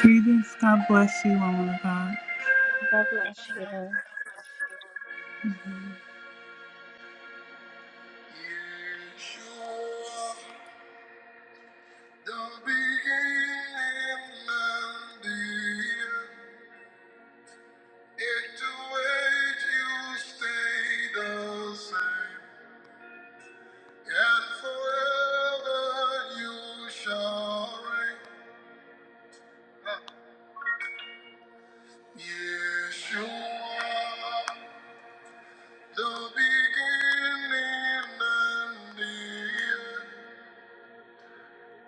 Greetings. God bless you, woman of God. God bless you. Yeshua, The beginning and the end.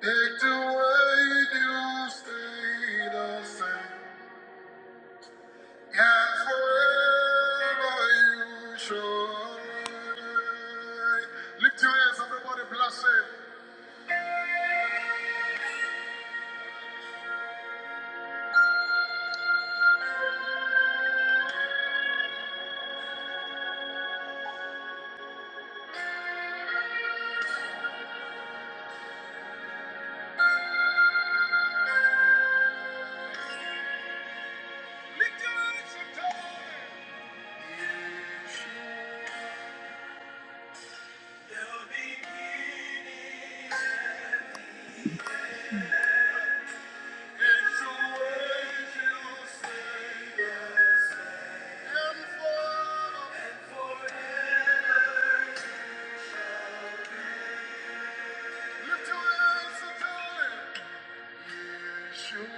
Take the way you stay the same. Yet forever you shine. Lift your hands, everybody, bless him. Lift your hands, you tell me. It's the way you stay the same. And forever. Lift your hands and call him. Yeshua, the beginning.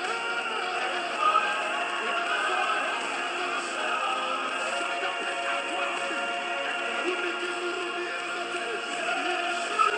Thank you. Thank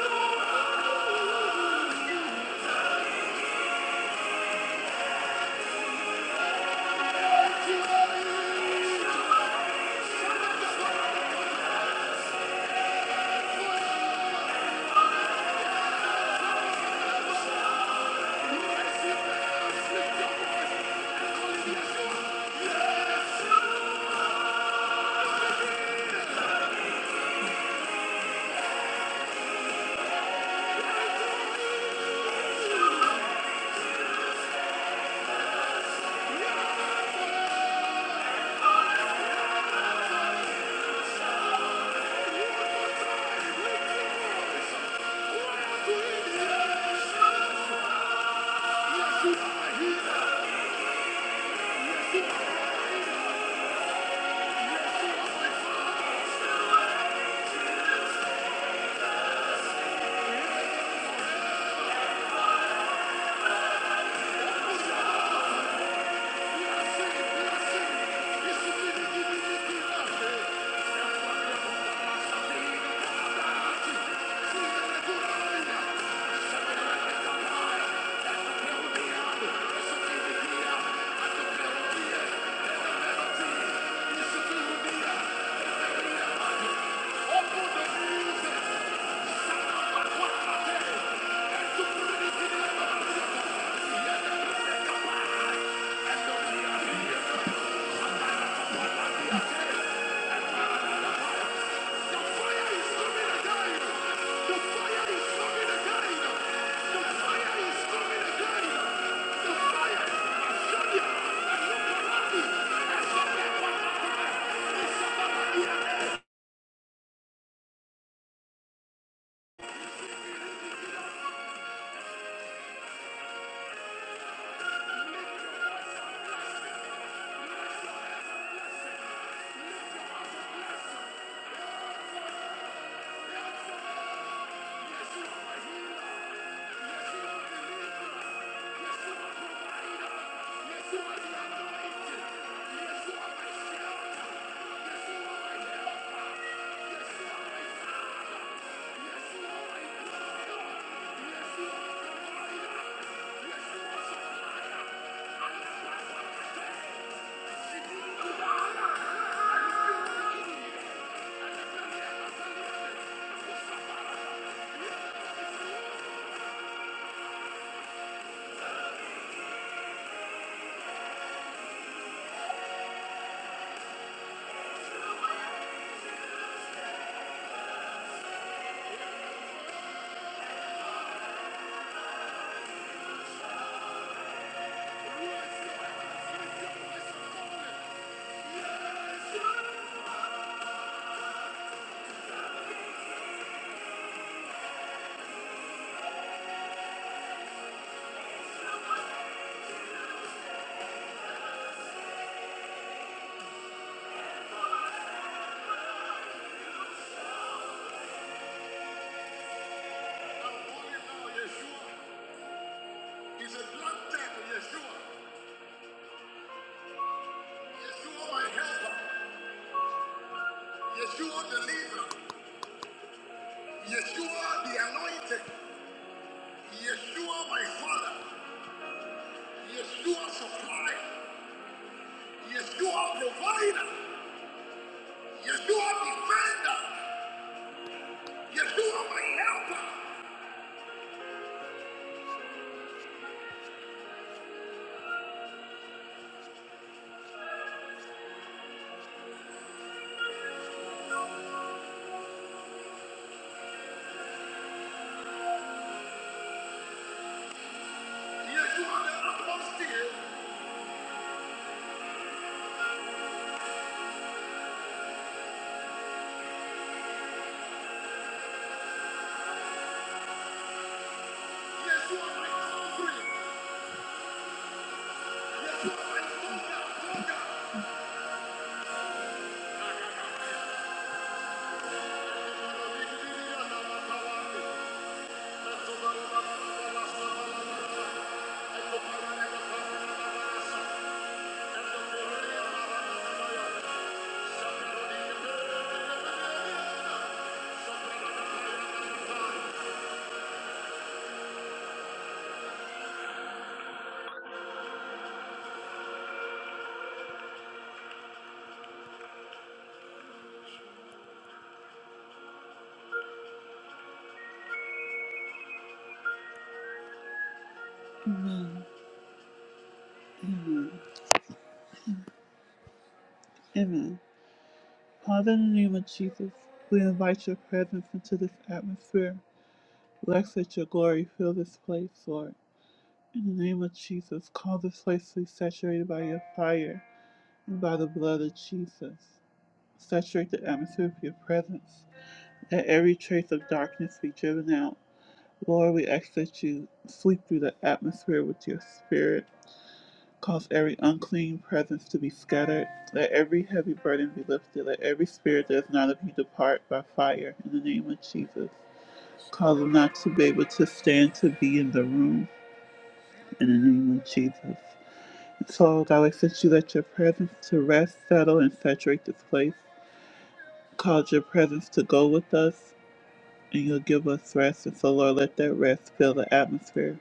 you. Yeshua the leader, Yeshua the anointed, Yeshua my father, Yeshua supply, Yeshua provider, Yeshua defender. Yeshua my helper. Yeshua the apostle. Yeshua my covering. Yeshua my soldier. Soldier. Amen. Father, in the name of Jesus, we invite your presence into this atmosphere. Let let your glory fill this place, Lord. In the name of Jesus, call this place to be saturated by your fire and by the blood of Jesus. Saturate the atmosphere with your presence. Let every trace of darkness be driven out. Lord, we ask that you sweep through the atmosphere with your spirit. Cause every unclean presence to be scattered. Let every heavy burden be lifted. Let every spirit that is not of you depart by fire in the name of Jesus. Cause them not to be able to stand to be in the room in the name of Jesus. So, God, I since you let your presence to rest, settle, and saturate this place, cause your presence to go with us, and you'll give us rest. And so, Lord, let that rest fill the atmosphere.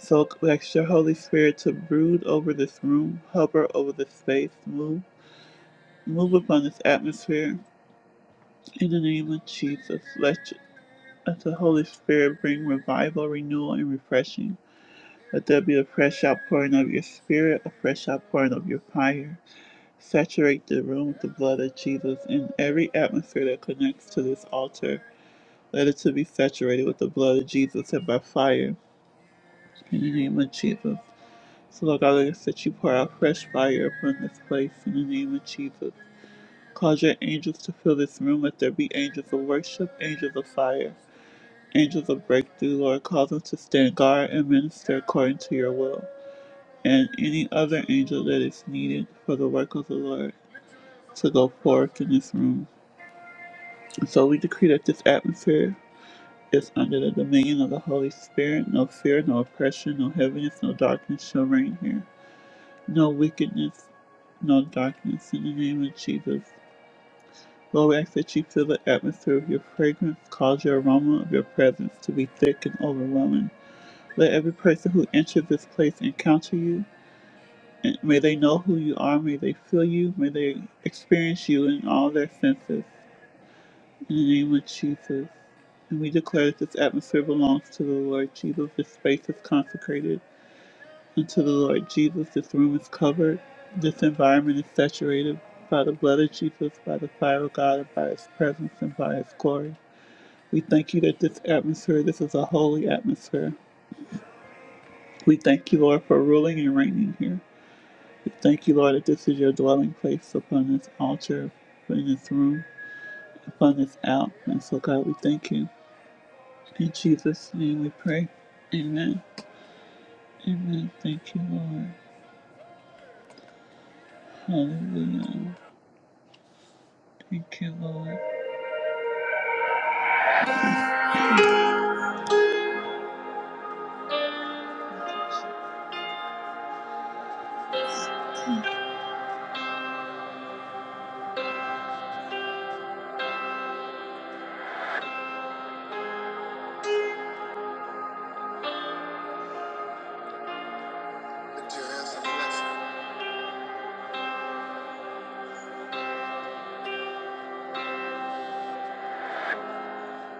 So, we ask your Holy Spirit to brood over this room, hover over this space, move. Move upon this atmosphere in the name of Jesus. Let, let the Holy Spirit bring revival, renewal, and refreshing. Let there be a fresh outpouring of your spirit, a fresh outpouring of your fire. Saturate the room with the blood of Jesus in every atmosphere that connects to this altar. Let it to be saturated with the blood of Jesus and by fire in the name of Jesus. So Lord God, I ask that you pour out fresh fire upon this place in the name of Jesus. Cause your angels to fill this room. Let there be angels of worship, angels of fire, angels of breakthrough, Lord. Cause them to stand guard and minister according to your will. And any other angel that is needed for the work of the Lord to go forth in this room. So we decree that this atmosphere is under the dominion of the Holy Spirit. No fear, no oppression, no heaviness, no darkness shall reign here. No wickedness, no darkness in the name of Jesus. Lord, we ask you fill the atmosphere with your fragrance, cause your aroma of your presence to be thick and overwhelming. Let every person who enters this place encounter you, and may they know who you are, may they feel you, may they experience you in all their senses. In the name of Jesus. And we declare that this atmosphere belongs to the Lord Jesus. This space is consecrated unto the Lord Jesus. This room is covered. This environment is saturated by the blood of Jesus, by the fire of God, and by His presence and by His glory. We thank you that this atmosphere, this is a holy atmosphere. We thank you, Lord, for ruling and reigning here. We thank you, Lord, that this is your dwelling place upon this altar, in this room, upon this out. And so, God, we thank you. In Jesus' name we pray. Amen. Amen. Thank you, Lord. Hallelujah. Thank you, Lord.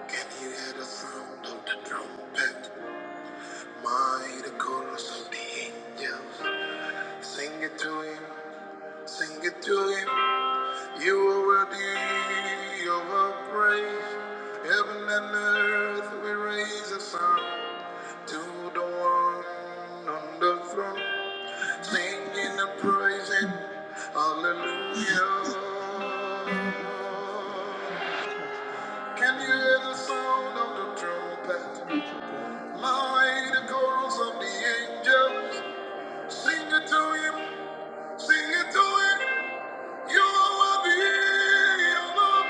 Can you hear the sound of the trumpet? May the chorus of the angels sing it to him, sing it to him. You are worthy of our praise. Heaven and earth, we raise a song to the one on the throne, singing and praising, hallelujah. Can you hear the sound of the trumpet? Mighty the chorus of the angels, sing it to him, sing it to him. You are worthy of our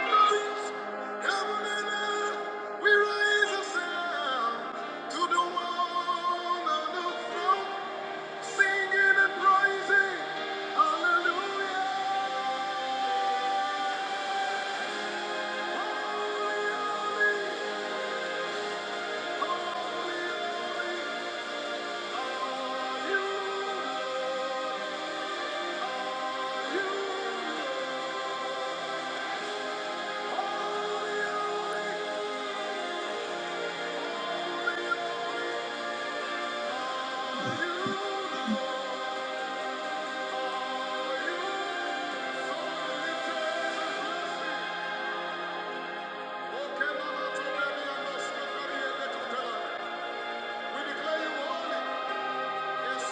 Heaven and earth, we raise a sound to the one on the throne, singing and praising. Hallelujah. Okay, so We declare you holy. Yes,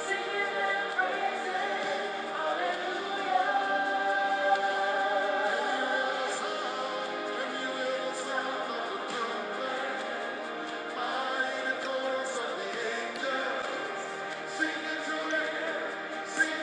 Singing and praising. Chorus of the angels singing to you. Thank you.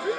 Thank you, Lord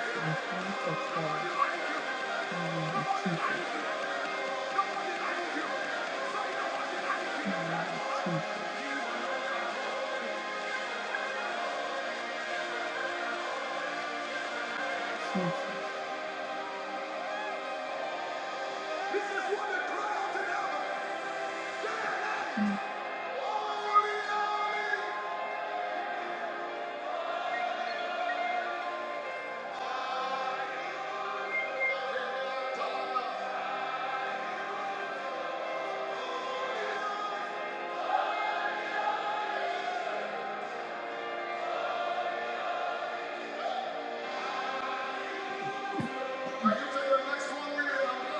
Jesus. I thank you, Father.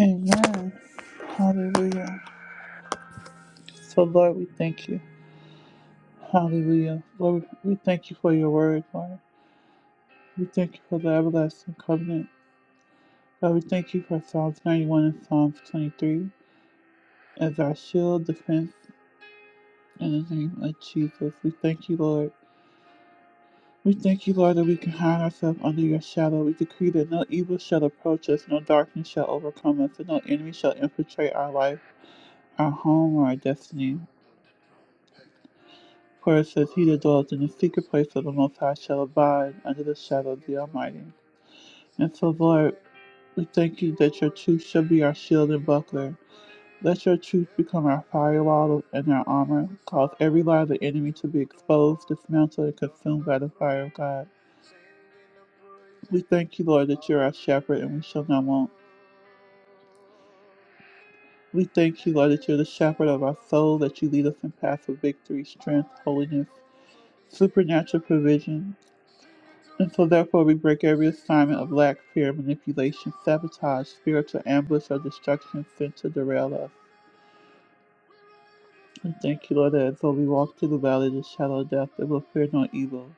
Amen. Hallelujah. So, Lord, we thank you. Hallelujah. Lord, we thank you for your word, Lord. We thank you for the everlasting covenant. God, we thank you for Psalms 91 and Psalms 23 as our shield, defense, in the name of Jesus. We thank you, Lord. We thank you, Lord, that we can hide ourselves under your shadow. We decree that no evil shall approach us, no darkness shall overcome us, and no enemy shall infiltrate our life, our home, or our destiny. For it says, He that dwells in the secret place of the Most High shall abide under the shadow of the Almighty. And so, Lord, we thank you that your truth shall be our shield and buckler. Let your truth become our firewall and our armor. Cause every lie of the enemy to be exposed, dismantled, and consumed by the fire of God. We thank you, Lord, that you're our shepherd and we shall not want. We thank you, Lord, that you're the shepherd of our soul, that you lead us in paths of victory, strength, holiness, supernatural provision. And so, therefore, we break every assignment of lack, fear, manipulation, sabotage, spiritual ambush, or destruction sent to derail us. And thank you, Lord, that as though we walk through the valley of the shadow of death, it will fear no evil.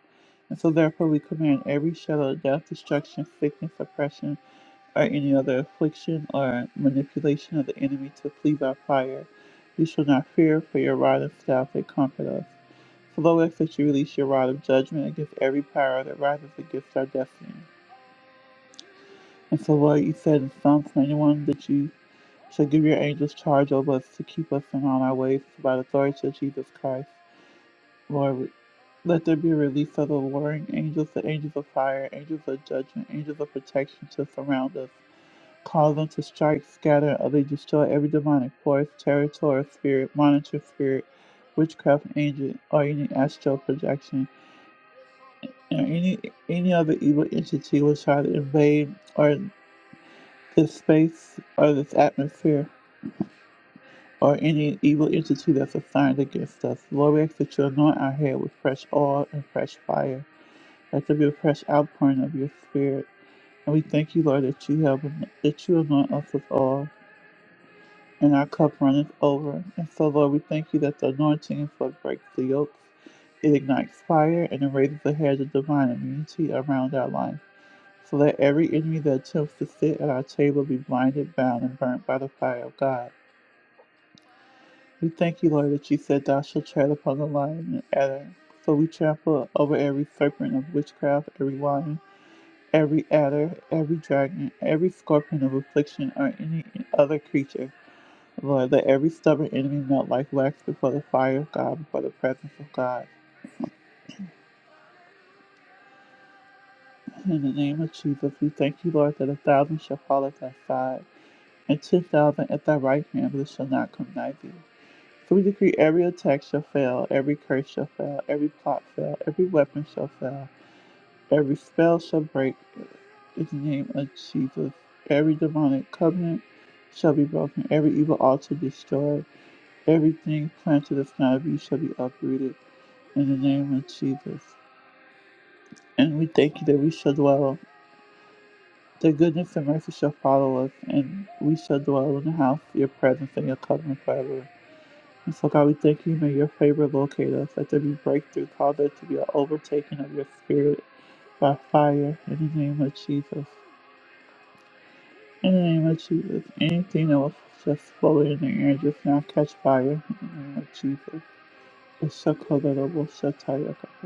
And so, therefore, we command every shadow of death, destruction, sickness, oppression, or any other affliction or manipulation of the enemy to flee by fire. You shall not fear, for your rod and staff they comfort us. So Lord, we ask that you release your rod of judgment against every power that rises against our destiny. And so, Lord, you said in Psalms 91 that you shall give your angels charge over us to keep us in all our ways So by the authority of Jesus Christ. Lord, let there be a release of the warring angels, the angels of fire, angels of judgment, angels of protection to surround us. Call them to strike, scatter, or they destroy every demonic force, territorial spirit, monitor spirit, witchcraft agent, or any astral projection, or any any other evil entity which try to invade or this space or this atmosphere or any evil entity that's assigned against us. Lord, we ask that you anoint our head with fresh oil and fresh fire. Let there be a fresh outpouring of your spirit. And we thank you, Lord, that you have that you anoint us with oil and our cup runneth over. And so, Lord, we thank you that the anointing for breaks the yokes, it ignites fire, and it raises the hedge of divine immunity around our life, so that every enemy that attempts to sit at our table be blinded, bound, and burnt by the fire of God. We thank you, Lord, that you said, Thou shalt tread upon the lion and adder. So we trample over every serpent of witchcraft, every lion, every adder, every dragon, every scorpion of affliction, or any other creature Lord, let every stubborn enemy melt like wax before the fire of God, before the presence of God. In the name of Jesus, we thank you, Lord, that a thousand shall fall at thy side, and ten thousand at thy right hand, but it shall not come nigh thee. So we decree every attack shall fail, every curse shall fail, every plot fail, every weapon shall fail, every spell shall break. In the name of Jesus, every demonic covenant shall be broken, every evil altar destroyed. Everything planted of God of you shall be uprooted in the name of Jesus. And we thank you that we shall dwell. The goodness and mercy shall follow us, and we shall dwell in the house, of your presence, and your covenant forever. And so, God, we thank you. May your favor locate us. Let there be breakthrough. Cause there to be an overtaking of your spirit by fire in the name of Jesus. In the name of Jesus. Anything that was just floating in the air just now catch fire in the name of Jesus. It's so cold that it will shut tie your cup.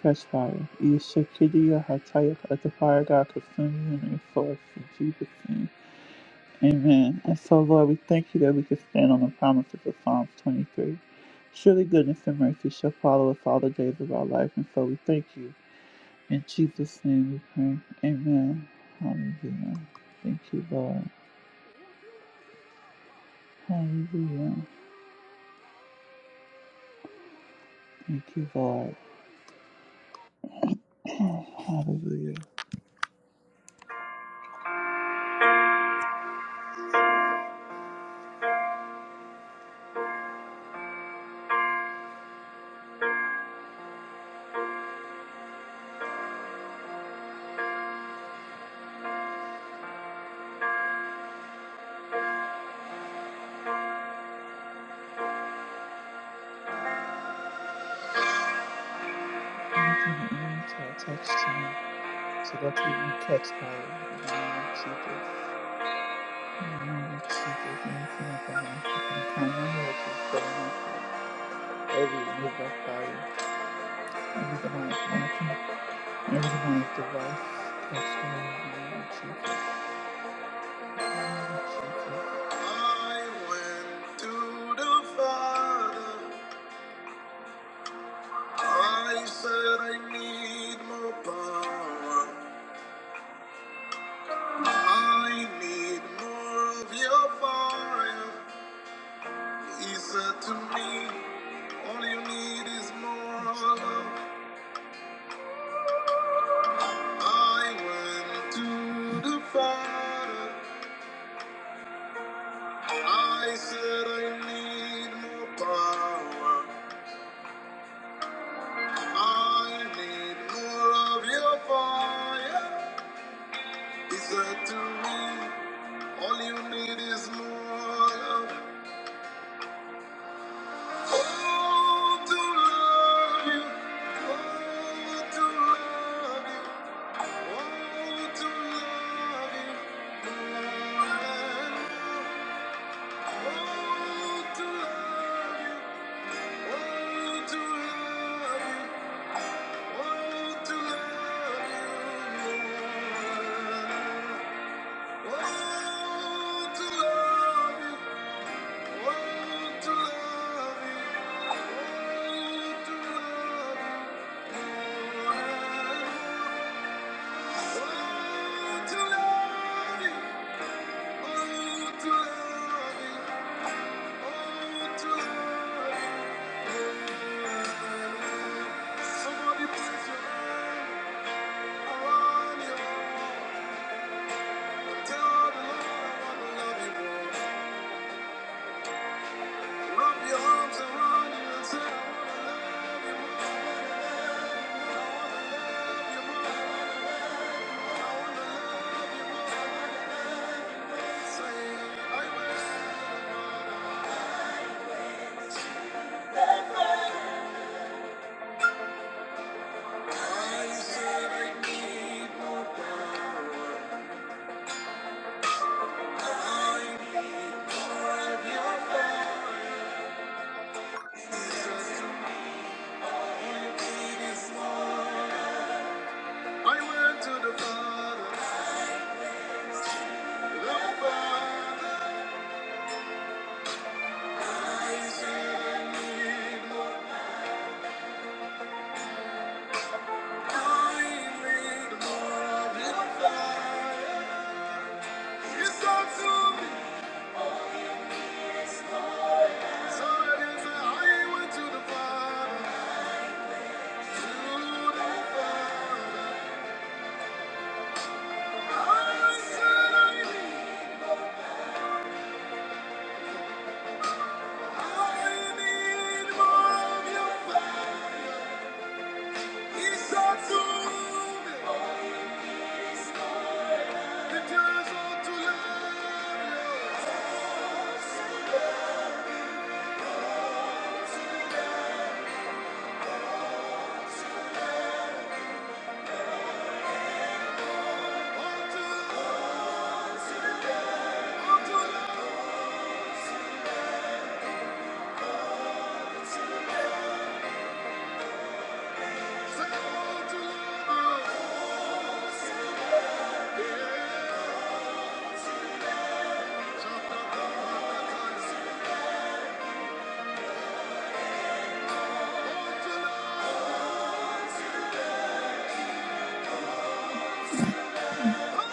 Catch fire. You shall kitty your attire as the fire God consume you and resource in Jesus' name. Amen. And so, Lord, we thank you that we can stand on the promises of Psalms 23. Surely goodness and mercy shall follow us all the days of our life. And so we thank you. In Jesus' name we pray. Amen. Hallelujah. Thank you, Lord. Hallelujah. Thank you, Lord. Hallelujah. Thank you, Lord, to our touch team. So that we can catch fire. In the name of Jesus. Every evil fire, every demonic mountain, every demonic device, that's why I am Jesus. I went to the Father. I said I need more power. I need more of your fire. He said to me, All you need is more love. I went to the Father. I said, I need more power. I need more of your fire. He said to me, All you need is more love. Oh, to love you. Oh, to love you. Oh, to love you more and more. Oh, to love you. Somebody place your hand around you. I went to the Father, the Father. It's not to me, so it is that I went to the Father, to the Father. I need more of your Father. It's not to me, it is all to love, all to love, all to love, all to love.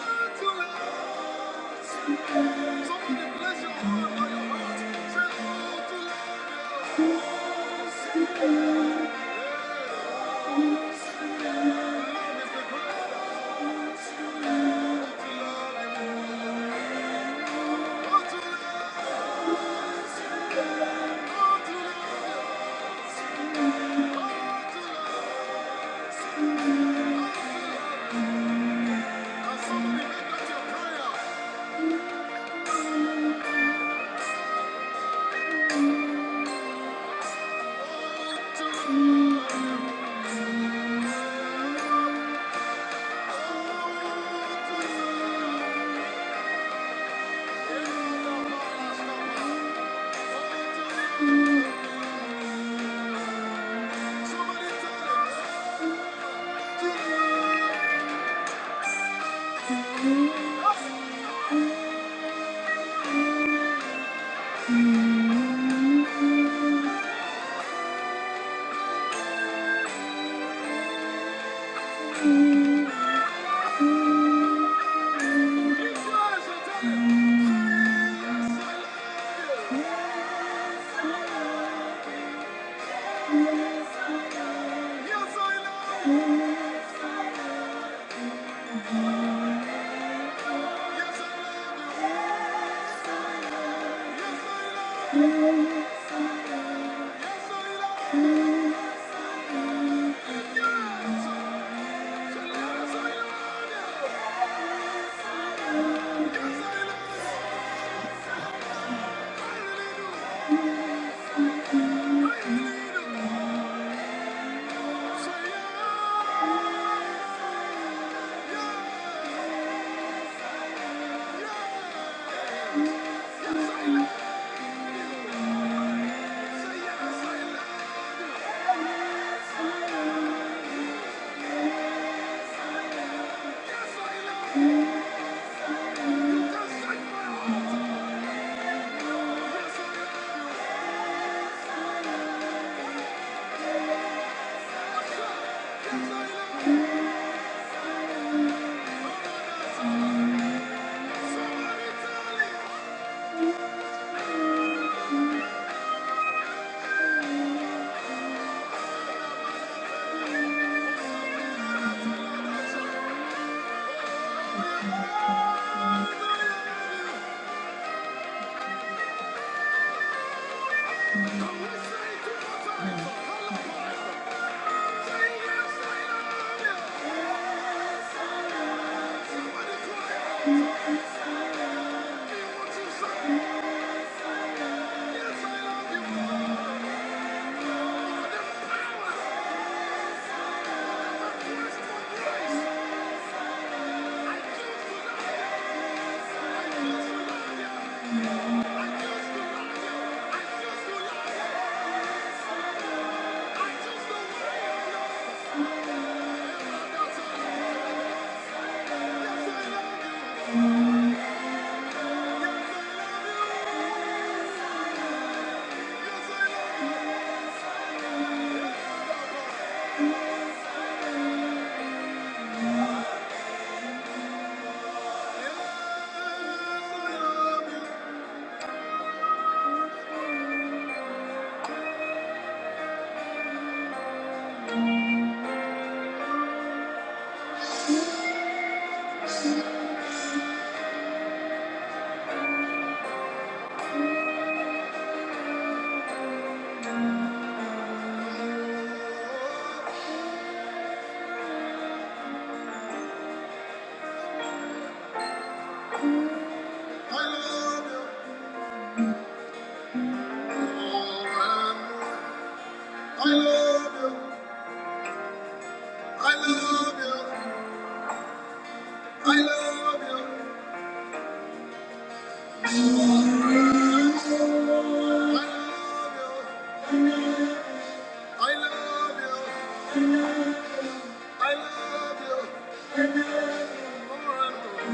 Yes, I love you. Yes, I love you. Yes, I love you. Somebody tell me, I wish I could. Yes, I love you. I love you. I love you. I love you. I love you. I love you. I love you. More and more.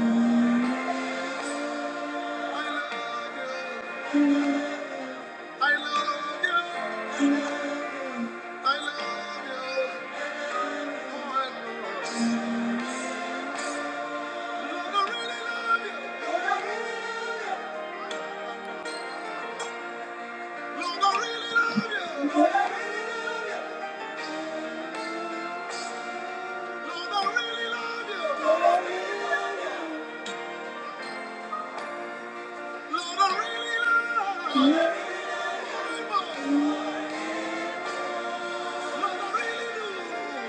I love you. I love you. I love you. More and more. Lord, I really love you. Lord, I really love you. Lord, I really love you. Lord, I really love you. More and more. Lord, I really do.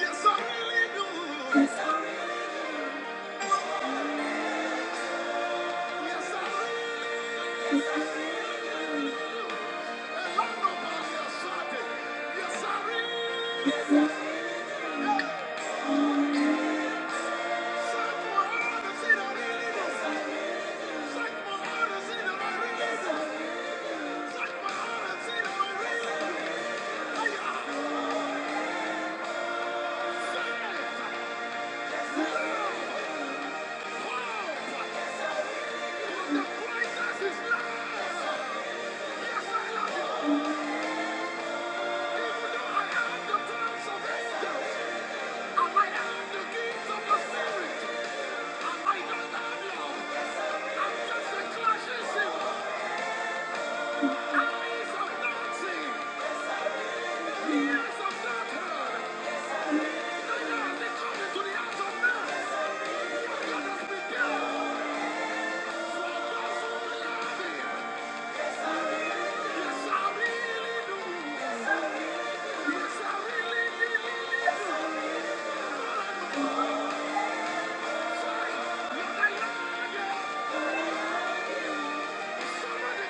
Yes, I really do. Yes, I really love nobody else like Yes, I really suck my heart and see that I really do. Suck my heart and see that I really do. Suck my heart and see that I really do. Hey, I say, love, love. The brightness is love. Yes, I love you. Even though I have the plans of angels, I might have the keys of the spirit. Somebody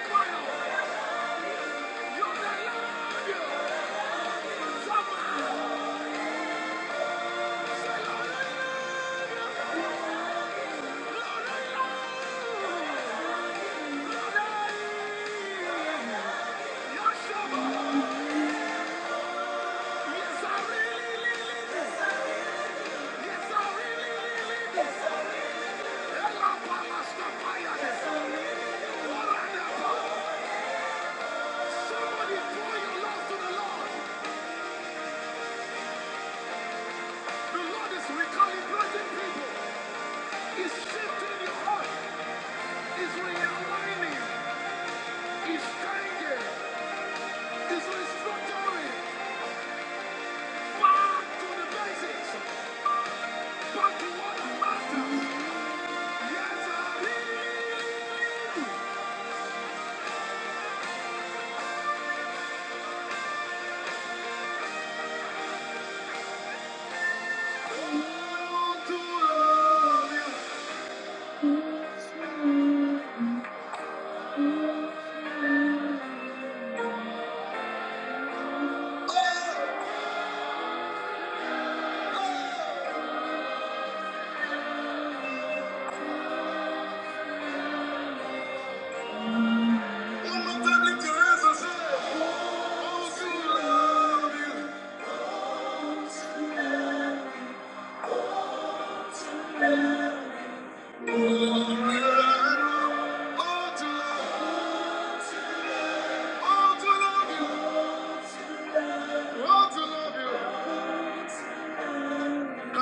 cry out. Somebody pour your love to the Lord. The Lord is recalibrating people. He's shifting your heart. He's realigning. Can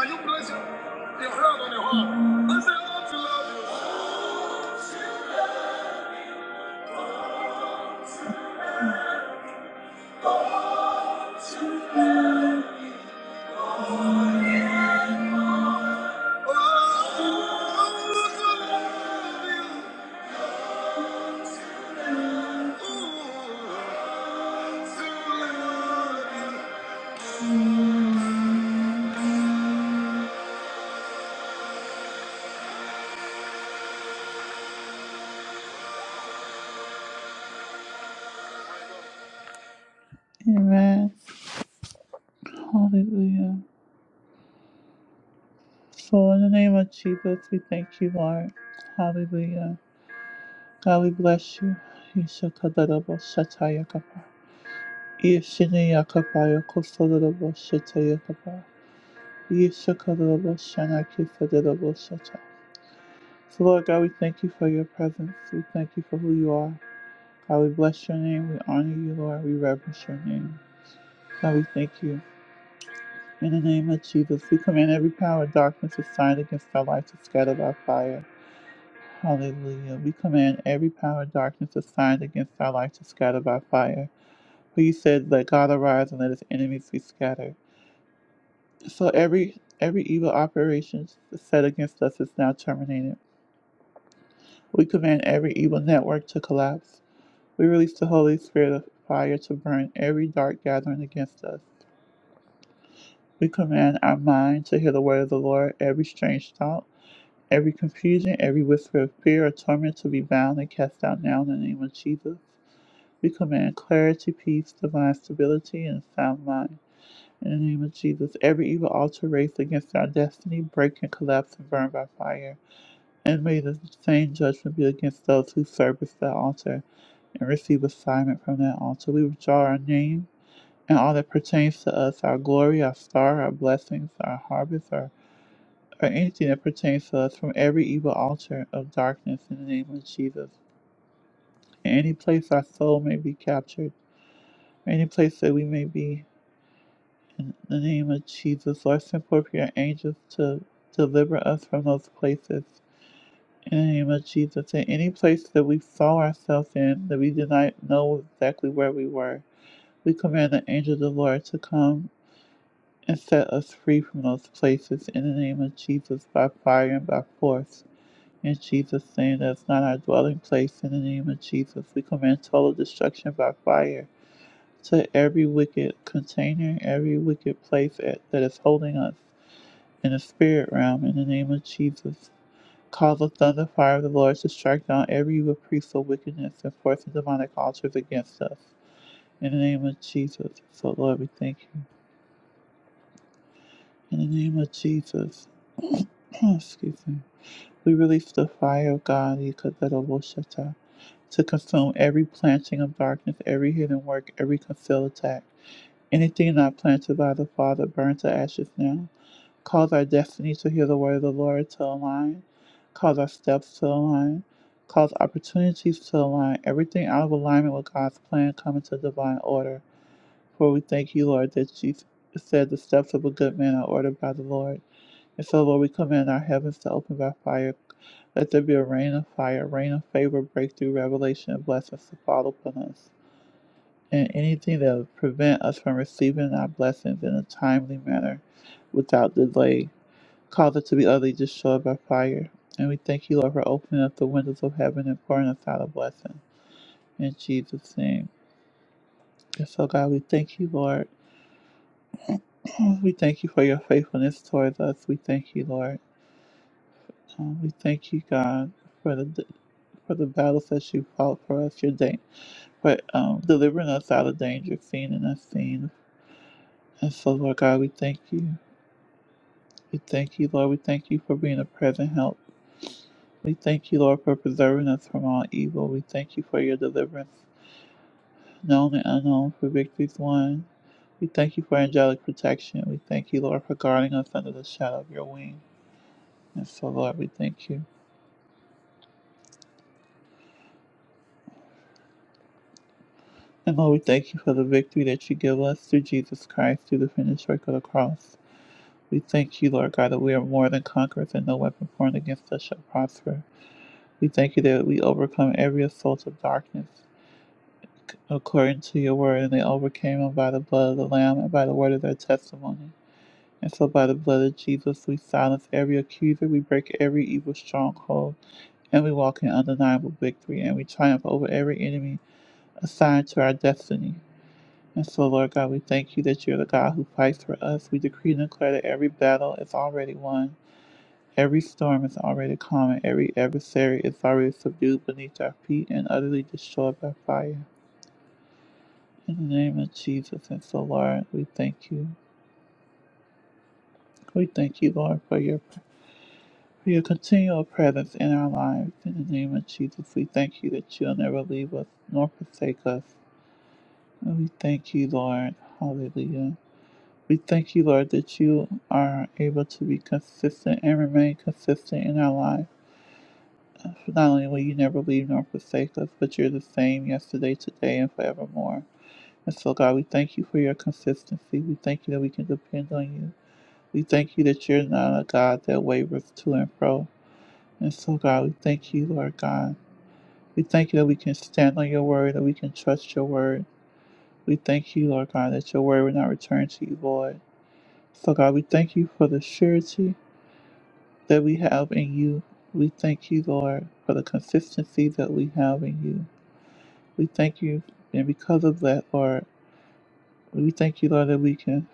you place your hand on your heart and say, Oh, to love you. Oh, to love you. Amen. Hallelujah. So, in the name of Jesus, we thank you, Lord. Hallelujah. God, we bless you. Ishakadarabo Shatayakapa. Ishinayakapaya Kosodarabo Shatayakapa. Ishakadarabo Shanakisadarabo Shata. So, Lord God, we thank you for your presence. We thank you for who you are. God, we bless your name. We honor you, Lord. We reverence your name. God, we thank you. In the name of Jesus, we command every power of darkness assigned against our life to scatter by fire. Hallelujah. We command every power of darkness assigned against our life to scatter by fire. For you said, Let God arise and let his enemies be scattered. So every every evil operation set against us is now terminated. We command every evil network to collapse. We release the Holy Spirit of fire to burn every dark gathering against us. We command our mind to hear the word of the Lord, every strange thought Every confusion, every whisper of fear or torment to be bound and cast out now in the name of Jesus. We command clarity, peace, divine stability, and sound mind. In the name of Jesus, every evil altar raised against our destiny, break and collapse and burn by fire. And may the same judgment be against those who service that altar and receive assignment from that altar. We withdraw our name and all that pertains to us, our glory, our star, our blessings, our harvest, our or anything that pertains to us from every evil altar of darkness in the name of Jesus. And any place our soul may be captured, any place that we may be in the name of Jesus, Lord, send forth your angels to deliver us from those places. In the name of Jesus, in any place that we saw ourselves in, that we did not know exactly where we were, we command the angel of the Lord to come and set us free from those places in the name of Jesus by fire and by force. In Jesus' name, that's not our dwelling place. In the name of Jesus, we command total destruction by fire to every wicked container, every wicked place at- that is holding us in the spirit realm. In the name of Jesus, cause the thunder fire of the Lord to strike down every reprieve of wickedness and forcing demonic altars against us. In the name of Jesus, so Lord, we thank you. In the name of Jesus, excuse me. We release the fire of God Yikatabosha, to consume every planting of darkness, every hidden work, every concealed attack. Anything not planted by the Father burn to ashes now. Cause our destiny to hear the word of the Lord to align. Cause our steps to align. Cause opportunities to align. Everything out of alignment with God's plan come into divine order. For we thank you, Lord, that you said the steps of a good man are ordered by the Lord. And so, Lord, we command our heavens to open by fire. Let there be a rain of fire, rain of favor, breakthrough, revelation, and blessings to fall upon us. And anything that would prevent us from receiving our blessings in a timely manner without delay, cause it to be utterly destroyed by fire. And we thank you, Lord, for opening up the windows of heaven and pouring us out a blessing. In Jesus' name. And so, God, we thank you, Lord. We thank you for your faithfulness towards us. We thank you, Lord. Um, we thank you, God, for the for the battles that you fought for us, your day, for um, delivering us out of danger, seen and unseen. And so, Lord God, we thank you. We thank you, Lord. We thank you for being a present help. We thank you, Lord, for preserving us from all evil. We thank you for your deliverance, known and unknown, for victories won. We thank you for angelic protection. We thank you, Lord, for guarding us under the shadow of your wing. And so, Lord, we thank you. And Lord, we thank you for the victory that you give us through Jesus Christ through the finished work of the cross. We thank you, Lord God, that we are more than conquerors and no weapon formed against us shall prosper. We thank you that we overcome every assault of darkness according to your word, and they overcame them by the blood of the Lamb and by the word of their testimony. And so by the blood of Jesus, we silence every accuser, we break every evil stronghold, and we walk in undeniable victory, and we triumph over every enemy assigned to our destiny. And so, Lord God, we thank you that you're the God who fights for us. We decree and declare that every battle is already won, every storm is already calm, and every adversary is already subdued beneath our feet and utterly destroyed by fire. In the name of Jesus, and so, Lord, we thank you. We thank you, Lord, for your for your continual presence in our lives. In the name of Jesus, we thank you that you'll never leave us nor forsake us. And we thank you, Lord. Hallelujah. We thank you, Lord, that you are able to be consistent and remain consistent in our lives. For not only will you never leave nor forsake us, but you're the same yesterday, today, and forevermore. And so, God, we thank you for your consistency. We thank you that we can depend on you. We thank you that you're not a God that wavers to and fro. And so, God, we thank you, Lord God. We thank you that we can stand on your word, that we can trust your word. We thank you, Lord God, that your word will not return to you void. So, God, we thank you for the surety that we have in you. We thank you, Lord, for the consistency that we have in you. We thank you, and because of that, Lord, we thank you, Lord, that we can.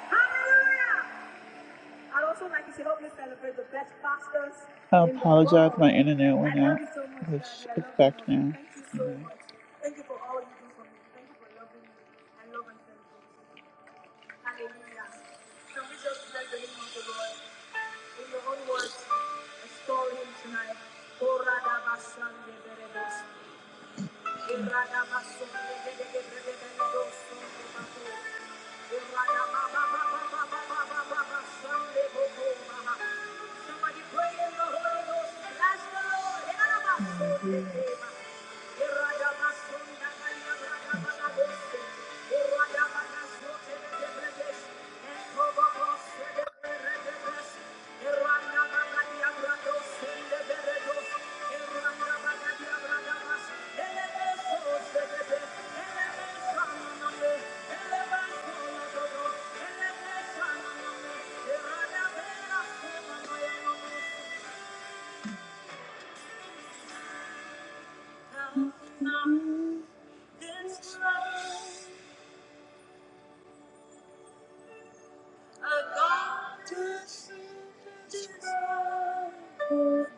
Hallelujah! I'd also like you to help me celebrate the best pastors I in the apologize, world. my internet went I love out. you so much, let Daddy. I get love you, back Lord. now. Thank you so Amen. much. Thank you for all you do for me. Thank you for loving me. I love and thank you. Hallelujah. Can we just bless the name of the Lord? In your own words, restore him tonight. Oh, Radha Basande Berebos. Somebody pray in the Holy Ghost. Bless the Lord. Thank you.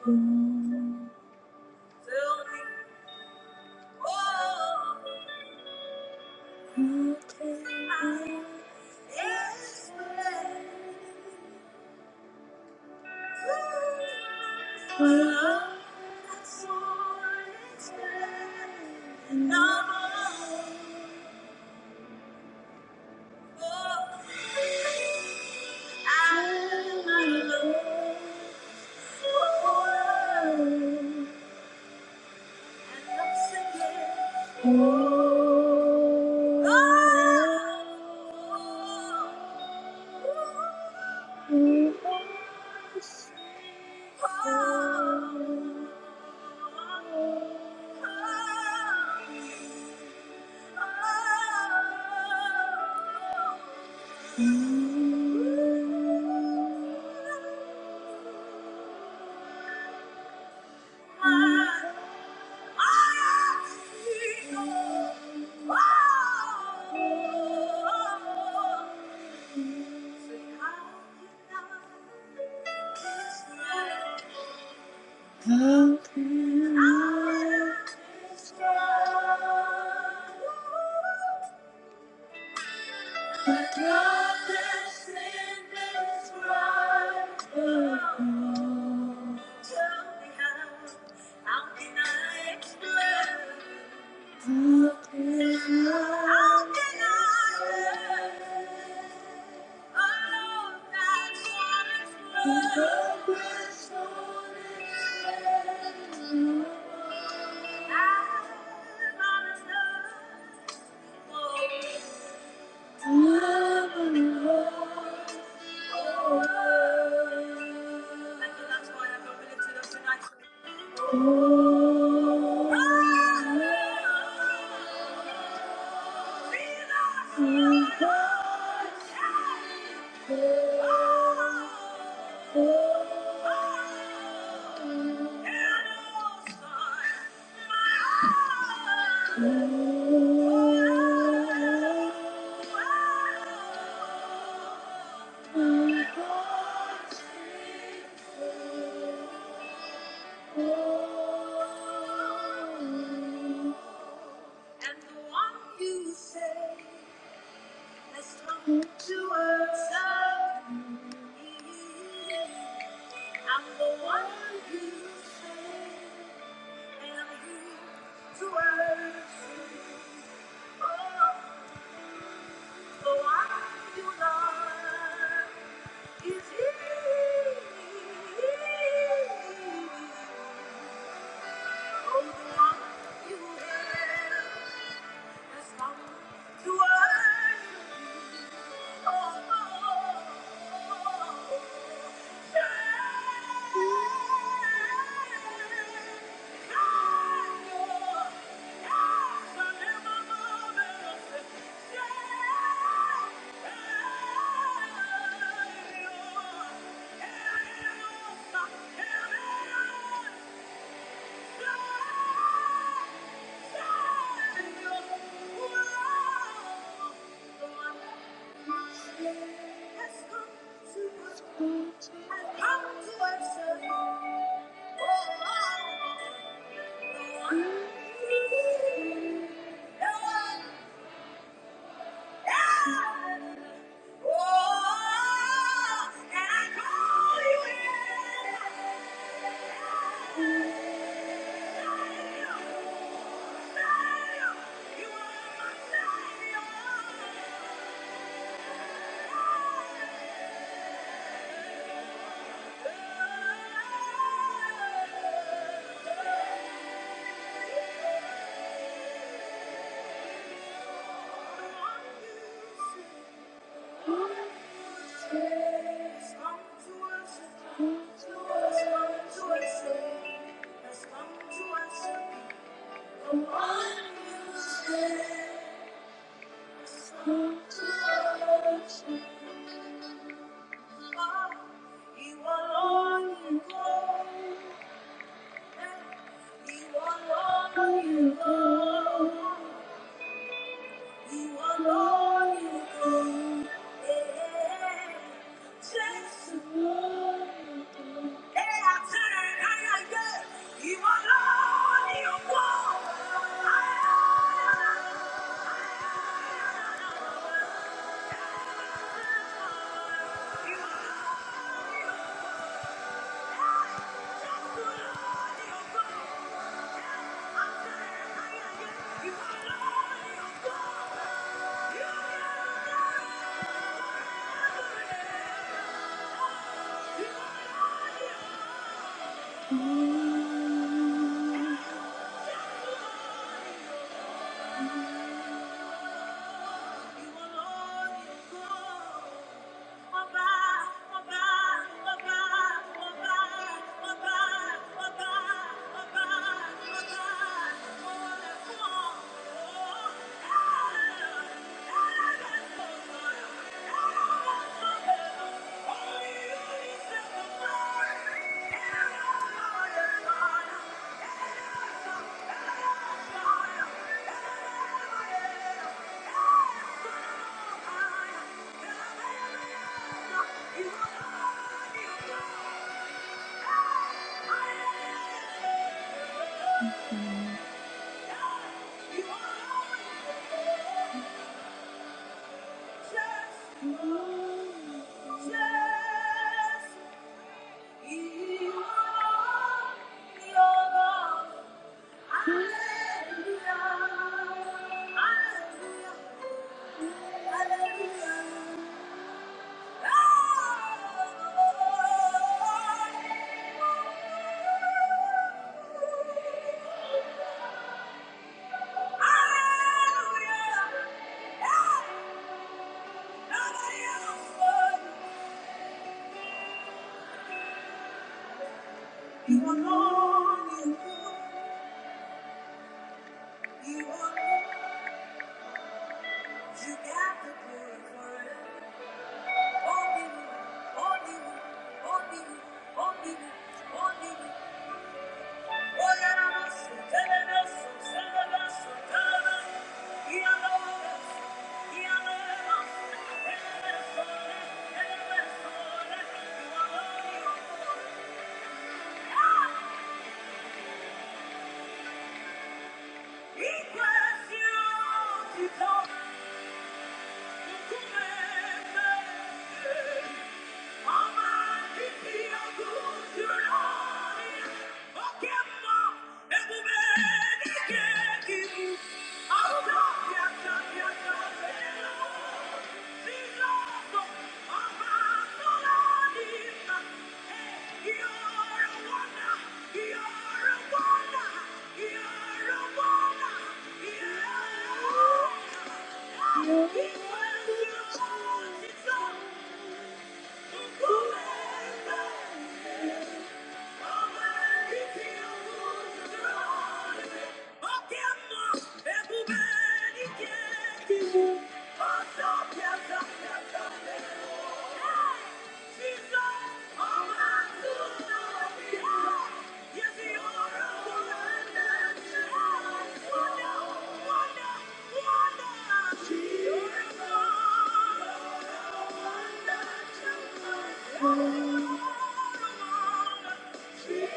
Fill me, oh. Thank you. Thank you. But God has sent this right. Thank you. Thank you. And the one you say has come to answer me. I'm the one you say, and I'm here to answer you. Oh, the one you love. Thank you. Yeah come Thank you. Thank you. You are all you go. You alone, you alone, yeah. Just alone, you alone. Hey, I turn, I like it. You alone, you alone. I- You alone, you alone. You are alone, you are alone. Thank you. Thank you. Hallelujah! Hey, nobody else would. You are more, you are, you are more. you got the glory forever. Only you, only you, only you, only you, only you. Oh, yeah, I'm a son, tell it us, son, tell it us, son, tell it us. He alone is, he alone is, tell it us, son, tell it us, son. You are more, you are more. Ah! He bless you, you don't. oh, you. Thank you wonder, wonder, Jesus. Yeah.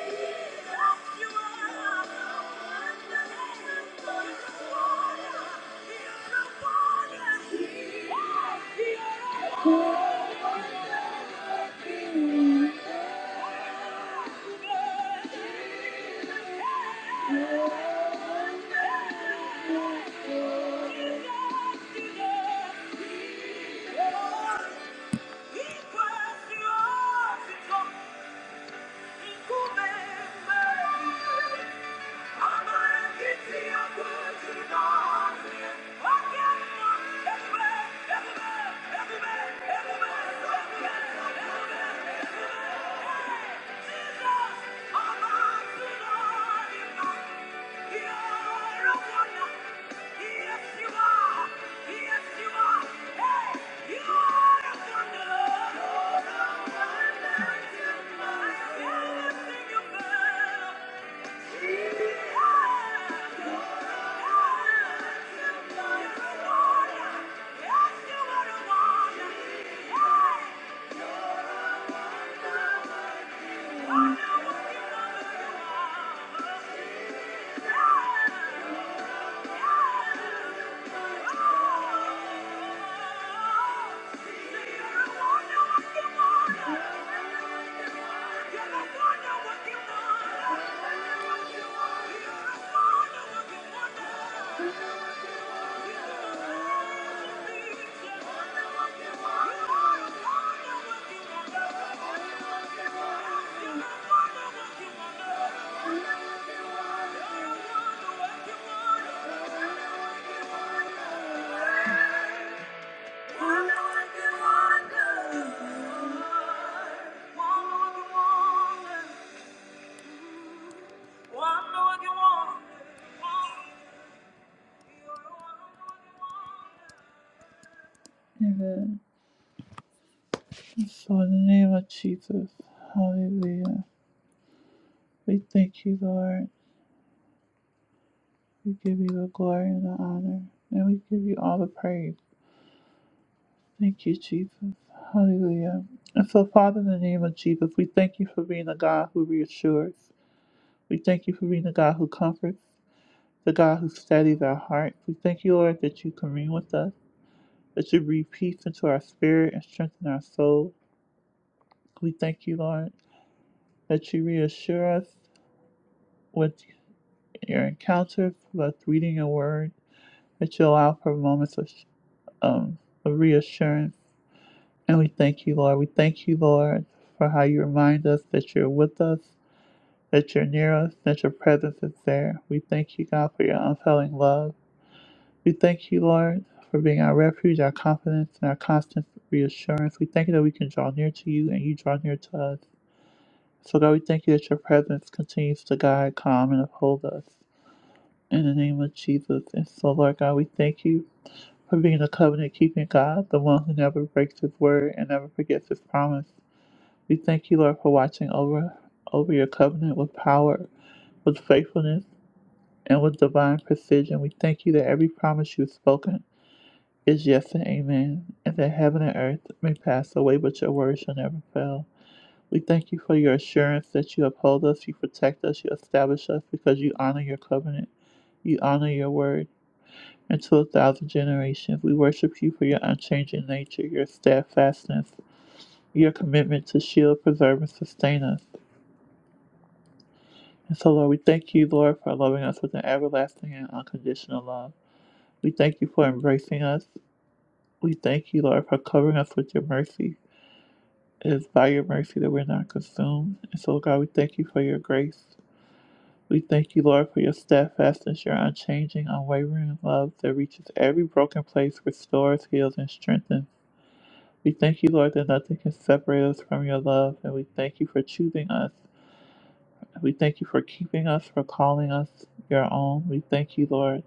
Yes, you are. Yes, you are. In the mighty name of Jesus, hallelujah. We thank you, Lord. We give you the glory and the honor, and we give you all the praise. Thank you, Jesus. Hallelujah. And so, Father, in the name of Jesus, we thank you for being a God who reassures. We thank you for being a God who comforts, the God who steadies our hearts. We thank you, Lord, that you commune with us, that you breathe peace into our spirit and strengthen our soul. We thank you, Lord, that you reassure us with your encounters, with us reading your word, that you allow for moments of, um, of reassurance And we thank you, Lord. We thank you, Lord, for how you remind us that you're with us, that you're near us, that your presence is there. We thank you, God, for your unfailing love. We thank you, Lord, for being our refuge, our confidence, and our constant reassurance. We thank you that we can draw near to you and you draw near to us. So, God, we thank you that your presence continues to guide, calm, and uphold us. In the name of Jesus. And so, Lord God, we thank you for being the covenant keeping God, the one who never breaks his word and never forgets his promise. We thank you, Lord, for watching over over your covenant with power, with faithfulness, and with divine precision. We thank you that every promise you've spoken is yes and amen, and that heaven and earth may pass away, but your word shall never fail. We thank you for your assurance that you uphold us, you protect us, you establish us, because you honor your covenant, you honor your word. And to a thousand generations, we worship you for your unchanging nature, your steadfastness, your commitment to shield, preserve, and sustain us. And so, Lord, we thank you, Lord, for loving us with an everlasting and unconditional love. We thank you for embracing us. We thank you, Lord, for covering us with your mercy. It is by your mercy that we're not consumed. And so, God, we thank you for your grace. We thank you, Lord, for your steadfastness, your unchanging, unwavering love that reaches every broken place, restores, heals, and strengthens. We thank you, Lord, that nothing can separate us from your love. And we thank you for choosing us. And We thank you for keeping us, for calling us your own. We thank you, Lord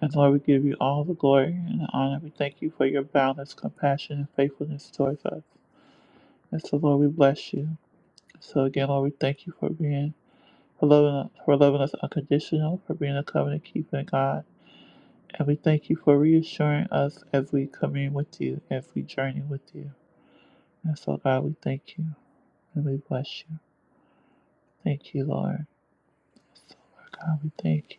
And Lord, we give you all the glory and the honor. We thank you for your boundless compassion and faithfulness towards us. And so, Lord, we bless you. So again, Lord, we thank you for being for loving us, for loving us unconditional, for being a covenant keeping God. And we thank you for reassuring us as we commune with you, as we journey with you. And so, God, we thank you and we bless you. Thank you, Lord. Lord God, we thank you.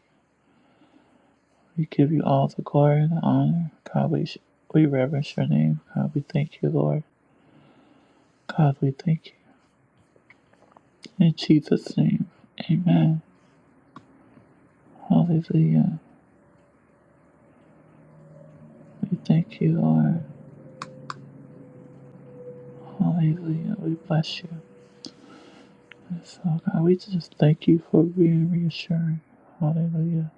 We give you all the glory and the honor. God, we, sh- we reverence your name. God, we thank you, Lord. God, we thank you. In Jesus' name, amen. Hallelujah. We thank you, Lord. Hallelujah. We bless you. And So, God, we just thank you for being reassuring. Hallelujah.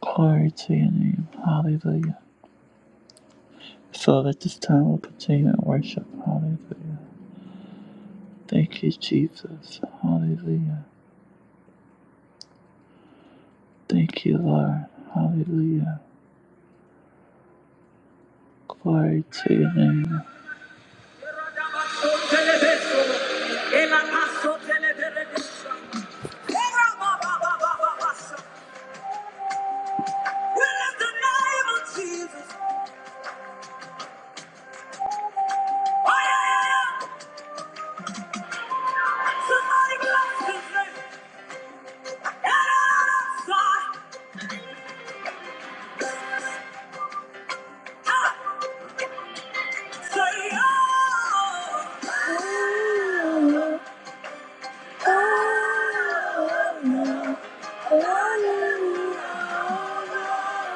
Glory to your name. Hallelujah. So that this time we'll continue in worship. Hallelujah. Thank you, Jesus. Hallelujah. Thank you, Lord. Hallelujah. Glory to your name.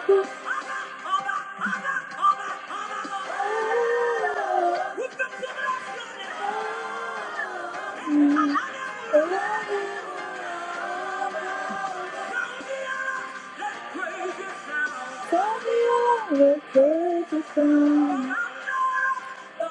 oh Tell me all the crazy sound. I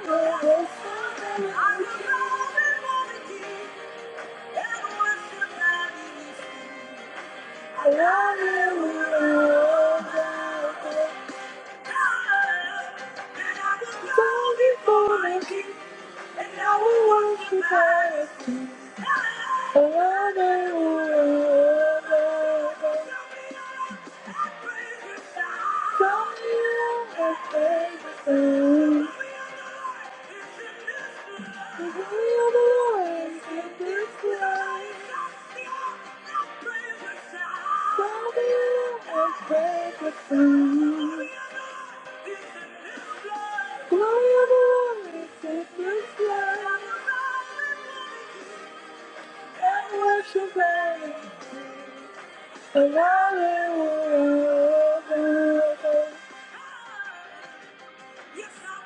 love you. Thank you. Yes, I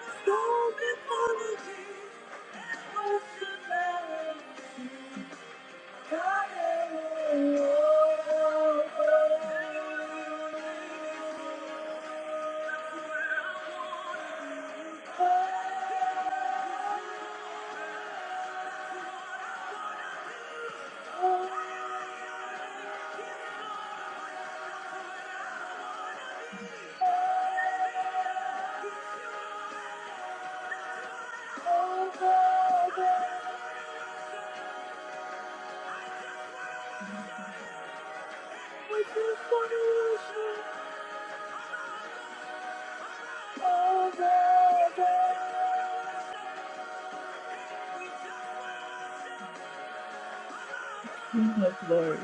was born before the king and worship at Jesus Lord,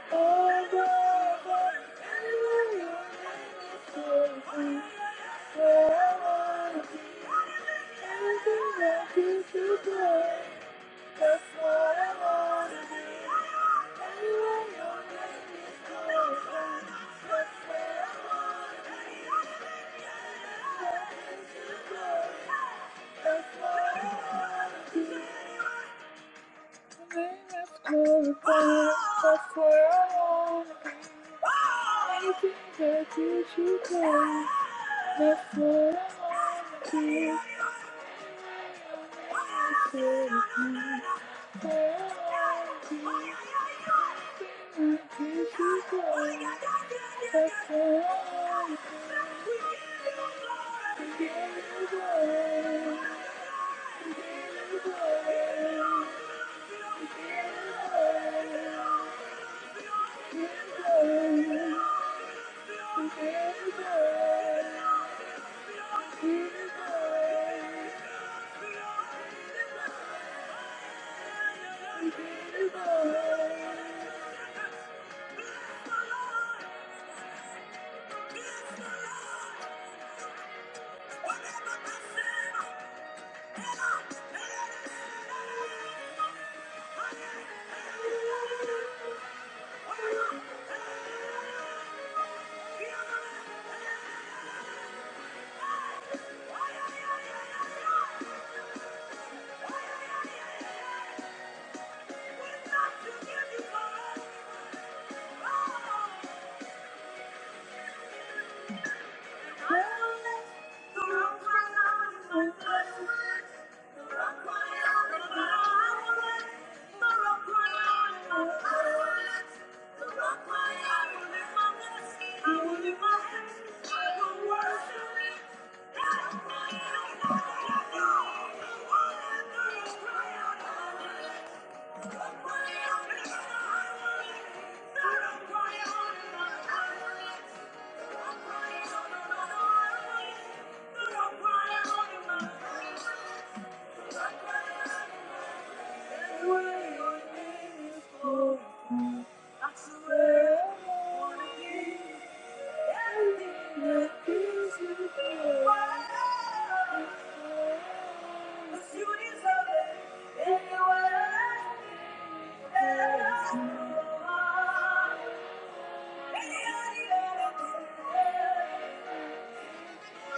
Hallelujah. That's what I wanna be. Anyway, your name is calling. That's where I wanna be. Stepping into glory. That's what I wanna be. Anyway, Your to be. Oh, I think I did you wrong. But for you, I'd do it all again. Oh, I think I did you wrong. But for you, I'd give it all again. Again. Again. Again. Thank you. Thank you. Thank you. I surrender to you. Everything that is within. Cause you deserve it anyway. And I know I am the I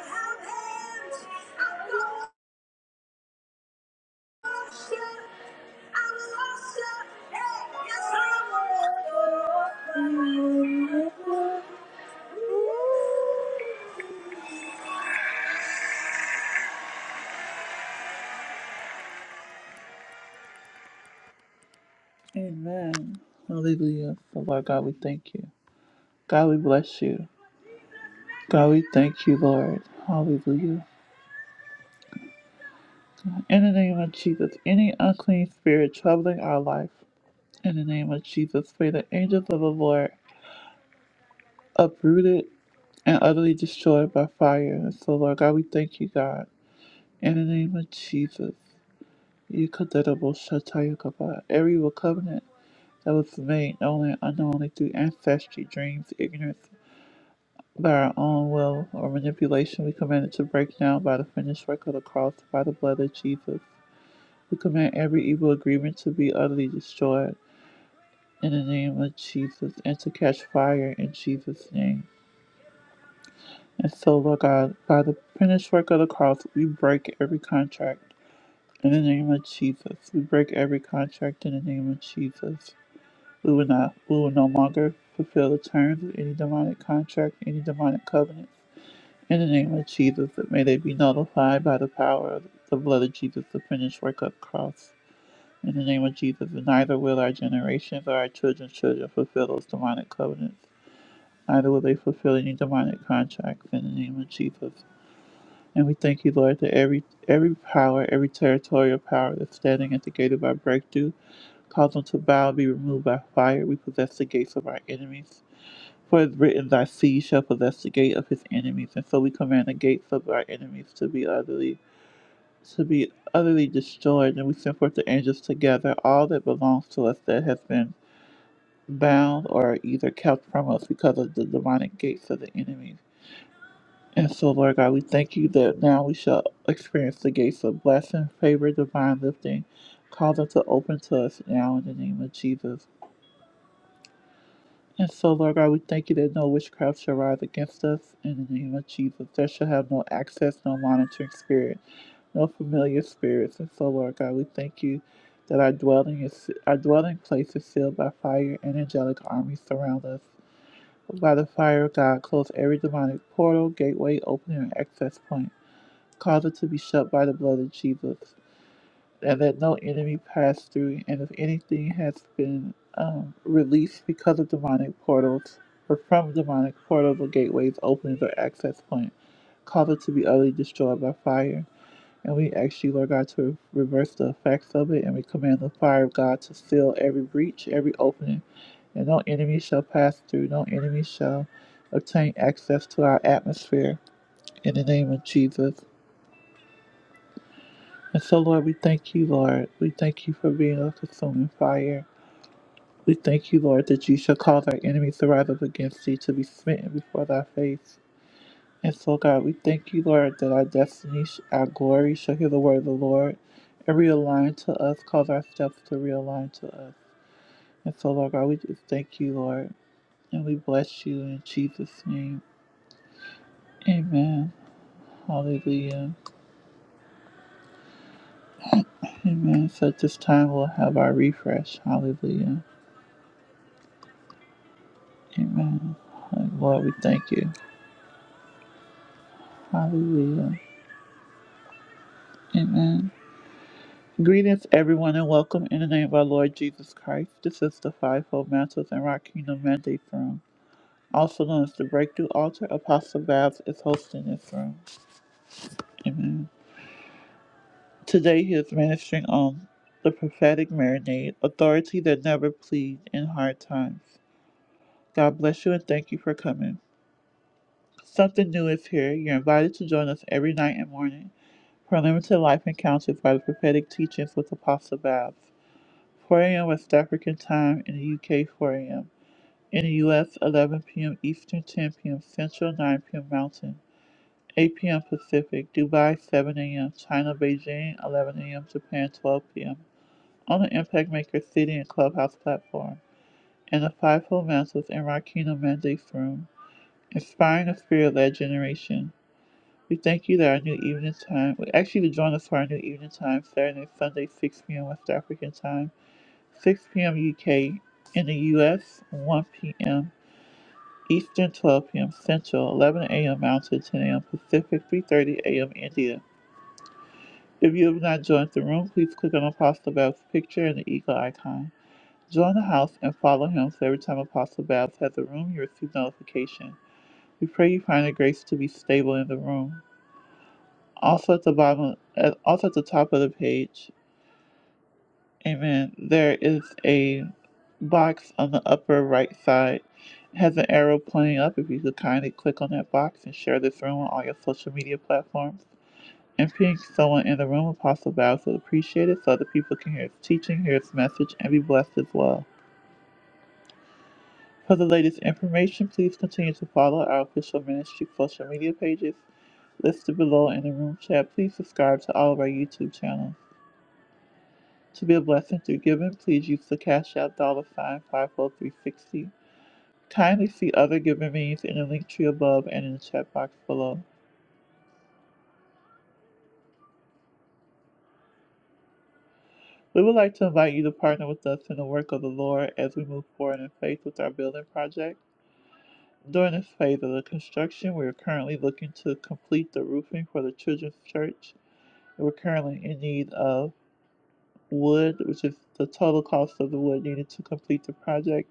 have hands, I know Amen. Hallelujah. So, Lord God, we thank you. God, we bless you. God, we thank you, Lord. Hallelujah. In the name of Jesus, any unclean spirit troubling our life, in the name of Jesus, may the angels of the Lord uproot it. and utterly destroyed by fire. And so, Lord God, we thank you, God. In the name of Jesus, Yikadarabo Shataya Kaba. every covenant that was made known and unknownly through ancestry, dreams, ignorance, by our own will or manipulation, we command it to break down by the finished work of the cross, by the blood of Jesus. We command every evil agreement to be utterly destroyed in the name of Jesus and to catch fire in Jesus' name. And so, Lord God, by the finished work of the cross, we break every contract in the name of Jesus. We break every contract in the name of Jesus. We will not, we will no longer fulfill the terms of any demonic contract, any demonic covenant. In the name of Jesus, that may they be nullified by the power of the blood of Jesus, the finished work of the cross. In the name of Jesus, and neither will our generations or our children's children fulfill those demonic covenants. Neither will they fulfill any demonic contracts in the name of Jesus. And we thank you, Lord, that every every power, every territorial power that's standing at the gate of our breakthrough, cause them to bow and be removed by fire. We possess the gates of our enemies. For it's written, Thy seed shall possess the gate of his enemies. And so we command the gates of our enemies to be utterly to be utterly destroyed, and we send forth the angels to gather all that belongs to us that has been bound or either kept from us because of the demonic gates of the enemies. And so, Lord God, we thank you that now we shall experience the gates of blessing, favor, divine lifting. Call them to open to us now in the name of Jesus. And so, Lord God, we thank you that no witchcraft shall rise against us in the name of Jesus. There shall have no access, no monitoring spirit, no familiar spirits. And so, Lord God, we thank you that our dwelling is our dwelling place is filled by fire and angelic armies surround us. By the fire of God, close every demonic portal, gateway, opening, and access point. Cause it to be shut by the blood of Jesus, and that no enemy pass through. And if anything has been um, released because of demonic portals, or from demonic portals or gateways, openings, or access points, cause it to be utterly destroyed by fire. And we ask you, Lord God, to reverse the effects of it, and we command the fire of God to seal every breach, every opening, and no enemy shall pass through, no enemy shall obtain access to our atmosphere. In the name of Jesus. And so, Lord, we thank you, Lord. We thank you for being a consuming fire. We thank you, Lord, that you shall cause our enemies to rise up against thee to be smitten before thy face. And so, God, we thank you, Lord, that our destiny, sh- our glory shall hear the word of the Lord and realign to us, cause our steps to realign to us. And so, Lord God, we just thank you, Lord, and we bless you in Jesus' name. Amen. Hallelujah. Amen. So at this time, we'll have our refresh. Hallelujah. Amen. Oh, Lord, we thank you. Hallelujah. Amen. Greetings, everyone, and welcome in the name of our Lord Jesus Christ. This is the Fivefold Mantles and Rock Kingdom Mandate Room, also known as the Breakthrough Altar. Apostle Babs is hosting this room. Amen. Today, he is ministering on the prophetic marinade, authority that never pleads in hard times. God bless you and thank you for coming. Something new is here. You're invited to join us every night and morning. for life encounter by the prophetic teachings with Apostle Babs. 4 a.m. West African time in the UK, 4 a.m. In the US, 11 p.m. Eastern, 10 p.m. Central, 9 p.m. Mountain, 8 p.m. Pacific. Dubai, 7 a.m. China, Beijing, 11 a.m. Japan, 12 p.m. On the Impact Maker City and Clubhouse platform, and the Fivefold Mantles and Rakina Mandates Room, inspiring the spirit-led generation. We thank you that our new evening time, we ask you to join us for our new evening time, Saturday and Sunday, 6 p.m. West African time, 6 p.m. UK in the US, 1 p.m. Eastern, 12 p.m. Central, 11 a.m. Mountain, 10 a.m. Pacific, 3.30 a.m. India. If you have not joined the room, please click on Apostle Babs' picture and the eagle icon. Join the house and follow him so every time Apostle Babs has a room, you receive notification. We pray you find the grace to be stable in the room. Also at the bottom, at, also at the top of the page, amen, there is a box on the upper right side. It has an arrow pointing up. If you could kindly click on that box and share this room on all your social media platforms. And ping someone in the room, Apostle Battles would appreciate it so other people can hear his teaching, hear his message, and be blessed as well. For the latest information, please continue to follow our official ministry social media pages listed below in the room chat. Please subscribe to all of our YouTube channels. To be a blessing through giving, please use the Cash App dollar sign 54360. Kindly see other giving means in the link tree above and in the chat box below. We would like to invite you to partner with us in the work of the Lord as we move forward in faith with our building project. During this phase of the construction, we are currently looking to complete the roofing for the children's church. We're currently in need of wood, which is the total cost of the wood needed to complete the project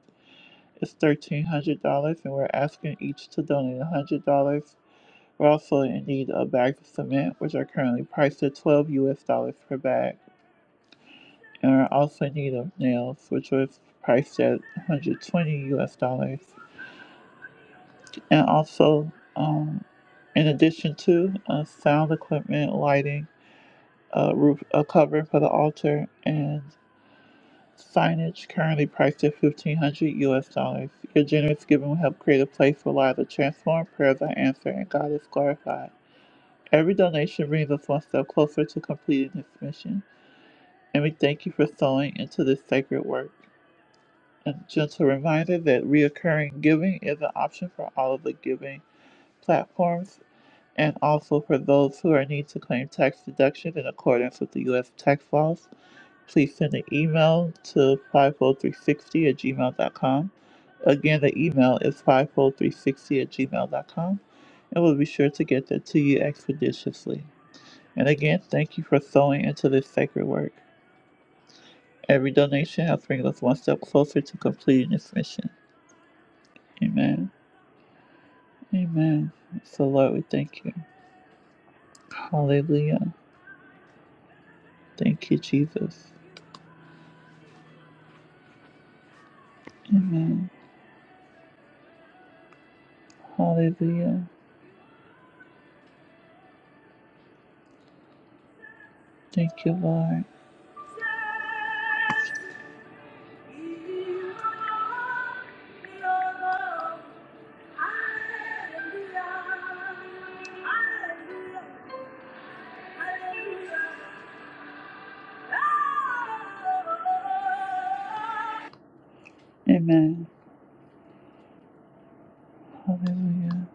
Is thirteen hundred dollars, and we're asking each to donate one hundred dollars. We're also in need of bags of cement, which are currently priced at twelve U.S. dollars per bag, and we're also in need of nails, which was priced at one hundred twenty U.S. dollars, and also, um, in addition to uh, sound equipment, lighting, a roof, a covering for the altar, and signage currently priced at fifteen hundred US dollars. Your generous giving will help create a place where lives are transformed, prayers are answered, and God is glorified. Every donation brings us one step closer to completing this mission, and we thank you for sowing into this sacred work. A gentle reminder that reoccurring giving is an option for all of the giving platforms and also for those who are in need to claim tax deductions in accordance with the U.S. tax laws please send an email to 50360 at gmail.com. Again, the email is 50360 at gmail.com, and we'll be sure to get that to you expeditiously. And again, thank you for sewing into this sacred work. Every donation helps bring us one step closer to completing this mission. Amen. Amen. So, Lord, we thank you. Hallelujah. Thank you, Jesus. Amen. Hallelujah. Thank you, Lord. Amen. Hallelujah.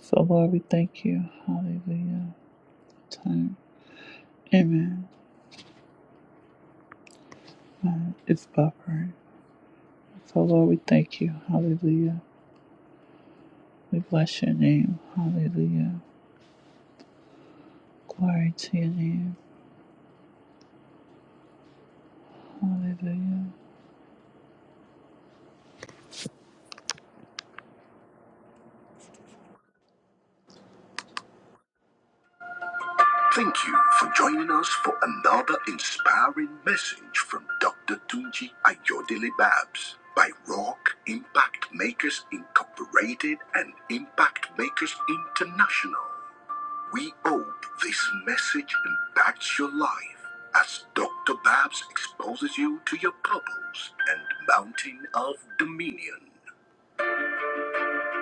So, Lord, we thank you. Hallelujah. Time. Amen. It's buffering. So, Lord, we thank you. Hallelujah. We bless your name. Hallelujah. Glory to your name. Hallelujah. Thank you for joining us for another inspiring message from Dr. Tunji Ayodele Babs by Rock Impact Makers Incorporated and Impact Makers International. We hope this message impacts your life as Dr. Babs exposes you to your purpose and mountain of dominion.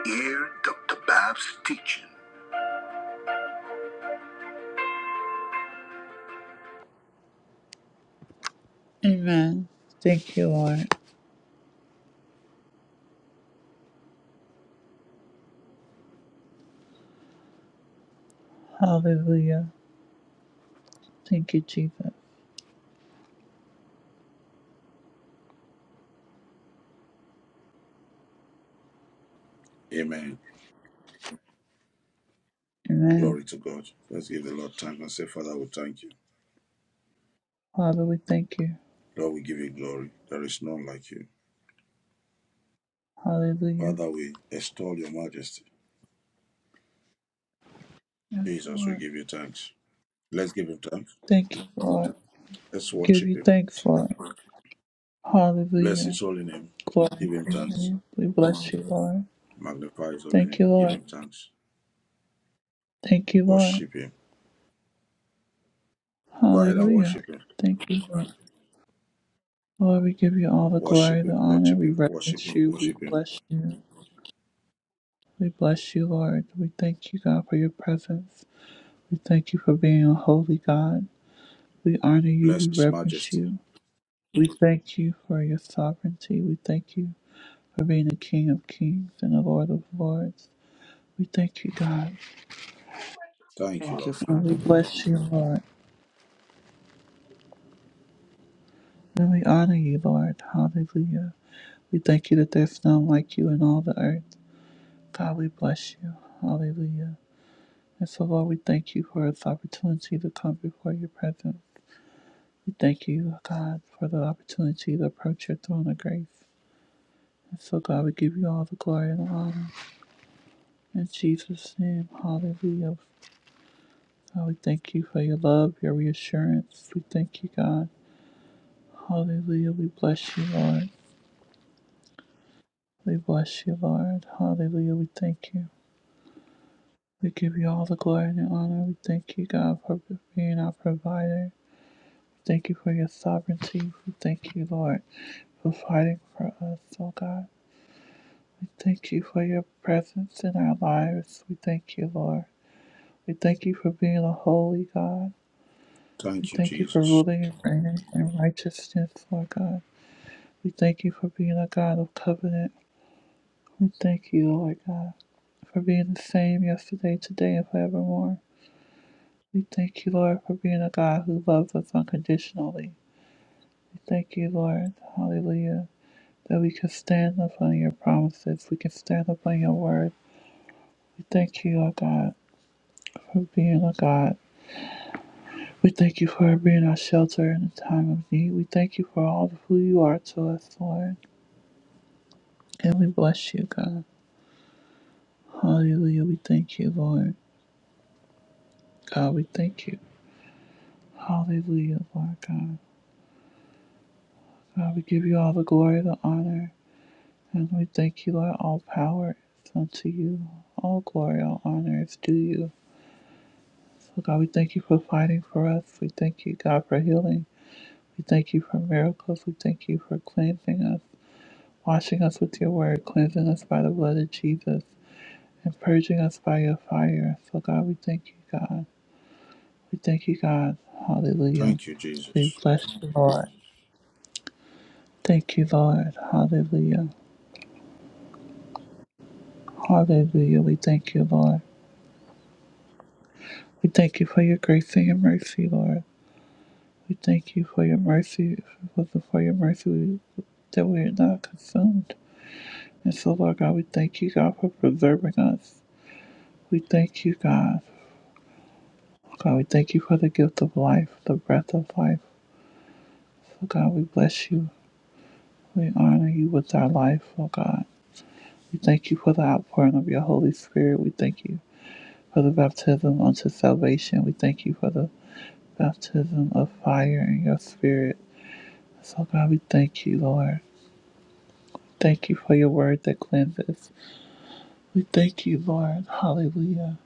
Hear Dr. Babs' teaching. Amen. Thank you, Lord. Hallelujah. Thank you, Jesus. Amen. Amen. Glory to God. Let's give the Lord thanks and say, Father, we thank you. Father, we thank you. Lord, we give you glory. There is none like you. Hallelujah. Father, we extol your majesty. Yes, Jesus, we Lord. give you thanks. Let's give him thanks. Thank you, Lord. Let's Give worship you him. thanks, Lord. Bless Hallelujah. his holy name. Glory Give him to your thanks. name. We bless you, Lord. Magnify his holy Thank name. you, Give Lord. him thanks. Thank you, Lord. Worship him. Go ahead and Hallelujah. worship him. Thank you, Lord. Lord, we give you all the glory, Worship the him. honor. Worship We him. Worship reverence him. you. We Worship him. bless you. We bless you, Lord. We thank you, God, for your presence. We thank you for being a holy God. We honor you. Bless We his reverence majesty. you. We thank you for your sovereignty. We thank you for being the King of kings and the Lord of lords. We thank you, God, Thank you, Thank you, Lord. and we Father Lord. bless you, Lord, and we honor you, Lord. Hallelujah. We thank you that there's none like you in all the earth. God, we bless you. Hallelujah. And so, Lord, we thank you for this opportunity to come before your presence. We thank you, God, for the opportunity to approach your throne of grace. And so, God, we give you all the glory and honor. In Jesus' name, hallelujah. God, we thank you for your love, your reassurance. We thank you, God. Hallelujah. We bless you, Lord. We bless you, Lord. Hallelujah. We thank you. We give you all the glory and the honor. We thank you, God, for being our provider. We Thank you for your sovereignty. We thank you, Lord, for fighting for us, oh God. We thank you for your presence in our lives. We thank you, Lord. We thank you for being a holy God. We Thank you, thank you for Jesus. ruling and reigning in righteousness, Lord God. We thank you for being a God of covenant. We thank you, Lord God. for being the same yesterday, today, and forevermore. We thank you, Lord, for being a God who loves us unconditionally. We thank you, Lord, hallelujah, that we can stand upon your promises. We can stand upon your word. We thank you, O God, for being a God. We thank you for being our shelter in the time of need. We thank you for all of who you are to us, Lord. And we bless you, God. Hallelujah. We thank you, Lord. God, we thank you. Hallelujah, Lord God. God, we give you all the glory, the honor, and we thank you, Lord. All power is unto you. All glory, all honor is due you. So, God, we thank you for fighting for us. We thank you, God, for healing. We thank you for miracles. We thank you for cleansing us, washing us with your word, cleansing us by the blood of Jesus, and purging us by your fire. So, God, we thank you, God. We thank you, God. Hallelujah. Thank you, We Jesus. bless you, Lord. Thank you, Lord. Hallelujah. Hallelujah. We thank you, Lord. We thank you for your grace and your mercy, Lord. We thank you for your mercy, for the- for your mercy we, that we are not consumed. And so, Lord God, we thank you, God, for preserving us. We thank you, God. God, we thank you for the gift of life, the breath of life. So, God, we bless you. We honor you with our life, oh God. We thank you for the outpouring of your Holy Spirit. We thank you for the baptism unto salvation. We thank you for the baptism of fire in your spirit. So, God, we thank you, Lord. Thank you for your word that cleanses. We thank you, Lord. Hallelujah.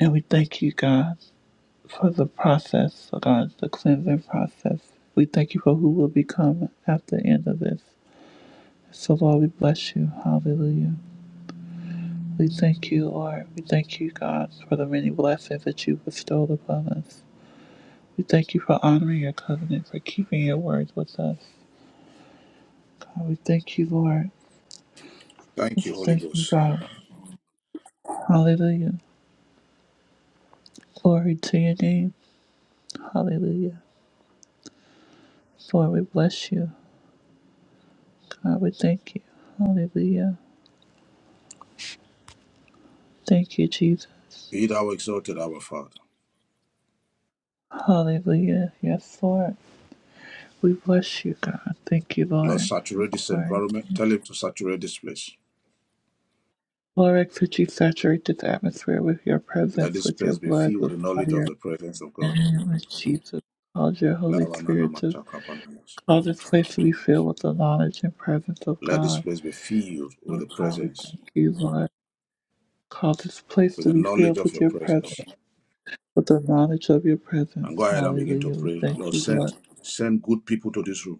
And we thank you, God, for the process, oh God, the cleansing process. We thank you for who will become at the end of this. So, Lord, we bless you. Hallelujah. We thank you, Lord. We thank you, God, for the many blessings that you bestowed upon us. We thank you for honoring your covenant, for keeping your word with us. God, we thank you, Lord. We Thank you, Holy thank you, Ghost. God. Hallelujah. Glory to your name. Hallelujah. Lord, we bless you. God, we thank you. Hallelujah. Thank you, Jesus. Be thou exalted, our Father. Hallelujah. Yes, Lord. We bless you, God. Thank you, Lord, Lord. saturate this Glory. environment. Tell him to saturate this place. Lord, I could you saturate this atmosphere with your Let presence, this with your place be blood, filled with with the knowledge of fire. the presence of In the God. name of Jesus, cause your Holy Spirit to cause this place to be filled with the knowledge and presence of Let this God. place be filled with Oh the God, we presence, thank you, Lord. Cause this place with to the be knowledge filled of with your your presence. presence, with the knowledge of your And go presence. ahead and begin to Hallelujah. We pray. thank Lord, you, Lord. send send good people to this room.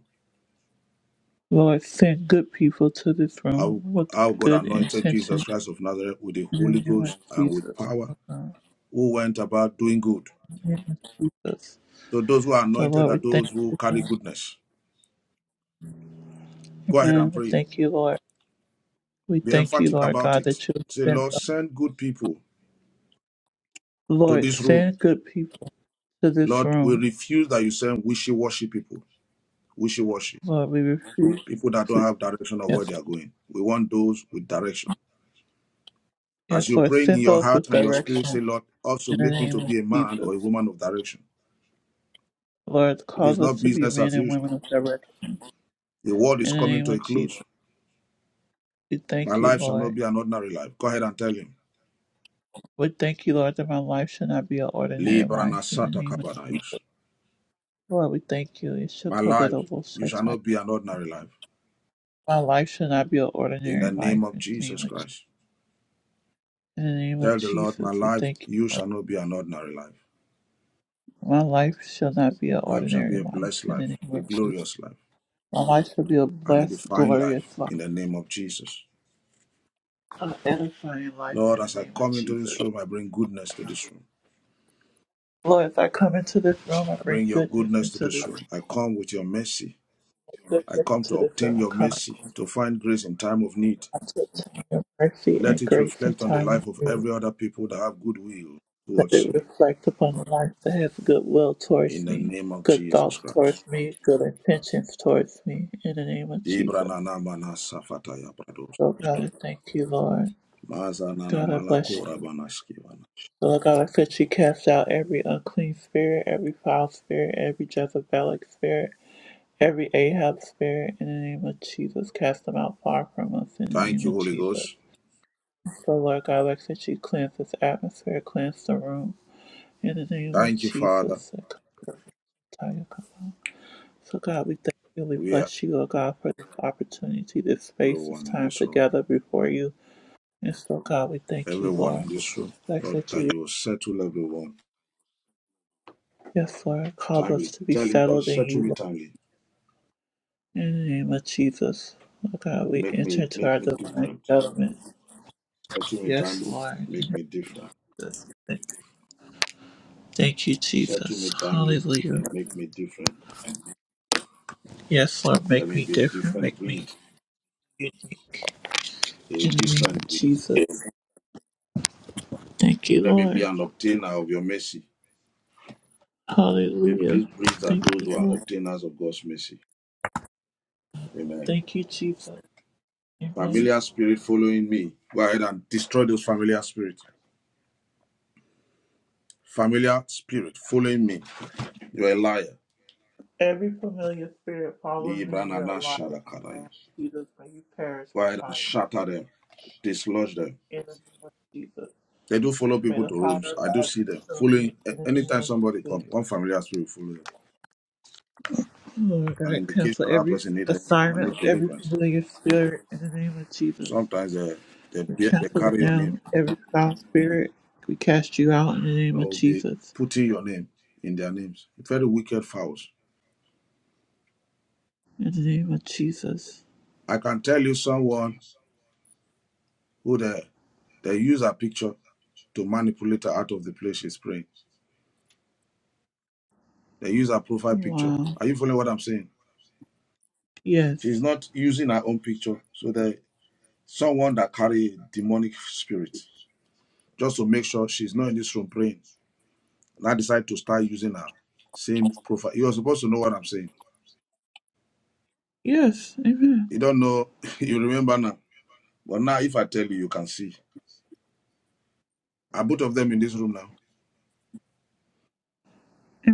Lord, send good people to this room How, with how God good anointed Jesus intention Christ of Nazareth with the in the Holy name of Ghost and with Jesus. power, Lord who went about doing good. God, Jesus. So those who are So, anointed Lord, are we thank those who you, carry goodness. Go ahead Amen. and We pray. thank you, Lord. We Be thank you, emphatic Lord about God, it. that you have Say, Lord, sent us. send good people to Lord, this room. send good people to this Lord, we room. refuse that you send wishy washy people, wishy washy Lord, we refuse. people that don't Please, have direction of where yes, they are going. We want those with direction. As yes, you Lord, pray in send your those heart with and your spirit, say, direction Lord, also in the make me name to of be a man Jesus. or a woman of direction. Lord, It is cause us not to be business men as and usual. women of direction The world is in the coming name to a of Jesus. close. We My thank you, life shall Lord. not be an ordinary life. Go ahead and tell him. We thank you, Lord, that my life shall not be an ordinary life. Librana In the sata name of kabanayash. Lord, we thank you. It shall My life, you shall Yeshua not be an ordinary life. My life shall not be an In ordinary the life. name of In the Jesus name of Christ. in the name of Tell the Lord, my Jesus, we life, thank you. you shall not be an ordinary life. My life shall not be an My life shall be ordinary a life. blessed In the life, name a of Jesus, glorious life, my life shall be a and a blessed, defined life glorious life, in the name of Jesus. an edifying life. Lord, In the as I name of come into Jesus, this room, I bring goodness to this room. Lord, if I come into this room, I I bring bring your goodness goodness to into this this room. I come with your mercy. I goodness come to into this room. obtain I your come I mercy, to find grace in time of need. a time of mercy Let and it grace and reflect on the time of life of every other people that have goodwill Let towards it you. reflect upon the life that has goodwill In towards the me, name of good Jesus thoughts Christ. towards me, good intentions towards me, in the name of Dibra Jesus. na na mana safataya brados. So, God, I thank you, Lord. Maza na na God, I bless you. malakora banaskiwana. So, Lord God, I said you cast out every unclean spirit, every foul spirit, every Jezebelic spirit, every Ahab spirit, in the name of Jesus. Cast them out far from us, in the Thank name you, of Holy Jesus. Ghost. So, Lord God, I said you cleanse this atmosphere, cleanse the room, in the name of Thank you, Father. Jesus. So, God, we thank you. We We are bless you, oh God, for this opportunity, this space, this everyone in time this room. together before you. And so, God, we thank you, Everyone Lord. in this room. Thanks Lord, that that you, you will settle everyone yes, Lord, cause us timely. to be Tell him, Lord, settled in settle you, me Lord. timely. In the name of Jesus, oh God, we Make enter me into make our me divine different. settlement. Settle me Yes, timely. Lord. In Make me different. Jesus' name. Thank you, Settle me Jesus. timely Hallelujah. and make me different. Yes, Lord, Let make me me be a different, different make me breed. unique. A In the name different of breed. Jesus. Thank you, Let me be Lord. an obtainer of your mercy. If Hallelujah. these breeds are Thank those you, who are Lord. obtainers of God's mercy. Amen. Thank you, Jesus. Amen. Familiar spirit following me. Go ahead and destroy those familiar spirits. Familiar spirit following me. You're a liar. Every familiar spirit following me, Librana you're a In the name shadakadaya. of Jesus, may you perish Go by ahead and fire. shatter them. Dislodge them. In the name of Jesus, They do follow may people the to rooms. fire of I do God see them consume you. following. a- In the name Anytime of somebody come, Jesus, one familiar spirit follow them. Lord An God, indication cancel that every person need help and assignment need of every deliverance. familiar spirit. In the name of Jesus, Sometimes they they, we bear, they cancel it carry your name. now. Every foul spirit, we cast you out in the They name of will be Jesus. putting your name in their names. Very wicked fowls. In the name of Jesus. I can tell you someone. who they, they use her picture to manipulate her out of the place she's praying. They use her profile picture. Wow. Are you following what I'm saying? She's Yes. not using her own picture. So they someone that carry demonic spirit just to make sure she's not in this room praying. And I decide to start using her same profile. You're supposed to know what I'm saying. Yes. Amen. You don't know. you remember now. But now, if I tell you, you can see. Are both of them in this room now?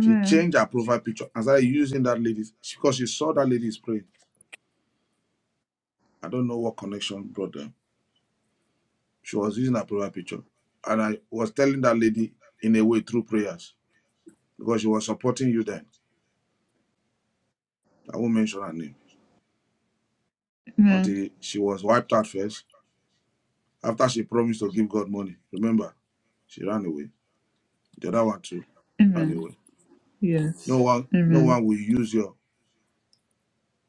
She changed her profile picture and started using that lady because she saw that lady is praying. I don't know what connection brought them. She was using her profile picture. And I was telling that lady in a way through prayers because she was supporting you then. I won't mention her name Amen. until she was wiped out first. After she promised to give God money, remember, she ran away. The other one too Amen. ran away. Yes. No one, no Amen. one will use you.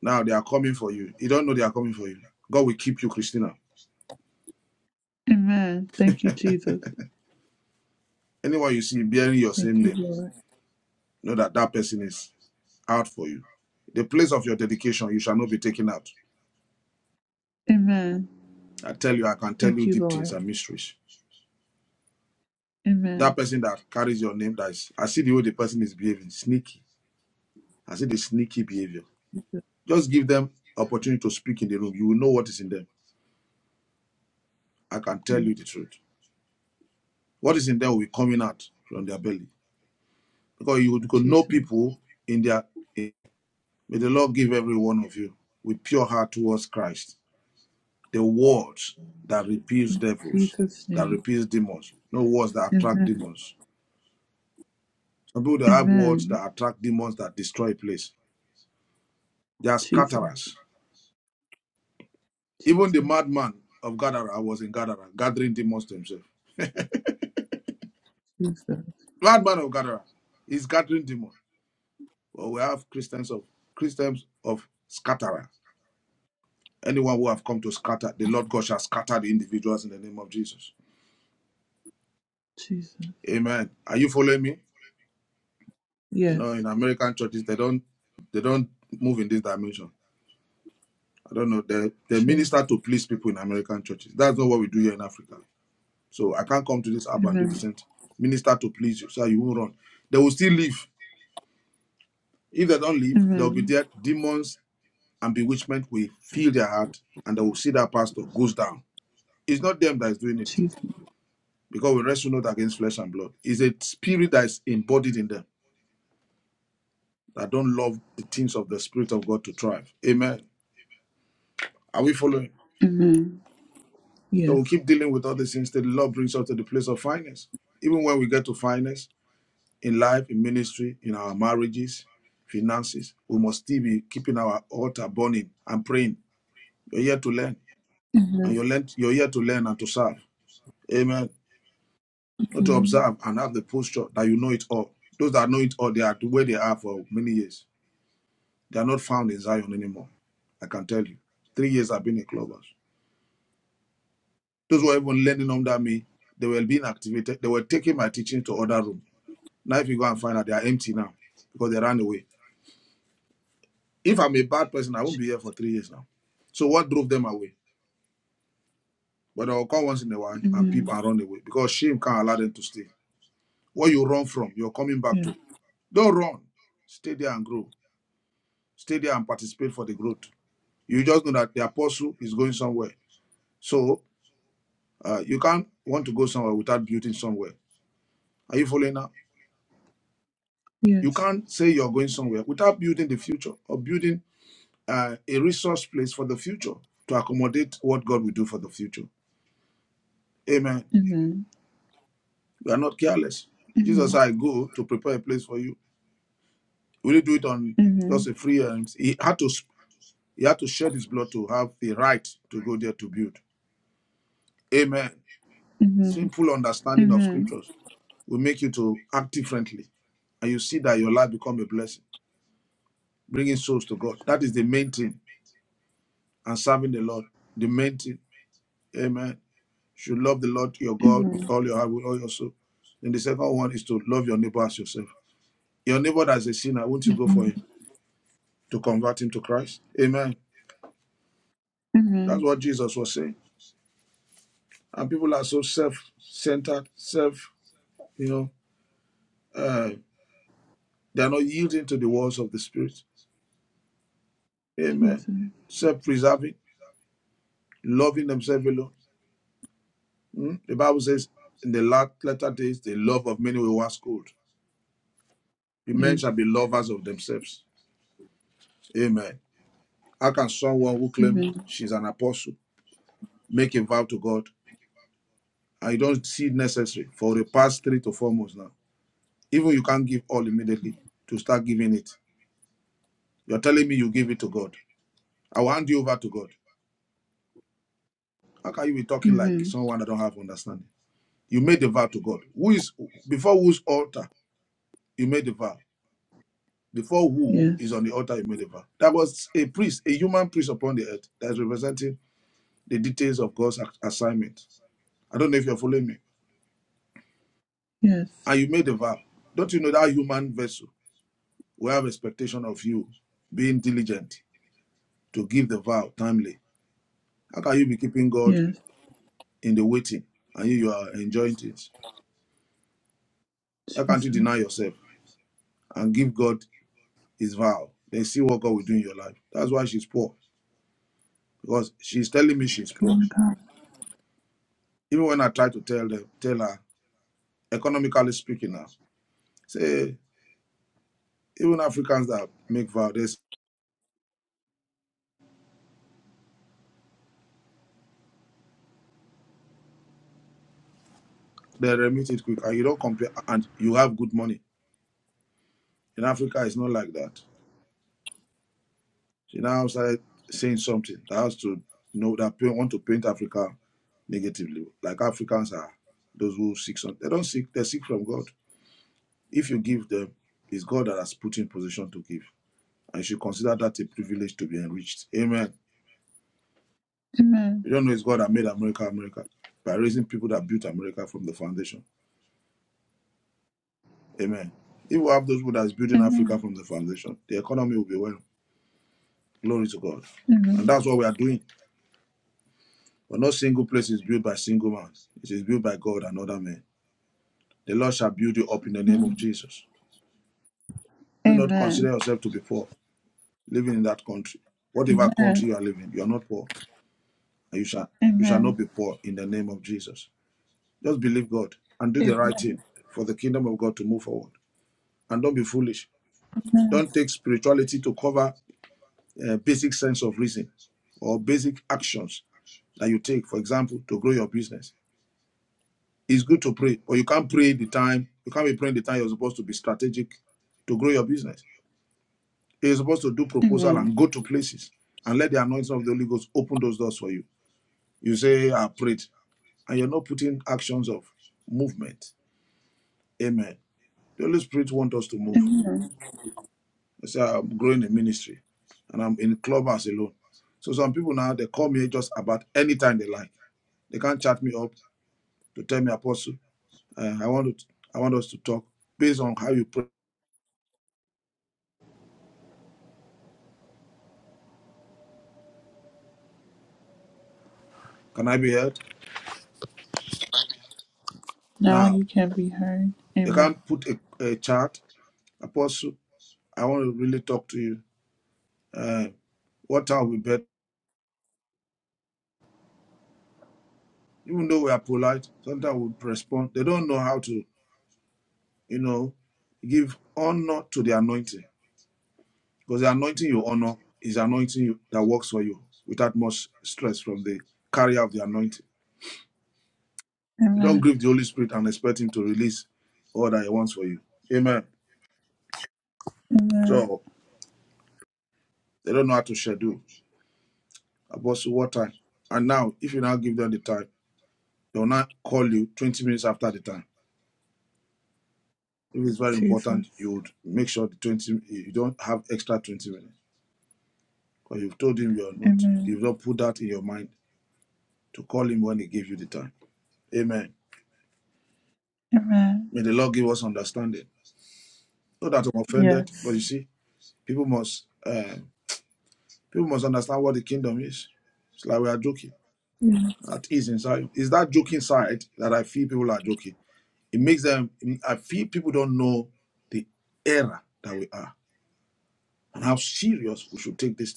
Now they are coming for you. You don't know they are coming for you. God will keep you, Christina. Amen. Thank you, Jesus. Anyone you see bearing your Thank same you, name, Lord. know that that person is out for you. The place of your dedication, you shall not be taken out. Amen. I tell you, I can tell Thank you you, deep things Lord. and mysteries. That Amen. person that carries your name, that is, I see the way the person is behaving, sneaky. I see the sneaky behavior. Just give them opportunity to speak in the room. You will know what is in them. I can tell Mm, you the truth. What is in them will be coming out from their belly because you could know Jesus. people in their. in- May the Lord give every one of you with pure heart towards Christ the words that repels In devils, Jesus' that name. repels demons, no words that attract Amen. demons. Some people they have words Amen. that attract demons that destroy a place They are Jesus. scatterers. Even the Jesus. madman of Gadara was in Gadara, gathering demons to himself. Jesus. Madman of Gadara is gathering demons. Well, we have Christians of Christians of scatterers. Anyone who have come to scatter, the Lord God shall scatter the individuals in the name of Jesus. Jesus. Amen. Are you following me? You know, Yes. in American churches, they don't they don't move in this dimension. I don't know. They they True. minister to please people in American churches. That's not what we do here in Africa. So I can't come to this app and do the Amen. same. thing. Minister to please you so you won't run. They will still leave. If they don't leave, they'll be Amen. there. Demons and bewitchment will fill their heart and they will see that pastor goes down. It's not them that is doing it Jesus. because we wrestle not against flesh and blood. It's a spirit that is embodied in them that don't love the things of the Spirit of God to thrive. Amen. Are we following? Amen. So we Yes. keep dealing with all these things till the Lord brings us to the place of finance. Even when we get to finance, in life, in ministry, in our marriages, finances. We must still be keeping our altar burning and praying. You're here to learn, and you're, learn, you're here to learn and to serve. Amen. Not to Amen. observe and have the posture that you know it all. Those that know it all, they are the way they are for many years. They are not found in Zion anymore. I can tell you. Three years I've been in clubhouse. Those who were even learning under me, they were being activated. They were taking my teaching to other room. Now, if you go and find out, they are empty now because they ran away. If I'm a bad person, I won't be here for three years now. So what drove them away? But I'll come once in a while and peep Amen. and run away because shame can't allow them to stay. What you run from, you're coming back Yeah. to. Don't run. Stay there and grow. Stay there and participate for the growth. You just know that the apostle is going somewhere. So uh, you can't want to go somewhere without building somewhere. Are you following now? You Yes. can't say you're going somewhere without building the future or building uh, a resource place for the future to accommodate what God will do for the future. Amen. Amen. We are not careless. Jesus, Amen. said, I go to prepare a place for you. Will he do it on just Amen. a free? Um, he had to he had to shed his blood to have the right to go there to build. Amen. Amen. Simple understanding of scriptures will make you to act differently, and you see that your life become a blessing, bringing souls to God. That is the main thing, and serving the Lord, the main thing. Amen. You should love the Lord your God with Amen. all your heart, with all your soul. And the second one is to love your neighbor as yourself. Your neighbor that's a sinner, won't you go for Amen. him? to convert him to Christ. Amen. That's Amen. what Jesus was saying. And people are so self-centered, self, you know, uh, they're not yielding to the words of the Spirit. Amen. Jesus. Self-preserving, loving themselves alone. Mm? The Bible says, in the last latter days, the love of many will wax cold. The Yes. men shall be lovers of themselves. Amen. How can someone who claims Amen. she's an apostle make a vow to God? I don't see it necessary for the past three to four months now. Even you can't give all immediately to start giving it. You're telling me you give it to God. I will hand you over to God. How can you be talking like Amen. someone that don't have understanding? You made the vow to God. Who is before whose altar you made the vow? Before who is Yes. on the altar you made the vow? That was a priest, a human priest upon the earth that is representing the details of God's ac- assignment. I don't know if you're following me. Yes. And you made the vow. Don't you know that human vessel will have expectation of you being diligent to give the vow timely? How can you be keeping God Yes. in the waiting and you, are enjoying things. How can't you Jesus. deny yourself and give God his vow? Then see what God will do in your life. That's why she's poor. Because she's telling me she's poor. Glory to God. Even when I try to tell them, tell her, economically speaking now, say even Africans that make vow, they, s- they remit it quick and you don't compare and you have good money. In Africa it's not like that. She now started saying something that has to you know that want to paint Africa negatively. Like Africans are those who seek something. They don't seek, they seek from God. If you give them, it's God that has put you in position to give. And you should consider that a privilege to be enriched. Amen. Amen. You don't know it's God that made America America by raising people that built America from the foundation. Amen. If we have those people that's building Africa Amen. from the foundation, the economy will be well. Glory to God. And Amen. that's what we are doing. For no single place is built by single man, it is built by God and other men. The Lord shall build you up in the name of Amen. Jesus. Do not Amen. consider yourself to be poor, living in that country. Whatever country Amen. you are living, you are not poor, and you shall you shall not Amen. be poor in the name of Jesus. Just believe God and do the right thing for the kingdom of God to move forward. And don't be foolish. Don't take spirituality to cover a basic sense of reason or basic actions that you take, for example, to grow your business It's good to pray, but you can't pray the time. You can't be praying the time you're supposed to be strategic to grow your business. You're supposed to do proposal and Amen. go to places and let the anointing of the Holy Ghost open those doors for you. You say, I prayed, and you're not putting actions of movement. Amen. The Holy Spirit wants us to move. Amen. I say, I'm growing a ministry and I'm in clubhouse alone. So some people now, they call me just about any time they like. They can't chat me up to tell me, Apostle, uh, I, want to, I want us to talk based on how you pray. Can I be heard? Now Now, you can be heard. you Amen. can't put a, a chart. Apostle, I want to really talk to you. Uh, what time we bet? Even though we are polite, sometimes we respond. They don't know how to, you know, give honor to the anointing. Because the anointing you honor is anointing you that works for you without much stress from the carrier of the anointing. You don't Amen. grieve the Holy Spirit and expect him to release all that he wants for you. Amen. Amen. So they don't know how to schedule. Apostle, what time? And now, if you now give them the time, They will not call you 20 minutes after the time. If it's very important, Jesus. you would make sure the 20 you don't have extra 20 minutes. Because you've told him you're not, Amen. you've not put that in your mind to call him when he gave you the time. Amen. Amen. May the Lord give us understanding. Not that I'm offended, but you Yes. see, people must uh, people must understand what the kingdom is. It's like we are joking. That is inside. It's that joking side that I feel people are joking. It makes them. I feel people don't know the era that we are and how serious we should take this thing.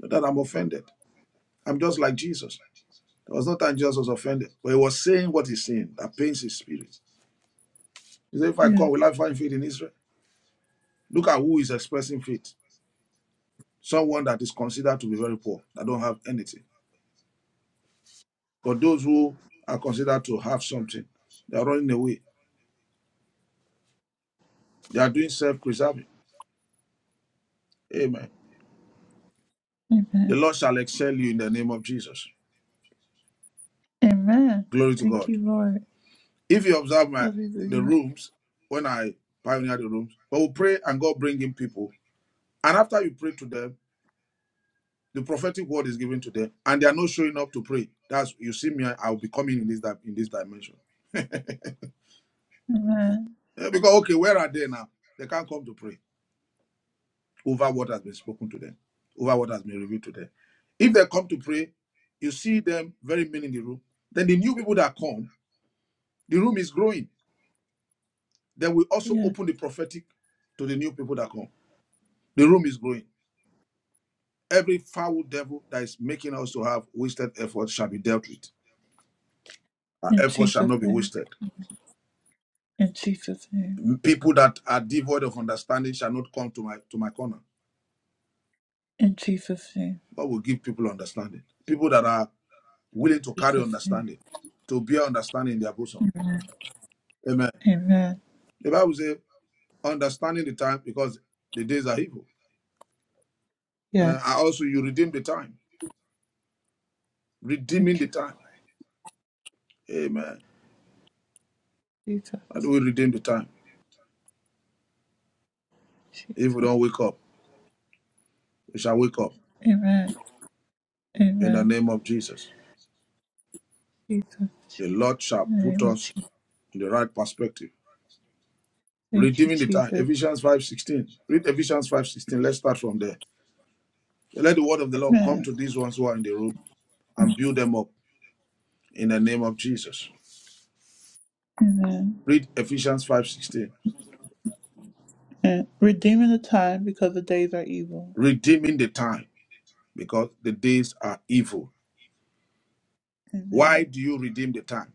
Not that I'm offended. I'm just like Jesus. There was no time Jesus was offended, but he was saying what he's saying that pains his spirit. He said, If I Yes. come, will I find faith in Israel? Look at who is expressing faith. Someone that is considered to be very poor, that don't have anything. But those who are considered to have something, they are running away. They are doing self preserving. Amen. The Amen. Lord shall excel you in the name of Jesus. Amen. Glory to Thank God. you, Lord. If you observe my the Hallelujah. rooms, when I pioneer the rooms, but we pray and God bring in people. And after you pray to them, The prophetic word is given to them, and they are not showing up to pray. That's you see me. I will be coming in this in this dimension. Amen. because okay, where are they now? They can't come to pray over what has been spoken to them, over what has been revealed to them. If they come to pray, you see them very many in the room. Then the new people that come, the room is growing. Then we also Yes. open the prophetic to the new people that come. The room is growing. Every foul devil that is making us to have wasted effort shall be dealt with. Our In effort shall Jesus' not be name. wasted. In Jesus' name. People that are devoid of understanding shall not come to my to my corner. In Jesus' name. God will give people understanding. People that are willing to carry Jesus' name. understanding, to bear understanding in their bosom. Amen. Amen. The Bible says, understanding the time because the days are evil. Uh, and Yes. also, you redeem the time. Redeeming Thank the you, time. Lord. Amen. How do Jesus. we redeem the time? If Jesus. we don't wake up, we shall wake up Amen. in the Amen. name of Jesus. Jesus. The Jesus. Lord shall In the put name of us Jesus. in the right perspective. Thank you, Redeeming the time. Jesus. Ephesians 5.16. Read Ephesians 5.16. Let's start from there. Let the word of the Lord come Amen. to these ones who are in the room and build them up in the name of Jesus. Amen. Read Ephesians 5:16. And redeeming the time because the days are evil. Redeeming the time because the days are evil. Why Amen. do you redeem the time?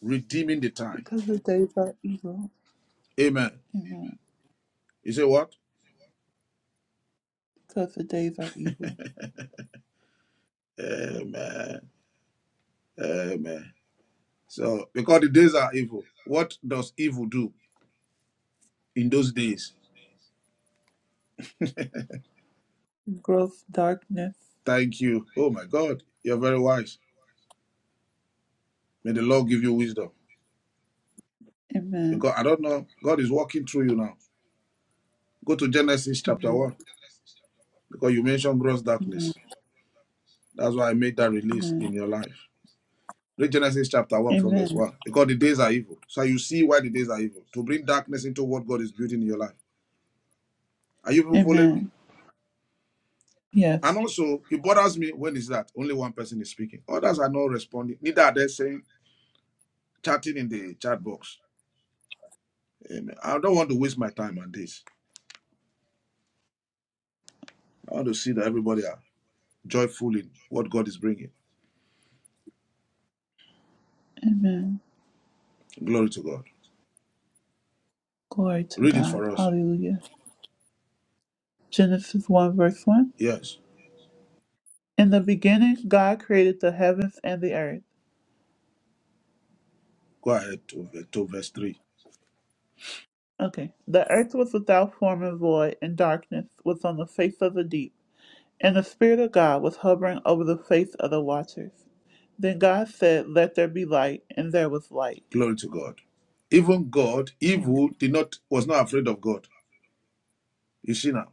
Redeeming the time. Because the days are evil. Amen. Amen. You say what? Because the days are evil. Amen. Amen. So because the days are evil, what does evil do in those days? Gross darkness. Thank you. Oh my God, you're very wise. May the Lord give you wisdom. Amen. Because I don't know, God is walking through you now. Go to Genesis chapter Amen. 1 because you mentioned gross darkness. That's why I made that release in Amen. your life. Read Genesis chapter 1 from verse Amen. 1. Because the days are evil. So you see why the days are evil. To bring darkness into what God is building in your life. Are you people following me? Amen. And Yes. also, it bothers me when is that only one person is speaking. Others are not responding. Neither are they saying, chatting in the chat box. Amen. I don't want to waste my time on this. I want to see that everybody are joyful in what God is bringing. Amen. Glory to God. Glory to Read it God. for us. Hallelujah. Genesis 1, verse 1. Yes. In the beginning, God created the heavens and the earth. Go ahead to, to verse 3. Okay. The earth was without form and void, and darkness was on the face of the deep. And the Spirit of God was hovering over the face of the waters. Then God said, Let there be light, and there was light. Glory to God. Even God, Amen. evil did not was not afraid of God. You see now.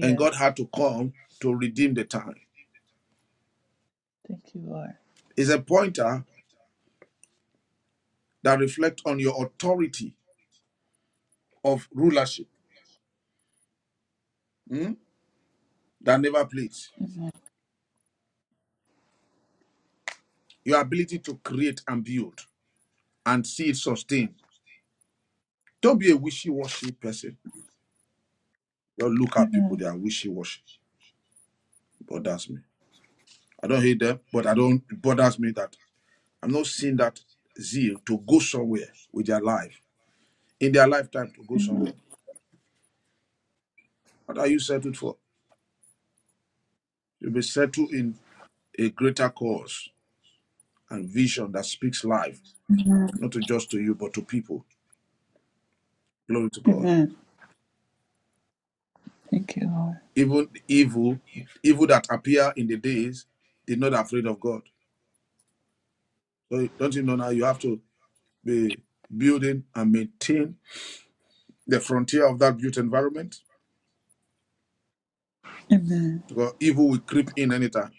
And God had to come to redeem the time. Thank you, Lord. It's a pointer that reflects on your authority of rulership hmm, that never plays. Your ability to create and build and see it sustained. Don't be a wishy-washy person. Don't look at people, they are wishy-washy. It Bothers me. I don't hate them, but I don't it bothers me that I'm not seeing that zeal to go somewhere with their life in their lifetime to go somewhere. Amen. What are you settled for? You will be settled in a greater cause and vision that speaks life, not just to you, but to people. Glory to God. Amen. Thank you, Lord. Even evil, evil that appear in the days, did not afraid of God. So don't you know now you have to be building and maintain the frontier of that built environment? Amen. Because evil will creep in anytime.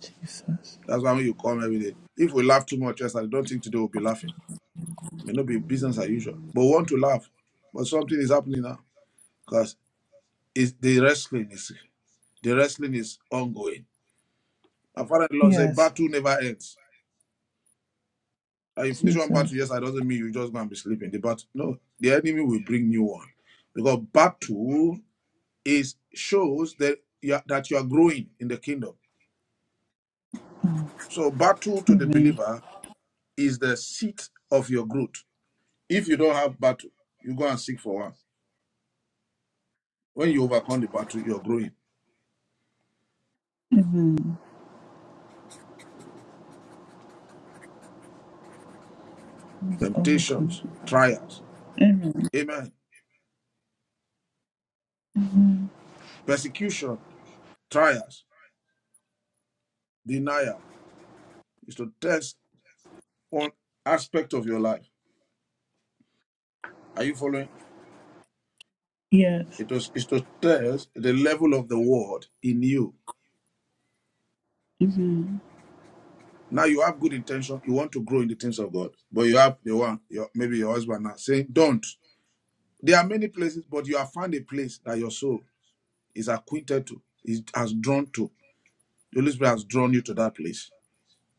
Jesus. That's why when you come every day. If we laugh too much yesterday, I don't think today we'll be laughing. It May not be business as usual. But we want to laugh. But something is happening now. because Is the wrestling is the wrestling is ongoing. My father-in-law said, Yes. "Battle never ends." And you finish one battle, Jesus. yes, that doesn't mean you just gonna be sleeping. The battle, no, the enemy will bring new one because battle is shows that you are, that you are growing in the kingdom. So battle to the Amen. believer is the seat of your growth. If you don't have battle, you go and seek for one. When you overcome the battle, you're growing. Amen. Let's overcome. Temptations, trials, Amen. amen. Persecution, trials, denial. is to test one aspect of your life. Are you following? Yes. It was is to test the level of the word in you. Amen. Now you have good intention, you want to grow in the things of God, but you have the one, your, maybe your husband now saying, Don't. There are many places, but you have found a place that your soul is acquainted to, is has drawn to. The Holy Spirit has drawn you to that place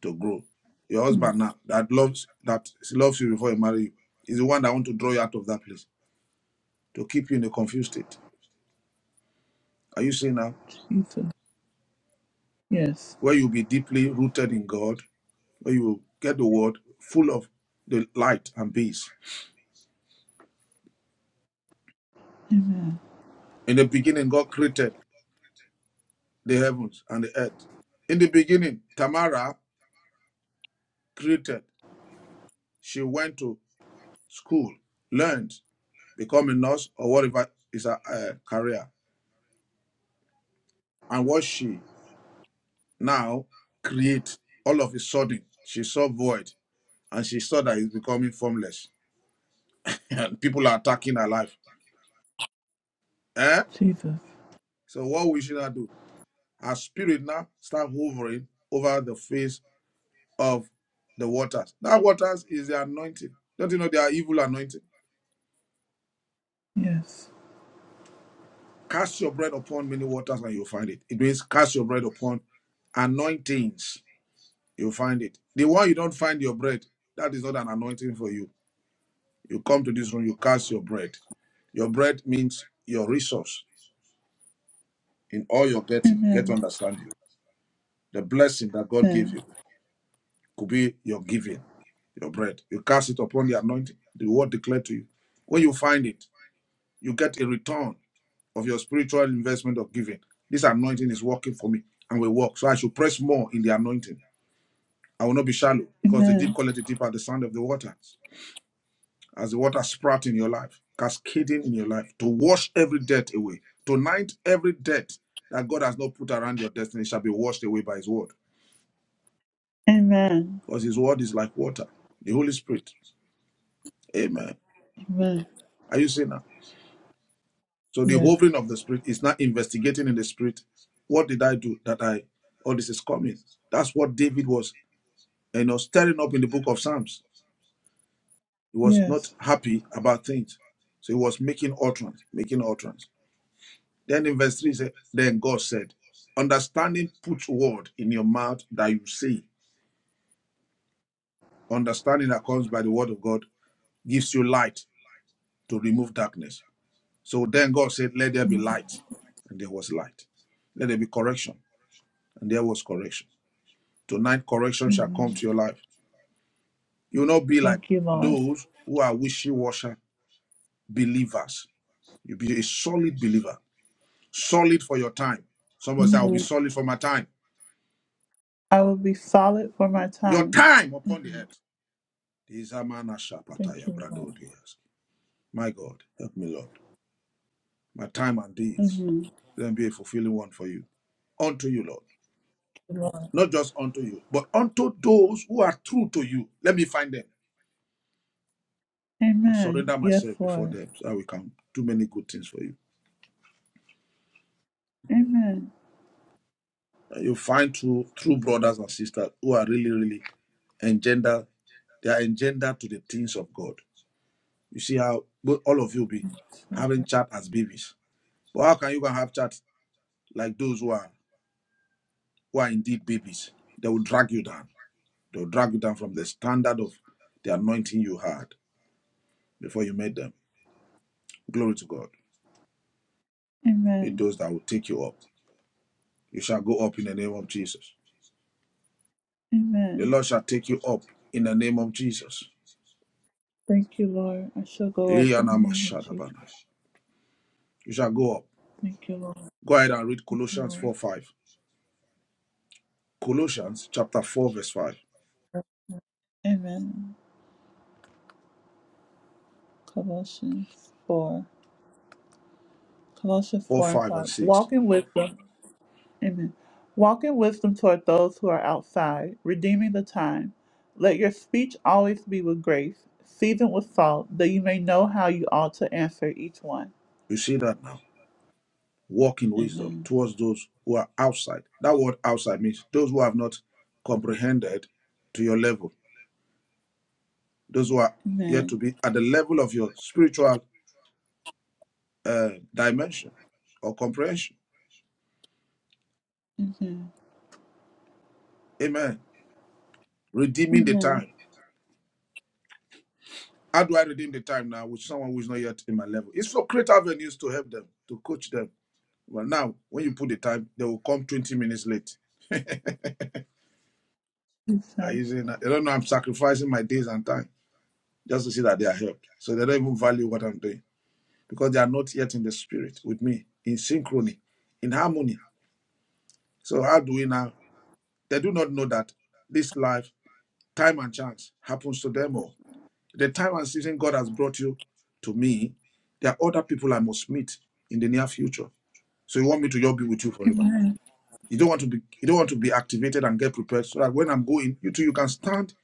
to grow. Your Oh, husband now that loves that loves you before you marry you is the one that want to draw you out of that place to keep you in a confused state. Are you seeing now? Jesus. Yes. where you'll be deeply rooted in God, where you will get the word full of the light and peace. Amen. In the beginning, God created the heavens and the earth. In the beginning, Tamara created. She went to school, learned, become a nurse or whatever is her uh, career. And what she now create, all of a sudden, she saw void and she saw that it's becoming formless. And people are attacking her life. Eh? Jesus. So what we should not do? Her spirit now start hovering over the face of the waters. That waters is the anointing. Don't you know they are evil anointing? Yes. Cast your bread upon many waters and you'll find it. It means cast your bread upon anointings. You'll find it. The one you don't find your bread, that is not an anointing for you. You come to this room, you cast your bread. Your bread means your resource in all you're getting. Get Amen. understanding. The blessing that God gave Amen. you could be your giving, your bread. You cast it upon the anointing, the word declared to you. When you find it, you get a return of your spiritual investment of giving. This anointing is working for me and will work. So I should press more in the anointing. I will not be shallow because the deep Amen. quality deep at the sound of the waters. As the water sprout in your life, cascading in your life, to wash every debt away. Tonight, every debt that God has not put around your destiny shall be washed away by His word. Amen. Because His word is like water, the Holy Spirit. Amen. Amen. Are you seeing that? So the Yes. hovering of the spirit is not investigating in the spirit. What did I do that I all this is coming? That's what David was, you know, stirring up in the book of Psalms. He was not Yes. happy about things. So he was making utterance, making utterance. Then in verse 3 he said, Then God said, Understanding puts word in your mouth that you say. Understanding that comes by the word of God gives you light to remove darkness. So then God said, Let there be light. And there was light. Let there be correction. And there was correction Tonight, correction shall come Amen. to your life. You will not be like Thank you, Lord. those who are wishy washy believers. You'll be a solid believer, solid for your time. Somebody say, I will be Amen. solid for my time. I will be solid for my Your time. time upon the Amen. earth. These are man are sharp Thank you, Lord. brado dears. My God, help me, Lord. My time and deeds. Amen. Thank Let them be a fulfilling one for you. Unto you, Lord. you, Lord. Not just unto you, but unto those who are true to you. Let me find them and Amen. surrender Yes, myself before Lord. them so I will come. Too many good things for you. Amen. you find true true brothers and sisters who are really really engender they are engendered to the things of god you see how bo- all of you be having chat as babies but how can you go and have chat like those who are who are indeed babies they will drag you down they will drag you down from the standard of the anointing you had before you met them glory to god it Amen. those that will take you up you shall go up in the name of jesus the Amen. lord shall take you up in the name of jesus Thank you, Lord. I shall go up you in the name of Jesus. shall go up Thank you, Lord. Thank Go ahead and read you, Colossians Lord. 4 5. Colossians chapter 4, verse 5, Amen. Colossians 4. Colossians 4, 4 and 5, and 5. 6. Walk in wisdom. Amen. Walk in wisdom toward those who are outside, redeeming the time. Let your speech always be with grace, seasoned with salt, that you may know how you ought to answer each one. You see that now. Walk in wisdom Amen. towards those who are outside. That word outside means those who have not comprehended to your level, those who are yet to Amen. be at the level of your spiritual uh, dimension or comprehension. Amen. Amen. Redeeming the Amen. time. How do I redeem the time now with someone who is not yet in my level? It's for create avenues to help them, to coach them, Well, now when you put the time, they will come 20 minutes late. I Jesus. usually I don't know I'm sacrificing my days and time just to see that they are helped. So they don't even value what I'm doing because they are not yet in the spirit with me, in synchrony, in harmony. So how do we now? They do not know that this life, time and chance happens to them all. The time and season God has brought you to me, there are other people I must meet in the near future. So you want me to just be with you forever? You don't want to be you don't want to be activated and get prepared so that when I'm going, you too you can stand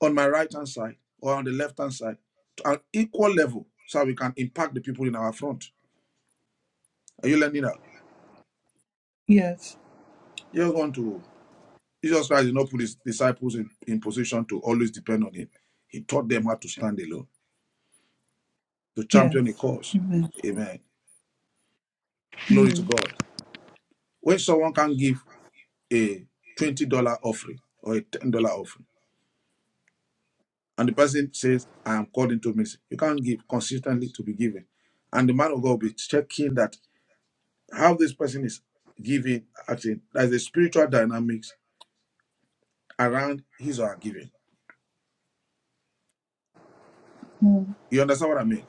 on my right hand side or on the left hand side to an equal level so that we can impact the people in our front. Are you learning that? Yes. You just want to Jesus Christ did not put his disciples in, in position to always depend on him. He taught them how to stand alone, to champion a Yes. cause. Amen. Amen. Glory to Amen. God. When someone can give a $20 offering or a $10 offering, and the person says, I am called into ministry, you can't give consistently to be given. And the man of God will be checking that how this person is giving, acting. There's a spiritual dynamics around his or her giving. Mm. You understand what I mean?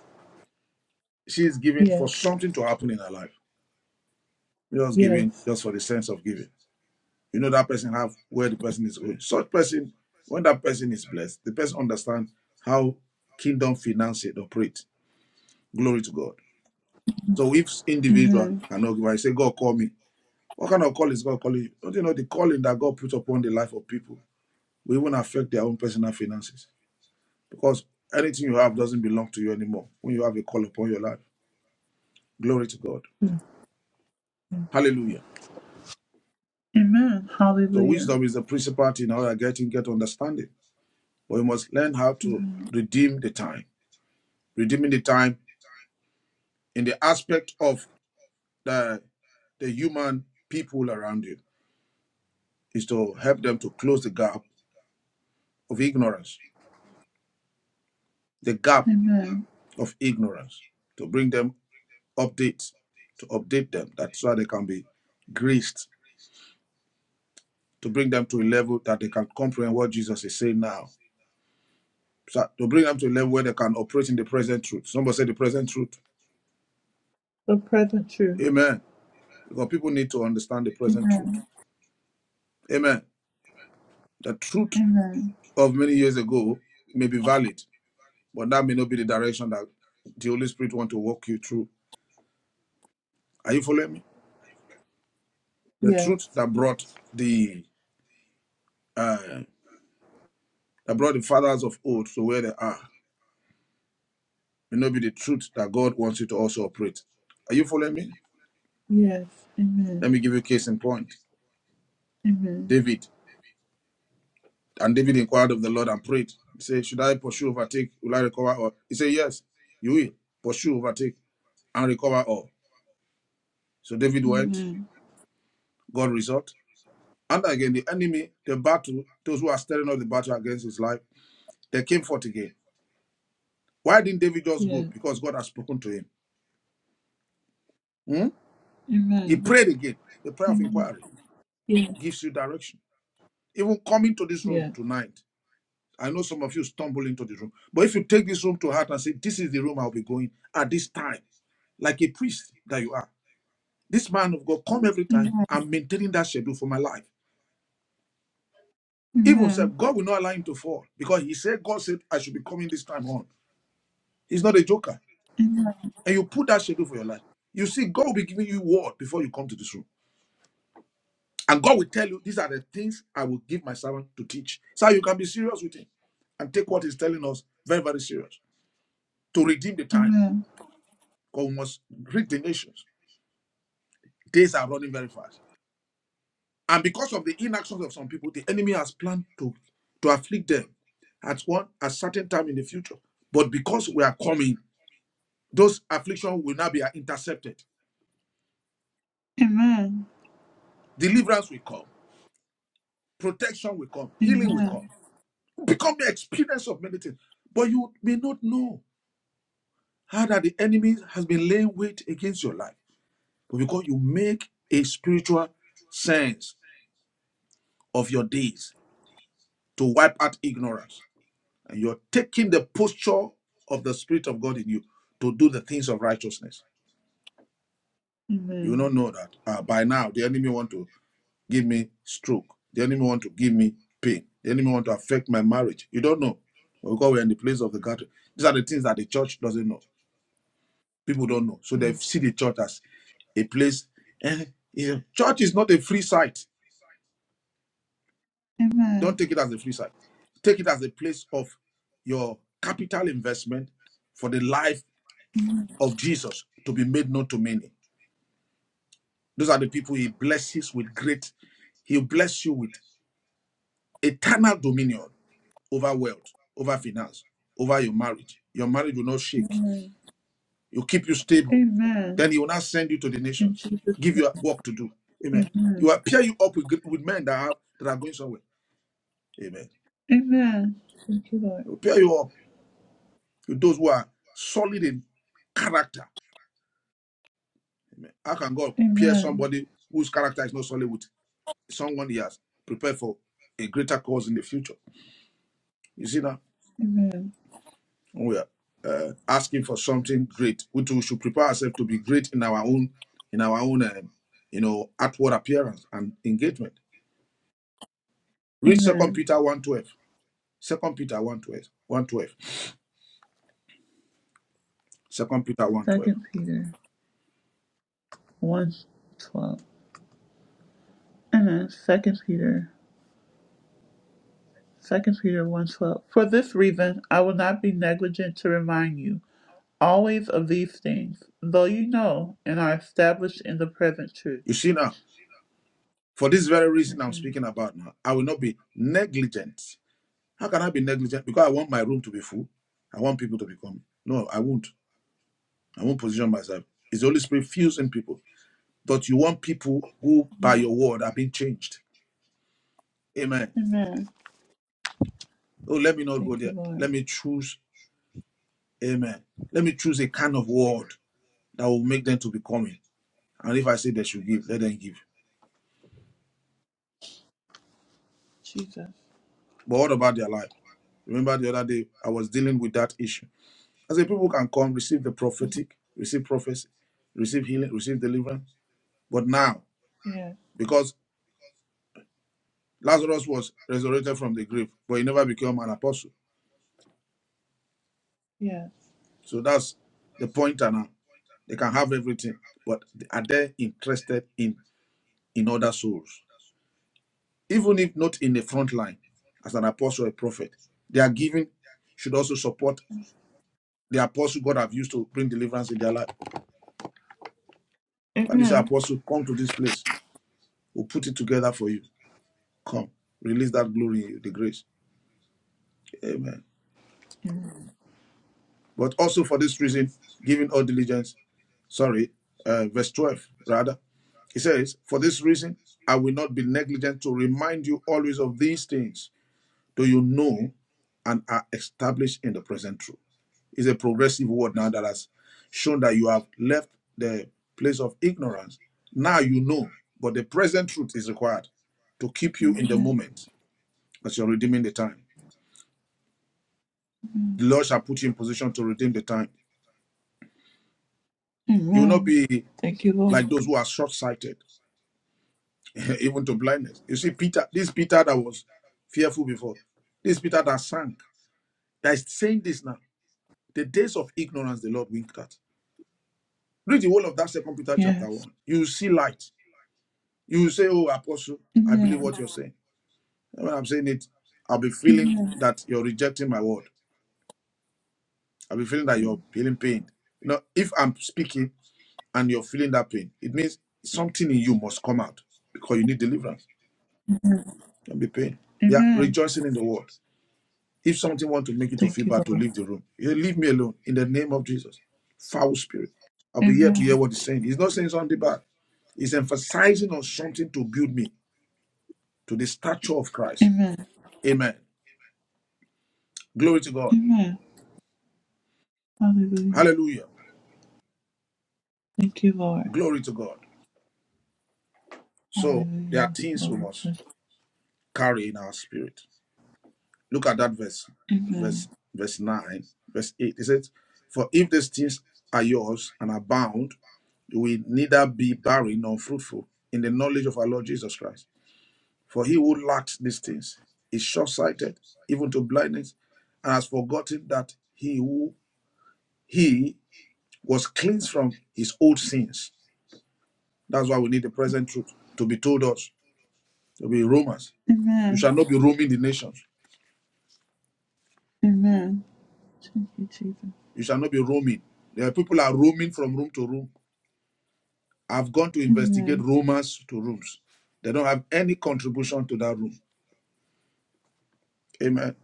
She is giving for Yes. something to happen in her life. Just giving Yes. just for the sense of giving. You know that person have where the person is going. Such person, when that person is blessed, the person understands how kingdom finances operate. Glory to God. So if individual Amen. cannot give, I say, God call me. What kind of call is God calling you? Don't you know the calling that God put upon the life of people will even affect their own personal finances? Because anything you have doesn't belong to you anymore when you have a call upon your life. Glory to God. Hallelujah. Amen. So Hallelujah. wisdom is the principal thing how you're getting get understanding. But you must learn how to redeem the time. Redeeming the time in the aspect of the the human people around you is to help them to close the gap of ignorance, the gap Amen. of ignorance, to bring them update to update them that's why they can be greased to bring them to a level that they can comprehend what jesus is saying now so to bring them to a level where they can operate in the present truth somebody said the present truth The present truth. amen because people need to understand the present Amen. truth amen the truth Amen. of many years ago may be valid but that may not be the direction that the holy spirit want to walk you through are you following me the Yes. truth that brought the uh, that brought the fathers of old to where they are may not be the truth that God wants you to also operate. Are you following me? Yes. Let Amen. me give you a case in point. Amen. David. And David inquired of the Lord and prayed. He said, Should I pursue, overtake? Will I recover all? He said, Yes, you will. Pursue, overtake, and recover all. So David went, Amen. God result. And again, the enemy, the battle, those who are stirring up the battle against his life, they came forth again. Why didn't David just go? Yes. Because God has spoken to him. Hmm? He Amen. prayed again. The prayer of Amen. inquiry Yes. gives you direction. Even coming to this room Yes. tonight, I know some of you stumble into the room, but if you take this room to heart and say, This is the room I'll be going at this time, like a priest that you are, this man of God come every time, Amen. I'm maintaining that schedule for my life. Even Amen. said, God will not allow him to fall because he said, God said, I should be coming this time on. He's not a joker. Amen. And you put that schedule for your life. You see, God will be giving you word before you come to this room. And God will tell you, These are the things I will give my servant to teach. So you can be serious with him and take what he's telling us very, very serious to redeem the time. Amen. because we must rid the nations. Days are running very fast. And because of the inactions of some people, the enemy has planned to, to afflict them at one at certain time in the future. But because we are coming, those afflictions will now be intercepted. Amen. Deliverance will come, protection will come, healing will come. Amen. Become the experience of many things. But you may not know how that the enemy has been laying wait against your life. But because you make a spiritual sense of your days to wipe out ignorance And you're taking the posture of the Spirit of God in you to do the things of righteousness. You Amen. don't know that. Uh, by now, the enemy want to give me stroke. The enemy want to give me pain. The enemy want to affect my marriage. You don't know. Because we're in the place of the gathering. These are the things that the church doesn't know. People don't know. So Yes. they see the church as a place. eh, you church is not a free site. Don't Amen. take it as a free site. Take it as a place of your capital investment for the life of Jesus to be made known to many. Those are the people he blesses with great, he'll bless you with eternal dominion over wealth, over finance, over your marriage. Your marriage will not shake. Amen. He'll keep you stable. Amen. Then he will not send you to the In nations, Jesus. give you work to do. Amen. He Amen. will pair you up with, with men that have that are going somewhere. Amen. Amen. Thank you, Lord. He will pair you up with those who are solid in character. How can God pair Amen. somebody whose character is not solid with someone he has prepared for a greater cause in the future. You see that? Amen. When we are uh, asking for something great, we too should prepare ourselves to be great in our own, in our own, um, you know, outward appearance and engagement. Read Second Amen. Peter one twelve. Second Peter one twelve. One twelve. Second Peter one twelve. Second Peter one twelve. Amen. Second Peter Second Peter one twelve. For this reason I will not be negligent to remind you always of these things, though you know and are established in the present truth. You see now. For this very reason I'm Amen. speaking about now, I will not be negligent. How can I be negligent? Because I want my room to be full. I want people to be coming. No, I won't. I won't position myself. It's the Holy Spirit fusing people. but you want people who by your word are being changed. Amen. Amen. Oh, let me not go Thank you, there. Lord. Let me choose. Amen. Let me choose a kind of word that will make them to be coming. And if I say they should give, let them give. Jesus. But what about their life? Remember the other day I was dealing with that issue. I said people can come, receive the prophetic, receive prophecy, receive healing, receive deliverance. But now, Yes. because Lazarus was resurrected from the grave, but he never became an apostle. Yes. So that's the point now. They can have everything, but are they interested in in other souls? Even if not in the front line, as an apostle or a prophet, their giving should also support the apostle God have used to bring deliverance in their life. And this Amen. apostle, come to this place. We'll put it together for you. Come, release that glory, in you, the grace. Amen. But also for this reason, giving all diligence. Sorry, uh, verse twelve rather. He says, "For this reason, I will not be negligent to remind you always of these things." Do you know and are established in the present truth? It's a progressive word now that has shown that you have left the place of ignorance. Now you know, but the present truth is required to keep you in the moment as you're redeeming the time. The Lord shall put you in position to redeem the time. You will not Amen. be Thank you, Lord. like those who are short sighted, even to blindness. You see, Peter, this Peter that was fearful before, this Peter that sank, that is saying this now. The days of ignorance the Lord winked at. Read the whole of that second Peter chapter Yes. one. You see light. You will say, Oh, apostle, I believe Amen. what you're saying. And when I'm saying it, I'll be feeling Amen. that you're rejecting my word. I'll be feeling that you're feeling pain. You know, if I'm speaking and you're feeling that pain, it means something in you must come out because you need deliverance. Don't be pain. Yeah, Amen. rejoicing in the word. If something want to make you to feel Thank you, bad, to Lord. leave the room, you say, leave me alone in the name of Jesus. Foul spirit. I'll be here to hear Amen. what he's saying. He's not saying something bad. He's emphasizing on something to build me. to the stature of Christ. Amen. Amen. Glory to God. Amen. Hallelujah. Hallelujah. Thank you, Lord. Glory to God. So there are Hallelujah. things we Lord, we must bless carry in our spirit. Look at that verse, you. verse, Amen. verse 9, verse 8. It says, For if these things are yours and abound, you will neither be barren nor fruitful in the knowledge of our Lord Jesus Christ. For he who lacks these things is short sighted, even to blindness, and has forgotten that he who he was cleansed from his old sins That's why we need the present truth to be told us, to be Romans. You Amen. shall not be roaming the nations. Amen. Thank you, Jesus. You shall not be roaming. There are people are roaming from room to room. I've gone to investigate Amen. Romans to rooms. They don't have any contribution to that room. Amen.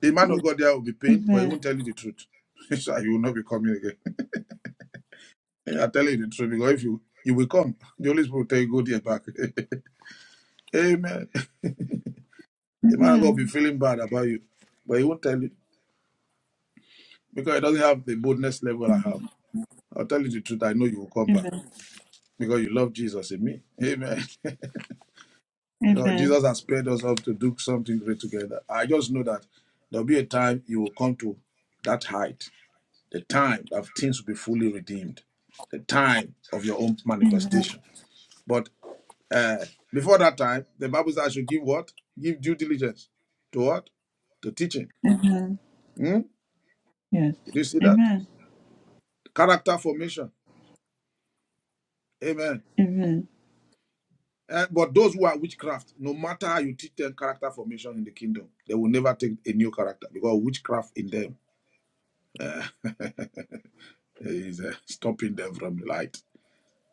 The man Oh, of God there will be pained, but he Amen. won't tell you the truth. so you will not be coming again. I tell you the truth because if you you will come, the Holy Spirit will tell you go there back. Amen. The man of God will be Amen. feeling bad about you, but he won't tell you because he doesn't have the boldness level I have. I'll tell you the truth. I know you will come back Amen. because you love Jesus in me. Amen. Because Amen. Jesus has paired us up to do something great together. I just know that there'll be a time you will come to that height, the time that things will be fully redeemed, the time of your own Amen. manifestation. But uh, before that time, the Bible says I should give what? Give due diligence to what? To teaching. Amen. Hmm? Yes. Did you see that? Amen. Character formation. Amen. Amen. Uh, but those who are witchcraft, no matter how you teach them character formation in the kingdom, they will never take a new character because witchcraft in them is uh, stopping them from light,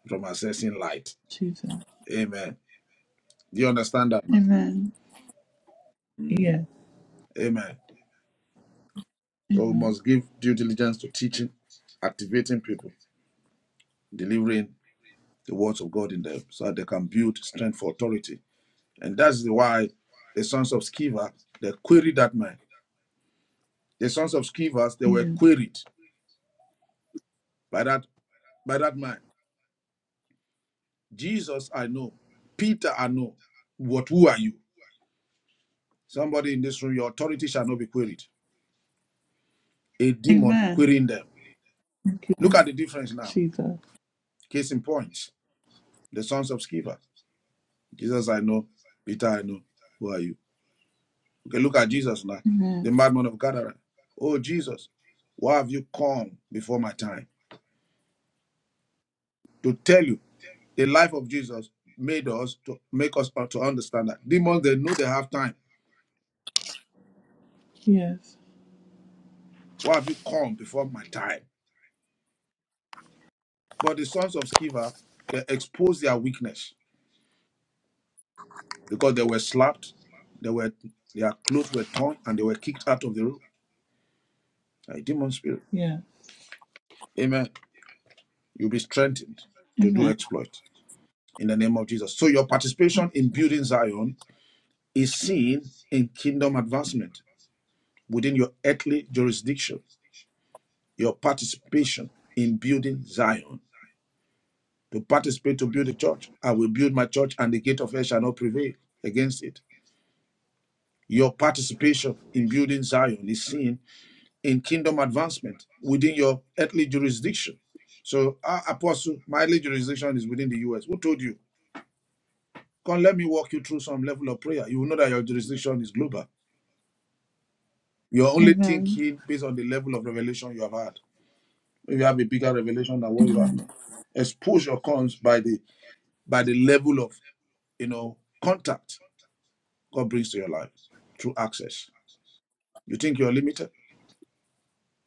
from accessing light. Jesus. Amen. Do you understand that? man? Amen. Yes. Amen. So we Amen. must give due diligence to teaching, activating people, delivering the words of God in them so that they can build strength for authority. And that's why the sons of Sceva, they queried that man. The sons of Scevas, they were Yes. queried by that by that man Jesus, I know. Peter, I know. What? Who are you? Somebody in this room, your authority shall not be queried. A demon Amen. querying them. Thank you, Look at Lord. the difference now. Jesus. Case in point, the sons of Sceva. Jesus, I know. Peter, I know. Who are you? Okay, look at Jesus now, the Amen. madman of Gadara. Oh, Jesus, why have you come before my time? To tell you, the life of Jesus made us to make us to understand that demons they know they have time. Yes. Why have you come before my time? But the sons of Sceva, they exposed their weakness because they were slapped, they were their clothes were torn, and they were kicked out of the room. A demon spirit. Yes. Amen. You'll be strengthened to do Amen. exploit in the name of Jesus. So your participation in building Zion is seen in kingdom advancement within your earthly jurisdiction. Your participation in building Zion. To participate to build a church, I will build my church, and the gate of hell shall not prevail against it. Your participation in building Zion is seen in kingdom advancement within your earthly jurisdiction. So, our apostle, my earthly jurisdiction is within the US. Who told you? Come, let me walk you through some level of prayer. You will know that your jurisdiction is global. You're only Amen. thinking based on the level of revelation you have had. If you have a bigger revelation than what you have now, exposure comes by the by the level of you know contact God brings to your life through access. You think you're limited?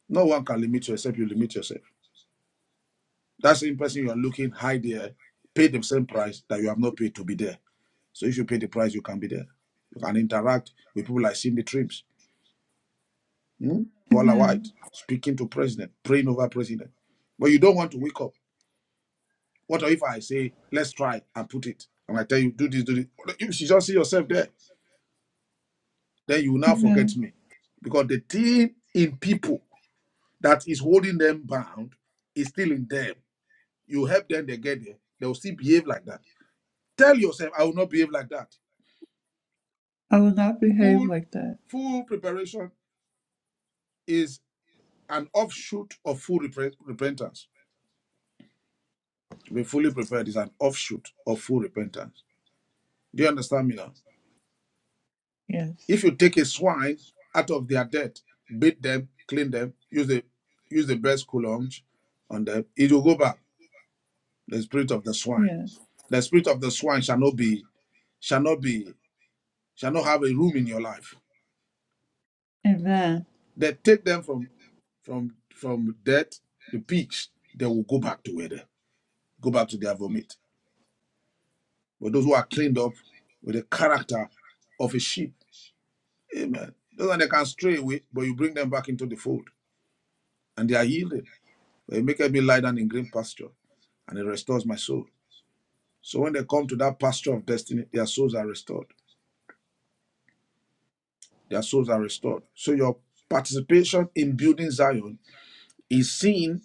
No one can limit you except you limit yourself. That same person you are looking high there paid the same price that you have not paid to be there. So if you pay the price, you can be there. You can interact with people like Cindy Trims, hmm? Paula White, Amen. speaking to president, praying over president. But you don't want to wake up. What if I say, let's try and put it? And I tell you, do this, do this. You should just see yourself there. Then you will now forget Amen. me. Because the thing in people that is holding them bound is still in them. You help them, they get there. They will still behave like that. Tell yourself, I will not behave like that. I will not behave Full, like that. full preparation is an offshoot of full repre- repentance. Be fully prepared is an offshoot of full repentance. Do you understand me now? Yes. If you take a swine out of their dirt, beat them, clean them, use the use the best cologne on them, it will go back. The spirit of the swine. Yes. The spirit of the swine shall not be shall not be shall not have a room in your life. Amen. They take them from from from death, the pigs, they will go back to where they go back to their vomit. But those who are cleaned up with the character of a sheep, amen. Those one they can stray away, but you bring them back into the fold and they are yielded. But it maketh me lie down in green pasture and it restores my soul. So when they come to that pasture of destiny, their souls are restored. Their souls are restored. So your participation in building Zion is seen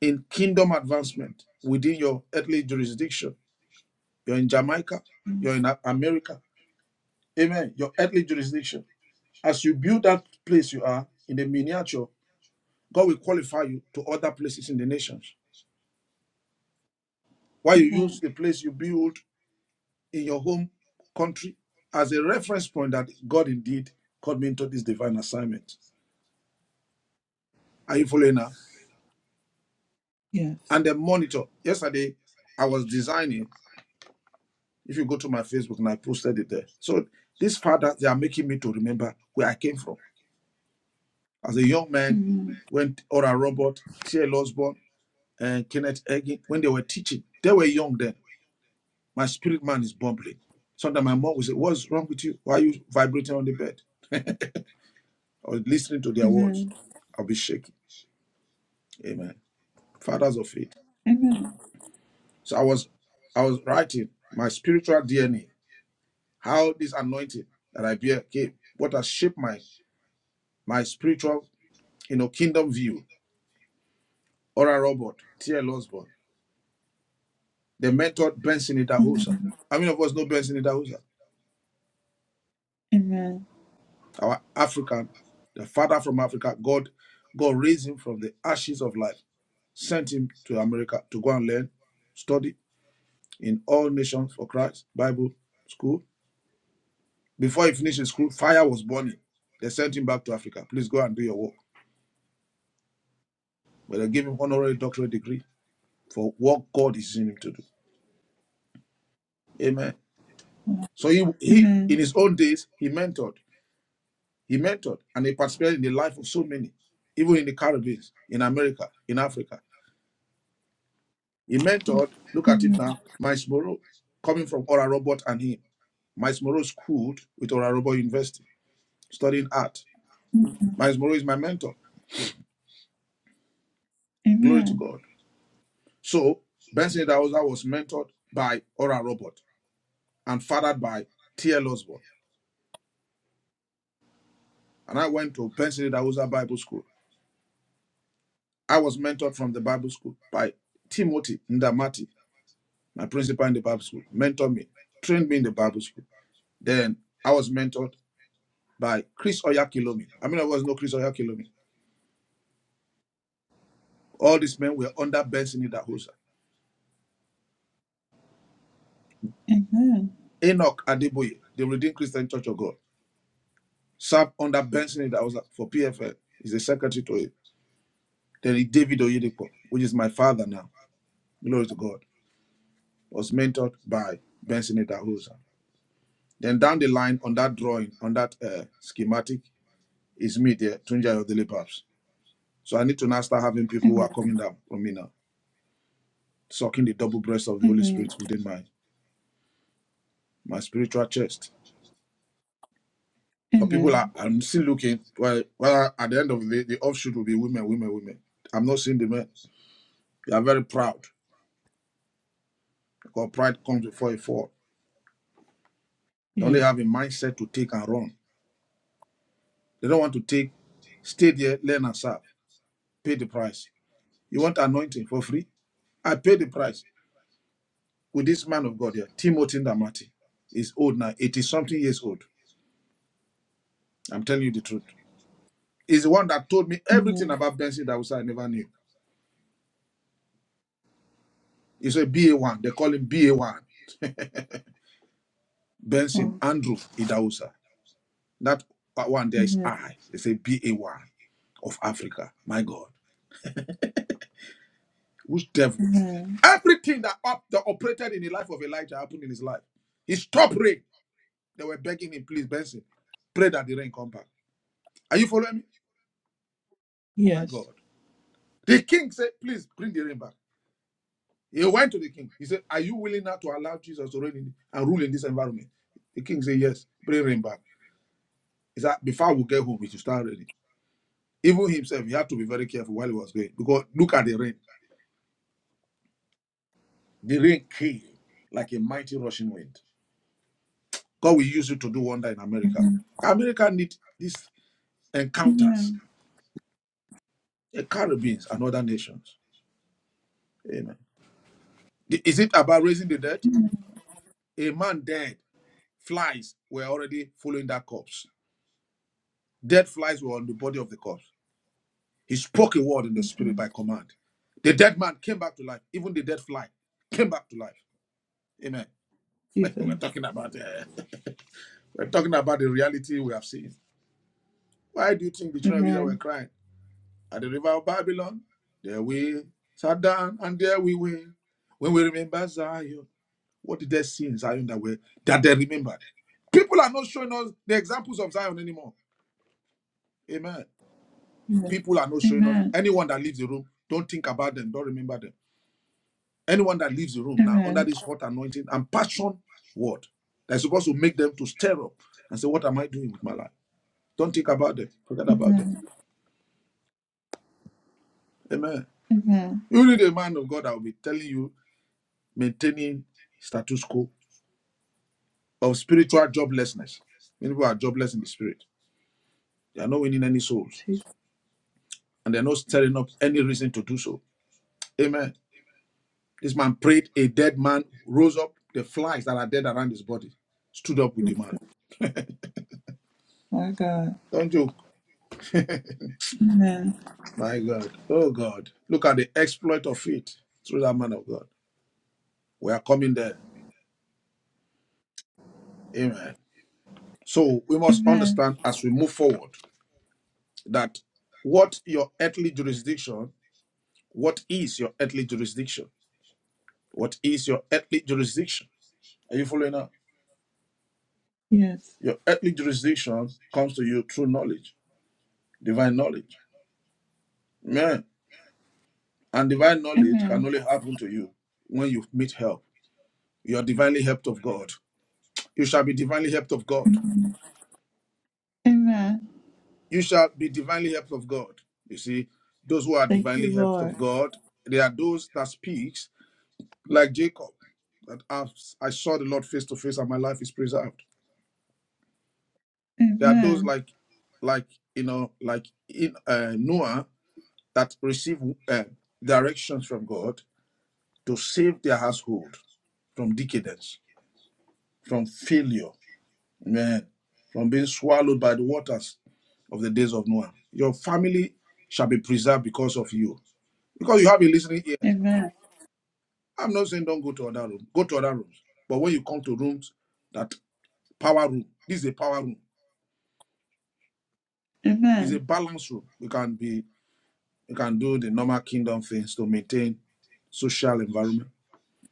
in kingdom advancement within your earthly jurisdiction. You're in Jamaica, you're in America. Amen. Your earthly jurisdiction. As you build that place you are in the miniature, God will qualify you to other places in the nations. Why you use Amen. the place you build in your home country as a reference point that God indeed called me into this divine assignment. Are you following now? Yes. And the monitor. Yesterday, I was designing. If you go to my Facebook and I posted it there. So these fathers, they are making me to remember where I came from. As a young man, Amen. when Ora Robert, T.L. Osborne, and Kenneth Hagin, when they were teaching, they were young then My spirit man is bubbling. Sometimes my mom will say, What's wrong with you? Why are you vibrating on the bed? Or listening to their words. Amen. I'll be shaking. Amen. Fathers of faith. Amen. So I was I was writing my spiritual DNA, how this anointing that I bear came, what has shaped my my spiritual, you know, kingdom view. Ora Robert, T.L. Osborne, the mentor Benson Idahosa. Amen. How many of us know Benson Idahosa? Amen. Our African, the father from Africa, God, God raised him from the ashes of life sent him to America to go and learn, study in all nations for Christ Bible school. Before he finished his school, fire was burning. They sent him back to Africa. Please go and do your work. But they gave him honorary doctorate degree for what God is using him to do. Amen. So he, he in Amen. his own days, he mentored. He mentored and he participated in the life of so many, even in the Caribbean, in America, in Africa. He mentored, look at it Amen. now, Miles Moreau, coming from Ora Robert and him. Miles Moreau schooled with Ora Robert University. studying art. Miles Morrow is my mentor. Glory to Amen. God. So Benson Dawza was mentored by Ora Robert and fathered by T.L. Osborne. And I went to Benson Dawza Bible School. I was mentored from the Bible school by Timothy Ndamati, my principal in the Bible school, mentored me, trained me in the Bible school. Then I was mentored by Chris Oyakilomi. I mean, I was no Chris Oyakilomi. All these men were under Benson Dawza. Amen. Enoch Adeboye, the Redeemed Christian Church of God. served under Benson that was uh, for PFL. He's the secretary to it. Then David Oyedepo, which is my father now. Glory to God. Was mentored by Benson Idahosa. Then down the line on that drawing, on that uh, schematic, is me there, Tunja Yodele Paps. So I need to now start having people who are coming down from me now, sucking the double breast of the Holy Amen. Spirit within my my spiritual chest. But people Amen. Amen. are, I'm still looking, well, well, at the end of the day, the offshoot will be women, women, women. I'm not seeing the men. They are very proud. because pride comes before a fall. They only Yes. have a mindset to take and run. They don't want to take, stay there, learn and serve, pay the price. You want anointing for free? I pay the price with this man of God here, Timothy Ndamati. He's old now, 80 something years old. I'm telling you the truth. He's the one that told me everything Amen. about Benson Idahosa I never knew. He's a BA1. They call him BA1. Benson Oh, Andrew Idahosa. That one there is amen. I. It's a BA1 of Africa. My God. Which devil? Amen. Everything that up that operated in the life of Elijah happened in his life. He stopped rain. They were begging him, please, Benson, pray that the rain come back. Are you following me? My Yes. God. The king said, please bring the rain back. He went to the king. He said, Are you willing now to allow Jesus to reign in, and rule in this environment? The king said, Yes, bring rain back. He said, Before we get home, we should start ready. Even himself, he had to be very careful while he was going. Because look at the rain. The rain came like a mighty rushing wind. God will use you to do wonder in America. America need this encounters, Amen. the Caribbeans and other nations. Amen. Is it about raising the dead? A man dead, flies were already following that corpse. Dead flies were on the body of the corpse. He spoke a word in the Jesus. spirit by command. The dead man came back to life. Even the dead fly came back to life. Amen. we're Jesus. talking about uh, we're talking about the reality we have seen. Why do you think the children of Israel were Amen. crying at the river of Babylon? There we sat down and there we were when we remember Zion. What did they see in Zion that were that they remembered? People are not showing us the examples of Zion anymore. Amen. Yes. People are not showing us. Amen. Anyone that leaves the room, don't think about them, don't remember them. Anyone that leaves the room now under Amen. this hot anointing and passion word that's supposed to make them to stir up and say, What am I doing with my life? Don't think about them, forget about them. Amen. Amen. Amen. You need a man of God that will be telling you maintaining status quo of spiritual joblessness. Many people are jobless in the spirit, they are not winning any souls. Jesus. and they're not stirring up any reason to do so. Amen. This man prayed, a dead man rose up, the flies that are dead around his body stood up with the man. My God. Don't joke. Amen. My God. Oh God. Look at the exploit of it through that man of God. We are coming there. Amen. So we must Amen. understand as we move forward that what your earthly jurisdiction, what is your earthly jurisdiction? What is your earthly jurisdiction? Are you following up? Yes. Your earthly jurisdiction comes to you through knowledge, divine knowledge. Man, and divine knowledge can Amen. only happen to you when you meet help. You are divinely helped of God. You shall be divinely helped of God. Amen. Amen. You shall be divinely helped of God. You see, those who are Thank divinely you, helped of Lord. God, they are those that speaks like Jacob, that I've, I saw the Lord face to face and my life is preserved. There are those Amen. like, like you know, like in uh, Noah that receive uh, directions from God to save their household from decadence, from failure Amen. From being swallowed by the waters of the days of Noah. Your family shall be preserved because of you. Because you have a listening ear. Amen. I'm not saying don't go to other rooms. Go to other rooms. But when you come to rooms that power room, this is a power room. It's a Amen. balance room. We can be we can do the normal kingdom things to maintain social environment.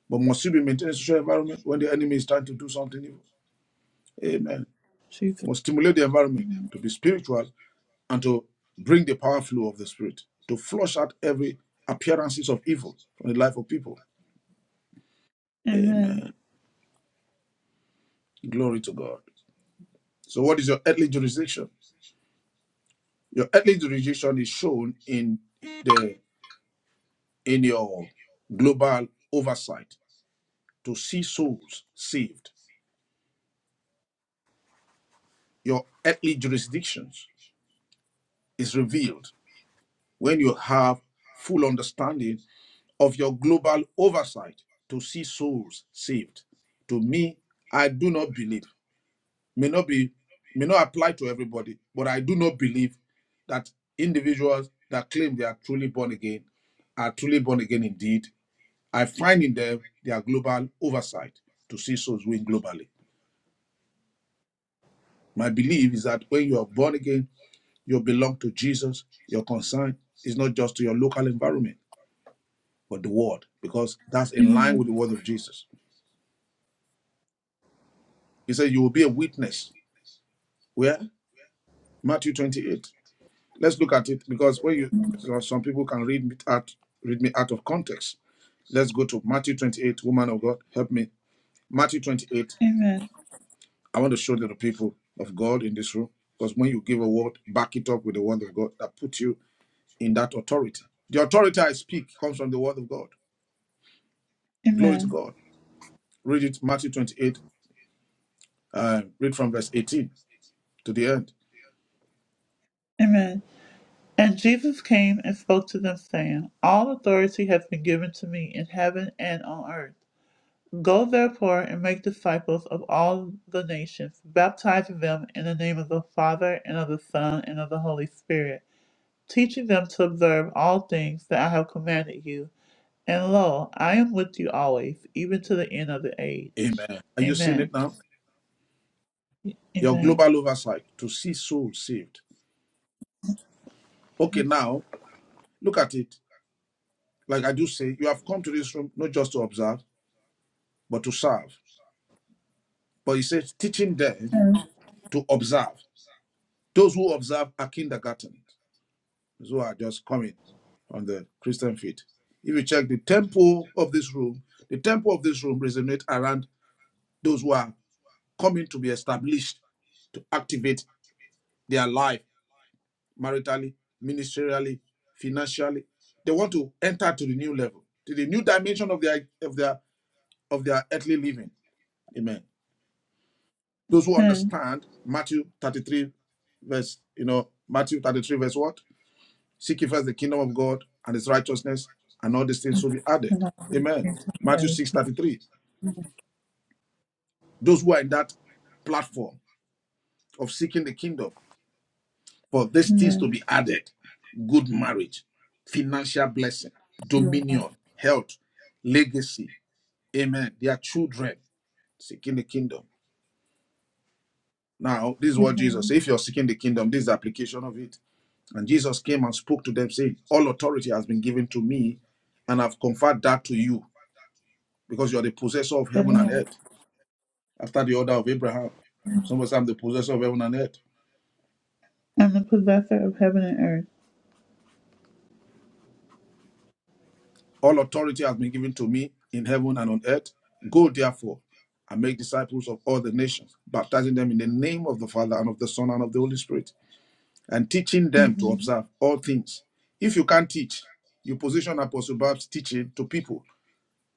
But must you be maintaining social environment when the enemy is trying to do something evil? Amen. Jesus. Must stimulate the environment Amen. to be spiritual and to bring the power flow of the Spirit to flush out every appearances of evil from the life of people. Amen. Amen. Glory to God. So, what is your earthly jurisdiction? Your earthly jurisdiction is shown in the in your global oversight to see souls saved. Your earthly jurisdictions is revealed when you have full understanding of your global oversight to see souls saved. To me, I do not believe may not be may not apply to everybody, but I do not believe that individuals that claim they are truly born again are truly born again indeed. I find in them their global oversight to see souls win globally. My belief is that when you are born again, you belong to Jesus. Your concern is not just to your local environment, but the world, because that's in line with Amen. the word of Jesus. He said, You will be a witness. Where? Matthew 28. Let's look at it because when you so some people can read me out read me out of context. Let's go to Matthew 28, woman of God, help me. Matthew 28. Amen. I want to show the people of God in this room because when you give a word, back it up with the word of God that puts you in that authority. The authority I speak comes from the word of God. Glory to Amen. God. Read it, Matthew 28, uh, read from verse 18 to the end. Amen. And Jesus came and spoke to them, saying, All authority has been given to me in heaven and on earth. Go therefore and make disciples of all the nations, baptizing them in the name of the Father and of the Son and of the Holy Spirit, teaching them to observe all things that I have commanded you. And lo, I am with you always, even to the end of the age. Amen. Are you seeing Amen. it now? Your Amen. global oversight to see souls saved. Okay, now look at it. Like I do say, you have come to this room not just to observe, but to serve. But he says, teaching them to observe. Those who observe are kindergarten, those who are just coming on the Christian faith. If you check the tempo of this room, the tempo of this room resonates around those who are coming to be established to activate their life maritally, ministerially, financially. They want to enter to the new level, to the new dimension of their of their of their earthly living. Amen. Those who Amen. understand Matthew 33, verse, you know, Matthew 33, verse what? Seek ye first the kingdom of God and his righteousness, and all these things will be added. Amen. Amen. Matthew 6:33. Those who are in that platform of seeking the kingdom for these things to Amen. be added good marriage, financial blessing, Amen. dominion, health, legacy. Amen. Their children seeking the kingdom. Now, this is what Jesus Amen. said. If you're seeking the kingdom, this is the application of it. And Jesus came and spoke to them, saying, All authority has been given to me, and I've conferred that to you, because you are the possessor of heaven and Amen. earth, after the order of Abraham. Somebody say, I'm the possessor of heaven and earth. and the possessor of heaven and earth. All authority has been given to me in heaven and on earth. Go therefore and make disciples of all the nations, baptizing them in the name of the Father and of the Son and of the Holy Spirit, and teaching them to hmm observe all things. If you can't teach, you position Apostle Bob's teaching to people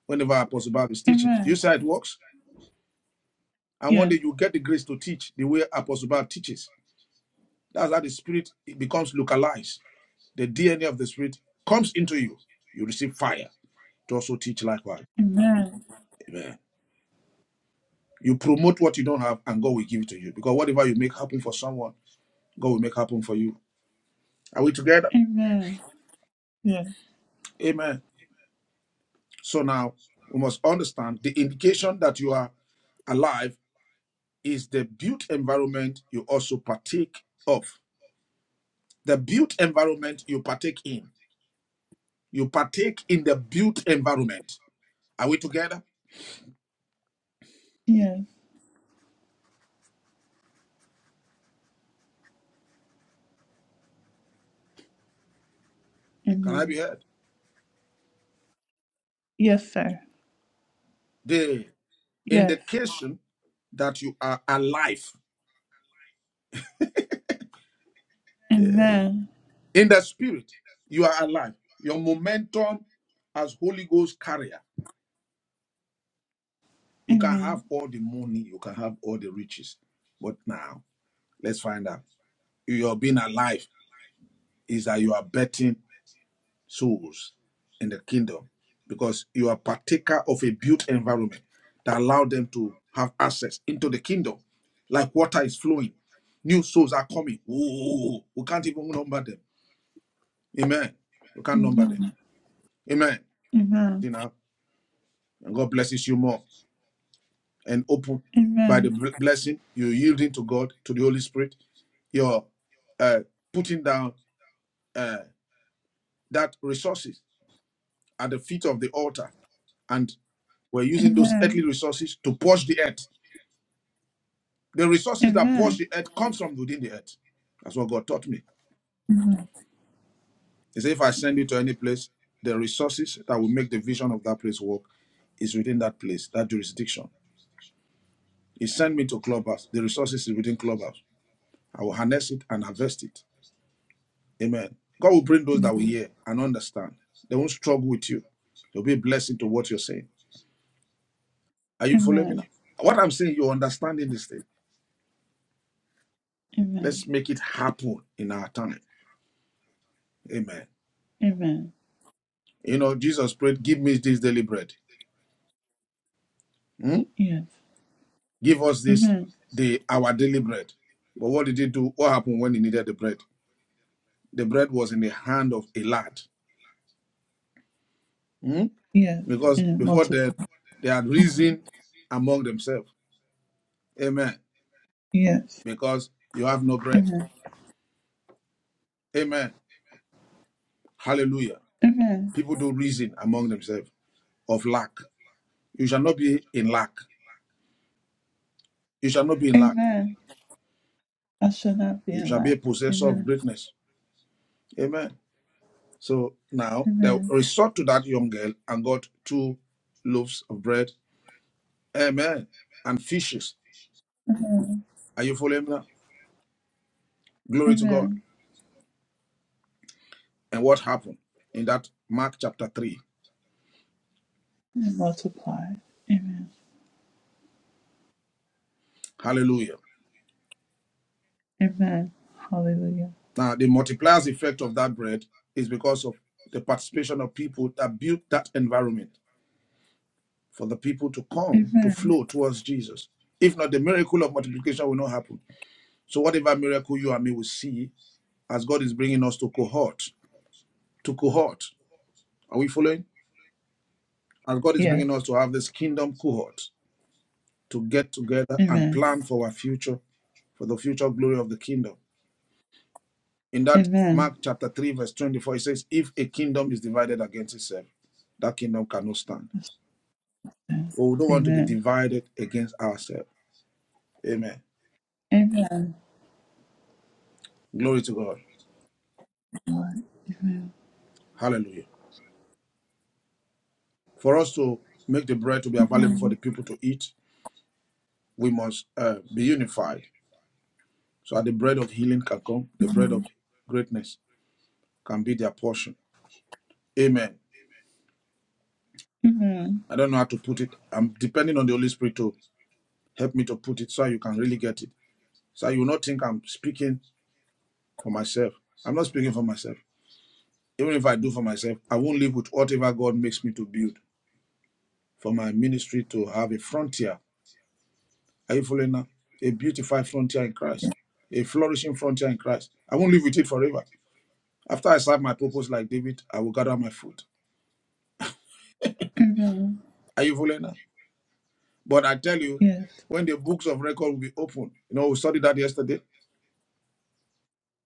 whenever Apostle Bob is teaching. Do you Amen. see how it works? And one Yes. day you get the grace to teach the way Apostle Bob teaches. That's how the spirit it becomes localized. The DNA of the spirit comes into you. You receive fire to also teach likewise. Amen. Amen. You promote what you don't have, and God will give it to you. Because whatever you make happen for someone, God will make happen for you. Are we together? Amen. Yes. Amen. So now we must understand the indication that you are alive is the built environment you also partake of. The built environment you partake in You partake in the built environment. Are we together? Yes. Can I be Amen. heard? Yes, sir. The Yes. indication that you are alive eh, Amen. in the spirit. You are alive. Your momentum as Holy Ghost carrier. You can Amen. have all the money, you can have all the riches. But now, let's find out. Your being alive is that you are betting souls in the kingdom because you are partaker of a built environment that allowed them to have access into the kingdom like water is flowing new souls are coming Ooh, we can't even number them amen we can't number them Amen. amen Amen. you know and god blesses you more and open by the Amen. blessing you yielding to god to the holy spirit you're uh, putting down uh, that resources at the feet of the altar and we're using those earthly Amen. resources to push the earth. The resources that push Amen. the earth comes from within the earth. That's what God taught me. Amen. He said, if I send you to any place, the resources that will make the vision of that place work is within that place, that jurisdiction. He sent me to clubhouse. The resources is within clubhouse. I will harness it and harvest it. Amen. God will bring those that will hear and understand. They won't struggle with you. They'll be a blessing to what you're saying. Are you following me Amen. now? What I'm saying, you're understanding this thing. Amen. Let's make it happen in our time. Amen. Amen. You know, Jesus prayed, give me this daily bread. Hmm? Yes. Give us this Amen. the our daily bread. But what did he do? What happened when he needed the bread? The bread was in the hand of a lad. Hmm? Yes. Because And it before that, multiply. they had reasoned among themselves. Amen. Yes. Because you have no bread. Amen. Amen. Hallelujah. Amen. People do reason among themselves of lack. You shall not be in lack. You shall not be in lack. Amen. I shall not be You in shall be lack. a possessor of Amen. greatness. Amen. So now they Amen. resort to that young girl and got two loaves of bread, amen, and fishes. Amen. Are you following me now? Glory to Amen. God. And what happened in that Mark chapter 3? and multiply. Amen. Hallelujah. Amen. Hallelujah. Now, the multiplier's effect of that bread is because of the participation of people that built that environment for the people to come to Amen. flow towards Jesus. If not, the miracle of multiplication will not happen. So, whatever miracle you and me will see, as God is bringing us to cohort, to cohort, are we following? And God is Yes. bringing us to have this kingdom cohort to get together and Amen. plan for our future, for the future glory of the kingdom. In that Amen. Mark chapter 3, verse 24, it says, If a kingdom is divided against itself, that kingdom cannot stand. Yes. But we don't want to be Amen. divided against ourselves. Amen. Amen. Glory to God. Lord. Hallelujah. For us to make the bread to be available for the people to eat, we must uh, be unified so that the bread of healing can come, the bread of greatness can be their portion. Amen. Amen. I don't know how to put it. I'm depending on the Holy Spirit to help me to put it so you can really get it. So you will not think I'm speaking for myself. I'm not speaking for myself. Even if I do for myself, I won't live with whatever God makes me to build for my ministry to have a frontier. Are you following now? A beautified frontier in Christ, a flourishing frontier in Christ. I won't live with it forever. After I serve my purpose like David, I will gather my food. Amen. Are you following now? But I tell you, Yes. when the books of record will be opened, you know, we studied that yesterday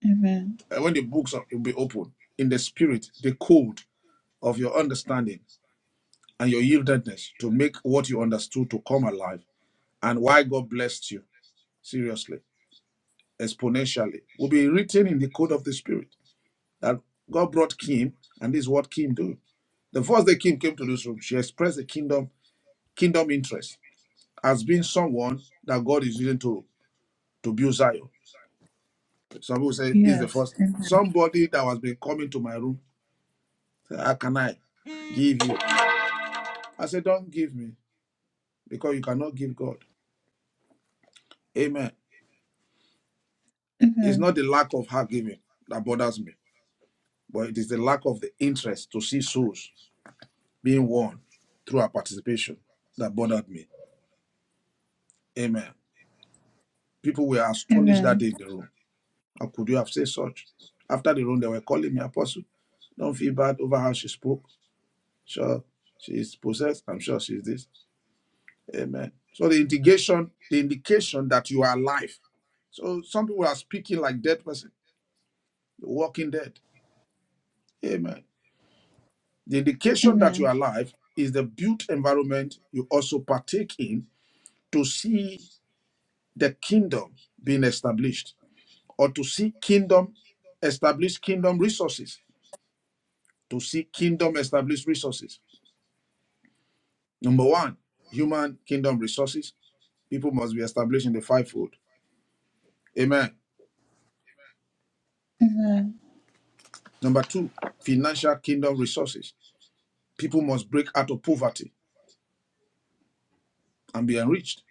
Amen. uh, when the books are, will be open in the spirit, the code of your understanding and your yieldedness to make what you understood to come alive and why God blessed you, seriously, exponentially, will be written in the code of the spirit that God brought Kim and this is what Kim do. The first day Kim came to this room, she expressed the kingdom kingdom interest as being someone that God is using to, to build Zion. Some people say, is the Yes. first. Amen. Somebody that was been coming to my room, how can I give you? I said, Don't give me because you cannot give God. Amen. It's Amen. not the lack of her giving that bothers me, but it is the lack of the interest to see souls being won through her participation that bothered me. Amen. People were astonished that Amen. day in the room. How could you have said such? After the room, they were calling me apostle. Don't feel bad over how she spoke. Sure, she's possessed. I'm sure she's this. Amen. So the indication, the indication that you are alive. So some people are speaking like dead person, the walking dead. Amen. The indication that you Amen. are alive is the built environment you also partake in to see the kingdom being established or to see kingdom establish kingdom resources, to see kingdom establish resources. Number one, human kingdom resources. People must be established in the fivefold. Amen. Amen. Number two, financial kingdom resources. People must break out of poverty and be enriched.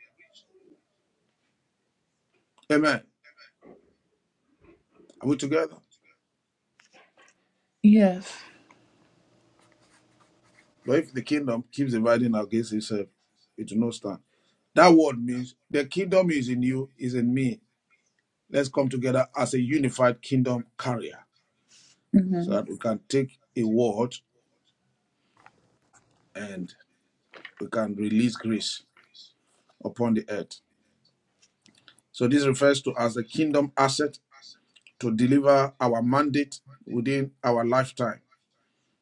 Amen. Are we together? Yes. But if the kingdom keeps dividing against itself, it will not stand. That word means the kingdom is in you, is in me. Let's come together as a unified kingdom carrier so Amen. that we can take a word and we can release grace upon the earth. So this refers to as the kingdom asset to deliver our mandate within our lifetime.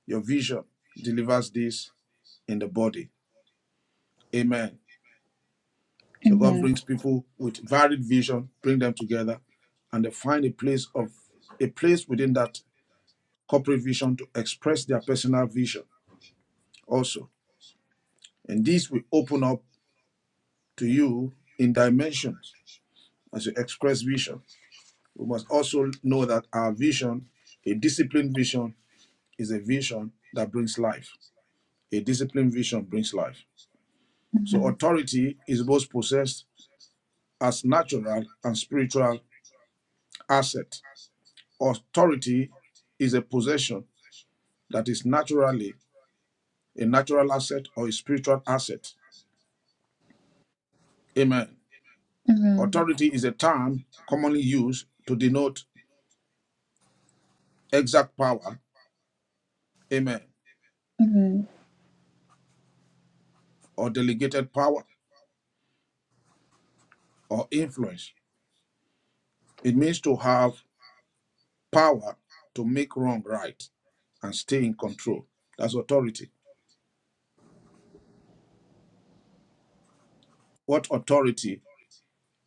Your vision delivers this in the body. Amen. So God Amen. brings people with varied vision, bring them together, and they find a place of a place within that corporate vision to express their personal vision also. And this will open up to you in dimensions as you express vision. We must also know that our vision, a disciplined vision, is a vision that brings life. A disciplined vision brings life. So Amen. authority is both possessed as natural and spiritual asset Authority is a possession that is naturally a natural asset or a spiritual asset. Amen. Amen. Authority is a term commonly used to denote exact power, amen, Amen. or delegated power or influence. It means to have power to make wrong right and stay in control. That's authority. What authority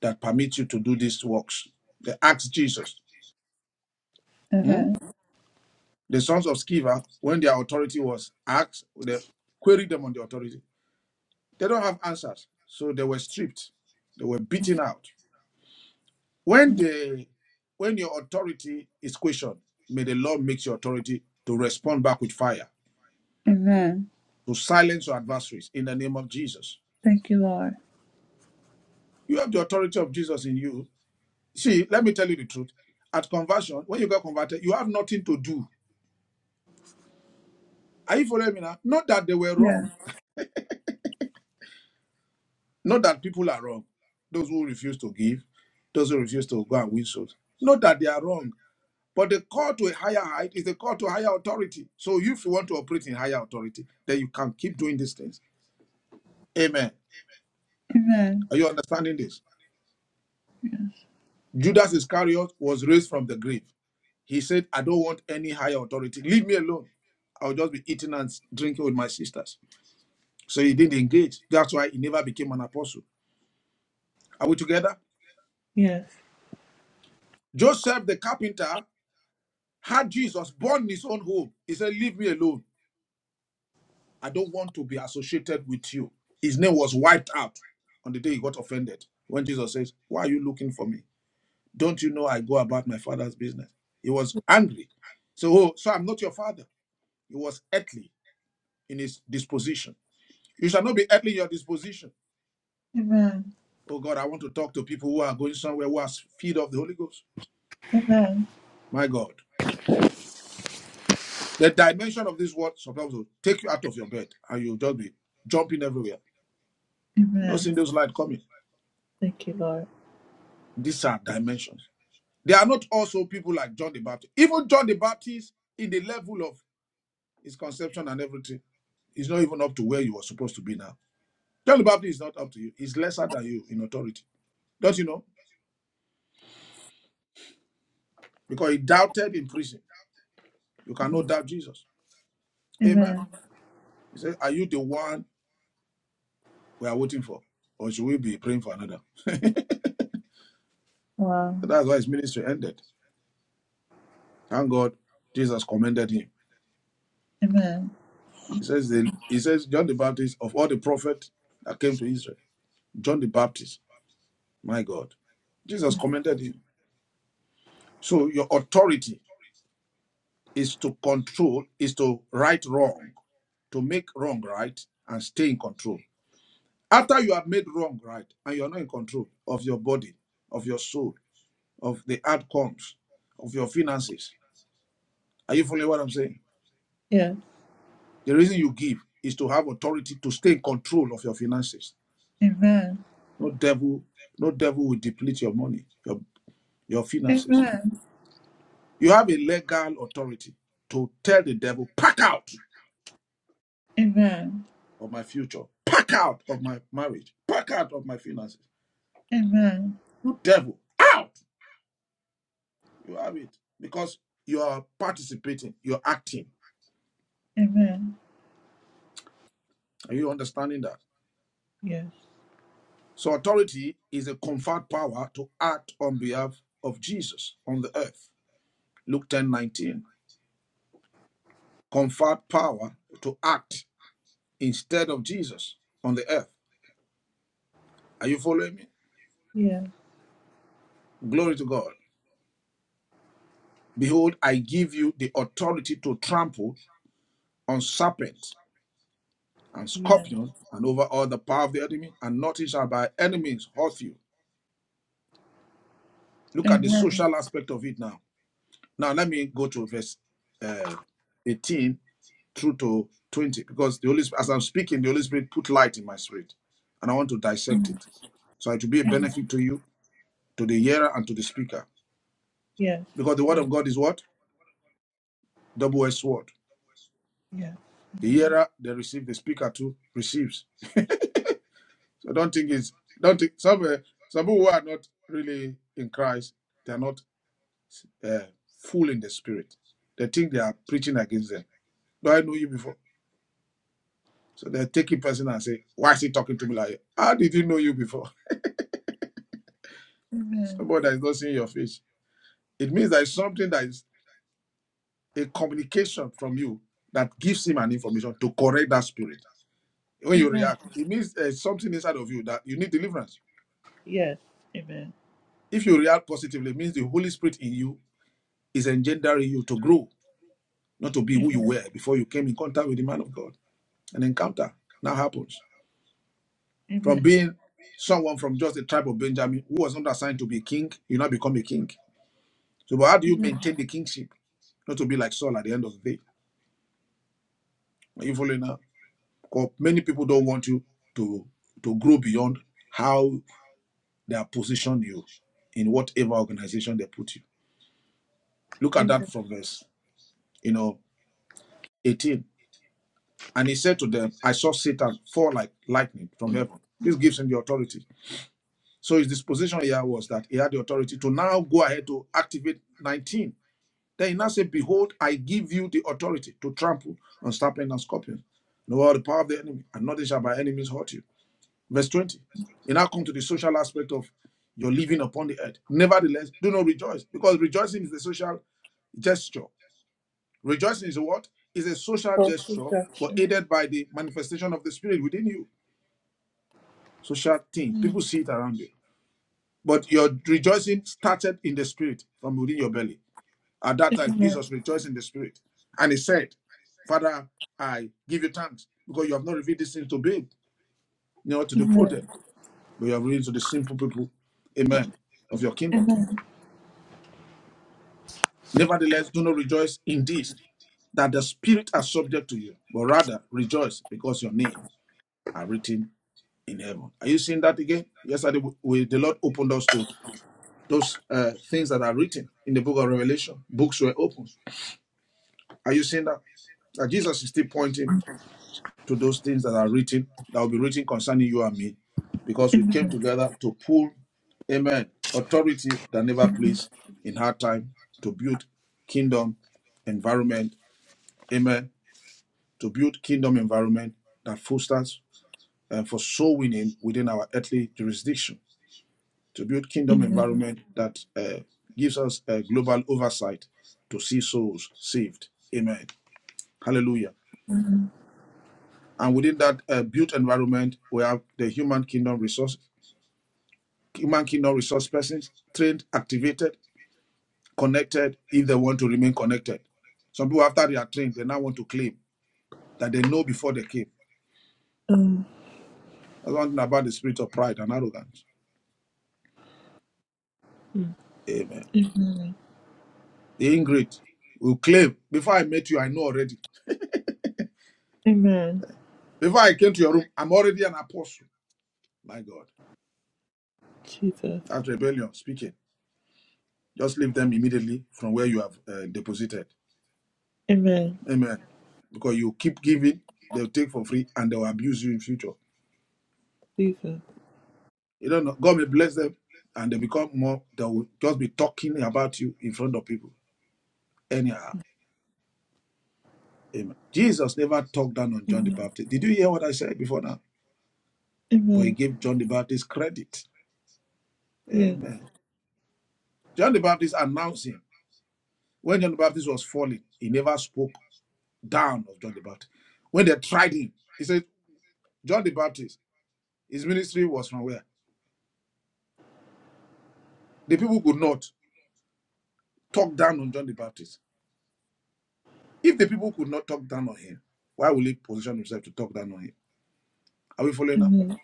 that permits you to do these works? They asked Jesus. hmm? Amen. The sons of Sceva, when their authority was asked, they queried them on the authority. They don't have answers. So they were stripped. They were beaten out. When they when your authority is questioned, may the Lord make your authority to respond back with fire, Amen. to silence your adversaries in the name of Jesus. Thank you, Lord. You have the authority of Jesus in you. See, let me tell you the truth. At conversion, when you got converted, you have nothing to do. Are you following me now? Not that they were wrong Yes. Not that people are wrong. Those who refuse to give, those who refuse to go and win souls. Not that they are wrong, but the call to a higher height is the call to higher authority. So if you want to operate in higher authority, then you can keep doing these things. Amen. Amen. Are you understanding this? Yes. Judas Iscariot was raised from the grave. He said, I don't want any higher authority. Leave me alone. I'll just be eating and drinking with my sisters. So he didn't engage. That's why he never became an apostle. Are we together? Yes. Joseph the carpenter had Jesus born his own home, he said, Leave me alone. I don't want to be associated with you. His name was wiped out on the day he got offended. When Jesus says, Why are you looking for me? Don't you know I go about my father's business? He was angry. So, oh, so I'm not your father. He was earthly in his disposition. You shall not be earthly in your disposition. Amen. Oh God, I want to talk to people who are going somewhere who are filled of the Holy Ghost. Amen. My God. The dimension of this word sometimes will take you out of your bed and you'll just be jumping everywhere You know, Amen. seeing those light coming. Thank you, Lord. These are dimensions. They are not also people like John the Baptist. Even John the Baptist, in the level of his conception and everything, is not even up to where you were supposed to be now. John the Baptist is not up to you. He's lesser than you in authority. Don't you know? Because he doubted in prison. You cannot doubt Jesus. Amen. Amen. He said, Are you the one we are waiting for? Or should we be praying for another? Wow. So that's why his ministry ended. Thank God Jesus commended him. Amen. He says, the, he says John the Baptist, of all the prophets that came to Israel, John the Baptist. My God. Jesus commended him. So your authority is to control, is to right wrong, to make wrong right and stay in control. After you have made wrong right and you're not in control of your body, of your soul, of the outcomes, of your finances. Are you following what I'm saying? Yes. The reason you give is to have authority to stay in control of your finances. Amen. No devil, no devil will deplete your money, your, your finances Amen. You have a legal authority to tell the devil, pack out Amen. of my future, pack out of my marriage, pack out of my finances. Amen. You devil, out! You have it because you are participating, you're acting. Amen. Are you understanding that? Yes. So, authority is a conferred power to act on behalf of Jesus on the earth. Luke 10 19, Conferred power to act instead of Jesus on the earth. Are you following me? Yes. Glory to God. Behold, I give you the authority to trample on serpents and Yes. scorpions and over all the power of the enemy, and nothing shall by enemies hurt you. Look at the Amen. social aspect of it now. Now, let me go to verse uh, 18 through to 20, because the Holy Spirit, as I'm speaking, the Holy Spirit put light in my spirit, and I want to dissect it. So it will be a benefit to you, to the hearer, and to the speaker. Yes. Because the word of God is what? Double edged sword. Yes. The hearer, they receive, the speaker too receives. So I don't think it's don't think some uh, some people who are not really in Christ, they are not uh, full in the spirit. They think they are preaching against them. Do I know you before? So they take a person and say, "Why is he talking to me like? that? How did he know you before?" Amen. Somebody that is not seeing your face. It means there is something that is a communication from you that gives him an information to correct that spirit. When you Amen. react, it means there's something inside of you that you need deliverance. Yes. Amen. If you react positively, it means the Holy Spirit in you is engendering you to grow not to be who you Amen. were before you came in contact with the man of God. An encounter now happens. From Amen. being someone from just the tribe of Benjamin who was not assigned to be king, you now become a king. So, but how do you maintain the kingship? Not to be like Saul at the end of the day. Are you following now? Because many people don't want you to to grow beyond how they are positioned you in whatever organization they put you. Look at that Amen. from verse, you know, 18. And he said to them, I saw Satan fall like lightning from heaven. This gives him the authority So his disposition here was that he had the authority to now go ahead to activate 19. Then he now said, Behold, I give you the authority to trample on serpents and scorpions. Know all the power of the enemy, and nothing shall by enemies hurt you. Verse 20. You now come to the social aspect of your living upon the earth. Nevertheless, do not rejoice, because rejoicing is the social gesture. Rejoicing is a what? Is a social For gesture, but protection. aided by the manifestation of the spirit within you. Social thing. People see it around you. But your rejoicing started in the spirit from within your belly. At that time, Amen. Jesus rejoiced in the spirit. And he said, Father, I give you thanks because you have not revealed these things to babe, you know, to the prudent, but you have revealed to the simple people, amen, of your kingdom. Nevertheless, do not rejoice in this, that the spirit are subject to you, but rather rejoice because your names are written in heaven. Are you seeing that again? Yesterday, we, we- the Lord opened us to those uh, things that are written in the book of Revelation. Books were opened Are you seeing that? That Jesus is still pointing to those things that are written, that will be written concerning you and me, because we came Amen. together to pull, amen, authority that never plays in hard time, to build kingdom environment, amen, to build kingdom environment that fosters uh, for soul winning within our earthly jurisdiction, to build kingdom Amen. environment that uh, gives us a global oversight to see souls saved, amen. Hallelujah. And within that uh, built environment, we have the human kingdom resource, human kingdom resource persons trained, activated, connected if they want to remain connected. Some people, after they are trained, they now want to claim that they know before they came. Um, That's one thing about the spirit of pride and arrogance. Amen. am- The ingrate will claim, before I met you, I know already. Amen. Before I came to your room, I'm already an apostle. My God. Jesus. That's rebellion speaking. Just leave them immediately from where you have uh, deposited. Amen. Amen. Because you keep giving, they'll take for free and they'll abuse you in future. Jesus. You don't know. God may bless them and they become more, they will just be talking about you in front of people. Anyhow, amen. Jesus never talked down on John the Amen. Baptist. Did you hear what I said before now? But he Amen. gave John the Baptist credit. Yes. Amen. John the Baptist announced him. When John the Baptist was falling, he never spoke down of John the Baptist. When they tried him, he said, John the Baptist, his ministry was from where? The people could not talk down on John the Baptist. If the people could not talk down on him, why will he position himself to talk down on him? Are we following now? Amen.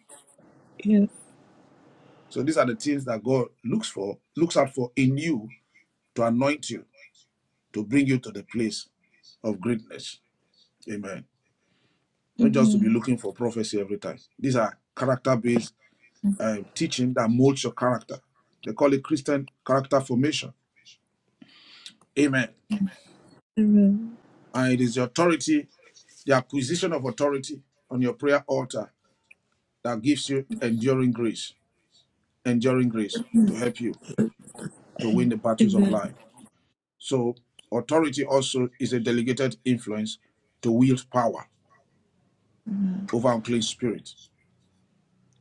Yes. So these are the things that God looks for, looks out for in you to anoint you, to bring you to the place of greatness. Amen. Not just to be Amen. looking for prophecy every time. These are character based um, teaching that molds your character. They call it Christian character formation. Amen. Amen. And it is your authority, the acquisition of authority on your prayer altar that gives you enduring grace, enduring grace to help you to win the battles of Amen. life. So, authority also is a delegated influence to wield power over unclean spirits.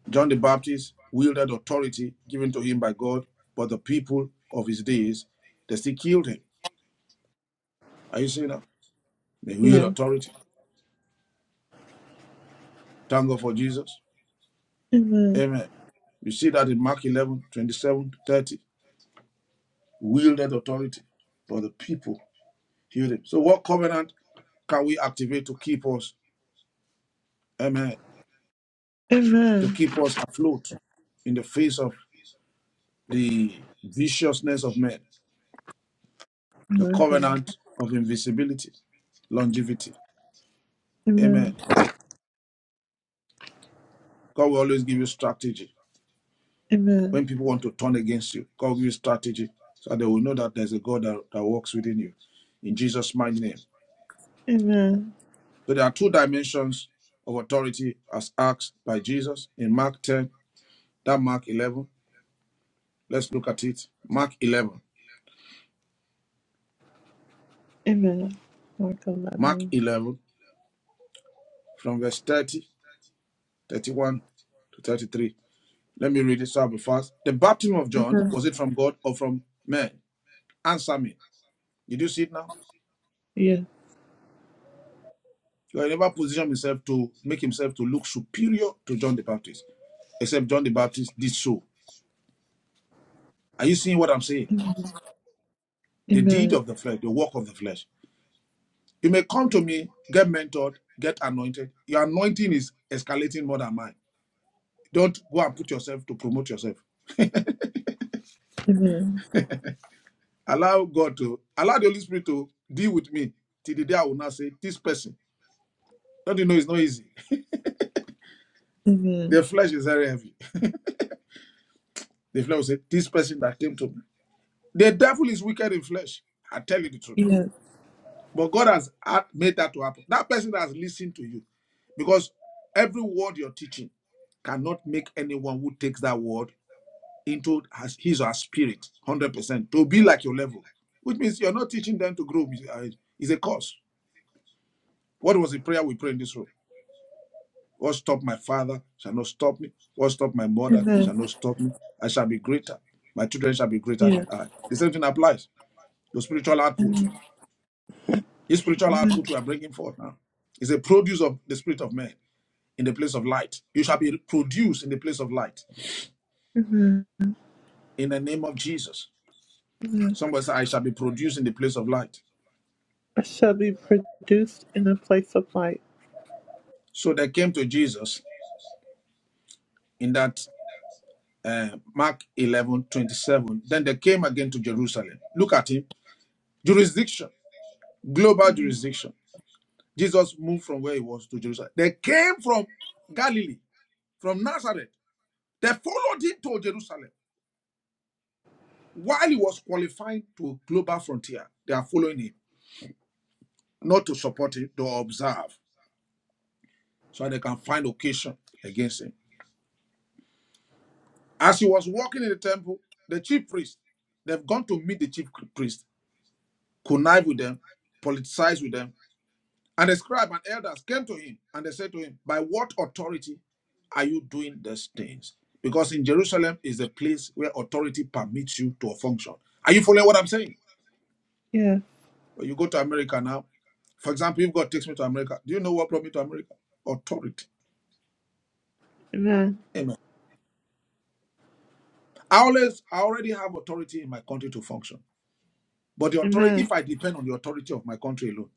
John the Baptist wielded authority given to him by God, but the people of his days, they still killed him. Are you seeing that? They wield Yes. authority. Thank God for Jesus. Amen. Amen. You see that in Mark 11, twenty-seven, 30. Wielded authority, but the people killed him. So, what covenant can we activate to keep us? Amen to Amen. keep us afloat in the face of the viciousness of men, the Amen. covenant of invisibility, longevity. Amen. Amen. God will always give you strategy. Amen. When people want to turn against you, God will give you strategy so they will know that there's a God that, that works within you. In Jesus' mighty name. Amen. So there are two dimensions of authority as asked by Jesus in Mark 10, that Mark 11. Let's look at it. Mark 11. Amen. Welcome, Mark Amen. 11 from verse 30, 31 to 33. Let me read it so I'll be fast. The baptism of John, was it from God or from man? Answer me. Did you see it now? Yeah. He never positioned himself to make himself to look superior to John the Baptist, except John the Baptist did so. Are you seeing what I'm saying? The deed Amen. of the flesh, the work of the flesh. You may come to me, get mentored, get anointed. Your anointing is escalating more than mine. Don't go and put yourself to promote yourself. Amen. Allow God to allow the Holy Spirit to deal with me till the day I will not say this person. Don't you know it's not easy? Amen. The flesh is very heavy. The flesh will say, This person that came to me. The devil is wicked in flesh. I tell you the truth. Yeah. But God has made that to happen. That person has listened to you because every word you're teaching cannot make anyone who takes that word into his or her spirit 100% to be like your level, which means you're not teaching them to grow. Uh, It's a cause. What was the prayer we prayed in this room? What stopped my father shall not stop me. What stopped my mother shall Amen. not stop me. I shall be greater. My children shall be greater than Yeah. I. The same thing applies. The spiritual output. This spiritual Amen. output we are bringing forth now is a produce of the spirit of man in the place of light. You shall be produced in the place of light. Amen. In the name of Jesus. Amen. Somebody said, I shall be produced in the place of light. I shall be produced in a place of light. So they came to Jesus in that uh, Mark 11 27. Then they came again to Jerusalem. Look at him. Jurisdiction, global jurisdiction. Jesus moved from where he was to Jerusalem. They came from Galilee, from Nazareth. They followed him to Jerusalem while he was qualifying to global frontier. They are following him, not to support him, to observe, so they can find occasion against him. As he was walking in the temple, the chief priest, they've gone to meet the chief priest, connive with them, politicize with them And the scribe and elders came to him and they said to him, By what authority are you doing these things? Because in Jerusalem is a place where authority permits you to function. Are you following what I'm saying? Yeah. When you go to America now, for example, if God takes me to America, do you know what brought me to America? Authority. Amen. Amen. I always I already have authority in my country to function. But the authority, Amen. if I depend on the authority of my country alone,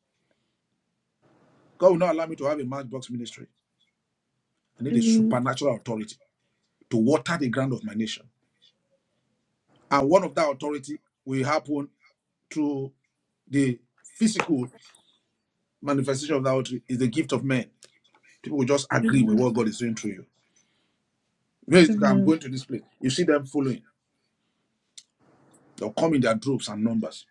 God will not allow me to have a matchbox ministry. I need a Amen. supernatural authority to water the ground of my nation. And one of that authority will happen through the physical manifestation of that authority is the gift of men. People will just agree with Amen. what God is doing through you. Where is the guy? I'm going Amen. to this place. You see them following. They'll come in their groups and numbers.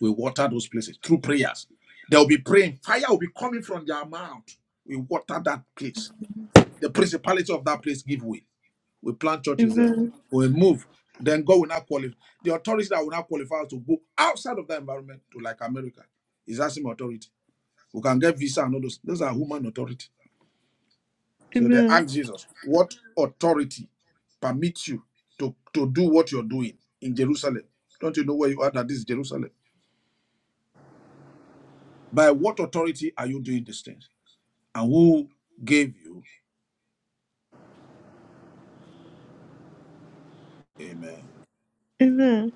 We water those places through prayers. They'll be praying. Fire will be coming from their mouth. We water that place. The principality of that place give way. We plant churches there. Amen. We move. Then God will not qualify. The authority that will not qualify us to go outside of that environment to like America is that same authority We can get visa and all those. Those are human authority. So they Amen. ask Jesus, what authority permits you to, to do what you're doing in Jerusalem? Don't you know where you are that this is Jerusalem? By what authority are you doing these things? And who gave you? Amen. Amen.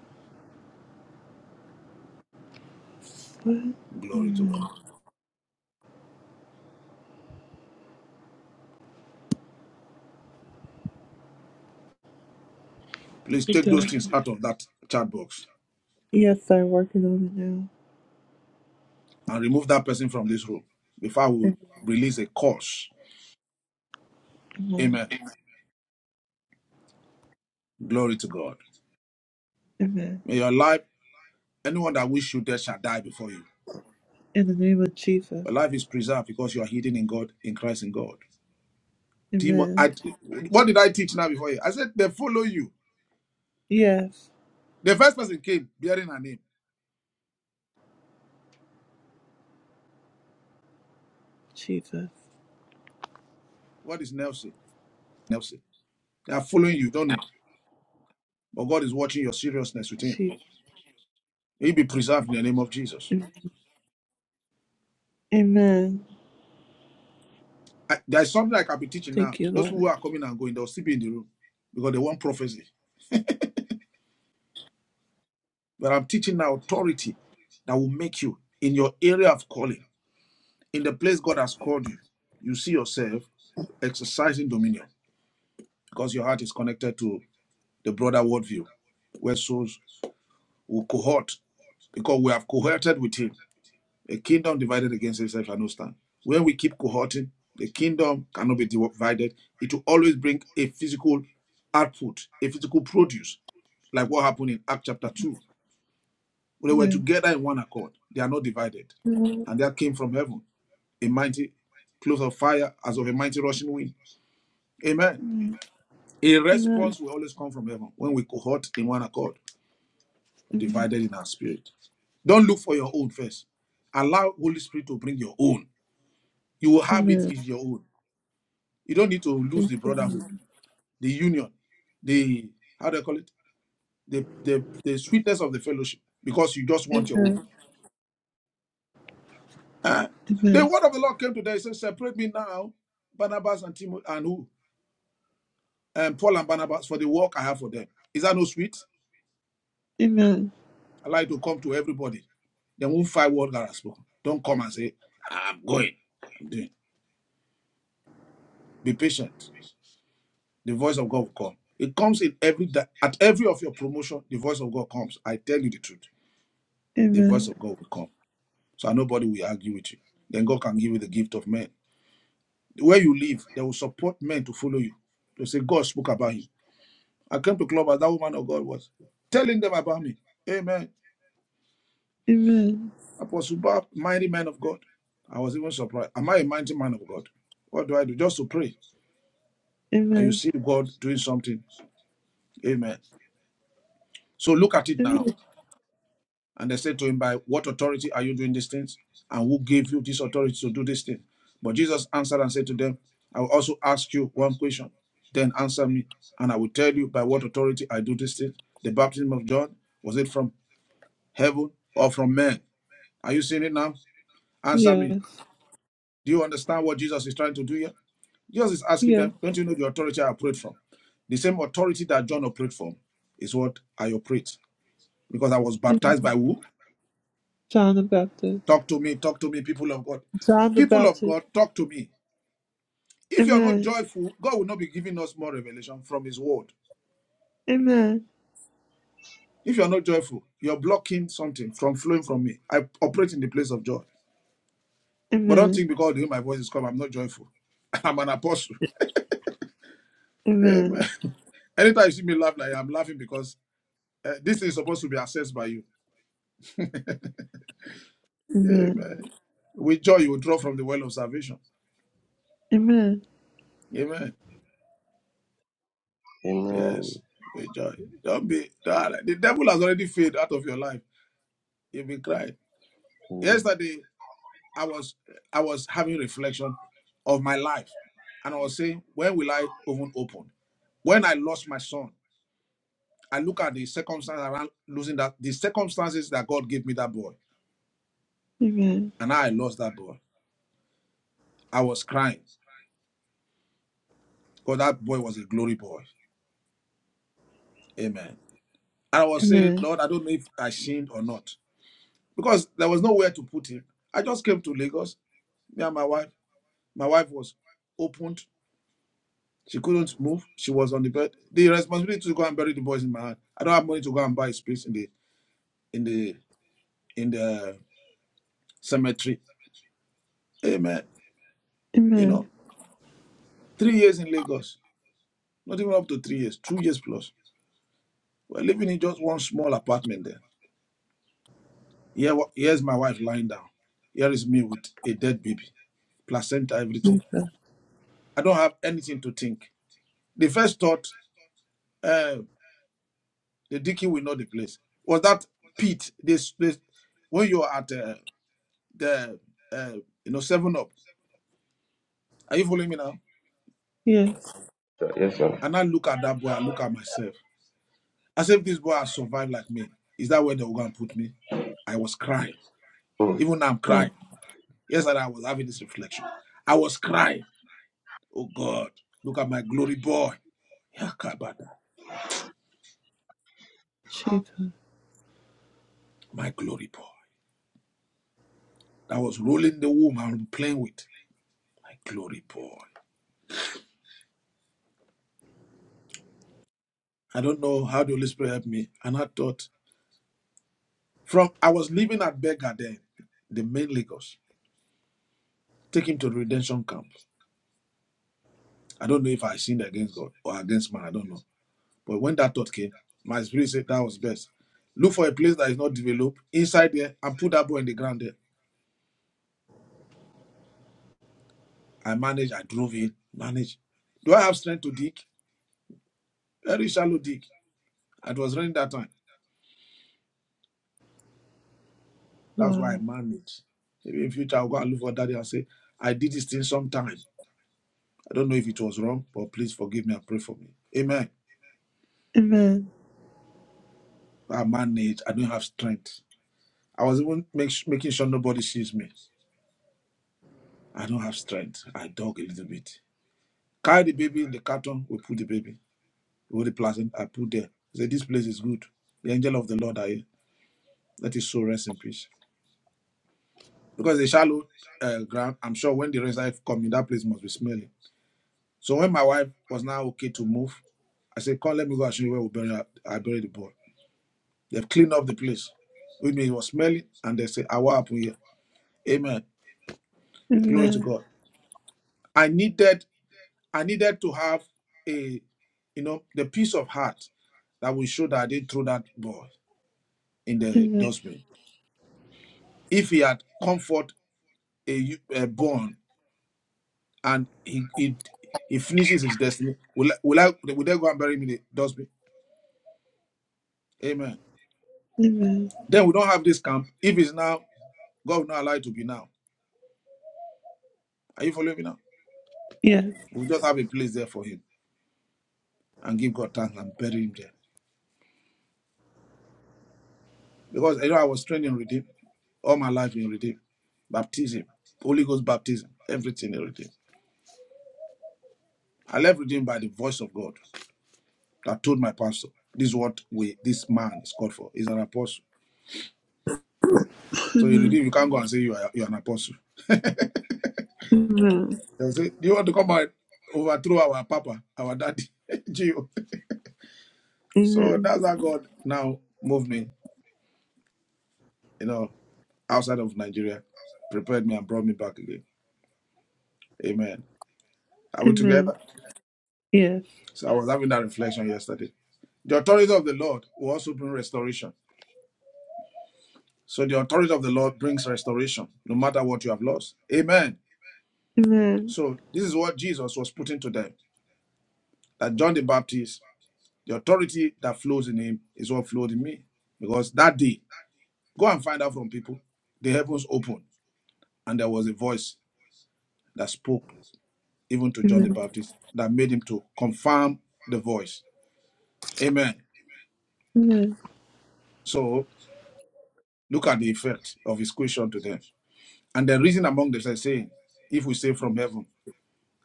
What? Glory to God. Please It take those does. things out of that chat box Yes, I'm working on and remove that person from this room before I will it now. release a curse. Amen. Amen. Glory to God. Amen. May your life, anyone that wish you dead shall die before you. In the name of Jesus. But life is preserved because you are hidden in God, in Christ in God. Demon, Amen. I, what did I teach now before you? I said they follow you. Yes, The first person came bearing her name. Jesus. What is Nelson? Nelson. They are following you. Don't know. But God is watching your seriousness with him. Jesus. He be preserved in the name of Jesus. Amen. I, there's something I can be teaching now. Thank you, Those Lord. who are coming and going, they'll still be in the room because they want prophecy. But I'm teaching now authority that will make you in your area of calling, in the place God has called you, you see yourself exercising dominion because your heart is connected to the broader worldview where souls will cohort because we have cohorted with him. A kingdom divided against itself cannot stand. When we keep cohorting, the kingdom cannot be divided. It will always bring a physical output, a physical produce, like what happened in Act chapter 2. When they were Yes. together in one accord, they are not divided. Amen. And there came from heaven a mighty cloud of fire as of a mighty rushing wind. Amen. A Amen. response will always come from heaven when we cohort in one accord Amen. divided in our spirit. Don't look for your own first. Allow Holy Spirit to bring your own. You will have it Amen. is your own. You don't need to lose Thank the you, Lord. brotherhood, the union, the how do I call it? The the, the sweetness of the fellowship because you just want your own. Amen. Ah. The Amen. word of the Lord came today. He said, Separate me now, Barnabas and Timothy and who? And Paul and Barnabas for the work I have for them. Is that no sweet? Amen. I like to come to everybody. They won't fight what God has spoken. Don't come and say, I'm going. I'm doing. Be patient. The voice of God will come. It comes in every di- at every of your promotion. The voice of God comes. I tell you the truth. The voice Amen. of God will come. So nobody will argue with you. Then God can give you the gift of men. Where you live, they will support men to follow you. They say God spoke about him. I came to club as that woman of God was telling them about me. Amen. Amen. Apostle Bob, mighty man of God. I was even surprised. Am I a mighty man of God? What do I do? Just to pray. And you Amen. see God doing something. Amen. So look at it now. Amen. And they said to him, By what authority are you doing these things? And who gave you this authority to do these things? But Jesus answered and said to them, I will also ask you one question. Then answer me, and I will tell you by what authority I do these things. The baptism of John, was it from heaven or from men? Are you seeing it now? Answer me. Yes. Do you understand what Jesus is trying to do here? Jesus is asking Yes. them, Don't you know the authority I operate from? The same authority that John operated from is what I operate. Because I was Amen. baptized by who? John the Baptist. Talk to me, talk to me, people of God. John the People of Baptist. God, talk to me. If you're not Amen. joyful, God will not be giving us more revelation from His word. Amen. If you're not joyful, you're blocking something from flowing from me. I operate in the place of joy. But don't Amen. think because the way my voice is come, I'm not joyful. I'm an apostle. Amen. Amen. Anytime you see me laugh, like I'm laughing because uh, this is supposed to be assessed by you. Amen. Amen. With joy, you will draw from the well of salvation. Amen. Amen. Yes. Amen. With joy. Don't be. The devil has already faded out of your life. You've been crying. Amen. yesterday i was i was having reflection of my life and i was saying when will i even open when i lost my son i look at the circumstances around losing that the circumstances that god gave me that boy Amen. and i lost that boy i was crying because that boy was a glory boy amen and i was saying Amen. lord i don't know if i sinned or not because there was nowhere to put him i just came to lagos me and my wife my wife was opened She couldn't move. She was on the bed. The responsibility to go and bury the boy is in my hand. I don't have money to go and buy space in the in the in the cemetery. Hey man, you know, Amen. three years in Lagos, not even up to three years, two years plus. We're living in just one small apartment there. Here, wa- here's my wife lying down. Here is me with a dead baby, placenta, everything. I don't have anything to think. The first thought, uh, the dicky will know the place. Was that pit? This, this when you are at uh, the uh, you know seven up. Are you following me now? Yes. Yes, sir. And I look at that boy, I look at myself. As if this boy has survived like me. Is that where they were gonna put me? I was crying. Mm. Even now I'm Wow. crying. Yesterday I was having this reflection. I was crying. Oh God, look at my glory boy. Yakabada, Jesus. my glory boy. That was rolling the womb and playing with. My glory boy. I don't know how the Holy Spirit helped me. And I thought from I was living at Beggar then, the main Lagos. Take him to the redemption camp. I don't know if I sinned against God or against man. I don't know. But when that thought came, my spirit said that was best. Look for a place that is not developed inside there and put that ball in the ground there. I managed. I drove in. Managed. Do I have strength to dig? Very shallow dig. It was raining that time. That's why I Wow. managed. Maybe in future I'll go and look for daddy and say, I did this thing sometime. I don't know if it was wrong, but please forgive me and pray for me. Amen. Amen. I managed. I don't have strength. I was even make, making sure nobody sees me. I don't have strength. I dog a little bit. Carry the baby in the carton. We put the baby. All the placenta I put there. I said this place is good. The angel of the Lord are here. Let his soul rest in peace. Because the shallow uh, ground, I'm sure when the rains are coming, that place must be smelly. So when my wife was now okay to move, I said, "Come, let me go and show you where we bury. her- I bury the boy." They've cleaned up the place. With me, it was smelly, and they say, "I will happen here." Amen. Glory to Amen. God. I needed. I needed to have a, you know, the peace of heart that will show that I didn't throw that ball in the Amen. dustbin. If he had comfort a, a born and he, he he finishes his destiny, will will I will they go and bury me in the dustbin? Amen. Amen. Then we don't have this camp. If it's now, God will not allow it to be now. Are you following me now? Yes. We just have a place there for him and give God thanks and bury him there. because you know I was trained in redeem all my life in redeem, baptism, Holy Ghost baptism, everything in redeem. I left redeem by the voice of God that told my pastor, "This is what we this man is called for. He's an apostle." So in redeem, you can't go and say you are you are an apostle. Amen. They'll say, "Do you want to come and overthrow our papa, our daddy, Gio?" So Amen. that's how God now moved me, you know, outside of Nigeria, prepared me and brought me back again. Amen. Are we Amen. together? Yes. So I was having that reflection yesterday. The authority of the Lord will also bring restoration. So the authority of the Lord brings restoration, no matter what you have lost. Amen. Amen. So this is what Jesus was putting to them. That John the Baptist, the authority that flows in him is what flowed in me. Because that day, go and find out from people. The heavens opened, and there was a voice that spoke even to John the Amen. Baptist that made him to confirm the voice. Amen. Amen. So look at the effect of his question to them. And the reason among themselves saying, if we say from heaven,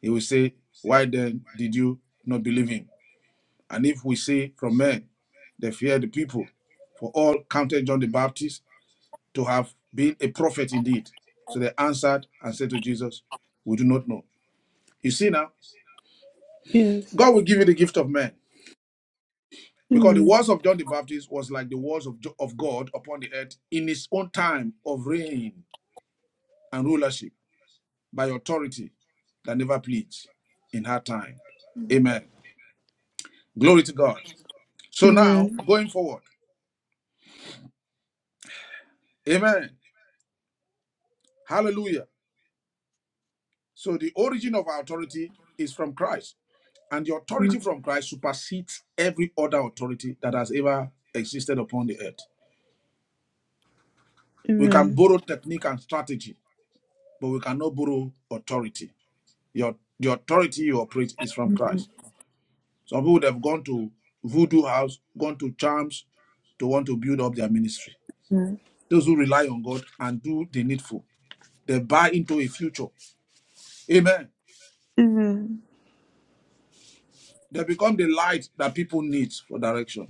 He will say, Why then did you not believe him? And if we say from men, they fear the people, for all counted John the Baptist to have been a prophet indeed. So they answered and said to Jesus, We do not know. You see now, Yes. God will give you the gift of men because the Amen. words of John the Baptist was like the words of, Jo- of God upon the earth in his own time of reign and rulership by authority that never pleads in her time. Amen. Glory to God. So now, Amen. going forward. Amen. Hallelujah. So the origin of our authority is from Christ, and the authority from Christ supersedes every other authority that has ever existed upon the earth. We can Amen. borrow technique and strategy, but we cannot borrow authority. Your the authority you operate is from Christ. Some people would have gone to voodoo house, gone to charms to want to build up their ministry. Amen. Those who rely on God and do the needful, they buy into a future. Amen. Amen. They become the light that people need for direction.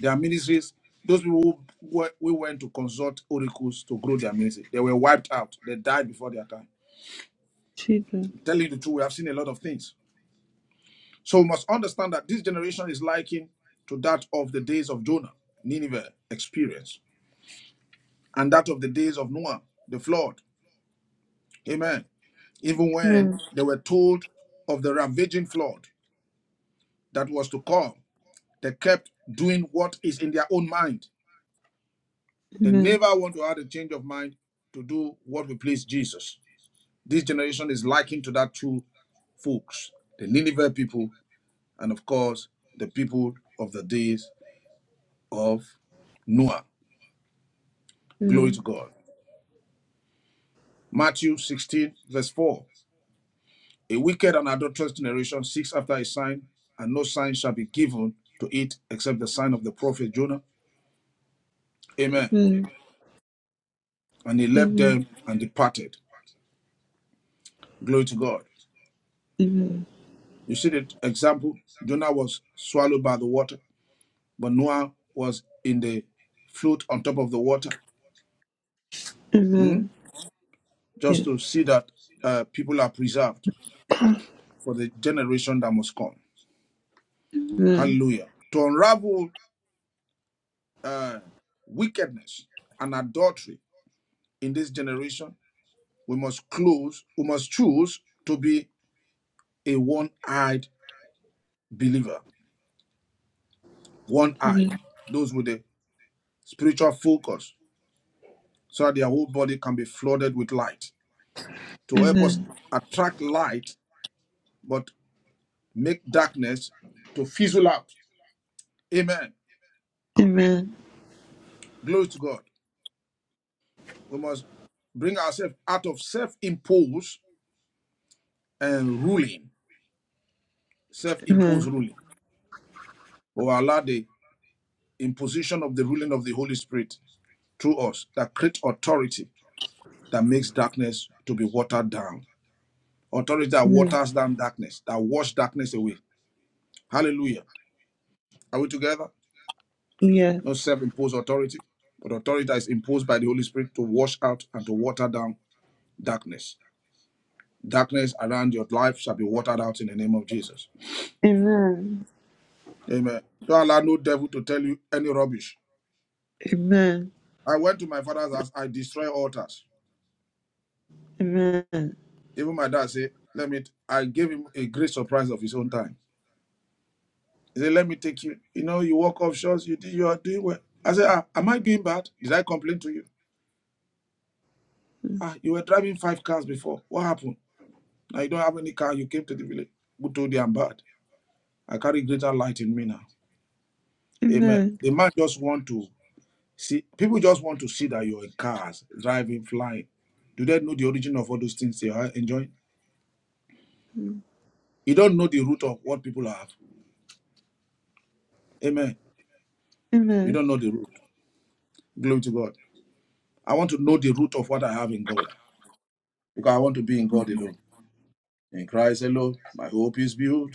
Their ministries, those people who, were- who went to consult oracles to grow their ministry, they were wiped out. They died before their time. Jesus. I'm telling you the truth, we have seen a lot of things. So we must understand that this generation is likened to that of the days of Jonah, Nineveh experience, and that of the days of Noah, the flood. Amen. Even when Amen. they were told of the ravaging flood that was to come, they kept doing what is in their own mind. They Amen. never want to have a change of mind to do what will please Jesus. This generation is likened to that two folks, the Nineveh people, and of course, the people of the days of Noah. Glory Amen. to God. Matthew 16, verse 4. A wicked and adulterous generation seeks after a sign, and no sign shall be given to it except the sign of the prophet Jonah. Amen. Amen. And he left Amen. them and departed. Glory to God. Amen. You see the example? Jonah was swallowed by the water, but Noah was in the float on top of the water. Hmm? Amen. just Yes. to see that uh, people are preserved for the generation that must come. Amen. Hallelujah. To unravel uh, wickedness and adultery in this generation, we must close, we must choose to be a one eyed believer, one eyed, Amen. those with a spiritual focus, so that their whole body can be flooded with light to help us Amen. attract light but make darkness to fizzle out. Amen. Amen. Glory to God. We must bring ourselves out of self-imposed and ruling, self-imposed Amen. ruling, We or allow the imposition of the ruling of the Holy Spirit through us that creates authority that makes darkness to be watered down. Authority that Amen. waters down darkness, that washes darkness away. Hallelujah. Are we together? Yes. No self-imposed authority, but authority that is imposed by the Holy Spirit to wash out and to water down darkness. Darkness around your life shall be watered out in the name of Jesus. Amen. Amen. Don't allow no devil to tell you any rubbish. Amen. I went to my father's house. I destroy altars. Amen. Even my dad said, "Let me." I gave him a great surprise of his own time. He said, "Let me take you. You know, you walk off shots. You you are doing well." I said, ah, "Am I doing bad? Did I complain to you? Ah, you were driving five cars before. What happened? Now you don't have any car. You came to the village. Who told you I'm bad? I carry greater light in me now. Amen. Amen. The man just want to See, people just want to see that you're in cars, driving, flying. Do they know the origin of all those things they are enjoying? You don't know the root of what people have. Amen. You Amen. don't know the root. Glory to God. I want to know the root of what I have in God because I want to be in God alone. In Christ alone, my hope is built.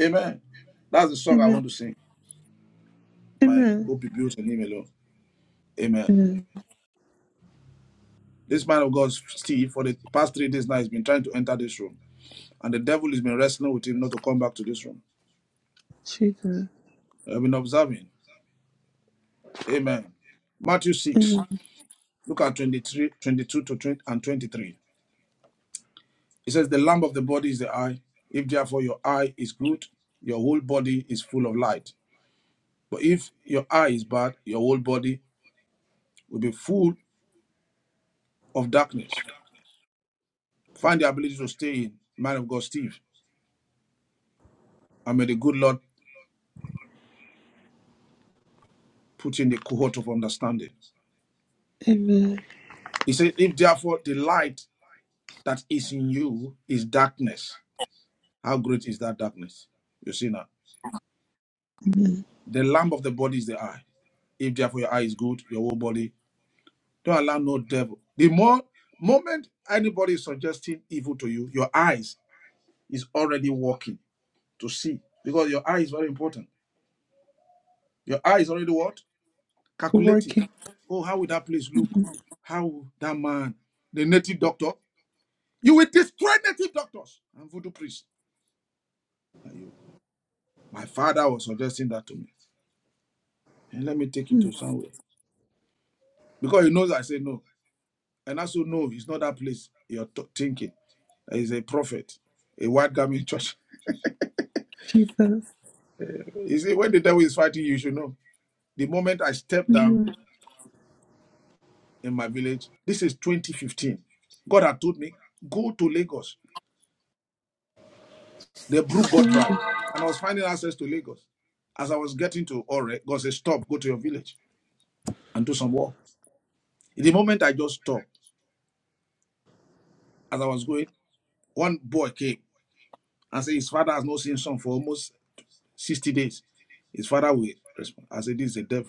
Amen. That's the song I Amen. want to sing. My Amen. hope is built in Him alone. Amen. Amen. This man of God, Steve, for the past three days now, he has been trying to enter this room, and the devil has been wrestling with him not to come back to this room. Jesus. I've been observing. Amen. Matthew 6, Amen. look at 23, 22 to 20 and 23. It says, The lamp of the body is the eye. If therefore your eye is good, your whole body is full of light. But if your eye is bad, your whole body will be full of darkness. Find the ability to stay in, man of God, Steve. And may the good Lord put in the cohort of understanding. Amen. He says, If therefore the light that is in you is darkness, how great is that darkness? You see now, the lamp of the body is the eye. If therefore your eye is good, your whole body, don't allow no devil. The more moment anybody is suggesting evil to you, your eyes is already working to see because your eye is very important. Your eye is already what? Calculating. Working. Oh, how would that place look? How would that man, the native doctor, you will destroy native doctors and voodoo priests. And you, my father was suggesting that to me. And let me take you to somewhere because he knows I say no, and also no, it's not that place you're t- thinking. He's a prophet, a white garment church. Jesus. You see, when the devil is fighting you, you should know. The moment I stepped down Amen. in my village, this is 2015. God had told me, go to Lagos. The brook got dry. And I was finding access to Lagos. As I was getting to Ore, God said, stop, go to your village and do some work. In The moment I just stopped, as I was going, one boy came and said, his father has not seen son for almost 60 days. His father will respond. I said, this is the devil.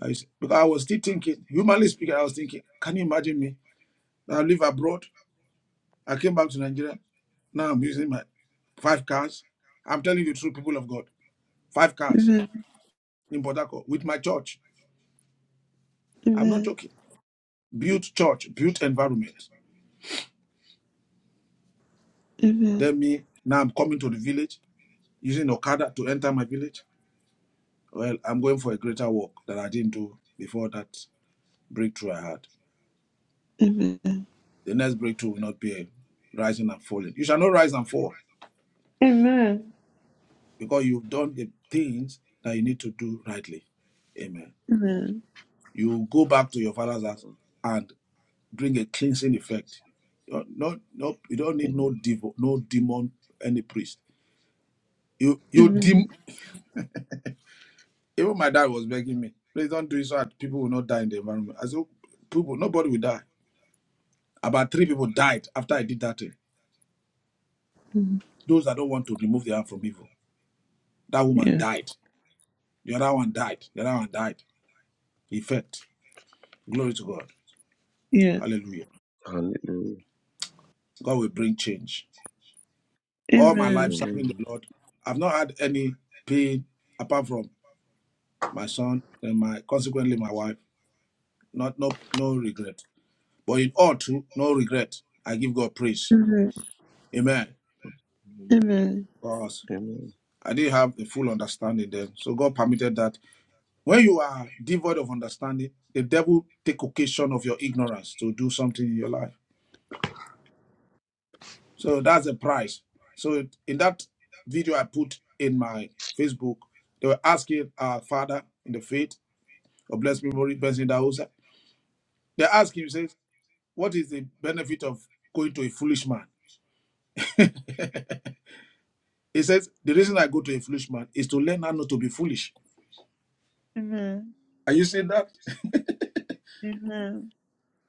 I used, because I was still thinking, humanly speaking, I was thinking, can you imagine me? I live abroad. I came back to Nigeria. Now I'm using my five cars. I'm telling you the truth, people of God. Five cars Amen. in Port Harcourt with my church. I'm not Amen. joking. Built church, built environment. Amen. Then me, now I'm coming to the village using Okada to enter my village. Well, I'm going for a greater work that I didn't do before that breakthrough I had. Amen. The next breakthrough will not be a rising and falling. You shall not rise and fall. Amen. because you've done the things that you need to do rightly. Amen. Amen. You go back to your father's house and bring a cleansing effect. No, no, no you don't need no Amen. devo, no demon, any priest. You, you dem. Amen. Even my dad was begging me, please don't do it so that people will not die in the environment. I said, people, nobody will die. About three people died after I did that thing. Amen. Those that don't want to remove their hand from evil. That woman Yes. died. The other one died. The other one died. Effect. Glory to God. Yes. Hallelujah. Hallelujah. God will bring change. All my life Amen. serving Amen. the Lord, I've not had any pain apart from my son and my consequently my wife. Not no no regret. But in all truth, no regret. I give God praise. Amen. Amen. Amen. Amen. Because Amen. I didn't have a full understanding then. So God permitted that. When you are devoid of understanding, the devil take occasion of your ignorance to do something in your life. So that's the price. So in that video I put in my Facebook, they were asking our father in the faith of blessed memory, Benson Daosa. They asked him, he says, what is the benefit of going to a foolish man? He says, the reason I go to a foolish man is to learn how not to be foolish. Amen. Are you seeing that? Amen.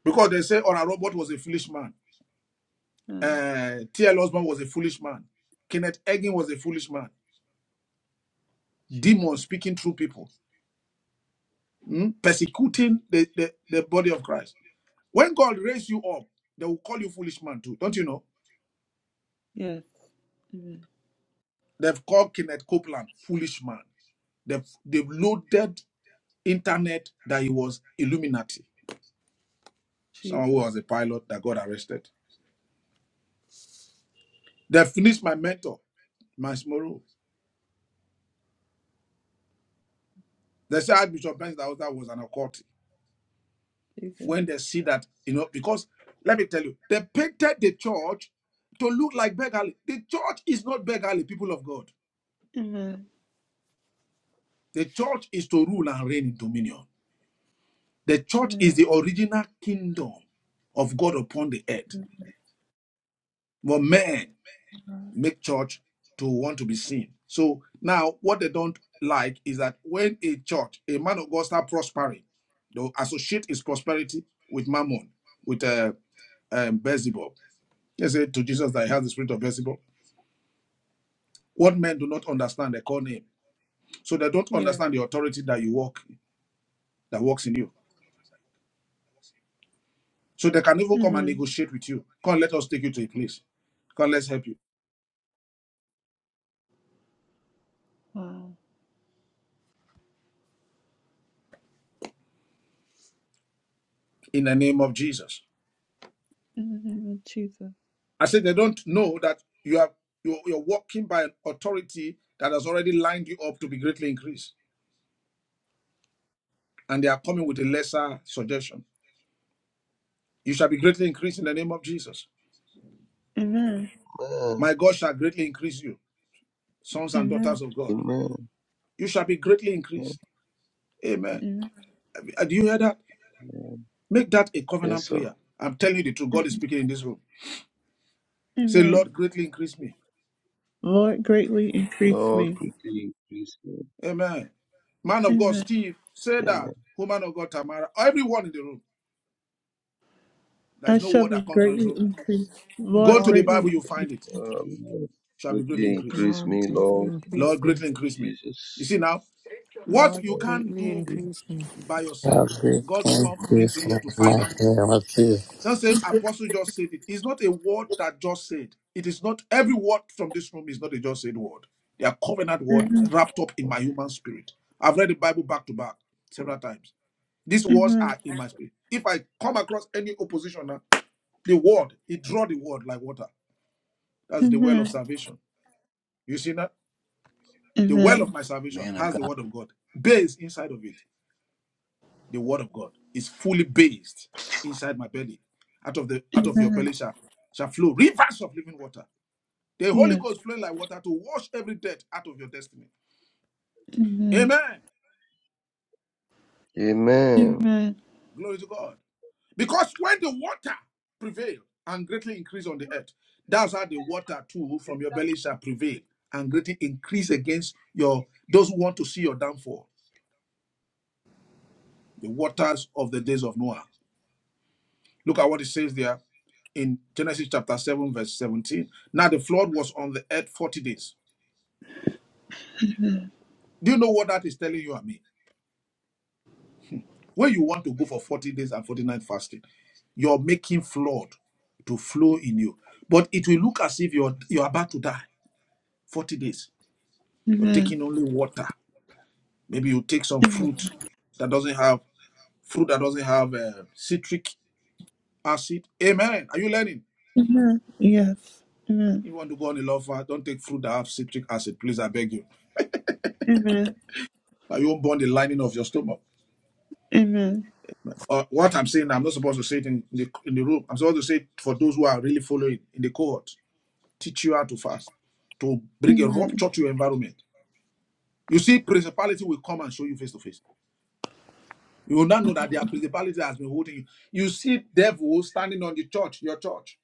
Because they say Honor Robert was a foolish man. Oh, Uh, T.L. Osborne was a foolish man. Kenneth Egin was a foolish man. Jesus. Demons speaking through people. Hmm? Persecuting the, the, the body of Christ. When God raised you up, they will call you foolish man too. Don't you know? Yes. Amen. They've called Kenneth Copeland foolish man. They've, they've loaded internet that he was Illuminati, someone who Jesus. was a pilot that got arrested. They finished my mentor, Miles Morrow. They said Archbishop Benz that was that was an occult. Jesus. When they see that, you know, because let me tell you, they painted the church to look like beggarly. The church is not beggarly. people of God. Amen. The church is to rule and reign in dominion. The church is the original kingdom of God upon the earth. But men make church to want to be seen. So now what they don't like is that when a church, a man of God start prospering, they'll associate his prosperity with mammon, with uh, um, Beelzebub. They say to Jesus that he has the spirit of Beelzebub. What men do not understand, they call name. So they don't Yes. understand the authority that you walk, that works in you. So they can even come and Amen. negotiate with you. Come, let us take you to a place. Come, let's help you Wow. in the name of Jesus. In the name of Jesus. I said they don't know that you are you're, you're walking by an authority that has already lined you up to be greatly increased, and they are coming with a lesser suggestion. You shall be greatly increased in the name of Jesus. Amen. Amen. My God shall greatly increase you, sons and Amen. daughters of God. Amen. You shall be greatly Amen. increased. Amen. Amen. Uh, Do you hear that? Make that a covenant Yes, sir. prayer. I'm telling you the truth. God is speaking in this room. Say, Amen. Lord, greatly increase me. Lord, greatly increase Lord, me. quickly increase me. Amen. Man of God, Amen. Steve, say that. Amen. Woman of God, Tamara, everyone in the room. I There's no shall word be that comes from you. greatly So increased. go Lord, to the Lord, Bible, greatly. you find it. Um, Lord, Shall be greatly quickly increased. increase Lord, me, greatly Lord, in the increase Lord, me. name greatly of increase me. You Jesus. see now, what Lord, you Lord, can't greatly do quickly increase increase me. me. by yourself, Father, God thank come, you brings you here for to find my it. family. Don't say apostle just said it. It's not a word that just said. It is not every word from this room is not a just said word. They are covenant word Amen. wrapped up in my human spirit. I've read the Bible back to back several times. These words Amen. are in my spirit. If I come across any opposition, now, the word, it draw the word like water. That's the well of Amen. salvation. You see that? The well of Amen. my salvation Man of has the God, word of God based inside of it. The word of God is fully based inside my belly. Out of the out of your Amen. belly shall, shall flow rivers of living water. The Holy Yes. Ghost flowing like water to wash every debt out of your destiny. Amen. Amen. Amen. Amen. Glory to God. Because when the water prevail and greatly increase on the earth, that's how the water too from your belly shall prevail and greatly increase against your those who want to see your downfall. The waters of the days of Noah. Look at what it says there in Genesis chapter 7, verse 17. Now the flood was on the earth 40 days. Do you know what that is telling you and me? When you want to go for 40 days and 40 night fasting, you're making flood to flow in you. But it will look as if you're you're about to die. 40 days. You're Amen. taking only water. Maybe you take some Amen. fruit that doesn't have fruit that doesn't have uh, citric acid. Amen. Are you learning? Amen. Yes. Amen. You want to go on a love fast? Don't take fruit that have citric acid, please. I beg you. Amen. that you won't burn the lining of your stomach. Amen. Uh, what I'm saying, I'm not supposed to say it in the, in the room. I'm supposed to say it for those who are really following in the cohort. Teach you how to fast, to bring a Amen. rupture to your environment. You see, principality will come and show you face to face. You will now know that their principality has been holding you. You see devil standing on the church, your church.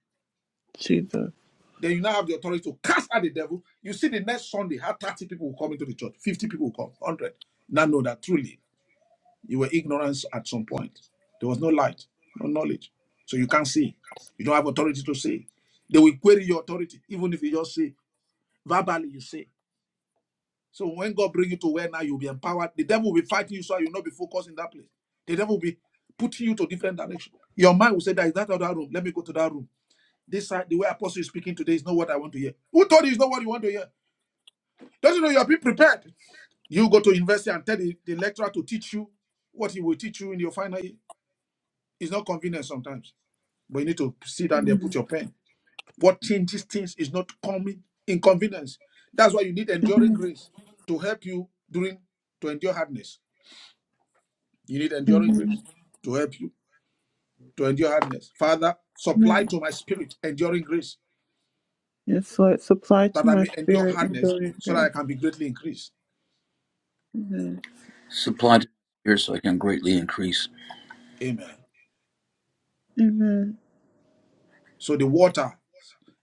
Jesus. Then you now have the authority to cast out the devil. You see the next Sunday, how 30 people will come into the church, 50 people will come, 100. Now know that truly You were ignorance at some point. There was no light, no knowledge. So you can't see. You don't have authority to see. They will query your authority, even if you just say, verbally you say. So when God bring you to where now you'll be empowered, the devil will be fighting you so you'll not be focused in that place. The devil will be putting you to different direction. Your mind will say, There is that other room. Let me go to that room. This side, the way apostle is speaking today is not what I want to hear. Who told you it's not what you want to hear? Don't you know you have been prepared? You go to university and tell the, the lecturer to teach you what he will teach you in your final year. It's not convenient sometimes, but you need to sit down there, put your pen. What changes things is not coming inconvenience. That's why you need enduring Amen. grace to help you during to endure hardness. You need enduring grace Amen. to help you to endure hardness. Father, supply Amen. to my spirit enduring grace Yes, Lord, supply to that I my may endure spirit and hardness brilliant so that I grace. can be greatly increased. Amen. supply to my spirit so I can greatly increase. Amen. Amen. So the water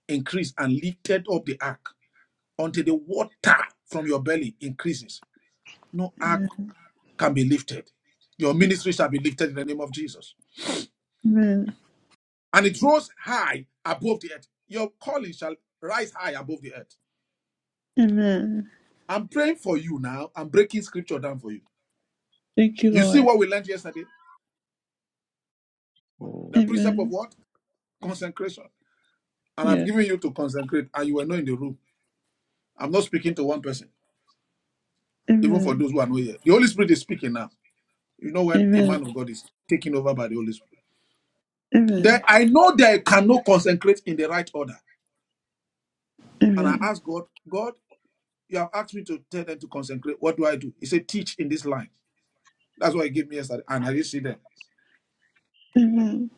increased and lifted up the ark until the water from your belly increases. No ark can be lifted. Your ministry shall be lifted in the name of Jesus. Amen. And it rose high above the earth. Your calling shall rise high above the earth. Amen. I'm praying for you now. I'm breaking scripture down for you. Thank you, You see Lord. what we learned yesterday? Mm. The precept of Amen. what? Consecration. And I've Yes. given you to consecrate, and you were not in the room. I'm not speaking to one person, even for Amen. those who are not here. The Holy Spirit is speaking now. You know when a Amen. man of God is taken over by the Holy Spirit. There, Amen. I know that I cannot consecrate in the right order. And I Amen. ask God, God, You have asked me to tell them to consecrate. What do I do? He said, teach in this line. That's what he gave me yesterday. And I didn't see them. Mhm.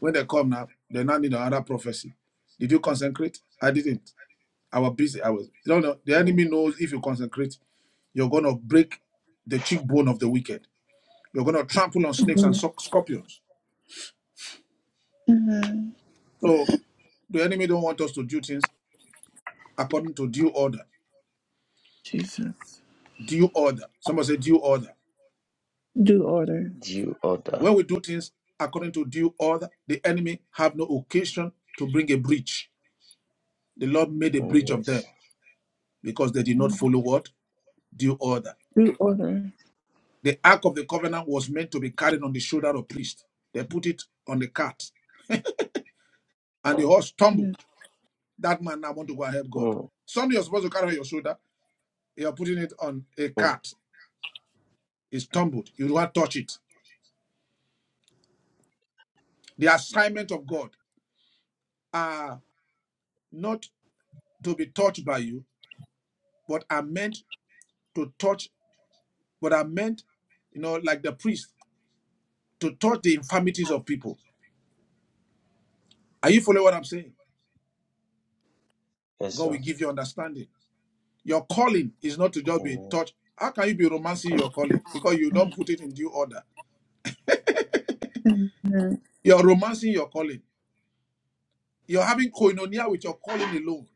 When they come now, they now need another prophecy. Did you consecrate? I didn't. I was busy. I was. No, no. The Mm. enemy knows if you consecrate, you're going to break the cheekbone of the wicked. You're going to trample on snakes and scorpions. Mhm. So the enemy don't want us to do things according to due order. Jesus. Due order. Somebody say due order. Do order. Due order. When we do things according to due order, the enemy have no occasion to bring a breach. The Lord made a Oh, breach of them yes. because they did not follow what? Due order. Do order. The ark of the covenant was meant to be carried on the shoulder of priest. They put it on the cart and the horse Yes. stumbled. That man now want to go and help God. Mm. Something you're supposed to carry on your shoulder, you're putting it on a Mm. cart. It stumbled. You don't touch it. The assignment of God are not to be touched by you, but are meant to touch, but are meant, you know, like the priest, to touch the infirmities of people. Are you following what I'm saying? Yes, God will sir. give you understanding. Your calling is not to just be Amen. touched. How can you be romancing your calling? Because you don't put it in due order. You're romancing your calling. You're having koinonia with your calling alone.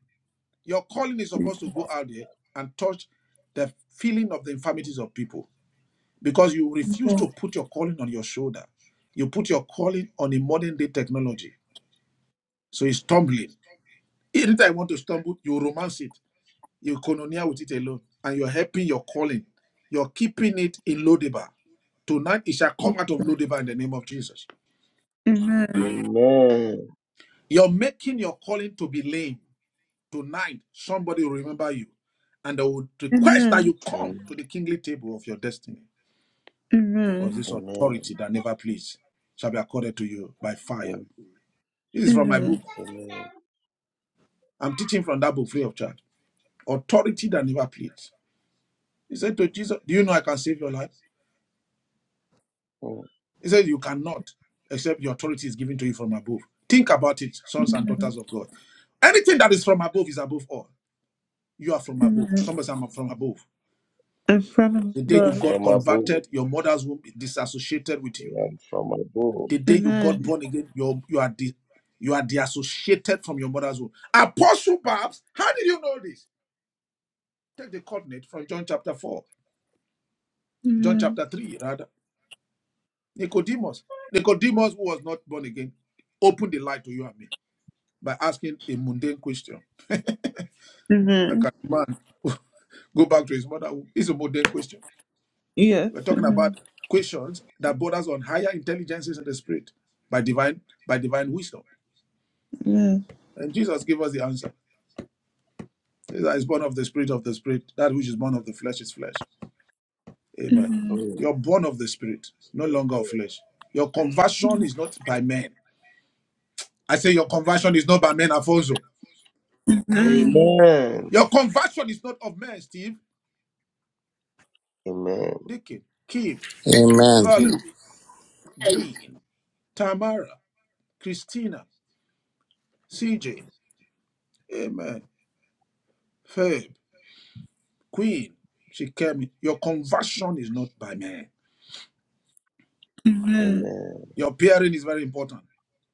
Your calling is supposed to go out there and touch the feeling of the infirmities of people because you refuse to put your calling on your shoulder. You put your calling on a modern day technology. So it's stumbling. Anytime you want to stumble, you romance it You koinonia with it alone, and you're helping your calling. You're keeping it in Lodibar. Tonight it shall come out of Lodibar in the name of Jesus. Amen. Amen. You're making your calling to be lame. Tonight, somebody will remember you. And they will request that Amen. you come to Amen. the kingly table of your destiny. Because Amen. this authority that never pleads shall be accorded to you by Amen. fire. This is from my book. Amen. Amen. I'm teaching from that book free of charge. Authority that never pleads. He said to Jesus, Do you know I can save your life? Mm. He said, You cannot, except the authority is given to you from above. Think about it, sons and daughters of God. Anything that is from above is above all. You are from above. Amen. Somebody say, I'm from above. And from The day you above. got From above. converted, your mother's womb is disassociated with I you. am from above. The day you got Amen. born again, you you are di- you are disassociated from your mother's womb. Apostle Babs, how did you know this? Take the coordinate from John chapter 4, John Amen. chapter 3, rather. Nicodemus. Nicodemus, who was not born again, opened the light to you and me by asking a mundane question. And Amen. can the man go back to his mother? It's a modern question. Yes. We're talking Amen. about questions that borders on higher intelligences in the spirit by divine by divine wisdom. Amen. And Jesus gave us the answer. He that is born of the spirit of the spirit. That which is born of the flesh is flesh. Amen. Amen. Mm. You're born of the spirit, no longer of flesh. Your conversion is not by men. I say your conversion is not by men, Afonso, Amen. Your conversion is not of men, Steve, Amen. Dickie, Kim, Amen. Valerie, Dean, Tamara, Christina, CJ. Amen. Faith, Queen, she came. in. Your conversion is not by man. Amen. Amen. Your pairing is very important.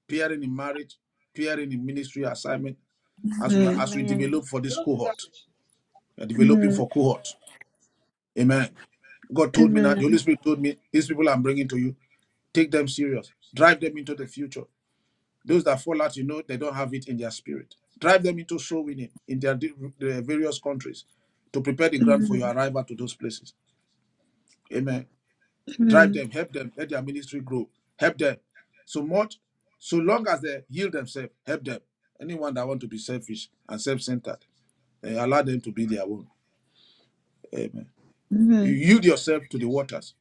Pairing in marriage, pairing in ministry assignment, as we Amen. as we develop Amen. for this cohort. We are developing Amen. for cohort. Amen. God told me that the Holy Amen. Spirit told me these people I'm bringing to you. Take them serious. Drive them into the future. Those that fall out, you know, they don't have it in their spirit. Drive them into soul winning in their, di- their various countries to prepare the ground for Amen. your arrival to those places. Amen. drive Amen. them, help them, let their ministry grow, help them. So much, so long as they yield themselves, help them. Anyone that want to be selfish and self-centered, eh, allow them to be their own. Amen. You Amen. yield yourself to the waters,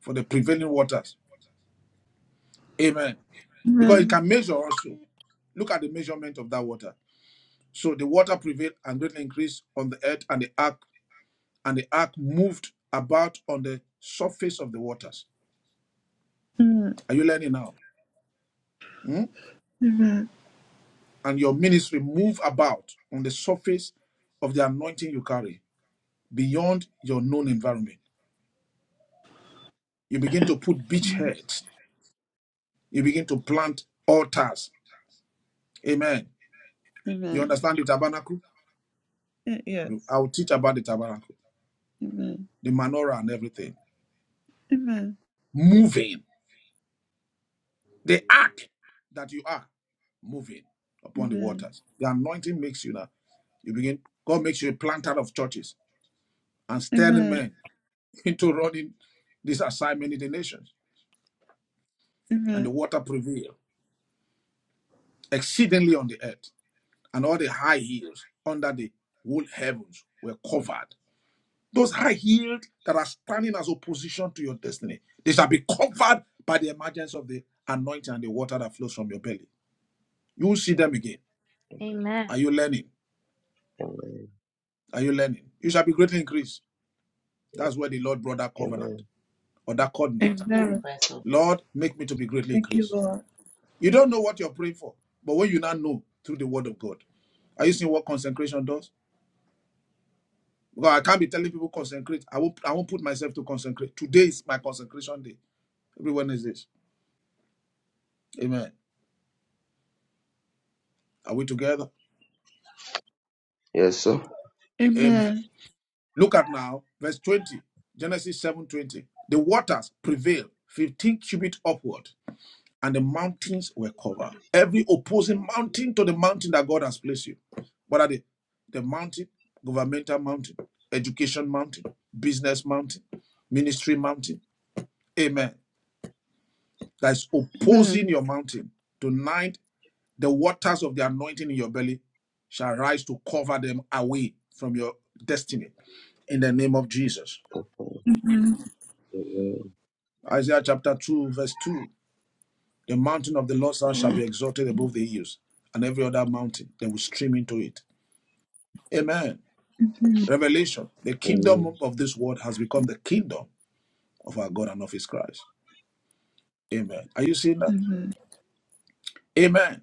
for the prevailing waters. Amen. Amen. Because it Amen. can measure also. Look at the measurement of that water. So the water prevailed and greatly increased on the earth and the ark, and the ark moved about on the surface of the waters. Amen. Are you learning now? Hmm? Amen. and your ministry move about on the surface of the anointing you carry beyond your known environment. You begin to put beachheads. You begin to plant altars. Amen. You Amen. understand the tabernacle? Eh, Yes. I'll teach about the tabernacle, Amen. the menorah, and everything. Amen. Moving. The ark that you are moving upon the Amen. waters. The anointing makes you now. You begin, God makes you a planter of churches and stirring Amen. men into running this assignment in the nations. And the Amen. water prevail exceedingly on the earth, and all the high hills under the whole heavens were covered. Those high hills that are standing as opposition to your destiny, they shall be covered by the emergence of the anointing and the water that flows from your belly. You will see them again. Amen. Are you learning? Amen. Are you learning? You shall be greatly increased. Yeah. That's where the Lord brought that covenant Amen. or that coordinate. Amen. Lord, make me to be greatly Thank you, increased. Lord. You don't know what you're praying for, but when you now know through the word of God, are you seeing what consecration does? Because I can't be telling people consecrate. I won't I won't put myself to consecrate. Today is my consecration day. Everyone is this. Amen. Are we together? Yes, sir. Amen. Amen. Look at now, verse 20, Genesis 7:20. The waters prevailed 15 cubit upward, and the mountains were covered. Every opposing mountain to the mountain that God has placed you. What are they? The mountain, governmental mountain, education mountain, business mountain, ministry mountain. Amen. That is opposing Amen. your mountain. Tonight The waters of the anointing in your belly shall rise to cover them away from your destiny in the name of Jesus. Amen. Amen. Isaiah chapter 2, verse 2 The mountain of the Lord shall be exalted above the hills, and every other mountain they will stream into it. Amen. Amen. Revelation The Amen. kingdom of this world has become the kingdom of our God and of his Christ. Amen. Are you seeing that? Amen. Amen.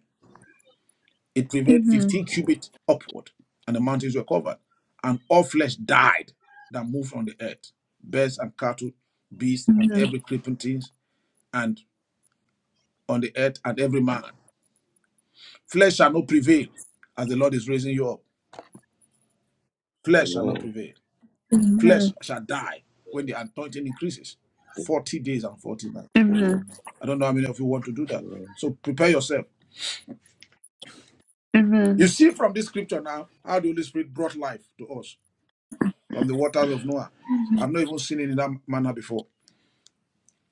It prevailed Amen. 15 cubits upward, and the mountains were covered. And all flesh died that moved on the earth birds and cattle, beasts, and Amen. every creeping thing, and on the earth, and every man. Flesh shall not prevail as the Lord is raising you up. Flesh shall not Amen. prevail. Flesh Amen. shall die when the anointing increases. 40 days and 40 nights. Amen. Amen. I don't know how many of you want to do that. So prepare yourself. Amen. You Amen. see from this scripture now how the Holy Spirit brought life to us. from the waters of Noah. I've not even seen it in that manner before.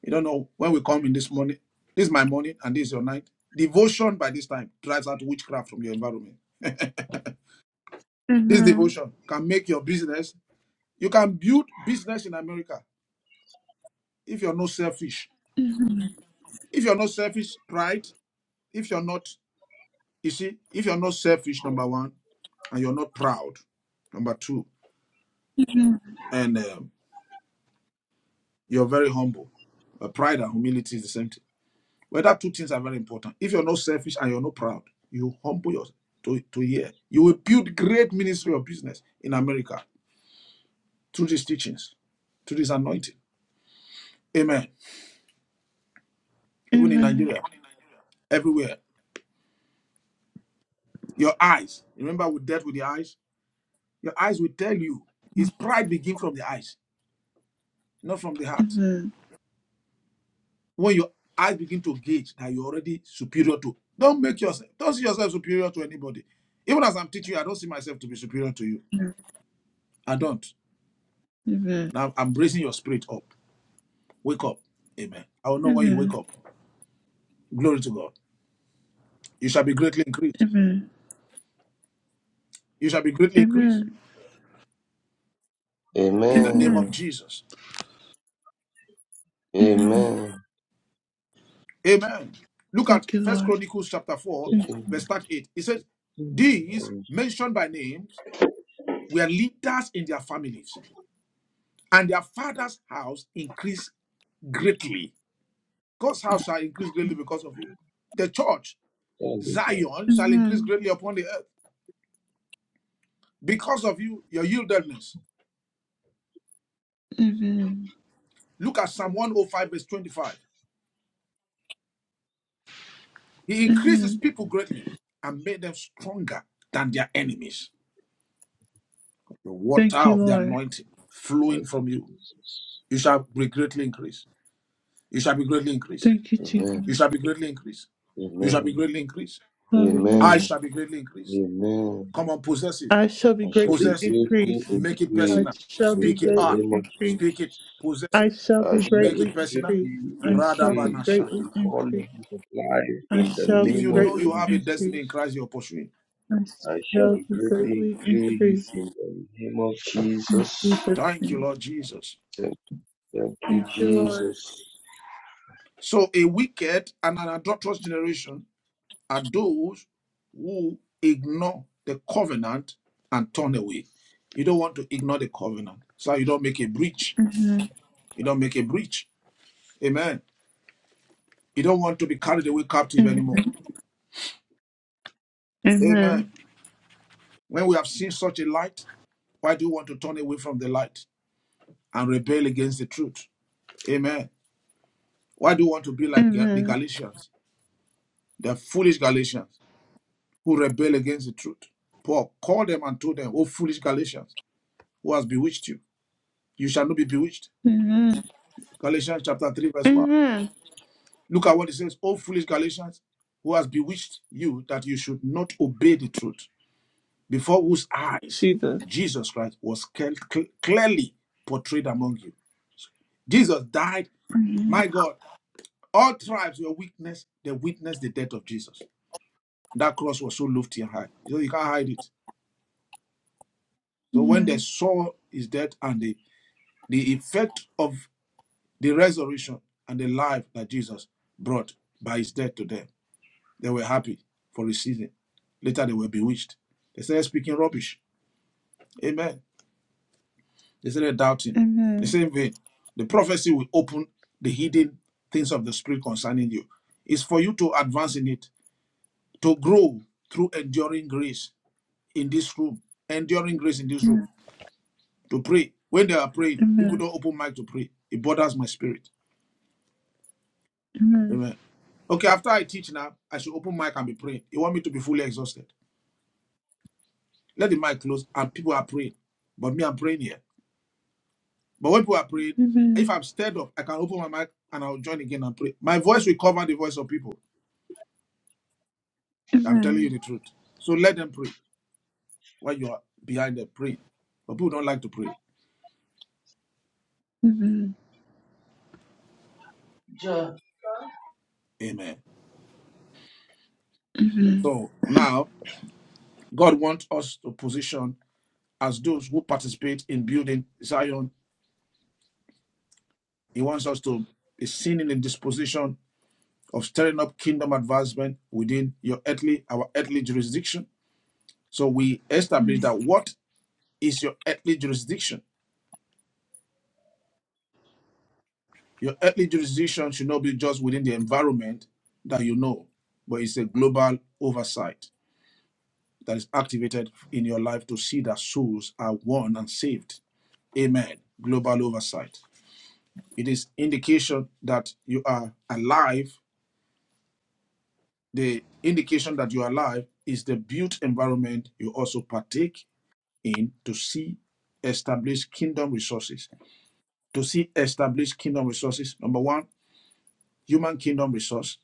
You don't know when we come in this morning. This is my morning and this is your night. Devotion by this time drives out witchcraft from your environment. This Amen. devotion can make your business. You can build business in America if you're not selfish. If you're not selfish, pride. If you're not, you see, if you're not selfish, number one, and you're not proud, number two, Amen. and um, you're very humble. Uh, pride and humility is the same thing Whether two things are very important. If you're not selfish and you're not proud, you humble yourself to, to hear. You will build great ministry of business in America through these teachings, through this anointing. Amen. Even in Nigeria, everywhere. Your eyes. Remember we dealt with the eyes? Your eyes will tell you. His pride begin from the eyes, not from the heart. Amen. Amen. When your eyes begin to gauge that you're already superior to, don't make yourself, don't see yourself superior to anybody. Even as I'm teaching you, I don't see myself to be superior to you. I don't. Now I'm raising your spirit up. Wake up. Amen. I will know when you wake Amen. up. Glory to God. You shall be greatly increased. Amen. You shall be greatly increased Amen. in the name Amen. of Amen. Jesus. Amen. Amen. Amen. Amen. Look at Thank you, First Lord. Chronicles chapter 4, Thank Taking you. verse 38. It says, These stand mentioned by names were leaders in their families, and their father's house increased greatly. God's house shall increase greatly because of you. The church, it up. Zion, shall increase Amen. greatly upon the earth because of you, your yieldedness. Amen. Look at Psalm 105, verse 25. He increased his people greatly and made them stronger than their enemies. The water Thank you, of the Lord. anointing flowing Thank you, from you, Jesus. you shall be greatly increased. You shall be greatly increased. Thank you, Jesus. Amen. You shall be greatly increased. You shall be Amen. greatly increased. I Amen. Hallelujah. shall be greatly increased. Amen. Come on, possess it. I shall be I shall be greatly Possess it. greatly increased. Make it I personal. increased shall be in Speak it the out. greatly name of increased. Speak it. Jesus. Possess it. I shall I be shall Make it be greatly personal. increased. greatly I shall be Radabana increased greatly in all shatakabada. increased. levels of life I in the shall If be name you of know you greatly have a Jesus. destiny in increased. Christ, you're pursuing. I I shall shall be be greatly greatly increased increased in the name of in Jesus. Jesus' Thank you, name. Lord Jesus. Thank, thank you, Thank you, Lord. Jesus. So a wicked and an adulterous generation are those who ignore the covenant and turn away. You don't want to ignore the covenant. So you don't make a breach. Amen. You don't make a breach. Amen. You don't want to be carried away captive Amen. anymore. Amen. Amen. When we have seen such a light, why do you want to turn away from the light and rebel against the truth? Amen. Why do you want to be like Ga- the Amen. Galatians, the foolish Galatians who rebel against the truth? Paul called them and told them, Oh, foolish Galatians. who has bewitched you. You shall not be bewitched. Amen. Galatians chapter 3, verse 1. Amen. Look at what it says, O foolish Galatians, who has bewitched you that you should not obey the truth, before whose eyes Jesus. Jesus Christ was cle- cle- clearly portrayed among you. Jesus died, Amen. my God, all tribes were witness, they witnessed the death of Jesus. That cross was so lofty and high. You know, you can't hide it. So when they saw his death and the, the effect of the resurrection and the life that Jesus brought by his death to them. They were happy for a season. Later they were bewitched. They started speaking rubbish. Amen. They started doubting. The Amen. same vein, the prophecy will open the hidden things of the spirit concerning you. It's for you to advance in it, to grow through enduring grace in this room, enduring grace in this Amen. room, to pray. When they are praying, people Amen. don't open mic to pray. It bothers my spirit. Amen. Amen. Okay, after I teach now, I should open mic and be praying. You want me to be fully exhausted? Let the mic close and people are praying. But me, I'm praying here. But when people are praying, if Amen. I'm stirred up, I can open my mic and I'll join again and pray. My voice will cover the voice of people. Amen. I'm telling Amen. you the truth. So let them pray while you are behind them praying. But people don't like to pray. Amen. Sure. Amen. Amen. So now God wants us to position as those who participate in building Zion. He wants us to be seen in the disposition of stirring up kingdom advancement within your earthly, our earthly jurisdiction. So we establish that what is your earthly jurisdiction? Your earthly jurisdiction should not be just within the environment that you know, but it's a global oversight that is activated in your life to see that souls are won and saved. Amen. Global oversight. It is indication that you are alive. The indication that you are alive is the built environment you also partake in to see establish kingdom resources. To see establish kingdom resources, number one, human kingdom resource.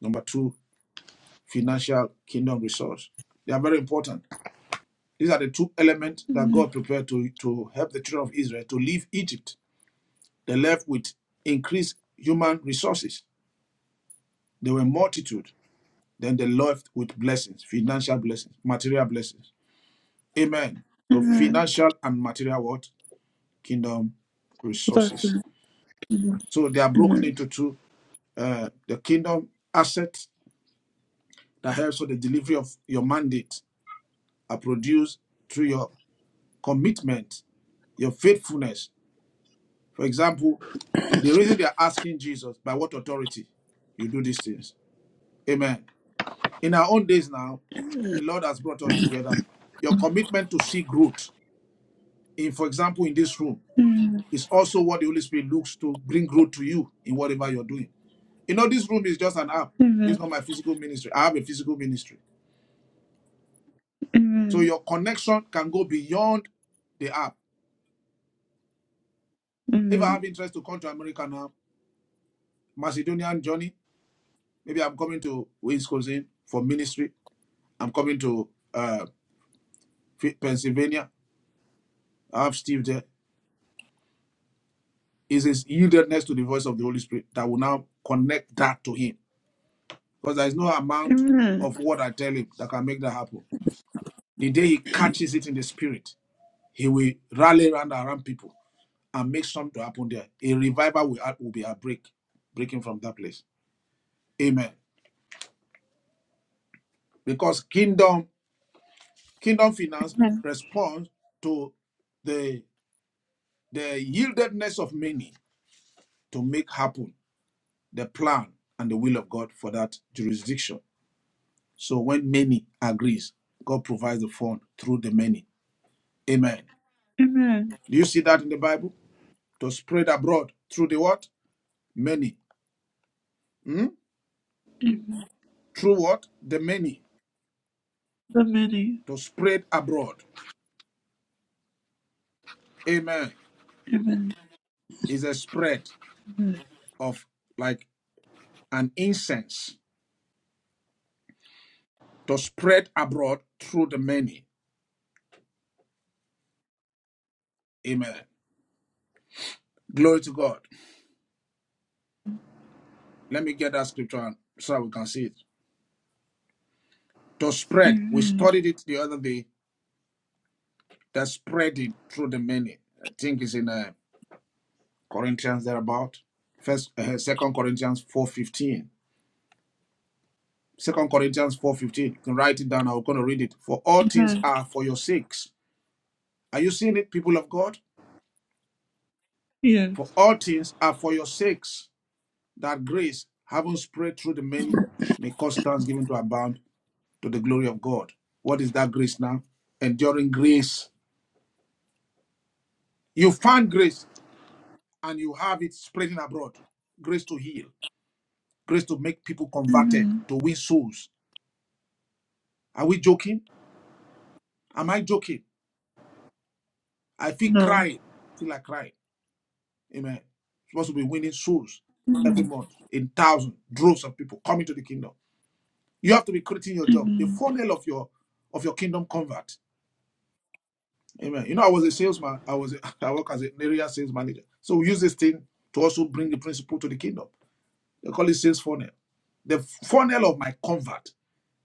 Number two, financial kingdom resource. They are very important. These are the two elements that God prepared to, to help the children of Israel to leave Egypt. They left with increased human resources. They were multitude. Then they left with blessings, financial blessings, material blessings. Amen. So Amen. financial and material what? Kingdom Blessed. resources. Amen. So they are broken Amen. into two uh, the kingdom assets that helps with the delivery of your mandate are produced through your commitment, your faithfulness. For example, the reason they are asking Jesus, by what authority you do these things? Amen. In our own days now, the Lord has brought us together. Your commitment to seek root, in for example, in this room, Amen. is also what the Holy Spirit looks to bring root to you in whatever you're doing. You know, this room is just an app. It's not my physical ministry. I have a physical ministry. So Amen. your connection can go beyond the app. If Amen. I have interest to come to America now, Macedonian journey, maybe I'm coming to Wisconsin for ministry. I'm coming to uh, Pennsylvania. I have Steve there. It's his yieldedness to the voice of the Holy Spirit that will now connect that to him. Because there is no amount Amen. of what I tell him that can make that happen. The day he catches it in the spirit, he will rally around around people and make something to happen there. A revival will, will be a break, breaking from that place. Amen. because kingdom kingdom finance Amen. responds to the the yieldedness of many to make happen the plan and the will of god for that jurisdiction so when many agrees god provides the fund through the many amen Amen. do you see that in the bible to spread abroad through the what many Hmm? Amen. through what the many The many. to spread abroad amen Amen. is a spread of like an incense to spread abroad through the many. Amen. Glory to God. Let me get that scripture on so we can see it. To spread. We Amen. studied it the other day. The spreading through the many. I think it's in uh, Corinthians thereabout. First, uh, Second Corinthians four fifteen. Second Corinthians four fifteen. You can write it down. I'm going to read it. For all things Amen. are for your sakes. Are you seeing it, people of God? Yes. For all things are for your sakes. That grace, having spread through the many, may cause thanksgiving to abound to the glory of God. What is that grace now? Enduring grace. You find grace and you have it spreading abroad. Grace to heal, grace to make people converted, Amen. to win souls. Are we joking? Am I joking? I feel No. crying till I cry. Amen. Supposed to be winning souls every Amen. month in thousands, droves of people coming to the kingdom. You have to be creating your job, the Amen. funnel of your of your kingdom convert. Amen. You know, I was a salesman. I was a, I work as an area sales manager. So we use this thing to also bring the principle to the kingdom. They call it sales funnel. The funnel of my convert.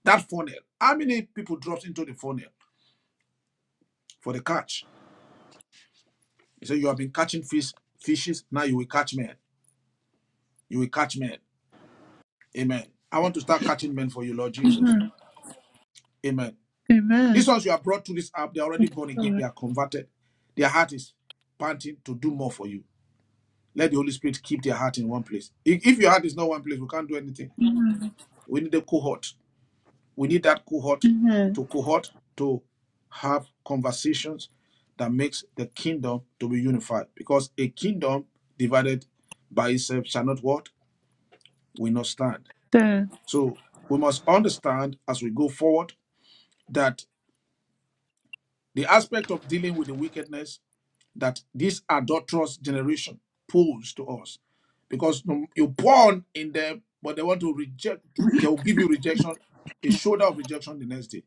That funnel. How many people dropped into the funnel for the catch? He said, "You have been catching fish, fishes. Now you will catch men. You will catch men." Amen. I want to start catching men for you, Lord Jesus. Amen. Amen. Amen. These ones you are brought to this app, they are Praise already born again. God. They are converted. Their heart is panting to do more for you. Let the Holy Spirit keep their heart in one place. If, if your heart is not one place, we can't do anything. Amen. We need a cohort. We need that cohort Amen. to cohort to have conversations that makes the kingdom to be unified. Because a kingdom divided by itself shall not what? Will not stand. Then, So we must understand as we go forward that the aspect of dealing with the wickedness that this adulterous generation pose to us. Because you're born in them, but they want to reject, they will give you rejection, a shoulder of rejection the next day.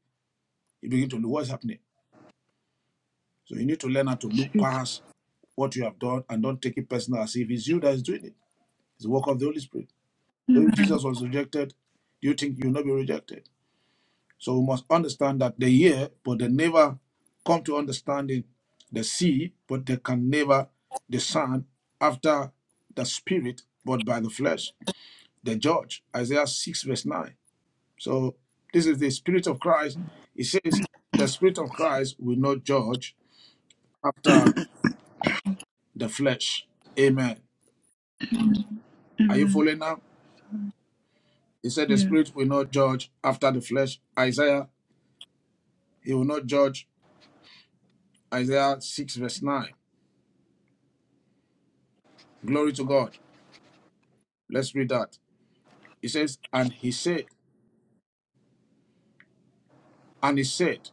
You begin to know what's happening. So you need to learn how to look Jesus. past what you have done and don't take it personal as if it's you that is doing it. It's the work of the Holy Spirit. So if Jesus was rejected, do you think you'll not be rejected? So we must understand that they hear, but they never come to understanding. They see, but they can never discern after the spirit, but by the flesh. They judge. Isaiah 6, verse 9. So this is the spirit of Christ. It says, the spirit of Christ will not judge after the flesh. Amen. Are you Amen. following now? He said the Yes. spirit will not judge after the flesh. Isaiah, he will not judge. Isaiah 6, verse 9. Glory to God. Let's read that. He says, and he said, and he said,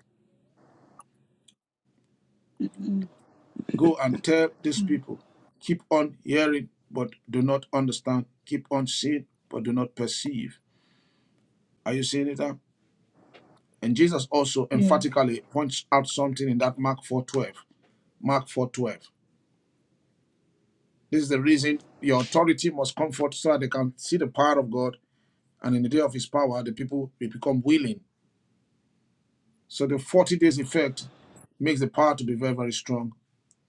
go and tell these people, keep on hearing, but do not understand. Keep on seeing, but do not perceive. Are you seeing it now? And Jesus also Yes. emphatically points out something in that Mark 4.12. Mark 4.12. This is the reason your authority must come forth so that they can see the power of God. And in the day of his power, the people will become willing. So the 40 days effect makes the power to be very, very strong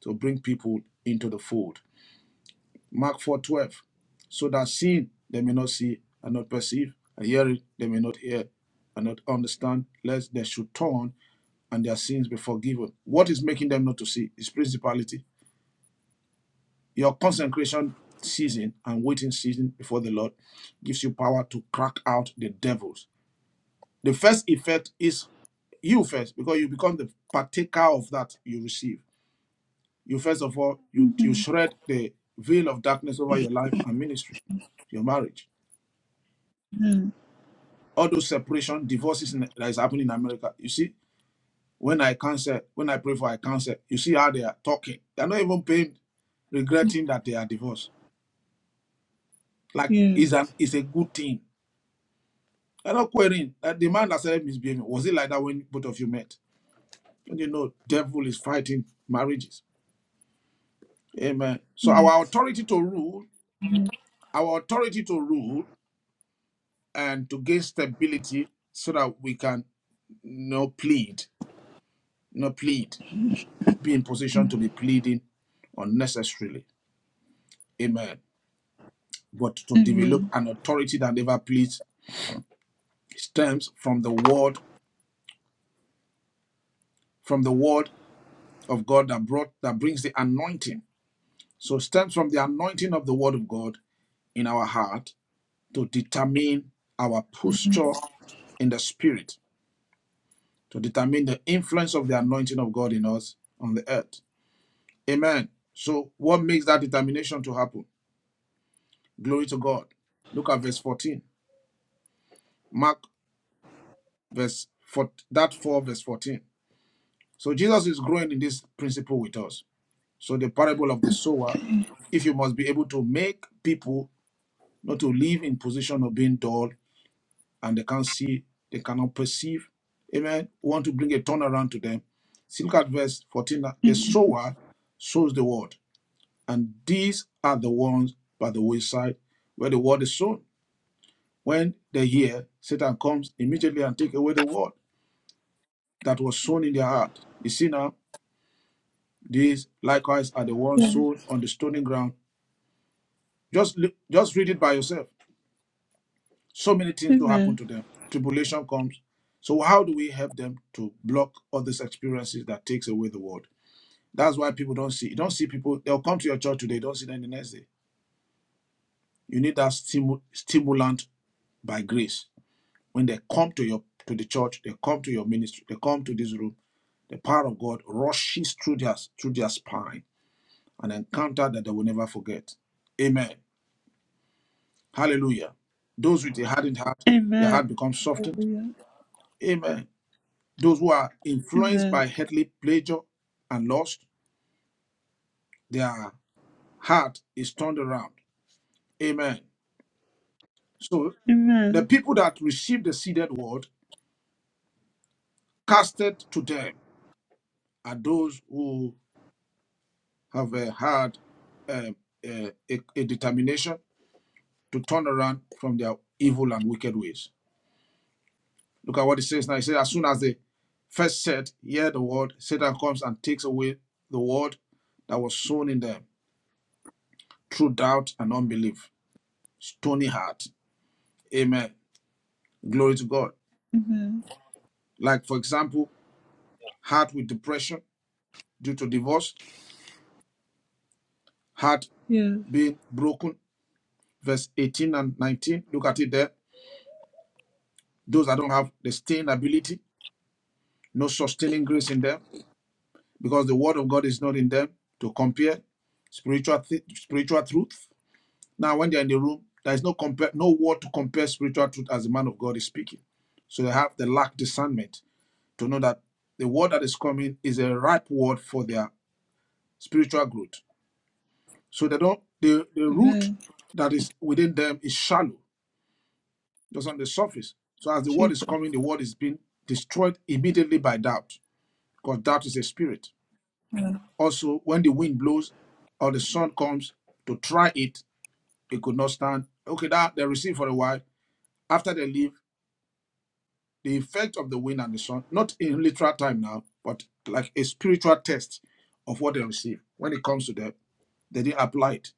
to bring people into the fold. Mark 4 12, So that seeing they may not see and not perceive, and hearing they may not hear and not understand, lest they should turn and their sins be forgiven. What is making them not to see is principality. Your consecration season and waiting season before the Lord gives you power to crack out the devils. The first effect is you first, because you become the partaker of that you receive. You first of all, you, you Amen. shred the veil of darkness over your life and ministry, your marriage Amen. all those separation, divorces in, that is happening in America. You see, when I cancel, when I pray for I cancel, you see how they are talking. They're not even paying, regretting that they are divorced. Like Yes. it's an it's a good thing. They're not querying that the man that started misbehaving. Was it like that when both of you met? And you know, devil is fighting marriages. Amen. So our Yes. authority to rule, our authority to rule and to gain stability so that we can no plead. no plead. be in position to be pleading unnecessarily. Amen. But to develop Amen. an authority that never pleads stems from the word, from the word of God that brought that brings the anointing. So stems from the anointing of the word of God in our heart to determine our posture in the spirit, to determine the influence of the anointing of God in us on the earth. Amen. So what makes that determination to happen? Glory to God. Look at verse 14. Mark. verse for that 4 verse 14 so jesus is growing in this principle with us so the parable of the sower if you must be able to make people not to live in position of being dull and they can't see they cannot perceive amen we want to bring a turnaround to them see look at verse 14 now. the Amen. sower sows the word and these are the ones by the wayside where the word is sown when they hear satan comes immediately and take away the word that was sown in their heart you see now These likewise are the ones Yes. sown on the stony ground. Just li- just read it by yourself. So many things do happen Amen. to them. Tribulation comes. So how do we help them to block all these experiences that takes away the word? That's why people don't see. You don't see people. They'll come to your church today. Don't see them the next day. You need that stimu- stimulant by grace. When they come to your to the church, they come to your ministry. They come to this room. The power of God rushes through their through their spine, an encounter that they will never forget. Amen. Hallelujah. Those with a hardened heart, their Amen. heart becomes softened. Hallelujah. Amen. Those who are influenced Amen. by earthly pleasure and lust, their heart is turned around. Amen. So the Amen. people that received the seeded word casted to them are those who have uh, had uh, uh, a, a determination to turn around from their evil and wicked ways. Look at what it says now. It says, as soon as they first said, hear the word, Satan comes and takes away the word that was sown in them through doubt and unbelief. Stony heart. Amen. Glory to God. Amen. Like, for example, heart with depression due to divorce, heart Yes. being broken. Verse 18 and 19. Look at it there. Those that don't have the staying ability, no sustaining grace in them, because the word of God is not in them to compare spiritual, thi- spiritual truth Now, when they're in the room, there is no compare, no word to compare spiritual truth as the man of God is speaking. So they have the lack discernment to know that the word that is coming is a ripe word for their spiritual growth. So they don't the, the root Amen. that is within them is shallow, just on the surface. So as the word is Jesus. coming, the word is being destroyed immediately by doubt, because doubt is a spirit. Also, when the wind blows or the sun comes to try it, it could not stand. Okay, that they receive for a while. After they leave, the effect of the wind and the sun, not in literal time now, but like a spiritual test of what they receive. When it comes to them, they didn't apply it.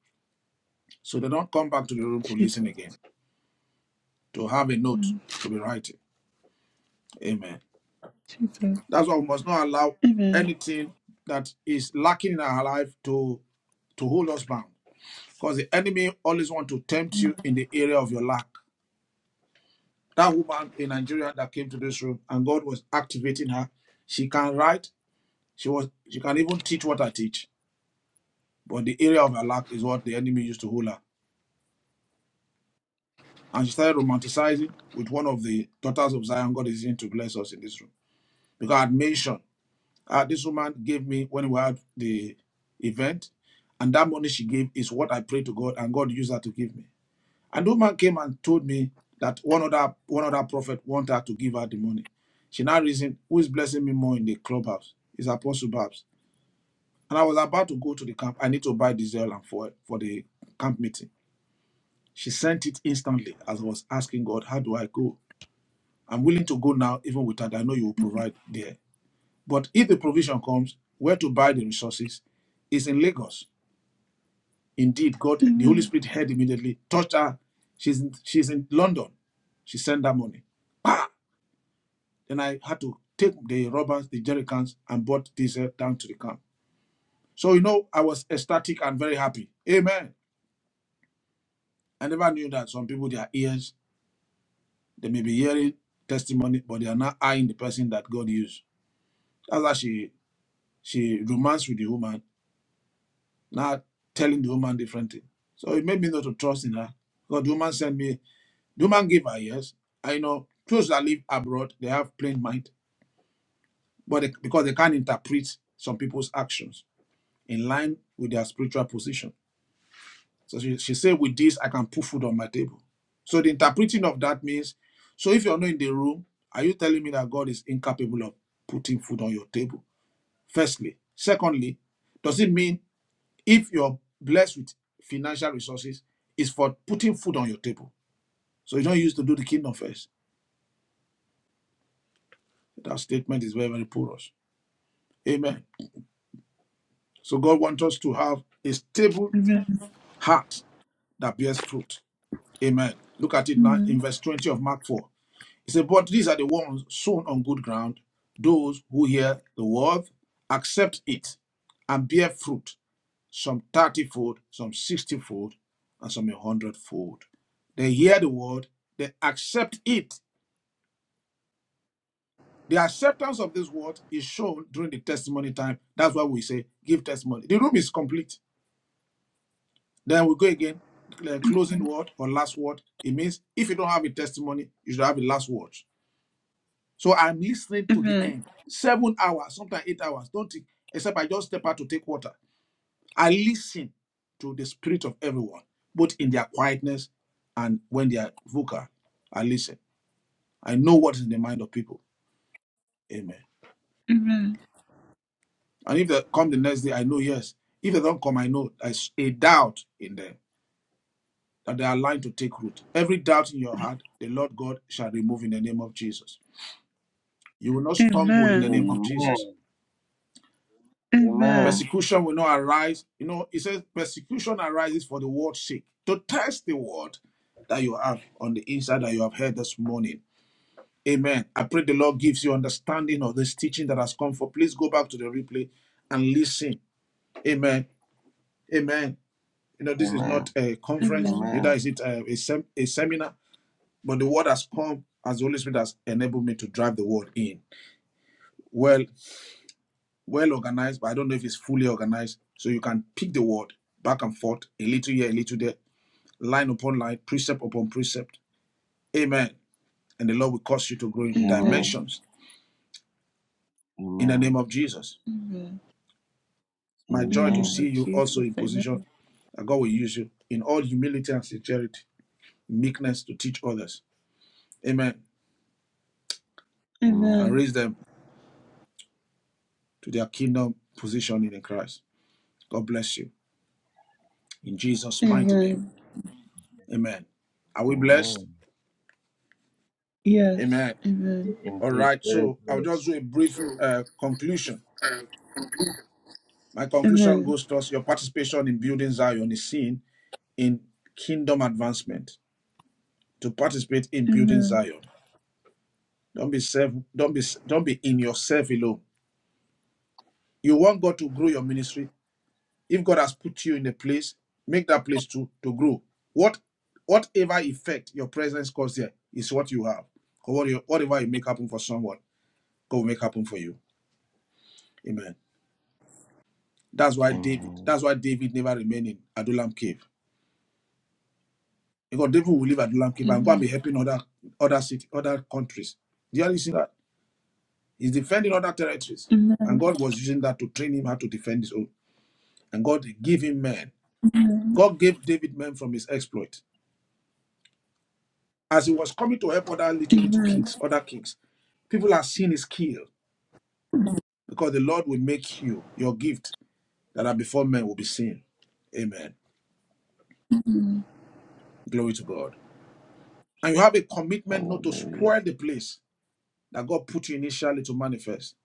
So they don't come back to the room to listen Jesus. again, to have a note Mm. to be writing. Amen. Jesus. That's why we must not allow Amen. anything that is lacking in our life to, to hold us bound. Because the enemy always want to tempt you in the area of your lack. That woman in Nigeria that came to this room and God was activating her. She can write. She was she can even teach what I teach But the area of her lack is what the enemy used to hold her. And she started romanticizing with one of the daughters of Zion. God is in to bless us in this room. Because I had mentioned, ah, this woman gave me when we had the event, and that money she gave is what I prayed to God, and God used her to give me. And the woman came and told me that one other one other prophet wanted her to give her the money. She now reasoned, who is blessing me more in the clubhouse? It's Apostle Babs. And I was about to go to the camp. I need to buy diesel and fuel for the camp meeting. She sent it instantly as I was asking God, How do I go? I'm willing to go now, even with that. I know you will provide there. But if the provision comes, where to buy the resources is in Lagos. Indeed, God, the Holy Amen. Spirit heard immediately, touched her. She's in, she's in London. She sent that money. Ah! Then I had to take the robbers, the jerrycans, and brought diesel down to the camp. So, you know, I was ecstatic and very happy. Amen. I never knew that some people, their ears They may be hearing testimony, but they are not eyeing the person that God used. That's how she she romance with the woman, not telling the woman different thing. So it made me not to trust in her. God, the woman sent me, the woman gave her yes. I know those that live abroad, they have plain mind, but they, because they can't interpret some people's actions in line with their spiritual position. So she, she said, with this, I can put food on my table. So the interpreting of that means, so if you're not in the room, are you telling me that God is incapable of putting food on your table? Firstly. Secondly, does it mean if you're blessed with financial resources, it's for putting food on your table? So you don't use to do the kingdom first. That statement is very, very porous. Amen. So God wants us to have a stable Amen. heart that bears fruit. Amen. Look at it now in verse 20 of Mark 4. He said, But these are the ones sown on good ground, those who hear the word, accept it, and bear fruit, some thirtyfold, some sixtyfold, and some a hundredfold. They hear the word, they accept it. The acceptance of this word is shown during the testimony time. That's why we say give testimony. The room is complete. Then we go again, the closing word or last word. It means if you don't have a testimony, you should have a last word. So I'm listening Amen. to the Amen. end. Seven hours, sometimes eight hours. Don't think, except I just step out to take water. I listen to the spirit of everyone, both in their quietness and when they are vocal. I listen. I know what is in the mind of people. Amen. Amen. And if they come the next day, I know yes. If they don't come, I know there's a doubt in them that they are lying to take root. Every doubt in your heart, the Lord God shall remove in the name of Jesus. You will not stumble in the name Amen. of Jesus. Amen. Amen. Persecution will not arise. You know, it says persecution arises for the word's sake, to test the word that you have on the inside that you have heard this morning. Amen. I pray the Lord gives you understanding of this teaching that has come for. Please go back to the replay and listen. Amen. Amen. You know, this is Amen. not a conference, Amen. neither Amen. is it a, a, sem- a seminar, but the word has come as the Holy Spirit has enabled me to drive the word in. Well, well organized, but I don't know if it's fully organized. So you can pick the word back and forth, a little here, a little there, line upon line, precept upon precept. Amen. And the Lord will cause you to grow in Amen. Amen. dimensions in the name Amen. of Jesus. Amen. Amen. My In the joy to name Amen. see of you also Jesus. in Amen. position that God will use you in all humility and sincerity, meekness to teach others. Amen. And Amen. Amen. raise them to their kingdom position in Christ. God bless you. In Jesus' mighty name. Amen. Amen. Are we blessed? Amen. Yes. Amen. Amen. All Indeed, right, very so I'll good. just do a brief uh, conclusion. My conclusion Amen. goes towards your participation in building Zion is seen in kingdom advancement. To participate in building Amen. Zion, don't be self, don't be don't be in yourself alone. You want God to grow your ministry. If God has put you in a place, make that place to to grow. What whatever effect your presence causes there is what you have, or what you, whatever you make happen for someone, God will make happen for you. Amen. That's why David. Amen. That's why David never remained in Adullam cave. Because David will leave Adullam cave and go and Amen. be helping other other city, other countries. Do you understand that? He's defending other territories, Amen. and God was using that to train him how to defend his own. And God gave him men. God gave David men from his exploit. As he was coming to help other little little Amen. kings, other kings, people are seeing his skill because the Lord will make you your gift that are before men will be seen. Amen. Glory to God. And you have a commitment not to Hallelujah. spoil the place that God put you initially to manifest.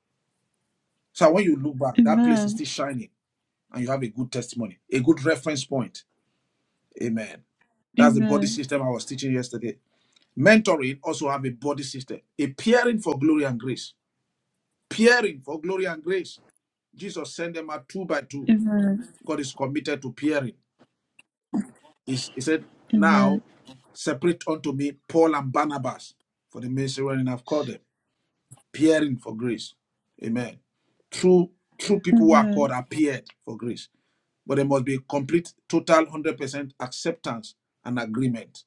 So when you look back, that place is still shining and you have a good testimony, a good reference point. Amen. That's the body Amen. system I was teaching yesterday. Mentoring also have a body system, a peering for glory and grace. Peering for glory and grace. Jesus sent them out two by Amen. two. Amen. God is committed to peering. He's- he said, Now separate unto me Paul and Barnabas for the ministry wherein I've called them. Appearing for grace. Amen. True, true people who are called Amen. appeared for grace. But there must be complete, total, 100% acceptance and agreement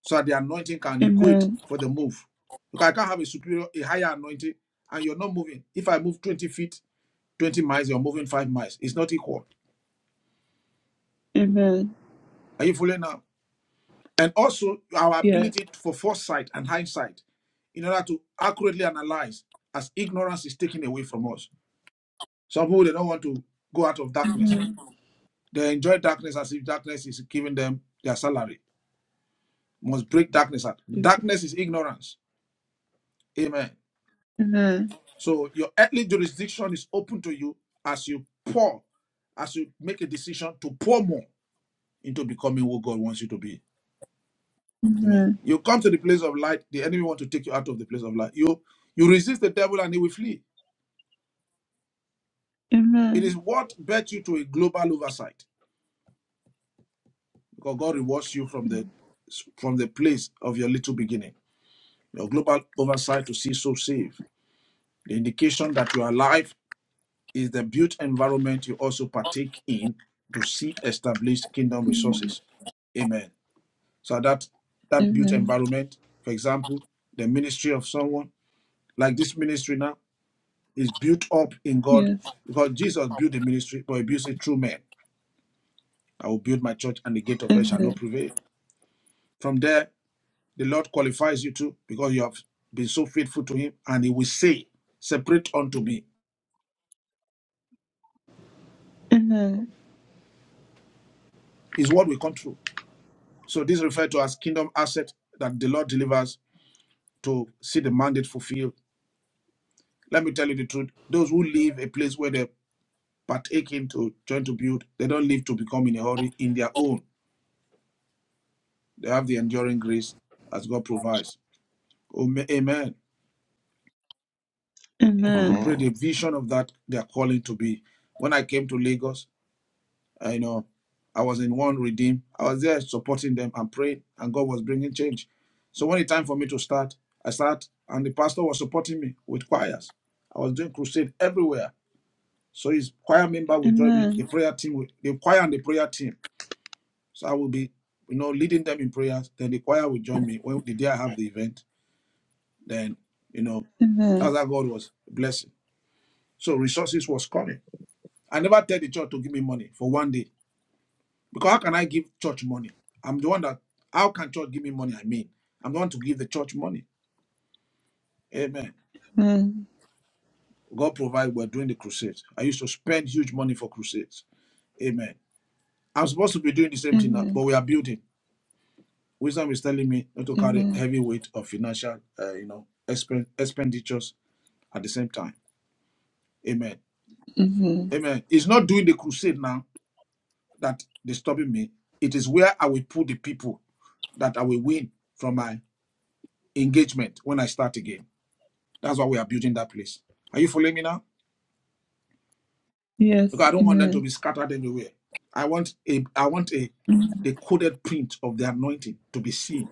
so that the anointing can Amen. equate Amen. for the move. Because I can't have a superior, a higher anointing, and you're not moving. If I move 20 feet, 20 miles, you're moving five miles. It's not equal. Amen. Are you following now? And also our Yes. ability for foresight and hindsight in order to accurately analyze as ignorance is taken away from us. Some people they don't want to go out of darkness. Amen. They enjoy darkness as if darkness is giving them their salary. Must break darkness out. Jesus. Darkness is ignorance. Amen. Amen. So your earthly jurisdiction is open to you as you pour, as you make a decision to pour more into becoming who God wants you to be. Amen. Amen. You come to the place of light, the enemy want to take you out of the place of light. You you resist the devil and he will flee. It is Amen. what bet you to a global oversight because God rewards you from the from the place of your little beginning. Your global oversight to see souls saved. The indication that you are alive is the built environment you also partake in to see established kingdom Amen. resources. Amen. So that that built Amen. environment, for example, the ministry of someone like this ministry now is built up in God Yes. because Jesus built the ministry, but he built it through men. I will build my church, and the gate of hell shall not Amen. prevail. From there, the Lord qualifies you too because you have been so faithful to Him, and He will say, "Separate unto me." Amen. is what we control. So this is referred to as kingdom asset that the Lord delivers to see the mandate fulfilled. Let me tell you the truth. Those who leave a place where they partake in to join to build, they don't leave to become in a hurry in their own. They have the enduring grace as God provides. Amen. So Amen. pray the Amen. vision of that they are calling to be. When I came to Lagos, Uh, you know, I was in one redeem. I was there supporting them and praying, and God was bringing change. So when it time for me to start, I start, and the pastor was supporting me with choirs. I was doing crusade everywhere. So his choir member would join me, the Amen. prayer team, would, the choir and the prayer team. So I will be, you know, leading them in prayers. Then the choir would join me when the day I have the event. Then, you know, that's Amen. how God was blessing. So resources was coming. I never tell the church to give me money for one day. Because how can I give church money? I'm the one that how can church give me money? I mean, I'm the one to give the church money. Amen. Amen. God provide we're doing the crusades. I used to spend huge money for crusades. Amen. I'm supposed to be doing the same thing now, Amen. but we are building. Wisdom is telling me not to carry Amen. heavy weight of financial, uh, you know, expen- expenditures at the same time. Amen. Amen. Amen. It's not doing the crusade now that is stopping me. It is where I will put the people that I will win from my engagement when I start again. That's why we are building that place. Are you following me now? Because Yes. I don't want them to Amen. be scattered everywhere. I want a I want a the coded print of the anointing to be seen.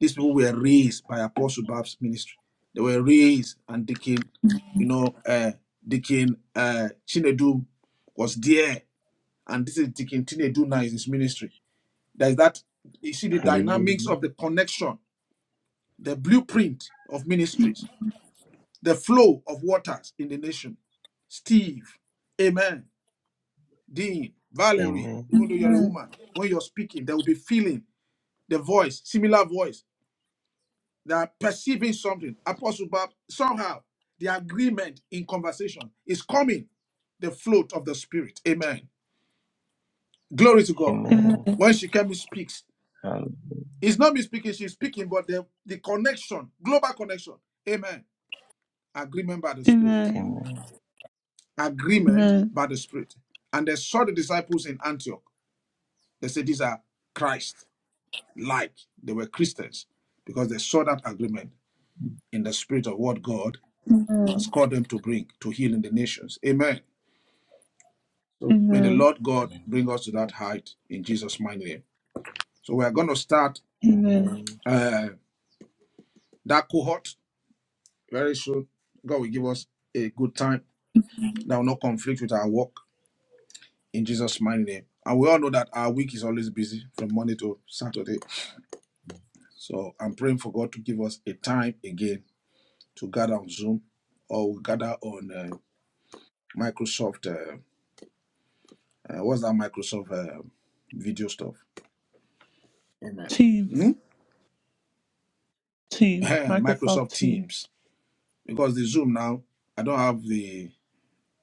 These people were raised by Apostle Bab's ministry. They were raised and Deacon, you know, uh Deacon uh Chinedu was there, and this is Deacon Chinedu now is his ministry. There is that you see the dynamics Hallelujah. of the connection, the blueprint of ministries the flow of waters in the nation. Steve, Amen, Dean, Valerie, Amen. even though you're a Amen. woman, when you're speaking, there will be feeling the voice, similar voice. They are perceiving something. Apostle Bob, somehow the agreement in conversation is coming, the float of the spirit. Amen. Glory to God. Amen. Amen. When she came, he speaks. Hallelujah. It's not me speaking, she's speaking, but the, the connection, global connection. Amen. Agreement by the spirit. Amen. Amen. agreement Amen. by the Spirit. And they saw the disciples in Antioch. They said, These are Christ like. They were Christians because they saw that agreement in the spirit of what God has Amen. called them to bring to healing the nations. Amen. So may the Amen. Lord God bring us to that Hallelujah. height in Jesus' mighty name. So we are going to start Amen. Amen. uh, that cohort very soon. God will give us a good time that will not conflict with our work in Jesus' mighty name. And we all know that our week is always busy from Monday to Saturday So I'm praying for God to give us a time again to gather on Zoom or we gather on uh, Microsoft. Uh, uh, what's that Microsoft uh, video stuff? Amen. Hmm? Teams. Teams. Microsoft Microsoft Teams. Teams. Because the Zoom now, I don't have the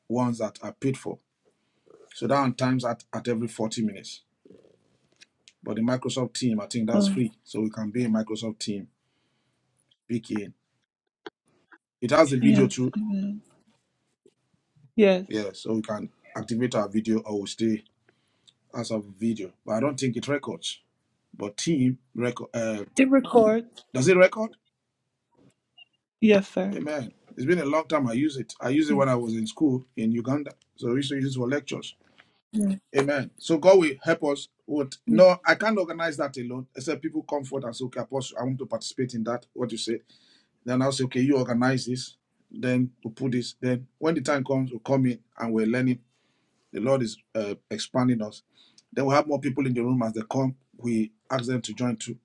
ones that are paid for. So that one times at, at every 40 minutes. But the Microsoft team, I think that's Oh, free. So we can be a Microsoft team, pick in. It has a video yes. too. Amen. Yes. Yeah, so we can activate our video or we stay as a video. But I don't think it records. But team record uh, It records. does it record? Yes, sir. Amen. It's been a long time. I use it. I used it Yes. when I was in school in Uganda. So we used to use it for lectures. yes. Amen. So God will help us. With, Yes. no, I can't organize that alone. Except people come forward and say, "Okay, Apostle, I want to participate in that." What you say? Then I'll say, "Okay, you organize this." Then we put this. Then when the time comes, we come in and we're learning The Lord is uh, expanding us. Then we have more people in the room as they come. We ask them to join too.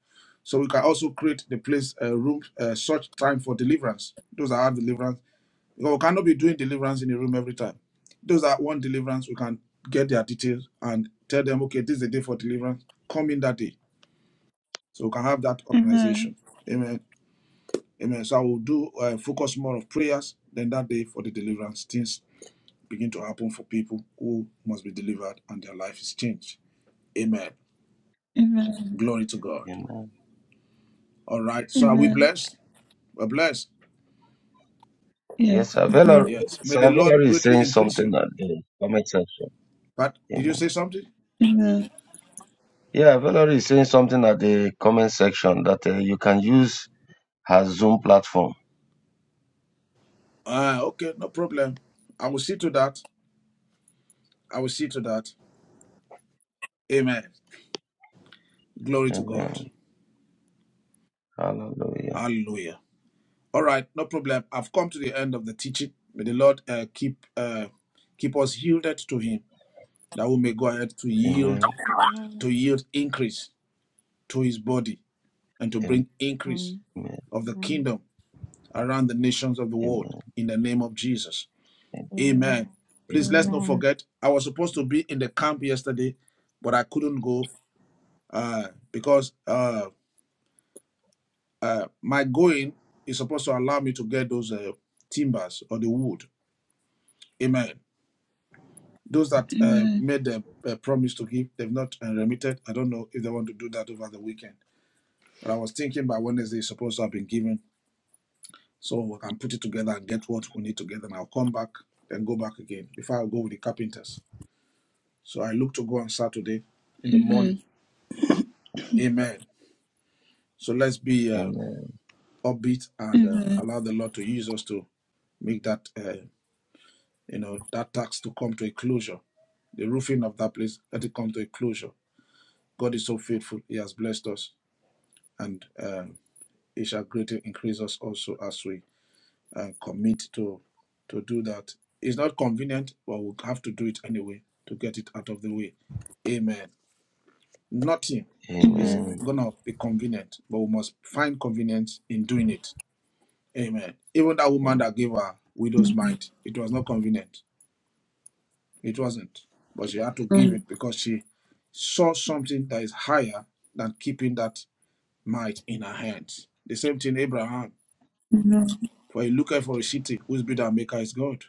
So we can also create the place, uh, room, uh, such time for deliverance. Those that have deliverance, because we cannot be doing deliverance in the room every time. Those that want deliverance, we can get their details and tell them, okay, this is the day for deliverance. Come in that day. So we can have that Amen. organization. Amen. Amen. So I will do uh, focus more of prayers than that day for the deliverance. Things begin to happen for people who must be delivered and their life is changed. Amen. Amen. Glory to God. Amen. All right. So are Yeah. we Amen. blessed? We're blessed. Yes. Yes, sir. Valerie, Yes. May sir, the Lord Valerie is greatly saying increase something you. at the comment section. But did you Amen. say something? Amen. Yeah, Valerie is saying something at the comment section that uh, you can use her Zoom platform. Ah, okay, no problem. I will see to that. I will see to that. Amen. Glory to God. Amen. Hallelujah. Hallelujah. All right, no problem. I've come to the end of the teaching. May the Lord uh, keep uh, keep us yielded to Him, that we may go ahead to yield Amen. Amen. to yield increase to His body and to Amen. bring increase Amen. of the Amen. kingdom around the nations of the world in the name of Jesus. Amen. Amen. Amen. Please let's Amen. not Amen. forget, I was supposed to be in the camp yesterday, but I couldn't go uh, because uh, uh, my going is supposed to allow me to get those uh, timbers or the wood. Amen. Those that uh, Amen. made the uh, promise to give, they've not uh, remitted. I don't know if they want to do that over the weekend. But I was thinking by Wednesday, it's supposed to have been given. So we can put it together and get what we need together. And I'll come back, and go back again before I go with the carpenters. So I look to go on Saturday in the morning. Amen. Amen. So let's be uh, upbeat and uh, Amen. allow the Lord to use us to make that uh, you know that tax to come to a closure. The roofing of that place let it come to a closure. God is so faithful; He has blessed us, and uh, He shall greatly increase us also as we uh, commit to to do that. It's not convenient, but we have to do it anyway to get it out of the way. Amen. Nothing is Amen. Amen. gonna be convenient, but we must find convenience in doing it. Amen. Even that woman that gave her widow's Amen. mind, it was not convenient. It wasn't. But she had to give Amen. it because she saw something that is higher than keeping that might in her hands. The same thing Abraham, Amen. for he looked for a city whose builder and maker is God.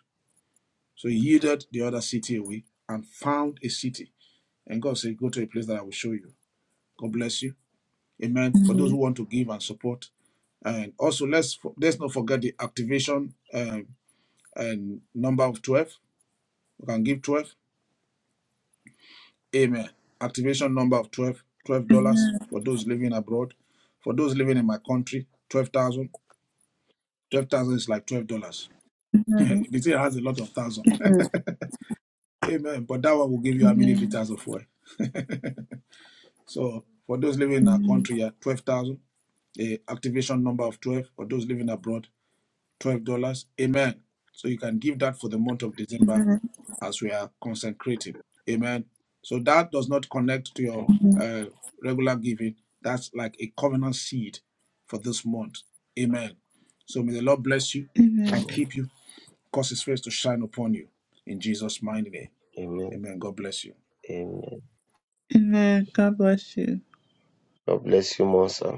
So he yielded the other city away and found a city. And God said, Go to a place that I will show you. God bless you. Amen. For those who Amen. want to give and support, And also, let's fo- let's not forget the activation um, and number of 12. We can give 12. Amen. Activation number of twelve, twelve Amen. dollars for those living abroad. For those living in my country, 12,000. 12,000 is like $12. Amen. the thing has a lot of thousand. Amen. But that one will give you how many Amen. liters of oil. So for those living in our Amen. country, yeah, 12,000. The activation number of 12 for those living abroad. $12. Amen. So you can give that for the month of December as we are consecrating. Amen. So that does not connect to your uh, regular giving. That's like a covenant seed for this month. Amen. So may the Lord bless you Amen. Amen. and keep you, cause his face to shine upon you. In Jesus' mighty name. Amen. Amen. God bless you. Amen. Amen. God bless you. God bless you more, sir.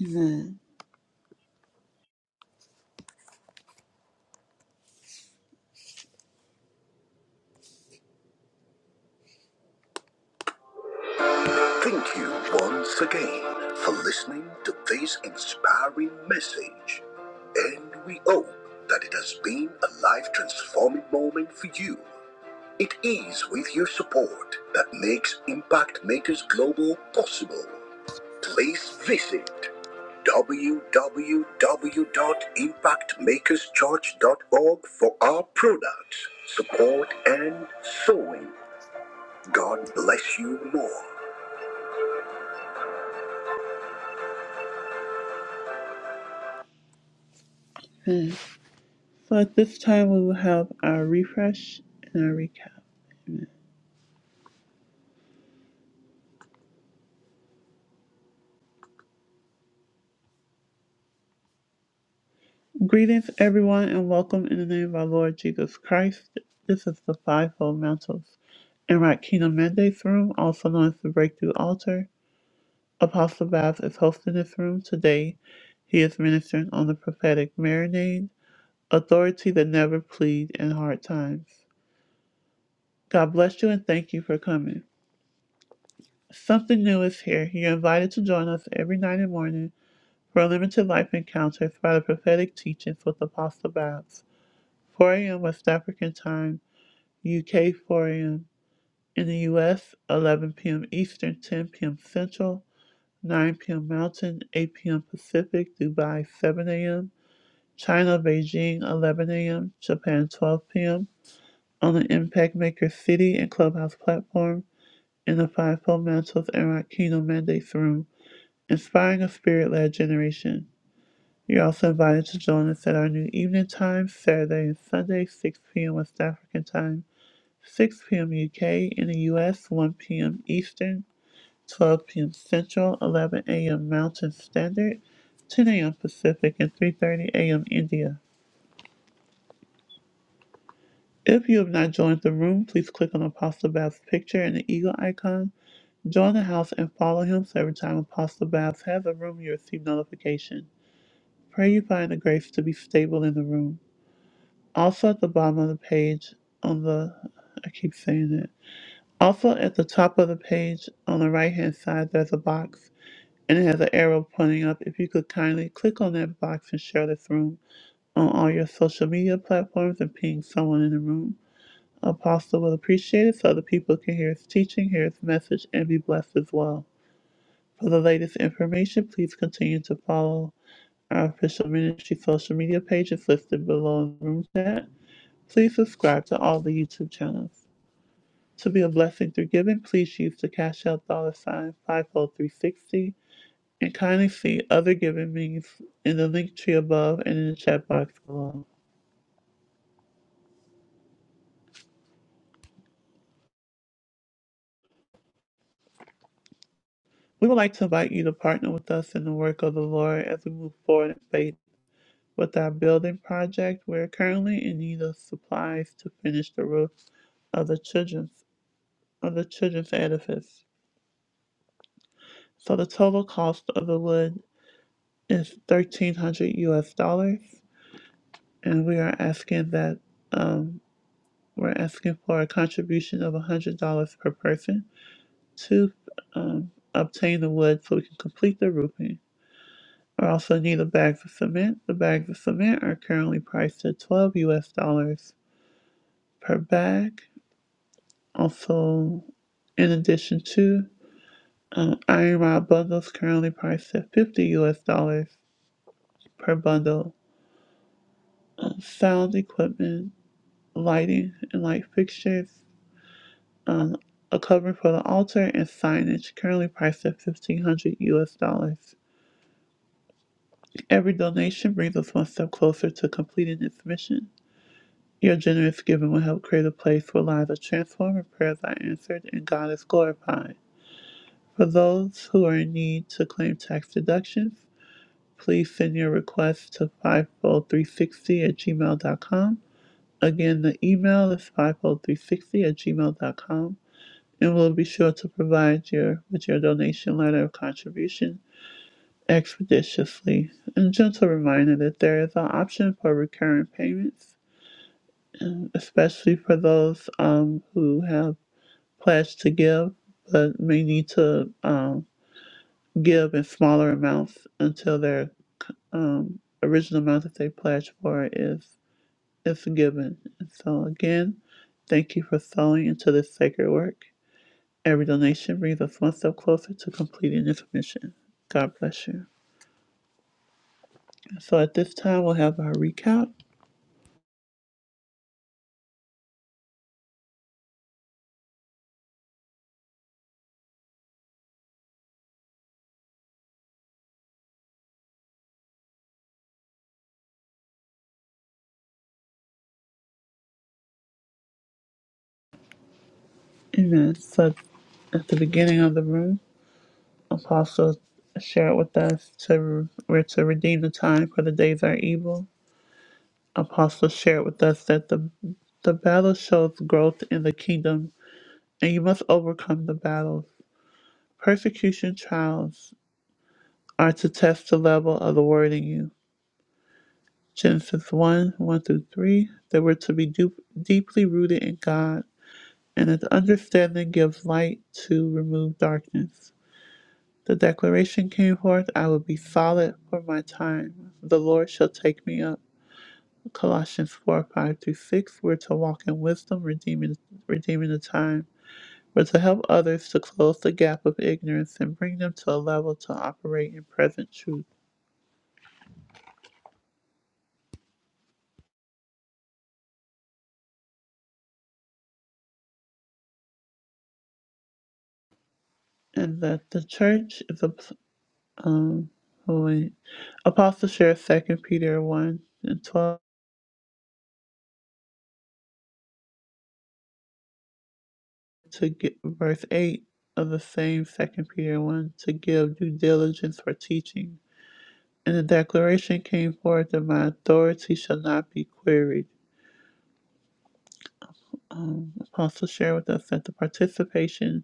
Amen. Thank you once again for listening to this inspiring message. And we hope that it has been a life transforming moment for you. It is with your support that makes Impact Makers Global possible. please visit www.impactmakerschurch.org for our products, support, and sewing. God bless you more. Hmm. So at this time, we will have our refresh and our recap. Greetings, everyone, and welcome in the name of our Lord Jesus Christ. This is the Fivefold Mantles and Right Kingdom Mandates Room, also known as the Breakthrough Altar. Apostle Babs is hosting this room today. He is ministering on the prophetic marinade, authority that never plead in hard times. God bless you and thank you for coming. Something new is here. You're invited to join us every night and morning for a limited life encounter by the prophetic teachings with Apostle Babs. 4 a.m. West African time, UK 4 a.m. In the US, 11 p.m. Eastern, 10 p.m. Central, 9 p.m. Mountain, 8 p.m. Pacific, Dubai, 7 a.m. China, Beijing, 11 a.m., Japan, 12 p.m., on the Impact Maker City and Clubhouse platform in the Fivefold Mantles and Rakino Mandates Room, inspiring a spirit led generation. You're also invited to join us at our new evening time, Saturday and Sunday, 6 p.m. West African time, 6 p.m. UK in the US, 1 p.m. Eastern, 12 p.m. Central, 11 a.m. Mountain Standard, 10 a.m. Pacific, and 3.30 a.m. India. If you have not joined the room, please click on Apostle Babs' picture and the eagle icon. Join the house and follow him so every time Apostle Babs has a room, you receive notification. Pray you find the grace to be stable in the room. Also at the bottom of the page on the I keep saying it. Also at the top of the page on the right hand side there's a box and it has an arrow pointing up. If you could kindly click on that box and share this room on all your social media platforms and ping someone in the room. Apostle will appreciate it so other people can hear his teaching, hear his message, and be blessed as well. For the latest information, please continue to follow our official ministry social media pages listed below in the room chat. Please subscribe to all the YouTube channels. To be a blessing through giving, please use the Cash App dollar sign 50360 and kindly see other giving means in the link tree above and in the chat box below. We would like to invite you to partner with us in the work of the Lord as we move forward in faith with our building project. We're currently in need of supplies to finish the roof of the children's of the children's edifice. So the total cost of the wood is thirteen hundred US dollars, and we are asking that um, we're asking for a contribution of a hundred dollars per person to um, obtain the wood so we can complete the roofing. We also need the bags of cement. The bags of cement are currently priced at twelve US dollars per bag, Also, in addition to um, Iron Rod bundles currently priced at 50 US dollars per bundle, um, sound equipment, lighting and light fixtures, um, a covering for the altar, and signage currently priced at 1500 US dollars. Every donation brings us one step closer to completing its mission. Your generous giving will help create a place where lives are transformed and prayers are answered and God is glorified. For those who are in need to claim tax deductions, please send your request to 50360 at gmail.com. Again, the email is 50360 at gmail.com, and we'll be sure to provide you with your donation letter of contribution expeditiously. And gentle reminder that there is an option for recurring payments, um, especially for those um, who have pledged to give but may need to um, give in smaller amounts until their um, original amount that they pledged for is is forgiven. And so again, thank you for sowing into this sacred work. Every donation brings us one step closer to completing this mission. God bless you. And So at this time, we'll have our recap. Amen. So at the beginning of the room, Apostle shared with us to we're to redeem the time for the days are evil. Apostle shared with us that the the battle shows growth in the kingdom, and you must overcome the battles. Persecution trials are to test the level of the word in you. Genesis 1 1 through 3. They were to be du- deeply rooted in God, and his understanding gives light to remove darkness. The declaration came forth I will be solid for my time. The Lord shall take me up. Colossians 4 5 through 6. We're to walk in wisdom, redeeming, redeeming the time. We're to help others to close the gap of ignorance and bring them to a level to operate in present truth. and that the church is a um oh apostle shares second peter 1 and 12 to get verse 8 of the same second peter 1 to give due diligence for teaching and the declaration came forth that my authority shall not be queried um, apostle shared with us that the participation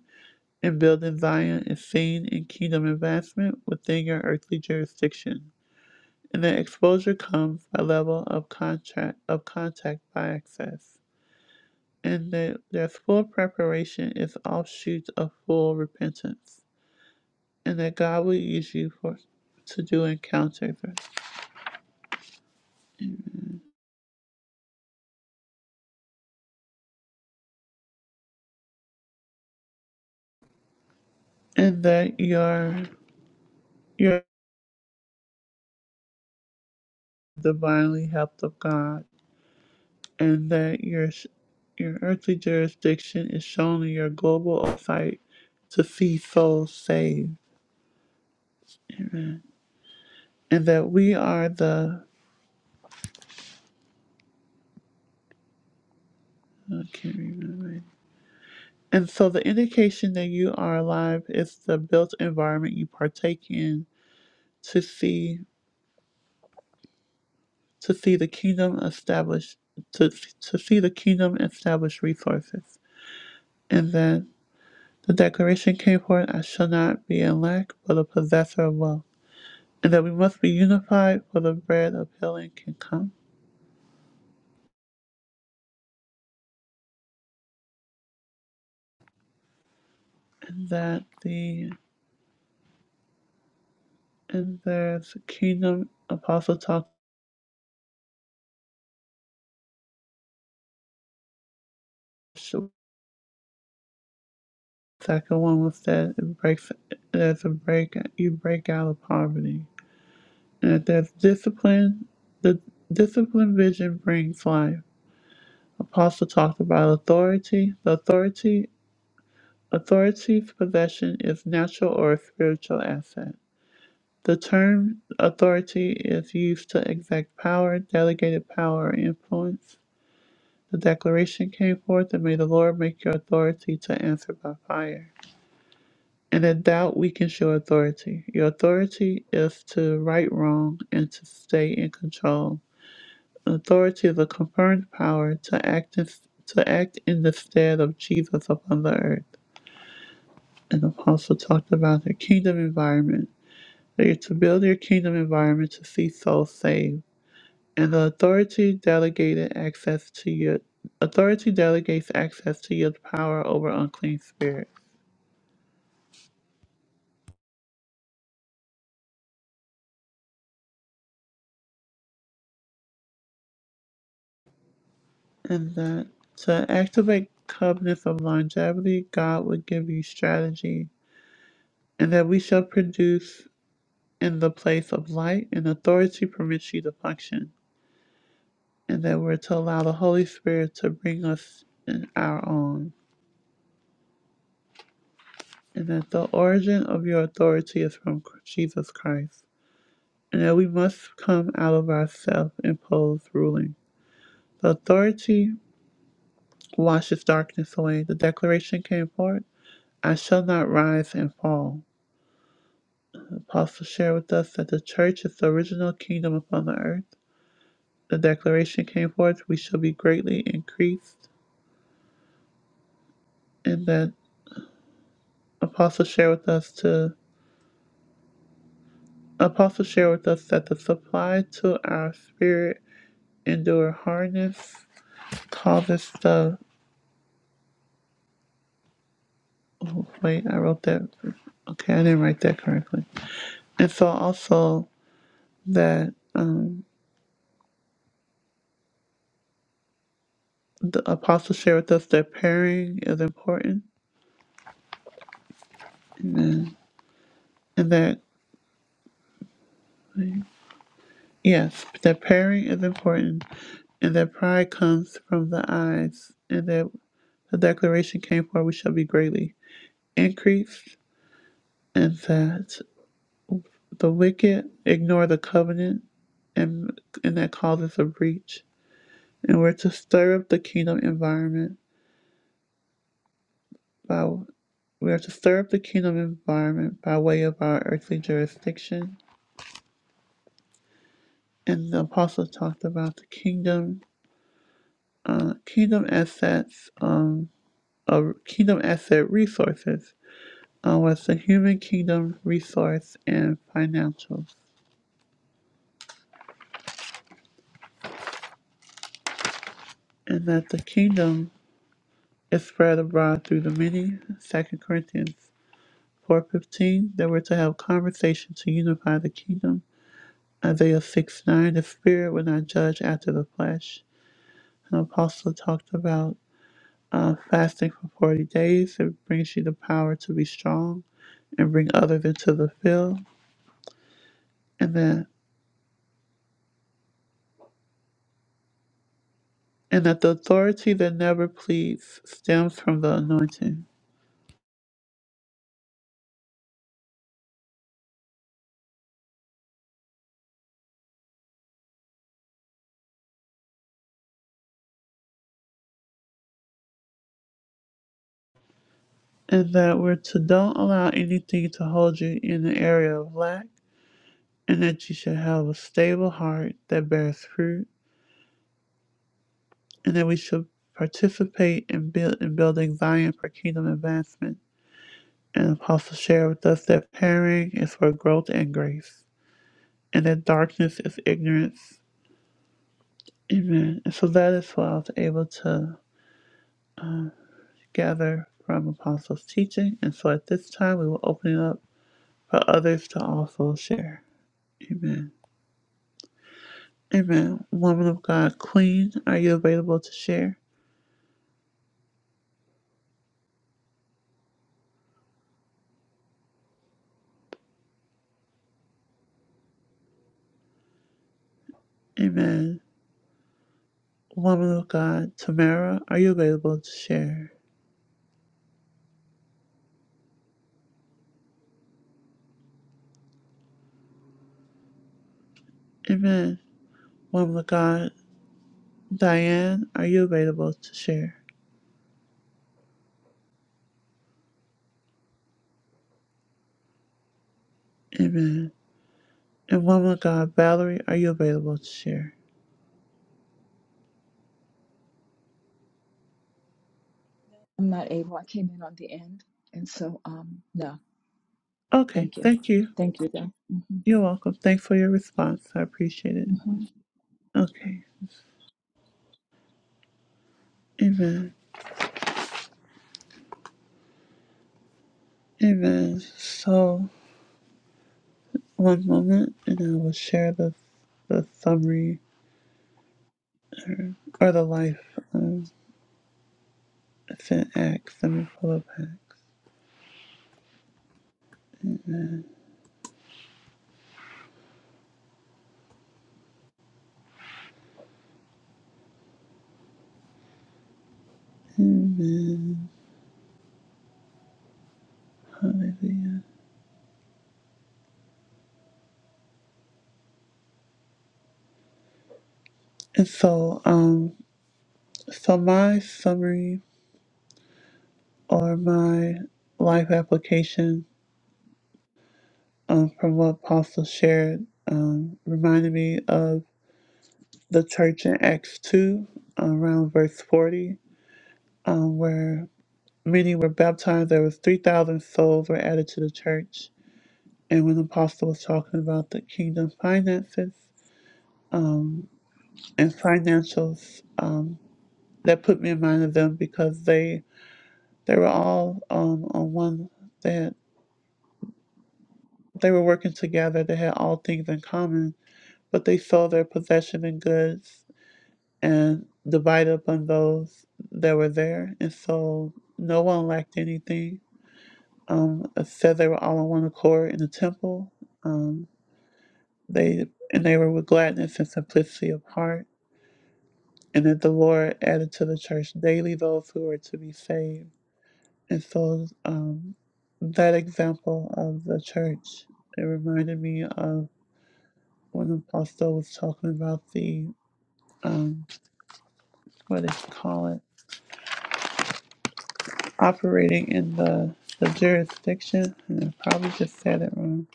in building zion is seen in kingdom advancement within your earthly jurisdiction and the exposure comes a level of contact of contact by access, and that their full preparation is offshoots of full repentance, and that God will use you for to do encounters, and that you your your divinely helped of God, and that your your earthly jurisdiction is shown in your global oversight to see souls saved, Amen. and that we are the I can't remember And so the indication that you are alive is the built environment you partake in to see to see the kingdom established to to see the kingdom establish resources. And then the declaration came forth, I shall not be in lack, but a possessor of wealth. And that we must be unified for the bread of healing can come. And that the and there's kingdom apostle talk Second one was that it breaks there's a break you break out of poverty. And that there's discipline the discipline vision brings life. Apostle talked about authority. The authority authority's possession is natural or spiritual asset. The term authority is used to exact power, delegated power, or influence. The declaration came forth and may the Lord make your authority to answer by fire. And in doubt weakens your authority. Your authority is to right wrong and to stay in control. Authority is a confirmed power to act in, to act in the stead of Jesus upon the earth. And the apostle talked about the kingdom environment. That you're to build your kingdom environment to see souls saved. And the authority delegated access to your authority delegates access to your power over unclean spirits. and that to activate covenants of longevity, God will give you strategy, and that we shall produce in the place of light and authority permits you to function, and that we're to allow the Holy Spirit to bring us in our own, and that the origin of your authority is from Jesus Christ, and that we must come out of our self-imposed ruling. The authority washes darkness away. The declaration came forth, I shall not rise and fall Apostle share with us that the church is the original kingdom upon the earth. The declaration came forth, we shall be greatly increased. And that Apostle share with us to Apostle share with us that the supply to our spirit endure hardness causes the oh, wait, I wrote that okay, I didn't write that correctly. And so also that um the apostle share with us that pairing is important. Amen. And that Yes, that pairing is important, and that pride comes from the eyes, and that the declaration came for we shall be greatly increased, and that the wicked ignore the covenant, and and that causes a breach. And we're to stir up the kingdom environment by we are to stir up the kingdom environment by way of our earthly jurisdiction. And the apostle talked about the kingdom, uh, kingdom assets. um. of Kingdom Asset Resources uh, was the Human Kingdom Resource and Financials, and that the kingdom is spread abroad through the many. Second Corinthians 4.15, that we're to have conversation to unify the kingdom. Isaiah 6 9, the spirit will not judge after the flesh. An apostle talked about uh, fasting for 40 days. It brings you the power to be strong and bring others into the field. And then and that the authority that never pleads stems from the anointing, and that we're to don't allow anything to hold you in the area of lack, and that you should have a stable heart that bears fruit, and that we should participate in, build, in building Zion for kingdom advancement. And Apostle shared with us that pairing is for growth and grace, and that darkness is ignorance. Amen. And so that is what I was able to gather from Apostle's teaching. And so at this time, we will open it up for others to also share. Amen. Amen. Woman of God, Queen, are you available to share? Amen. Woman of God, Tamara, are you available to share? Amen. Woman of God, Diane, are you available to share? Amen. And woman of God, Valerie, are you available to share? I'm not able. I came in on the end. And so, um, no, Okay, thank you. thank you. Thank you, though. hmm You're welcome. Thanks for your response. I appreciate it. hmm Okay. Amen. Amen. So. One moment, and I will share the the summary or the life of St. Acts and Philip Amen. Hallelujah. And so, um, so my summary or my life application um, from what Apostle shared um, reminded me of the church in Acts two, around verse forty, um, where many were baptized. There was three thousand souls were added to the church and when the apostle was talking about the kingdom finances um, and financials, um, that put me in mind of them because they they were all um, on one. They had, they were working together. They had all things in common, but they sold their possession and goods and divided up on those that were there, and so no one lacked anything. Um, it said they were all on one accord in the temple. Um, they and they were with gladness and simplicity of heart and that the Lord added to the church daily those who were to be saved. And so um, that example of the church, it reminded me of when Apostle was talking about the, um, what do you call it, operating in the, the jurisdiction. And I probably just said it wrong.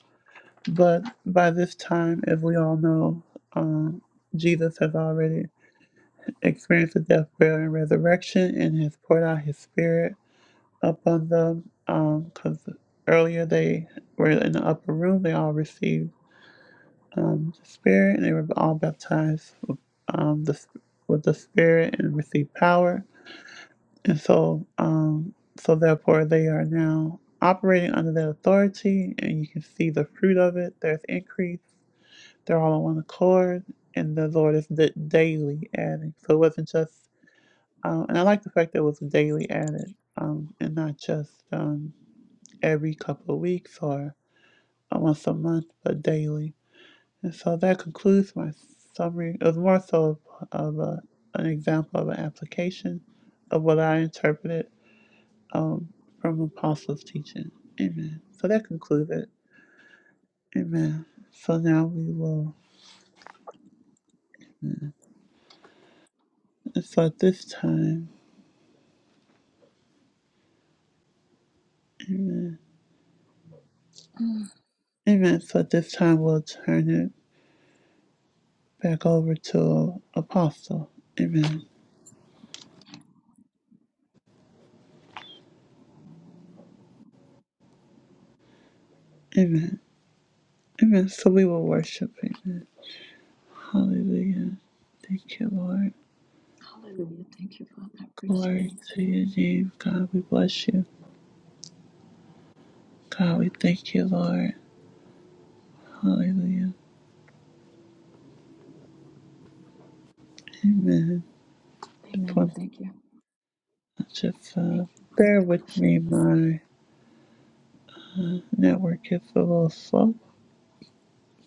But by this time, as we all know, um, Jesus has already experienced the death, burial, and resurrection and has poured out his spirit up on them because um, earlier they were in the upper room. They all received um, the Spirit and they were all baptized with, um, the, with the Spirit and received power. And so, um, so therefore, they are now operating under that authority, and you can see the fruit of it. There's increase. They're all on one accord, and the Lord is da- daily adding. So it wasn't just, um, and I like the fact that it was daily added, um, and not just. um. every couple of weeks or once a month, but daily. And so that concludes my summary. It was more so of a, an example of an application of what I interpreted um, from Apostles' teaching. Amen. So that concludes it. Amen. So now we will, and so at this time, amen. Mm. Amen. So at this time, we'll turn it back over to Apostle. Amen. Amen. Amen. So we will worship. Amen. Hallelujah. Thank you, Lord. Hallelujah. Thank you, Father. I praise your Glory name. to your name, God. We bless you. God, we thank you, Lord. Hallelujah. Amen. For Amen. Thank you. such a Thank fun. you, Bear with worship. me, my network is a little slow,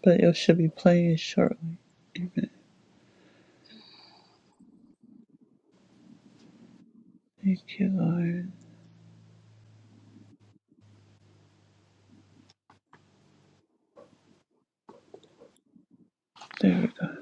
but it should be playing shortly. Amen. Thank you, Lord. There we go.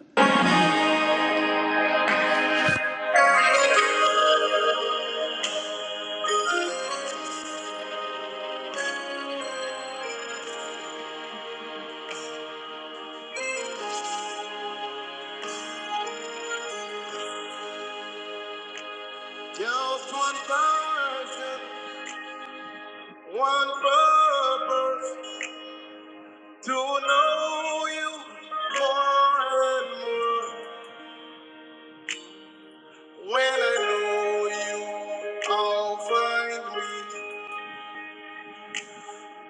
Just one person, one purpose to know you more and more. When I know you, I'll find me.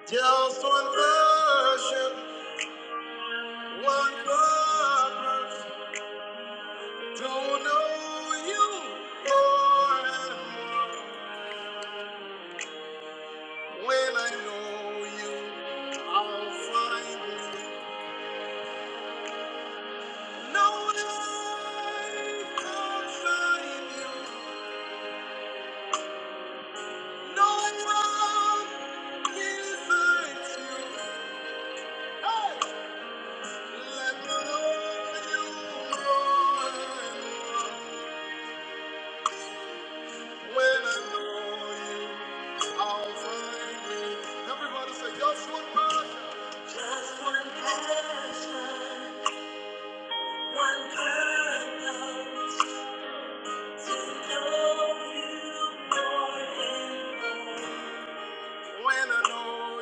Just one version, one purpose to know you more and more. When I know you, I'll find me. No life outside you, no one inside you. Hey! Just one passion, one purpose, to know you more and more. When I know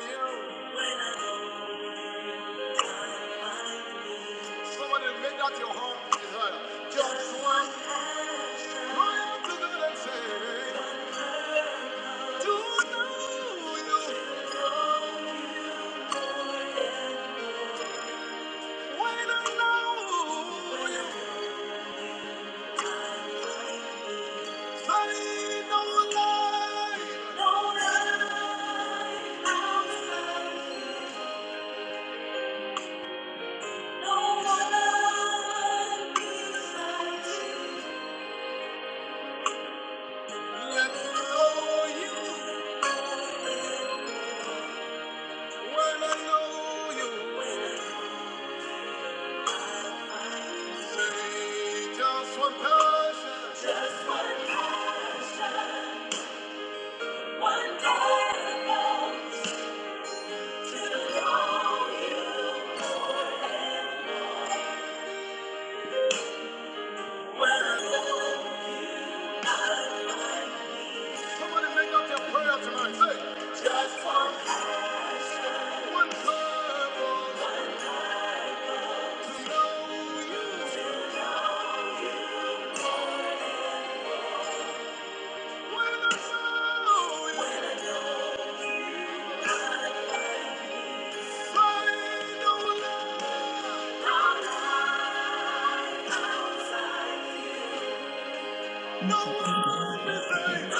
you, when I know you. Somebody make that your home desire. Just one passion, run to God and say. Just one passion, one day I want to know you more. Say, just one time. One time when I saw you. I saw no one else. Mercy No can be out of our government.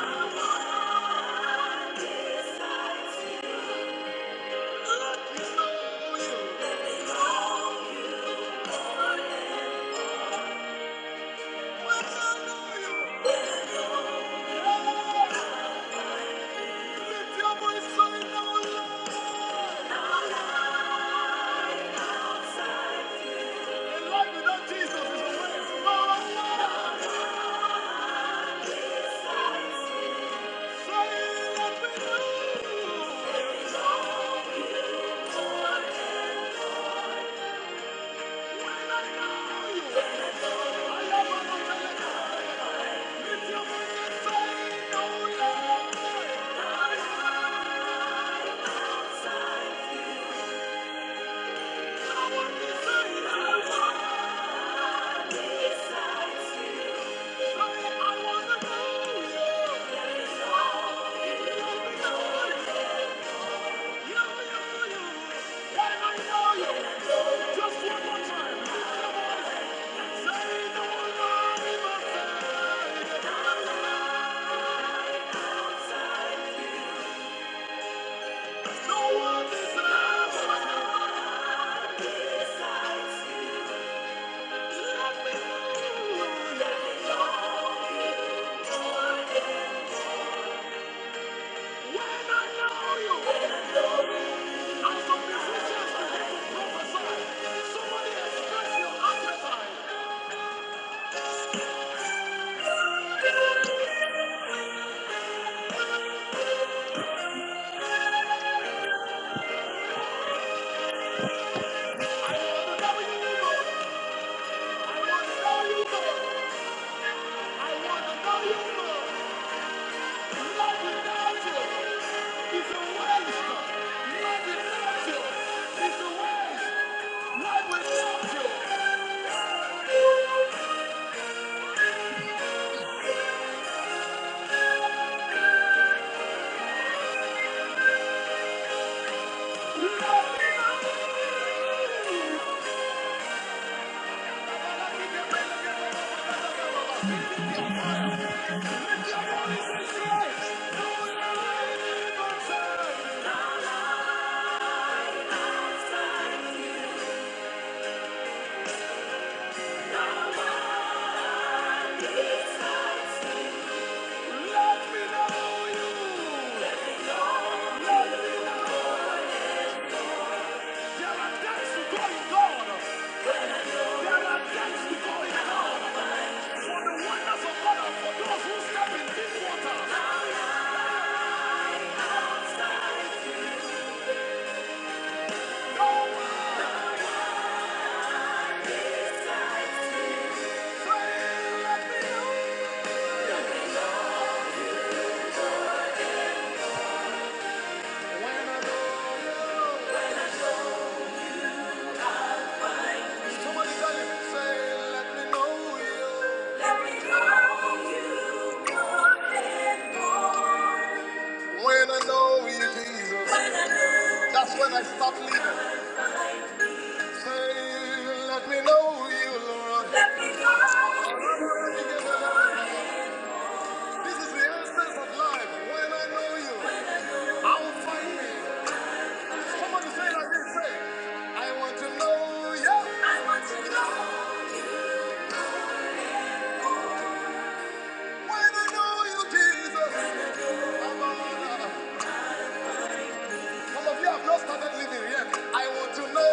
you. When I know you. Yeah. Lift your voice, say, no one else. And life without Jesus is a waste. No one I know I know no Somebody express your appetite. There are depths to go in hell for the wonders of And it's under government authority. Worship the Lord, the God for those who step in deep water. let me know you. Let me know you more and more. When I know you, Jesus. That's when I stop living. Say, let me know you, Lord. Let me know you This is the essence of life. When I know you, I will find me. Somebody say like this, say, I want to know you. I want to know you. When I know you, Jesus. Some of you have not started living yet. I want to know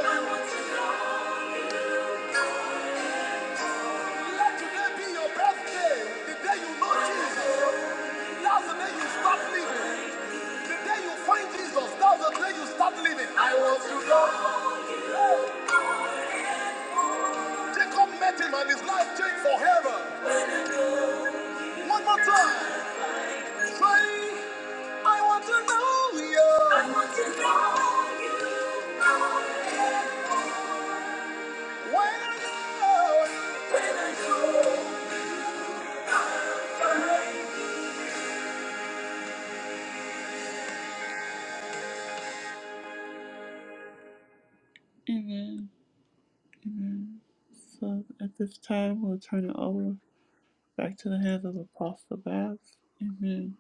you. Let today be your birthday. The day you know Jesus, that's the day you start living. The day you find Jesus, that's the day you start living. I want to know. Jacob met him and his life changed forever. One more time. Amen. Amen. So at this time, we'll turn it over back to the hands of Apostle Babs. Amen.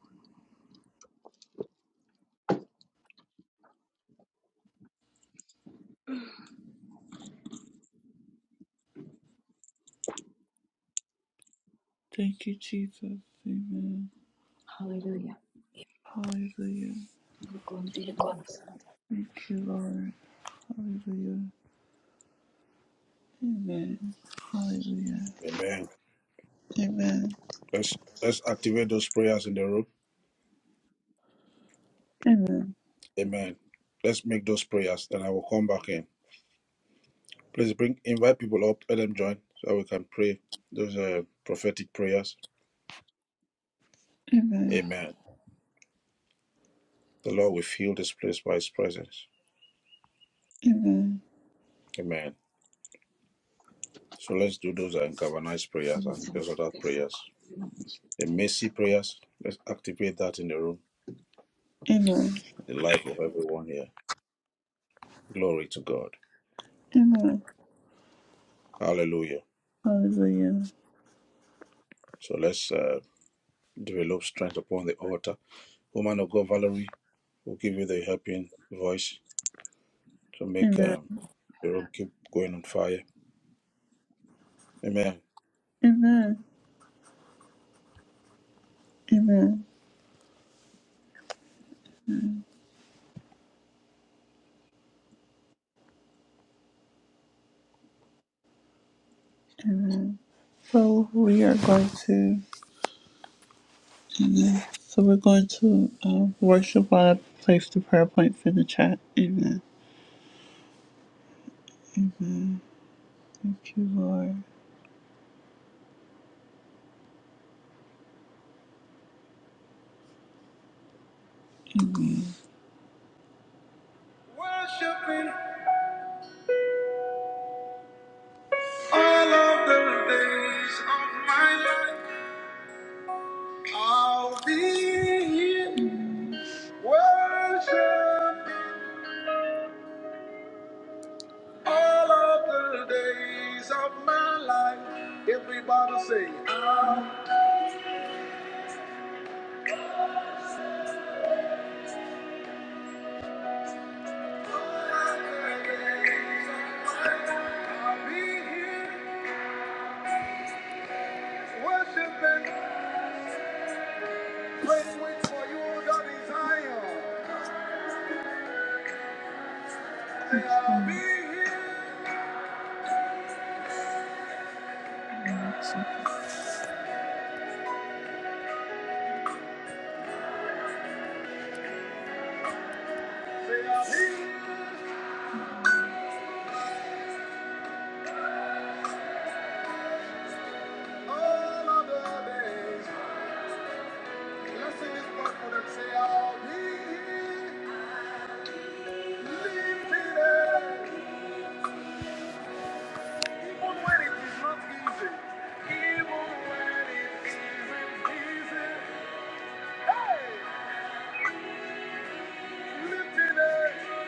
Thank you, Jesus. Amen. Hallelujah. Hallelujah. And you go and do it Sunday. Thank you, Lord. Hallelujah. Amen. Hallelujah. Amen. Amen. Let's let's activate those prayers in the room. Amen. Amen. Let's make those prayers, then I will come back in. Please bring invite people up, let them join so we can pray those uh, prophetic prayers. Amen. Amen. The Lord will fill this place by His presence. Amen. Amen. So let's do those ungovernized prayers And and it's on those other the day prayers. God. We do worship The the Lord, mercy so God. prayers, let's activate that in the room, Amen. the life of everyone here. Glory to God. Amen. Hallelujah. Hallelujah. So let's uh, develop strength upon the altar. Woman of God, Valerie, will give you the helping voice to make Amen. um, the room keep going on fire. Amen. Amen. Amen. Amen. So we are going to. Amen. So we're going to uh, worship while I place the prayer points in the chat. Amen. Thank you, Lord. Worshiping all of the days of my life, I'll be here. Worship all of the days of my life. Everybody say. Be here worshiping, waiting wait for you, God is higher. They are be here, they are be all of the days. Even when it is not easy, even when it isn't easy, hey, lifted up.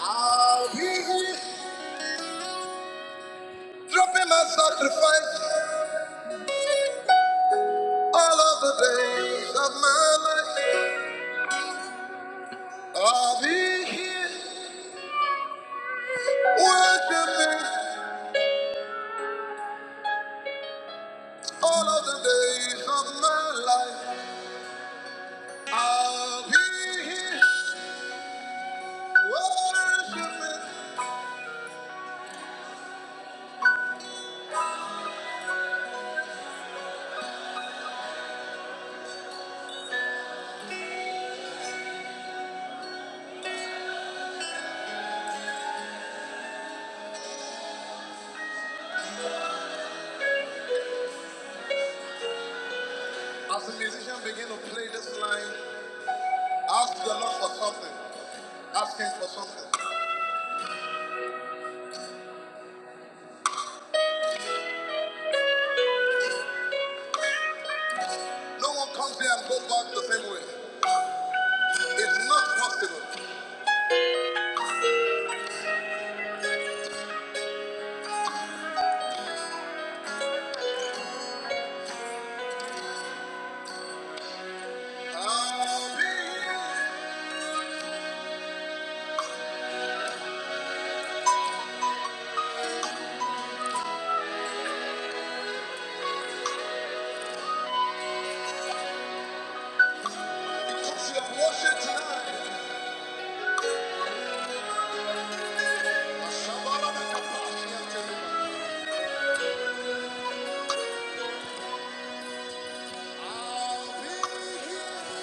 I'll be dropping my sacrifice all of the days of my life. I'll be here worshiping all of the days of my life. I'll be here worshiping. As the musician begin to play this line, ask the Lord for something. Ask Him for something. No one comes here and goes back the same way. It's not possible. I'll be here because you have worshiped tonight. I'll be here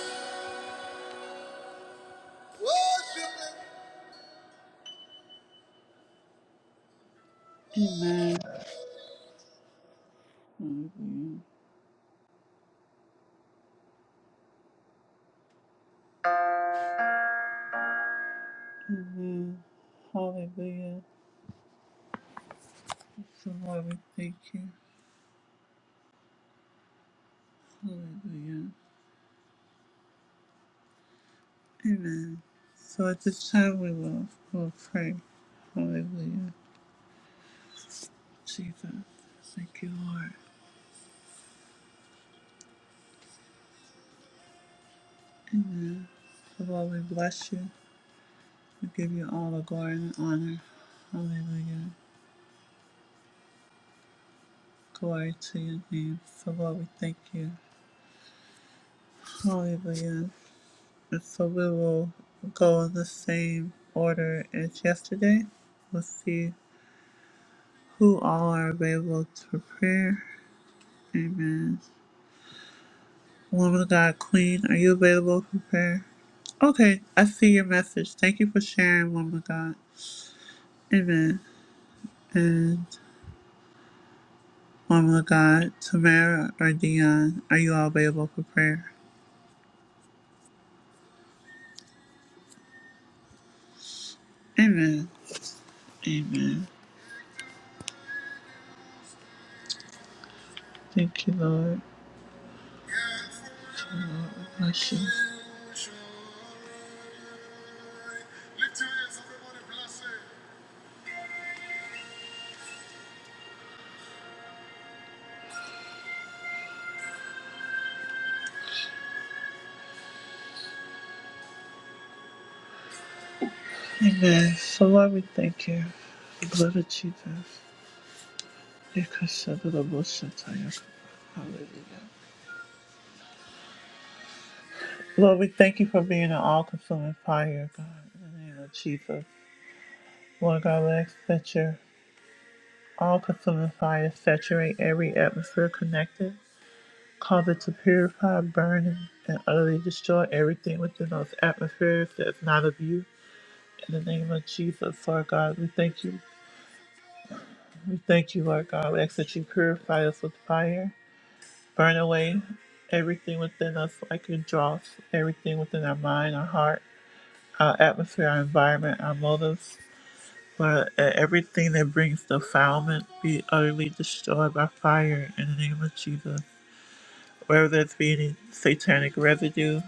worshiping. Amen. Hallelujah. So Lord, we thank you. Hallelujah. Amen. So at this time we will will pray. Hallelujah. Jesus. Thank you, Lord. Amen. So Lord, we bless you. We give you all the glory and honor. Hallelujah. Glory to your name. for Lord, we thank you. Hallelujah. And so, we will go in the same order as yesterday. We'll see who all are available for prayer. Amen. Woman of God, Queen, are you available for prayer? Okay, I see your message. Thank you for sharing, woman of God. Amen. And woman of God, Tamara or Dion, are you all available for prayer? Amen. Amen. Thank you, Lord. Lord, we bless you. Amen. So, Lord, we thank you. Blood of Jesus. Yekashadadaboshata. Hallelujah. Lord, we thank you for being an all consuming fire, God, in the name of Jesus. Lord God, we ask that your all consuming fire saturate every atmosphere connected. cause it to purify, burn, and utterly destroy everything within those atmospheres that's not of you. In the name of Jesus, Lord God, we thank you. We thank you, Lord God. We ask that you purify us with fire, burn away everything within us like a dross, everything within our mind, our heart, our atmosphere, our environment, our motives. But everything that brings defilement be utterly destroyed by fire in the name of Jesus. Wherever there's be any satanic residue,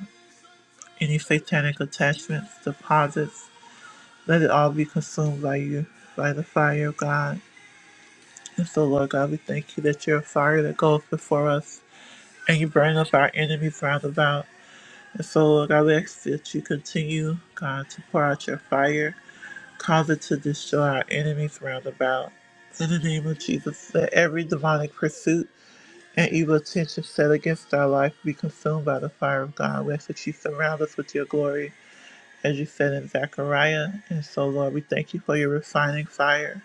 any satanic attachments, deposits. Let it all be consumed by you, by the fire of God. And so, Lord God, we thank you that you're a fire that goes before us and you burn up our enemies round about. And so, Lord God, we ask that you continue, God, to pour out your fire, cause it to destroy our enemies round about. In the name of Jesus, let every demonic pursuit and evil attention set against our life be consumed by the fire of God. We ask that you surround us with your glory as you said in Zechariah. And so, Lord, we thank you for your refining fire.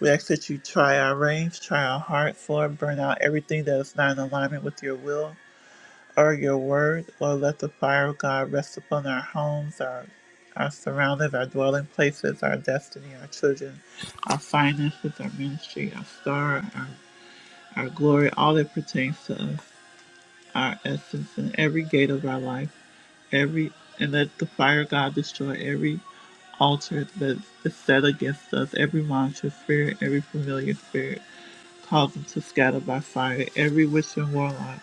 We ask that you try our reins, try our hearts, Lord, burn out everything that is not in alignment with your will or your word. Lord, let the fire of God rest upon our homes, our our surroundings, our dwelling places, our destiny, our children, our finances, our ministry, our star, our, our glory, all that pertains to us, our essence, and every gate of our life, every and let the fire of God destroy every altered, but is set against us every monstrous spirit, every familiar spirit, cause them to scatter by fire, every witch and warlock,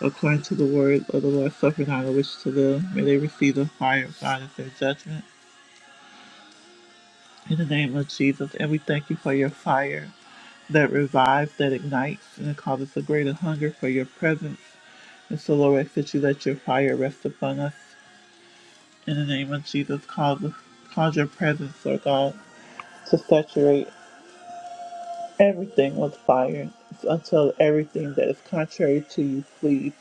according to the word of the Lord, suffer not a witch to live. May they receive the fire of God as their judgment. In the name of Jesus, and we thank you for your fire that revives, that ignites, and it causes a greater hunger for your presence. And so, Lord, I ask that you let your fire rest upon us. In the name of Jesus, cause, cause your presence, Lord God, to saturate Everything was fire until everything that is contrary to you flees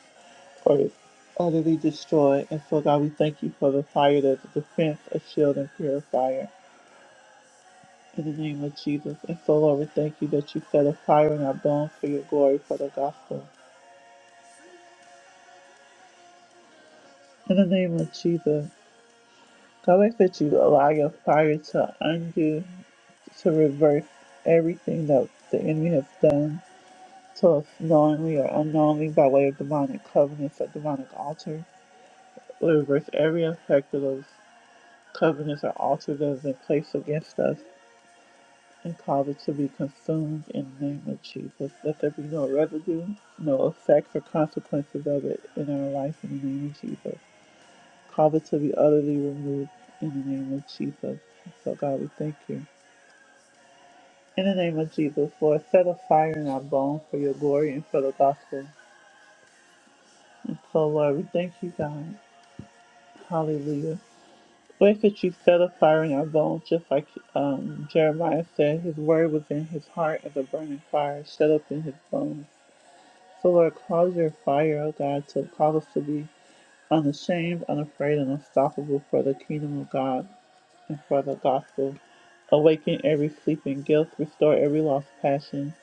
or is utterly destroyed. And so, God, we thank you for the fire that's a defense, a shield, and purifier. In the name of Jesus. And so, Lord, we thank you that you set a fire in our bones for your glory, for the gospel. In the name of Jesus. God, we ask that you allow your fire to undo, to reverse everything that the enemy has done to us knowingly or unknowingly by way of demonic covenants or demonic altars. We reverse every effect of those covenants or altar that has been placed against us and cause it to be consumed in the name of Jesus. Let there be no residue, no effects or consequences of it in our life in the name of Jesus. Cause it to be utterly removed in the name of Jesus. So God, we thank you. In the name of Jesus, Lord, set a fire in our bones for your glory and for the gospel. And so, Lord, we thank you, God. Hallelujah. Where could you set a fire in our bones, just like um, Jeremiah said, his word was in his heart as a burning fire, shut up in his bones. So, Lord, cause your fire, O God, to cause us to be unashamed, unafraid, and unstoppable for the kingdom of God and for the gospel. Awaken every sleeping guilt, restore every lost passion,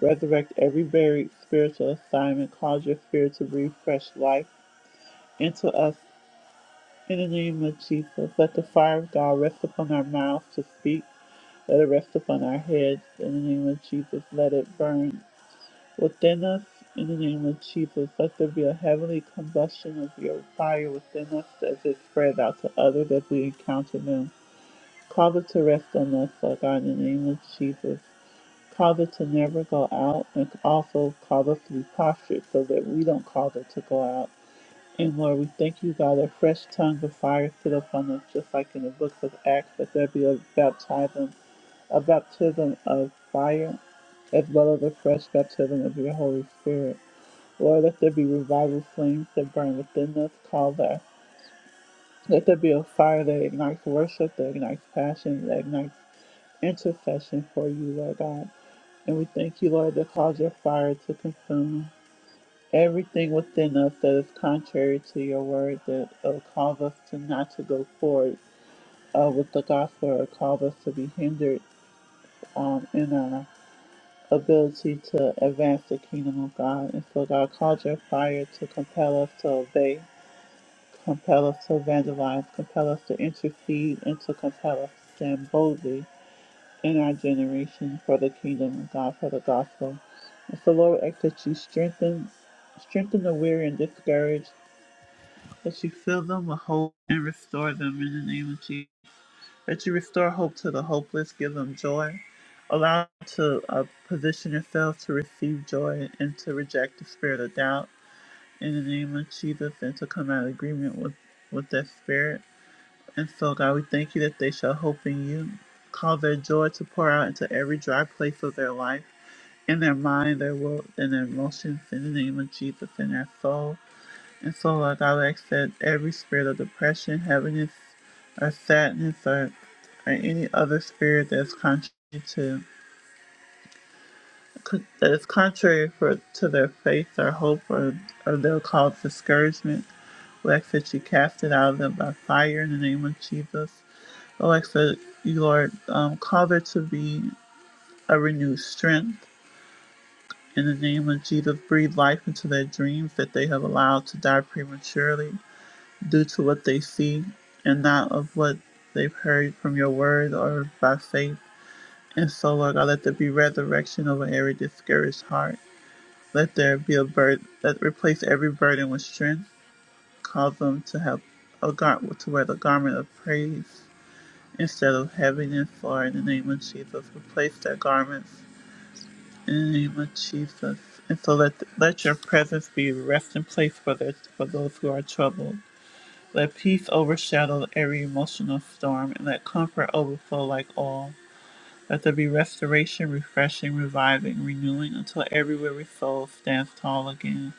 resurrect every buried spiritual assignment, cause your spirit to breathe fresh life into us in the name of Jesus, let the fire of God rest upon our mouths to speak. Let it rest upon our heads. In the name of Jesus, let it burn within us. In the name of Jesus, let there be a heavenly combustion of your fire within us as it spreads out to others as we encounter them. Cause it to rest on us, Lord God, in the name of Jesus. Cause it to never go out, and also cause us to be postured so that we don't cause it to go out. And Lord, we thank you, God, that fresh tongue of fire sit upon us, just like in the book of Acts, that there be a baptism, a baptism of fire, as well as a fresh baptism of your Holy Spirit. Lord, let there be revival flames that burn within us, call that. Let there be a fire that ignites worship, that ignites passion, that ignites intercession for you, Lord God. And we thank you, Lord, that cause your fire to consume. Everything within us that is contrary to your word that uh, cause us to not to go forward uh, with the gospel or cause us to be hindered um, in our ability to advance the kingdom of God. And so, God, cause your fire to compel us to obey, compel us to evangelize, compel us to intercede, and to compel us to stand boldly in our generation for the kingdom of God, for the gospel. And so, Lord, we ask that you strengthen, strengthen the weary and discouraged. that you fill them with hope and restore them in the name of Jesus. That you restore hope to the hopeless, give them joy. Allow them to uh, position yourself to receive joy and to reject the spirit of doubt in the name of Jesus and to come out of agreement with, with that spirit. And so, God, we thank you that they shall hope in you. Cause their joy to pour out into every dry place of their life, in their mind, their will, and their emotions, in the name of Jesus, in their soul and so, Lord God, I ask that every spirit of depression, heaviness, or sadness, or, or any other spirit that's contrary to that is contrary for to their faith or hope or or they'll cause discouragement. We ask that you cast it out of them by fire in the name of Jesus. Lord, I ask that you, Lord, um, cause there to be a renewed strength in the name of Jesus. Breathe life into their dreams that they have allowed to die prematurely. due to what they see and not of what they've heard from your word or by faith. And so, Lord God, let there be resurrection over every discouraged heart. Let there be a burden that replace every burden with strength. Cause them to have a garment to wear the garment of praise instead of heaviness, Lord, in the name of Jesus. Replace their garments in the name of Jesus. And so let let your presence be a resting place for their, for those who are troubled. Let peace overshadow every emotional storm, and let comfort overflow like oil. Let there be restoration, refreshing, reviving, renewing until every weary soul stands tall again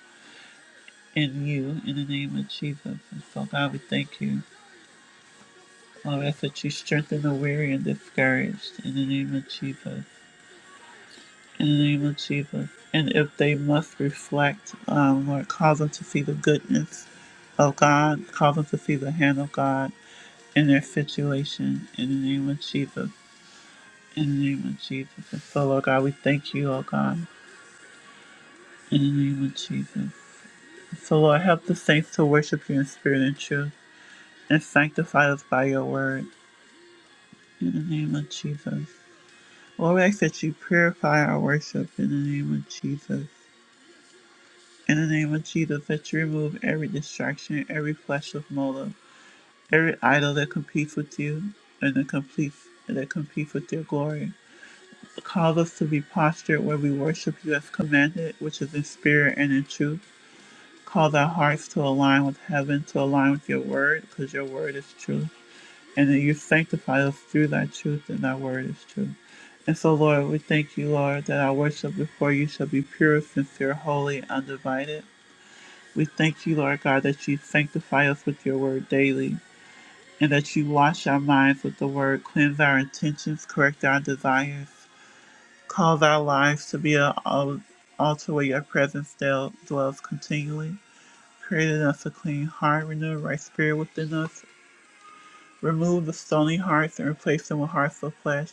in you, in the name of Jesus. And so, God, we thank you. Lord, I ask that you strengthen the weary and discouraged in the name of Jesus. In the name of Jesus. And if they must reflect, um, Lord, cause them to see the goodness of God, cause them to see the hand of God in their situation in the name of Jesus. In the name of Jesus. And so, Lord God, we thank you, Lord God, in the name of Jesus. And so, Lord, help the saints to worship you in spirit and truth and sanctify us by your word in the name of Jesus. Lord, we ask that you purify our worship in the name of Jesus. In the name of Jesus, that you remove every distraction, every flesh of motive, every idol that competes with you and that competes, that competes with your glory. Cause us to be postured where we worship you as commanded, which is in spirit and in truth. Cause our hearts to align with heaven, to align with your word, because your word is true. And that you sanctify us through thy truth, and thy word is true. And so, Lord, we thank you, Lord, that our worship before you shall be pure, sincere, holy, undivided. We thank you, Lord God, that you sanctify us with your word daily, and that you wash our minds with the word, cleanse our intentions, correct our desires, Cause our lives to be an al- altar where your presence dwells continually. Create in us a clean heart, renew a right spirit within us. Remove the stony hearts and replace them with hearts of flesh.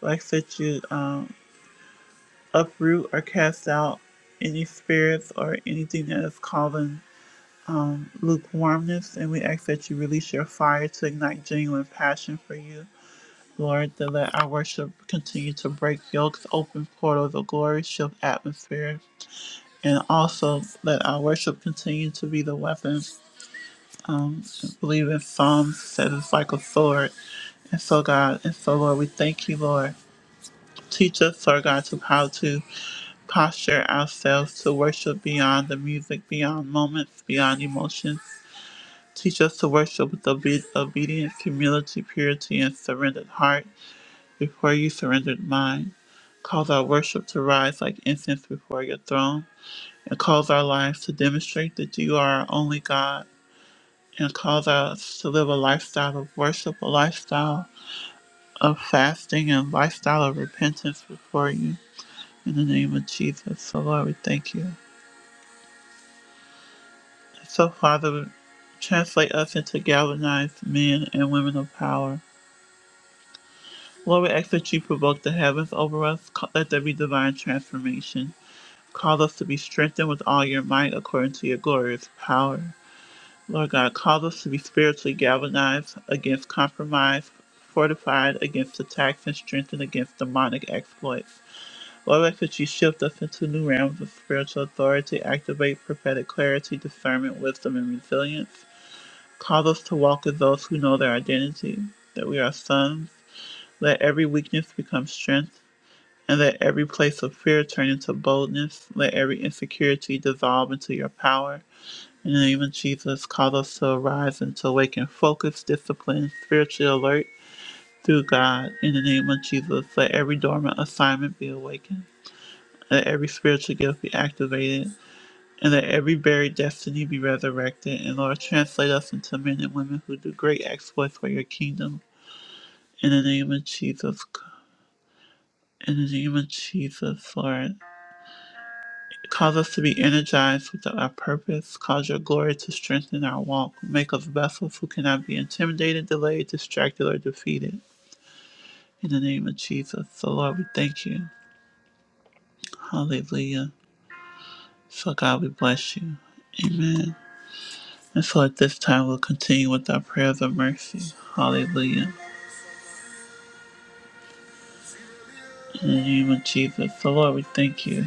Like that you um, uproot or cast out any spirits or anything that is causing um, lukewarmness. And we ask that you release your fire to ignite genuine passion for you. Lord, To let our worship continue to break yokes, open portals of glory, shift atmospheres and also let our worship continue to be the weapon. Um, I believe in Psalms says it's like a sword. And so, God, and so, Lord, we thank you, Lord. Teach us, Lord God, to how to posture ourselves to worship beyond the music, beyond moments, beyond emotions. Teach us to worship with obe- obedience, humility, purity, and surrendered heart before you surrendered mind. Cause our worship to rise like incense before your throne and cause our lives to demonstrate that you are our only God and cause us to live a lifestyle of worship, a lifestyle of fasting, and a lifestyle of repentance before you. In the name of Jesus. So, Lord, we thank you. So, Father, translate us into galvanized men and women of power. Lord, we ask that you provoke the heavens over us. Ca- Let there be divine transformation. Cause us to be strengthened with all your might according to your glorious power. Lord God, cause us to be spiritually galvanized against compromise, fortified against attacks, and strengthened against demonic exploits. Lord, I ask that you shift us into new realms of spiritual authority, activate prophetic clarity, discernment, wisdom, and resilience. Cause us to walk as those who know their identity, that we are sons. Let every weakness become strength, and let every place of fear turn into boldness. Let every insecurity dissolve into your power. In the name of Jesus, cause us to arise and to awaken focus, discipline, and spiritual alert through God. In the name of Jesus, let every dormant assignment be awakened. Let every spiritual gift be activated. And let every buried destiny be resurrected. And Lord, translate us into men and women who do great exploits for your kingdom. In the name of Jesus. In the name of Jesus, Lord. Cause us to be energized with our purpose. Cause your glory to strengthen our walk. Make us vessels who cannot be intimidated, delayed, distracted, or defeated. In the name of Jesus. So, Lord, we thank you. Hallelujah. So, God, we bless you. Amen. And so, at this time, we'll continue with our prayers of mercy. Hallelujah. In the name of Jesus. So, Lord, we thank you.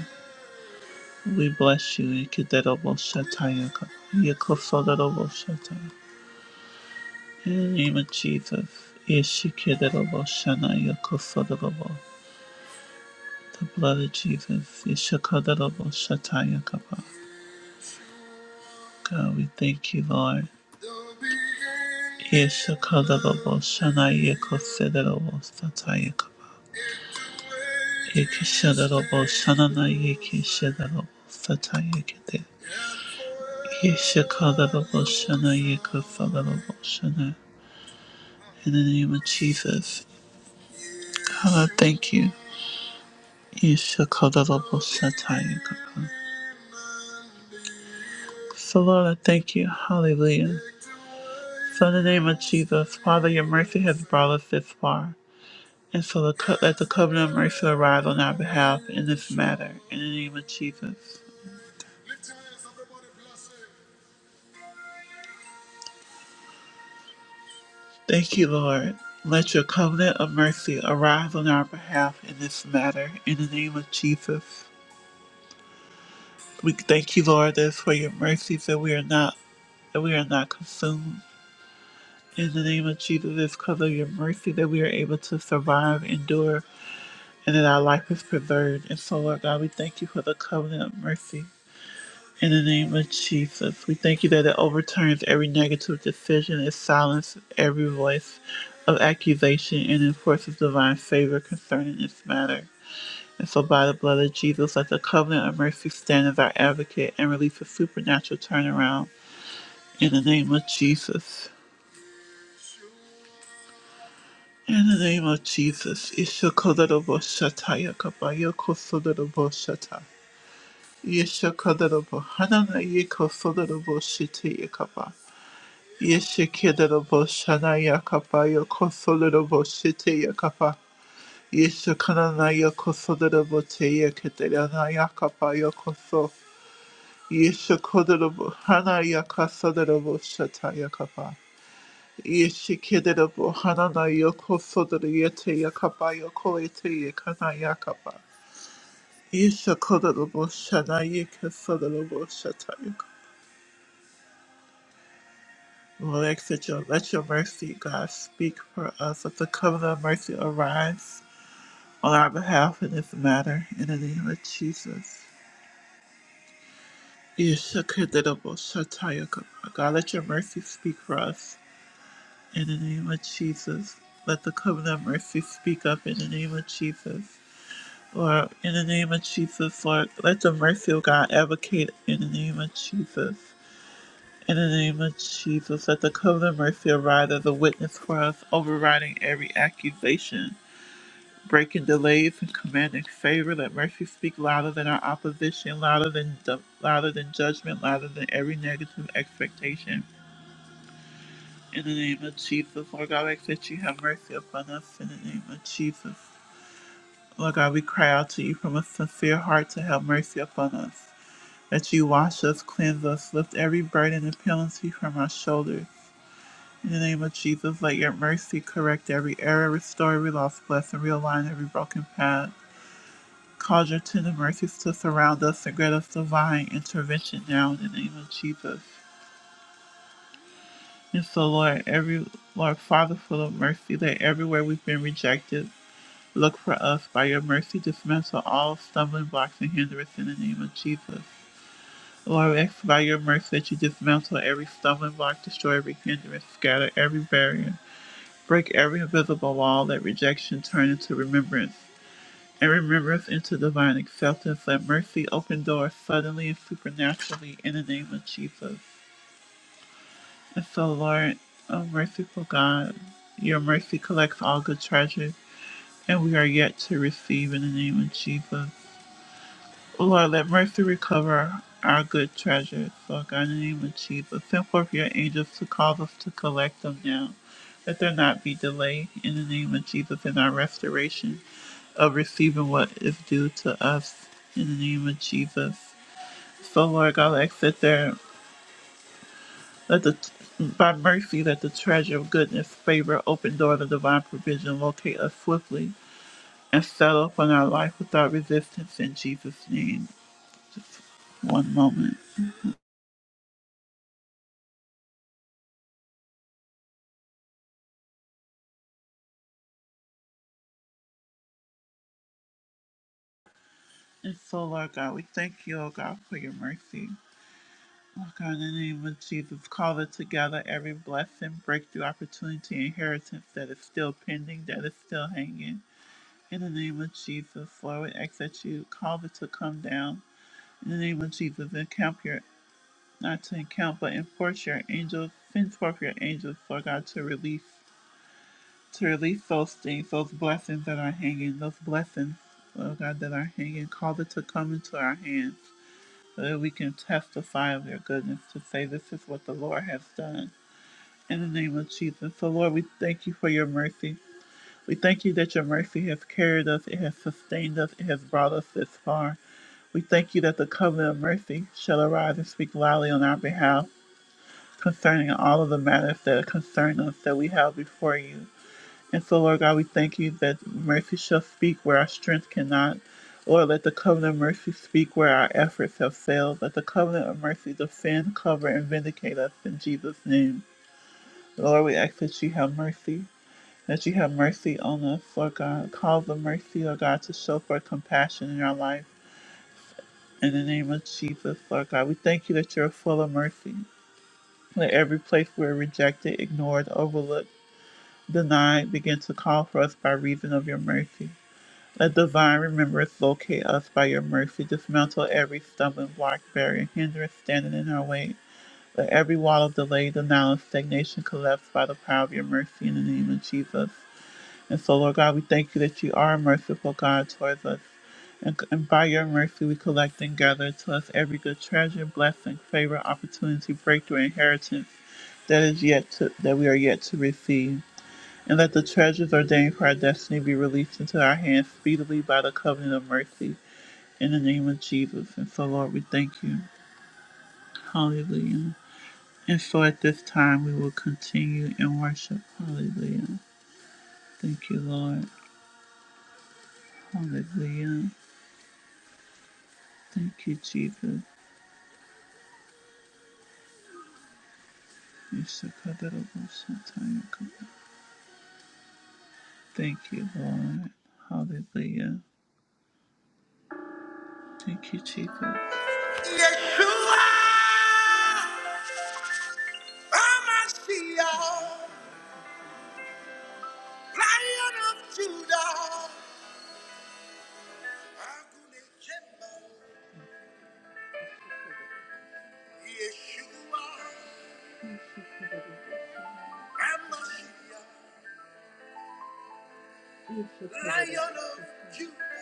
We bless you. Ikiderobo shatayaka. Yakosoderobo shataya. In the name of Jesus, Ishikadarabo Shanaya Kosodarabo, the blood of Jesus, Ishikadarabo Shataya Kaba. God, we thank you, Lord. Ishikadarabo Shanaya Kosodarabo Sataya Kaba. Ikishadarabo Shananaya Kishadarabo Sataya Kete. Ishikadarabo Shanaya Kosodarabo Shana. In the name of Jesus, God, I thank you. Ishakadabashatayakapa. So, Lord, I thank you. Hallelujah. So, in the name of Jesus, Father, your mercy has brought us this far. And so, the co- let the covenant of mercy arise on our behalf in this matter. In the name of Jesus. Thank you, Lord. Let your covenant of mercy arise on our behalf in this matter. In the name of Jesus. We thank you, Lord, that it's for your mercies that we are not that we are not consumed. In the name of Jesus, it's because of your mercy that we are able to survive, endure, and that our life is preserved. And so, Lord God, we thank you for the covenant of mercy. In the name of Jesus, we thank you that it overturns every negative decision, it silences every voice of accusation, and enforces divine favor concerning this matter. And so, by the blood of Jesus, let the covenant of mercy stand as our advocate and release a supernatural turnaround. In the name of Jesus. In the name of Jesus, Ishakodarobo Shataya Kabaya Kosodarobo Shata. Yeshakodarobo Hanana Yeko Sodarobo Shitaya Kaba. Yeshakedarobo Shanaya Kabaya Kosodarobo Shitaya Kaba. Yeshakananaya Kosodarobo Teya Kedaranaya Kabaya Koso. Yeshakodarobo Hanaya Kasodarobo Shataya Kaba. Yeshikidera Bohanana Yoko Sodariete Yakaba Yoko Ete Yakana Yakaba. Yeshakodera Boshana Yaka Sodara Boshata Yaka. Lord, I ask that you let your mercy, God, speak for us, Let the covenant of mercy arise on our behalf in this matter, in the name of Jesus. Yeshakidera Boshata Yakaba. God, let your mercy speak for us, in the name of Jesus. Let the covenant of mercy speak up in the name of Jesus. Lord, in the name of Jesus, Lord, let the mercy of God advocate in the name of Jesus. In the name of Jesus, let the covenant mercy arise as a witness for us, overriding every accusation, breaking delays and commanding favor. Let mercy speak louder than our opposition, louder than louder than judgment, louder than every negative expectation. In the name of Jesus, Lord God, I ask that you have mercy upon us. In the name of Jesus, Lord God, we cry out to you from a sincere heart to have mercy upon us. that you wash us, cleanse us, lift every burden and penalty from our shoulders. In the name of Jesus, let your mercy correct every error, restore every lost blessing, realign every broken path. Cause your tender mercies to surround us and grant us divine intervention now in the name of Jesus. And so, Lord, every Lord Father, full of mercy, that everywhere we've been rejected, look for us by your mercy, dismantle all stumbling blocks and hindrance in the name of Jesus. Lord, we ask by your mercy that you dismantle every stumbling block, destroy every hindrance, scatter every barrier, break every invisible wall, let rejection turn into remembrance, and remembrance into divine acceptance. Let mercy open doors suddenly and supernaturally in the name of Jesus. And so, Lord, O merciful God, your mercy collects all good treasures, and we are yet to receive in the name of Jesus. Lord, let mercy recover our good treasures. Lord God, in the name of Jesus, send forth your angels to cause us to collect them now. Let there not be delay in the name of Jesus in our restoration of receiving what is due to us in the name of Jesus. So, Lord God, let sit there. Let the by mercy, let the treasure of goodness, favor, open door to divine provision locate us swiftly and settle upon our life without resistance in Jesus' name. One moment. And so, Lord God, we thank you, O God, for your mercy. Lord God, in the name of Jesus, call it together every blessing, breakthrough, opportunity, inheritance that is still pending, that is still hanging. In the name of Jesus, Lord, we ask that you call it to come down. In the name of Jesus, encamp your, not to encamp, but enforce your angels, send forth your angels, Lord God, to release, to release those things, those blessings that are hanging, those blessings, Lord God, that are hanging. Call it to come into our hands. so that we can testify of your goodness to say this is what the Lord has done. In the name of Jesus. So, Lord, we thank you for your mercy. We thank you that your mercy has carried us, it has sustained us, it has brought us this far. We thank you that the covenant of mercy shall arise and speak loudly on our behalf concerning all of the matters that concern us that we have before you. And so, Lord God, we thank you that mercy shall speak where our strength cannot. Lord, let the covenant of mercy speak where our efforts have failed. Let the covenant of mercy defend, cover, and vindicate us in Jesus' name. Lord, we ask that you have mercy, that you have mercy on us, Lord God. Cause the mercy, Lord God, to show forth compassion in our life. In the name of Jesus, Lord God, we thank you that you're full of mercy. Let every place we're rejected, ignored, overlooked, denied begin to call for us by reason of your mercy. Let divine remembrance locate us by your mercy. Dismantle every stumbling block, barrier, hindrance standing in our way. Let every wall of delay, denial, and stagnation collapse by the power of your mercy in the name of Jesus. And so, Lord God, we thank you that you are a merciful God towards us. And, and by your mercy, we collect and gather to us every good treasure, blessing, favor, opportunity, breakthrough, inheritance that is yet to, that we are yet to receive and let the treasures ordained for our destiny be released into our hands speedily by the covenant of mercy in the name of Jesus. And so, Lord, we thank you. Hallelujah. And so at this time, we will continue in worship. Hallelujah. Thank you, Lord. Hallelujah. Thank you, Jesus. Thank you, Lord. Hallelujah. Thank you, Jesus. Yeshua, Lion of Judah, Agune Jemba, Yeshua, Amashi, Lion of Judah,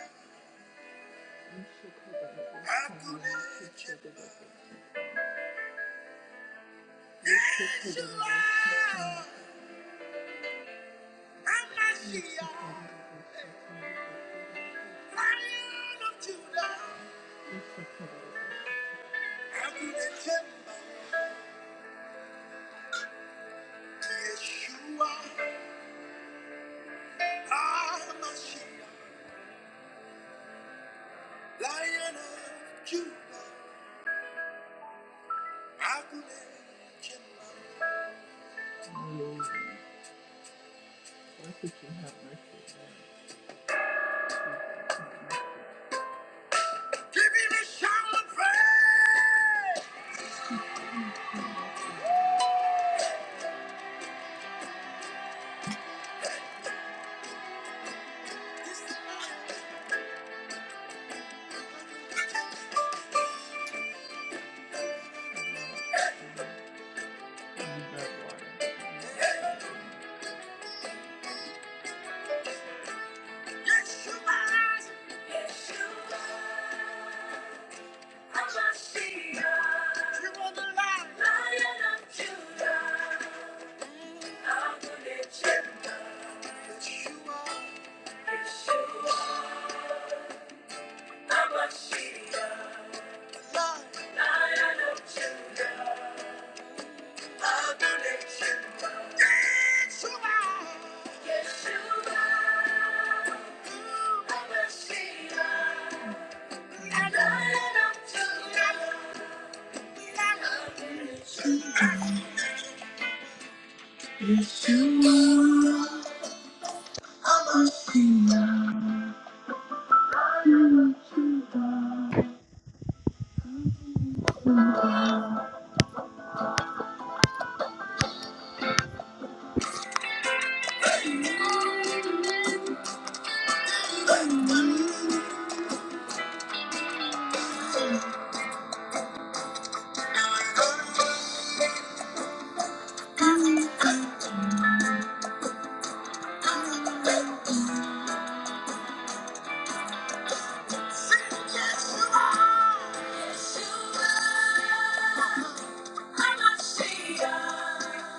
Agune Jemba, Yeshua, Amashi, Lion of Judah, Agune Jemba, Yeshua, Amashi, Lion of Judah, Agune Jemba. Lord, I think you have mercy. Have mercy on me, I need that water. Yeshua, I'm not Shiva.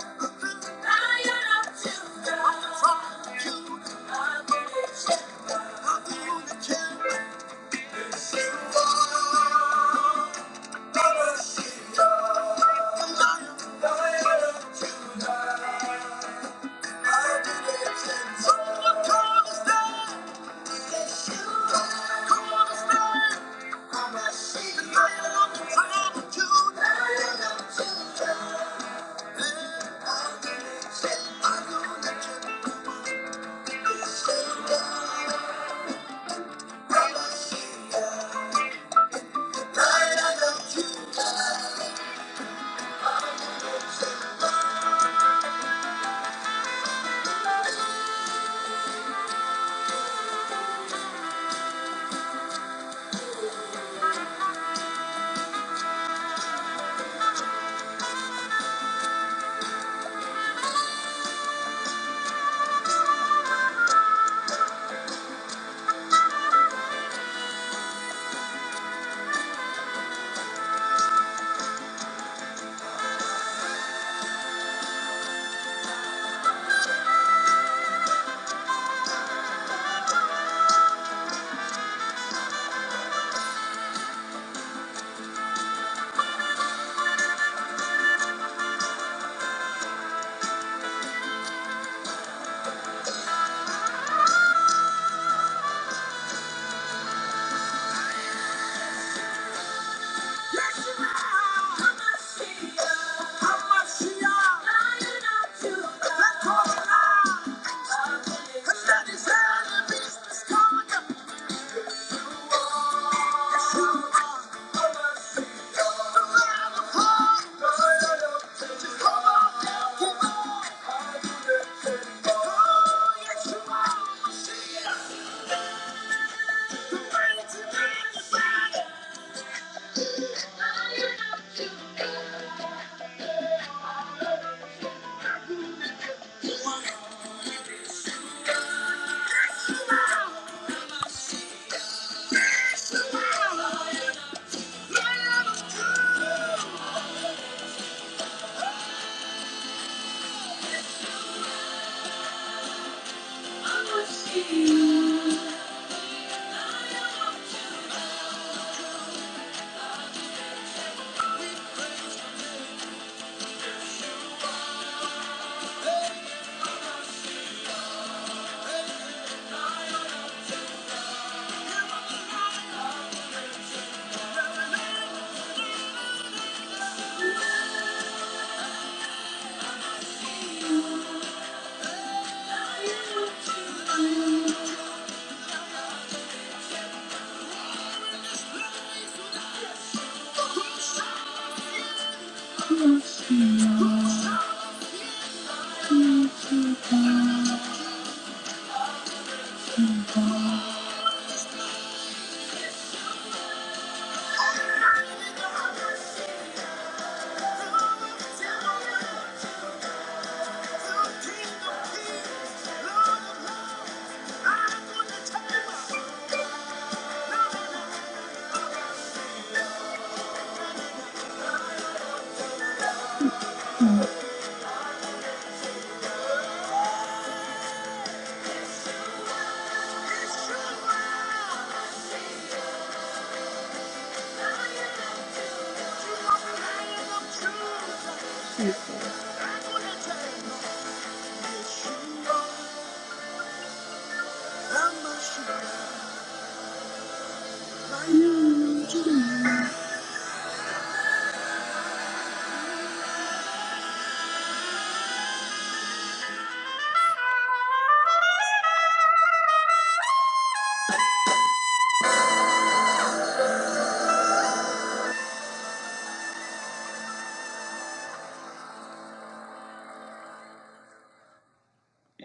Thank you.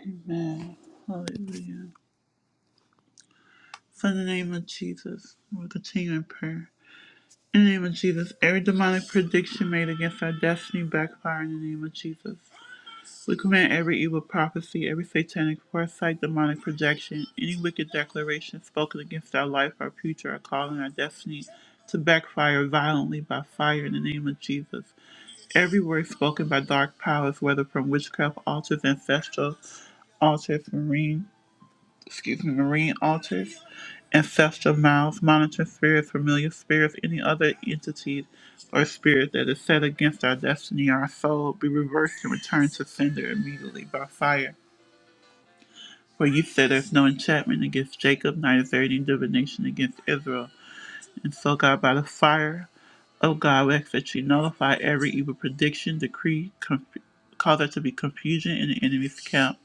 Amen. Hallelujah. So in the name of Jesus, we'll continue in prayer. In the name of Jesus, every demonic prediction made against our destiny backfire in the name of Jesus. We command every evil prophecy, every satanic foresight, demonic projection, any wicked declaration spoken against our life, our future, our calling, our destiny to backfire violently by fire in the name of Jesus. Every word spoken by dark powers, whether from witchcraft altars, ancestral altars, marine excuse me, marine altars, ancestral mouths, monitoring spirits, familiar spirits, any other entity or spirit that is set against our destiny, our soul, be reversed and returned to sender immediately by fire. For you said there's no enchantment against Jacob, neither is there any divination against Israel. And so, God, by the fire of God, we ask that you nullify every evil prediction, decree, conf- cause there to be confusion in the enemy's camp.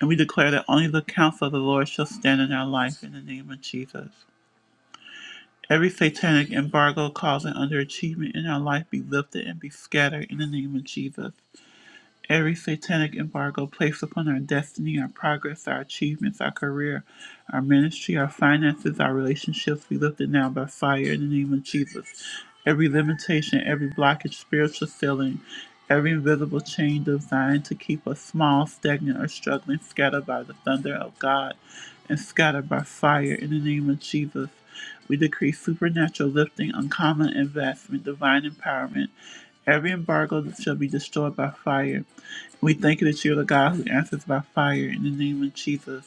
And we declare that only the counsel of the Lord shall stand in our life in the name of Jesus. Every satanic embargo causing underachievement in our life be lifted and be scattered in the name of Jesus. Every satanic embargo placed upon our destiny, our progress, our achievements, our career, our ministry, our finances, our relationships we lift it now by fire in the name of Jesus. Every limitation, every blockage, spiritual ceiling, every invisible chain designed to keep us small, stagnant, or struggling, scattered by the thunder of God and scattered by fire in the name of Jesus. We decree supernatural lifting, uncommon investment, divine empowerment. Every embargo shall be destroyed by fire. We thank you that you are the God who answers by fire in the name of Jesus.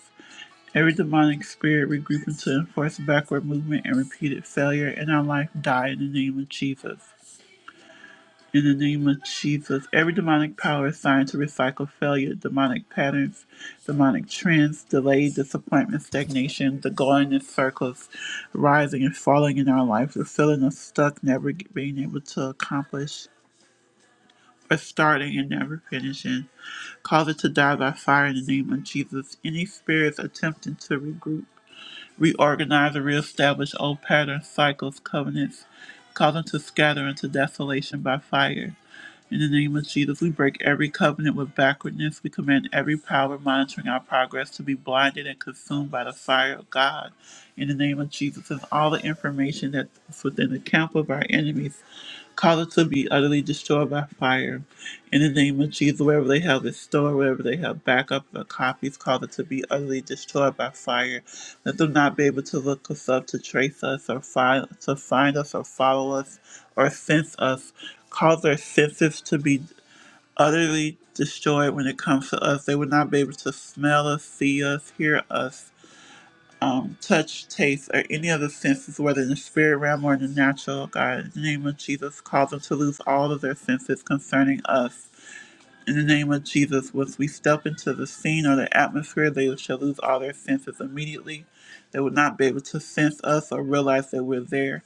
Every demonic spirit regrouping to enforce backward movement and repeated failure in our life die in the name of Jesus. In the name of Jesus, every demonic power assigned to recycle failure, demonic patterns, demonic trends, delay, disappointment, stagnation, the going in circles, rising and falling in our life, the feeling of stuck, never being able to accomplish, for starting and never finishing. Cause it to die by fire in the name of Jesus. Any spirits attempting to regroup, reorganize, or reestablish old patterns, cycles, covenants, cause them to scatter into desolation by fire. In the name of Jesus, we break every covenant with backwardness. We command every power monitoring our progress to be blinded and consumed by the fire of God. In the name of Jesus, and all the information that's within the camp of our enemies Cause us to be utterly destroyed by fire. In the name of Jesus, wherever they have this store, wherever they have backups or copies, cause it to be utterly destroyed by fire. Let them not be able to look us up, to trace us, or find to find us, or follow us, or sense us. Cause their senses to be utterly destroyed when it comes to us. They would not be able to smell us, see us, hear us um, touch, taste, or any other senses, whether in the spirit realm or in the natural. God, in the name of Jesus, cause them to lose all of their senses concerning us in the name of Jesus, once we step into the scene or the atmosphere, they shall lose all their senses immediately. They will not be able to sense us or realize that we're there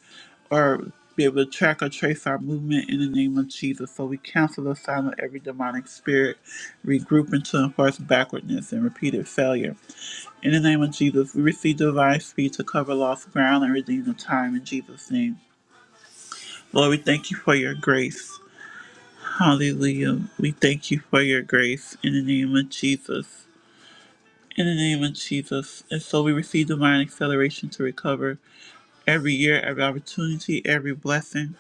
or be able to track or trace our movement in the name of Jesus. So we cancel the sign of every demonic spirit, regrouping to enforce backwardness and repeated failure. In the name of Jesus, we receive divine speed to cover lost ground and redeem the time in Jesus' name. Lord, we thank you for your grace. Hallelujah. We thank you for your grace in the name of Jesus. In the name of Jesus. And so we receive divine acceleration to recover every year, every opportunity, every blessing,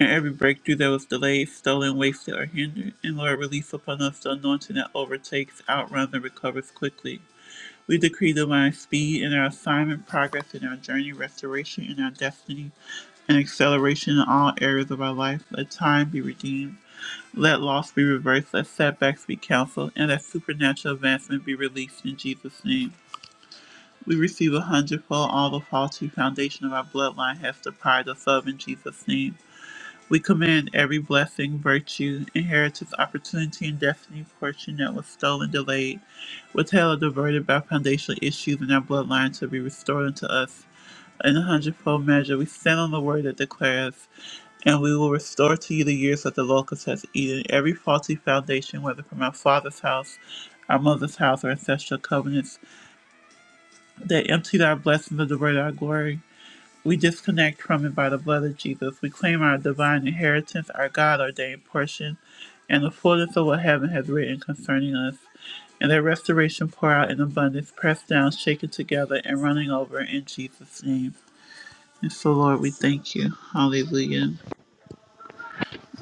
and every breakthrough that was delayed, stolen, wasted, or hindered. And Lord, release upon us the anointing that overtakes, outruns, and recovers quickly. We decree divine speed in our assignment, progress in our journey, restoration in our destiny, and acceleration in all areas of our life. Let time be redeemed Let loss be reversed, let setbacks be counseled, and let supernatural advancement be released in Jesus' name. We receive a hundredfold all the faulty foundation of our bloodline has deprived us of in Jesus' name. We command every blessing, virtue, inheritance, opportunity, and destiny portion that was stolen, delayed, withheld, or diverted by foundational issues in our bloodline to be restored unto us in a hundredfold measure. We stand on the word that declares, and we will restore to you the years that the locust has eaten, every faulty foundation, whether from our father's house, our mother's house, or ancestral covenants, that emptied our blessings and diverted our glory. We disconnect from it by the blood of Jesus. We claim our divine inheritance, our God ordained portion, and the fullness of what heaven has written concerning us. And that restoration pour out in abundance, pressed down, shaken together, and running over in Jesus' name. And so, Lord, we thank you. Hallelujah.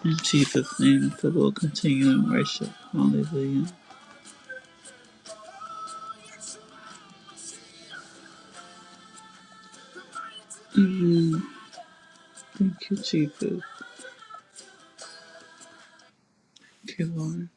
In Jesus' name. And so we'll continue in worship. Hallelujah. Thank you, Jesus. Thank you, Lord.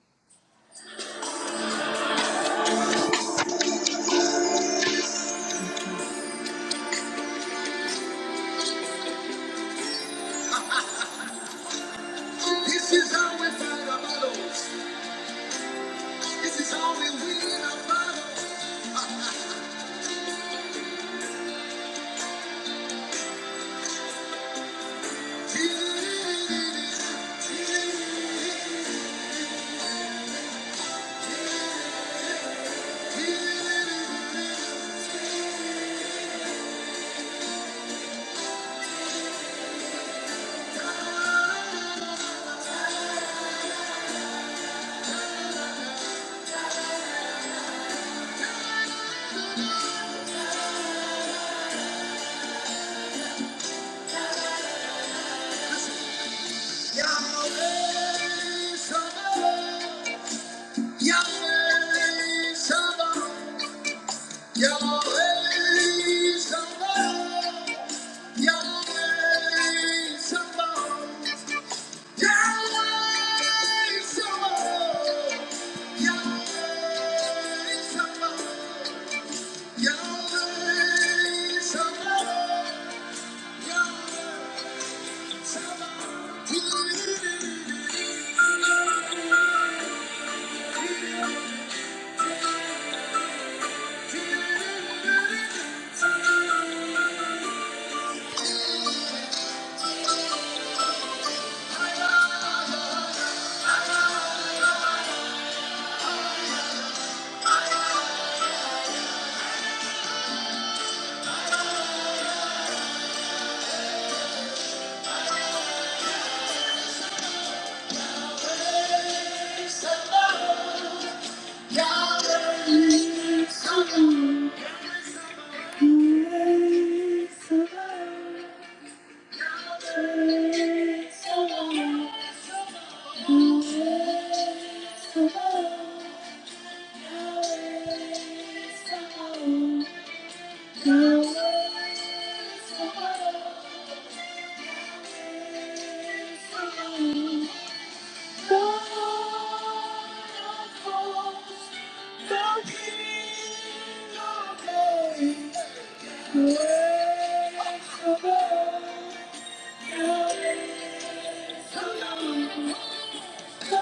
Hello. Thank you.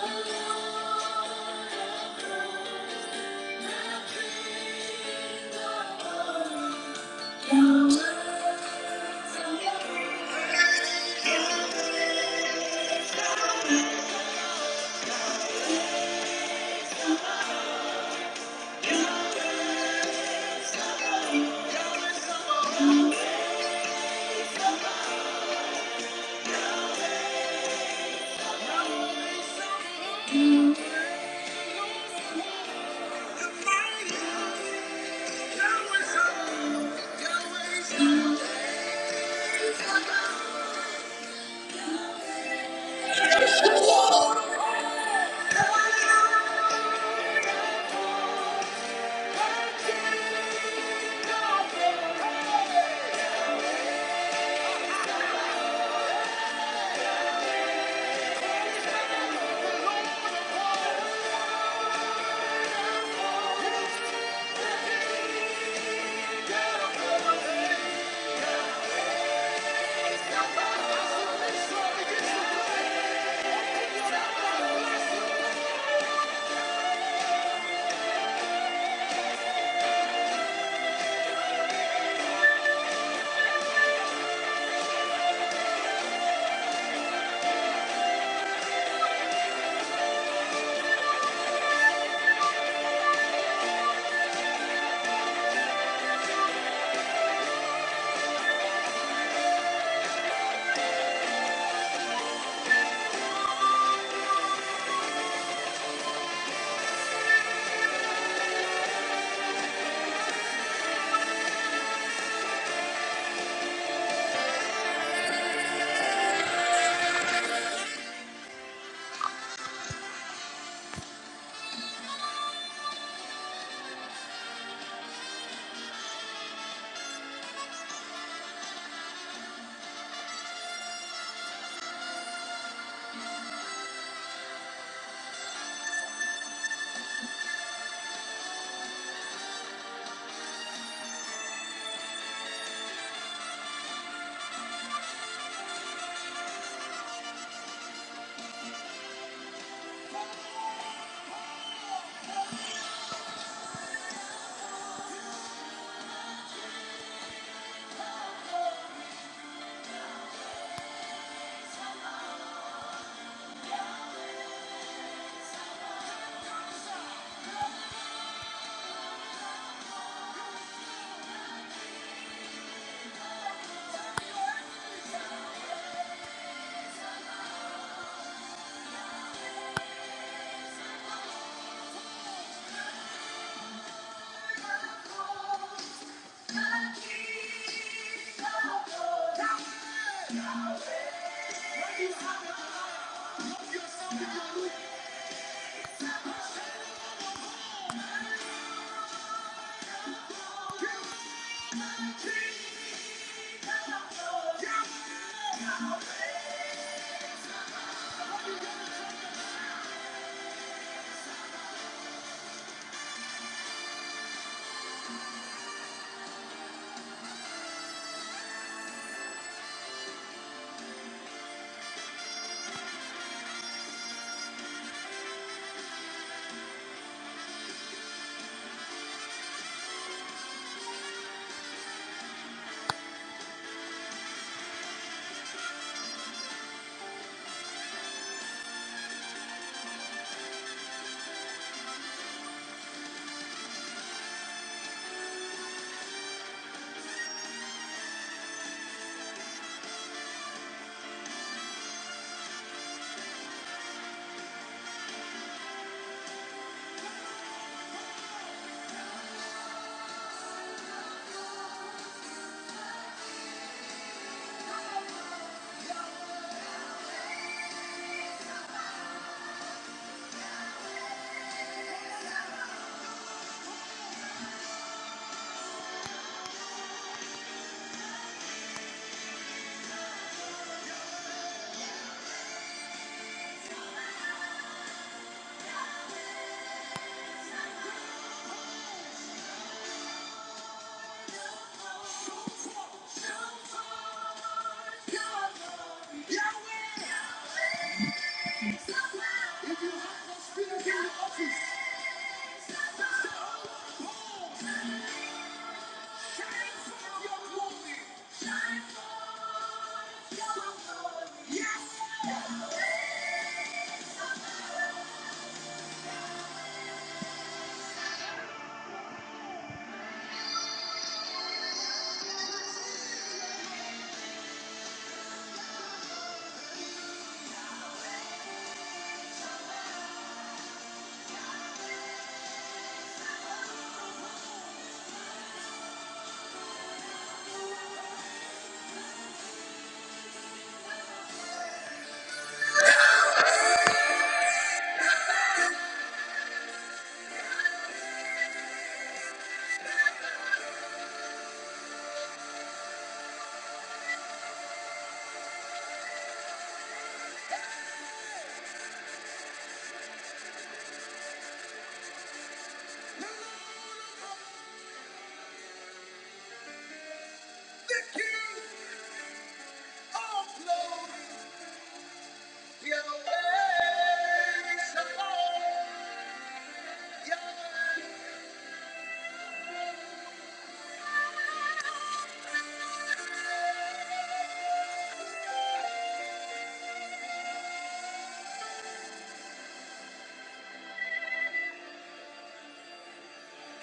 Yes!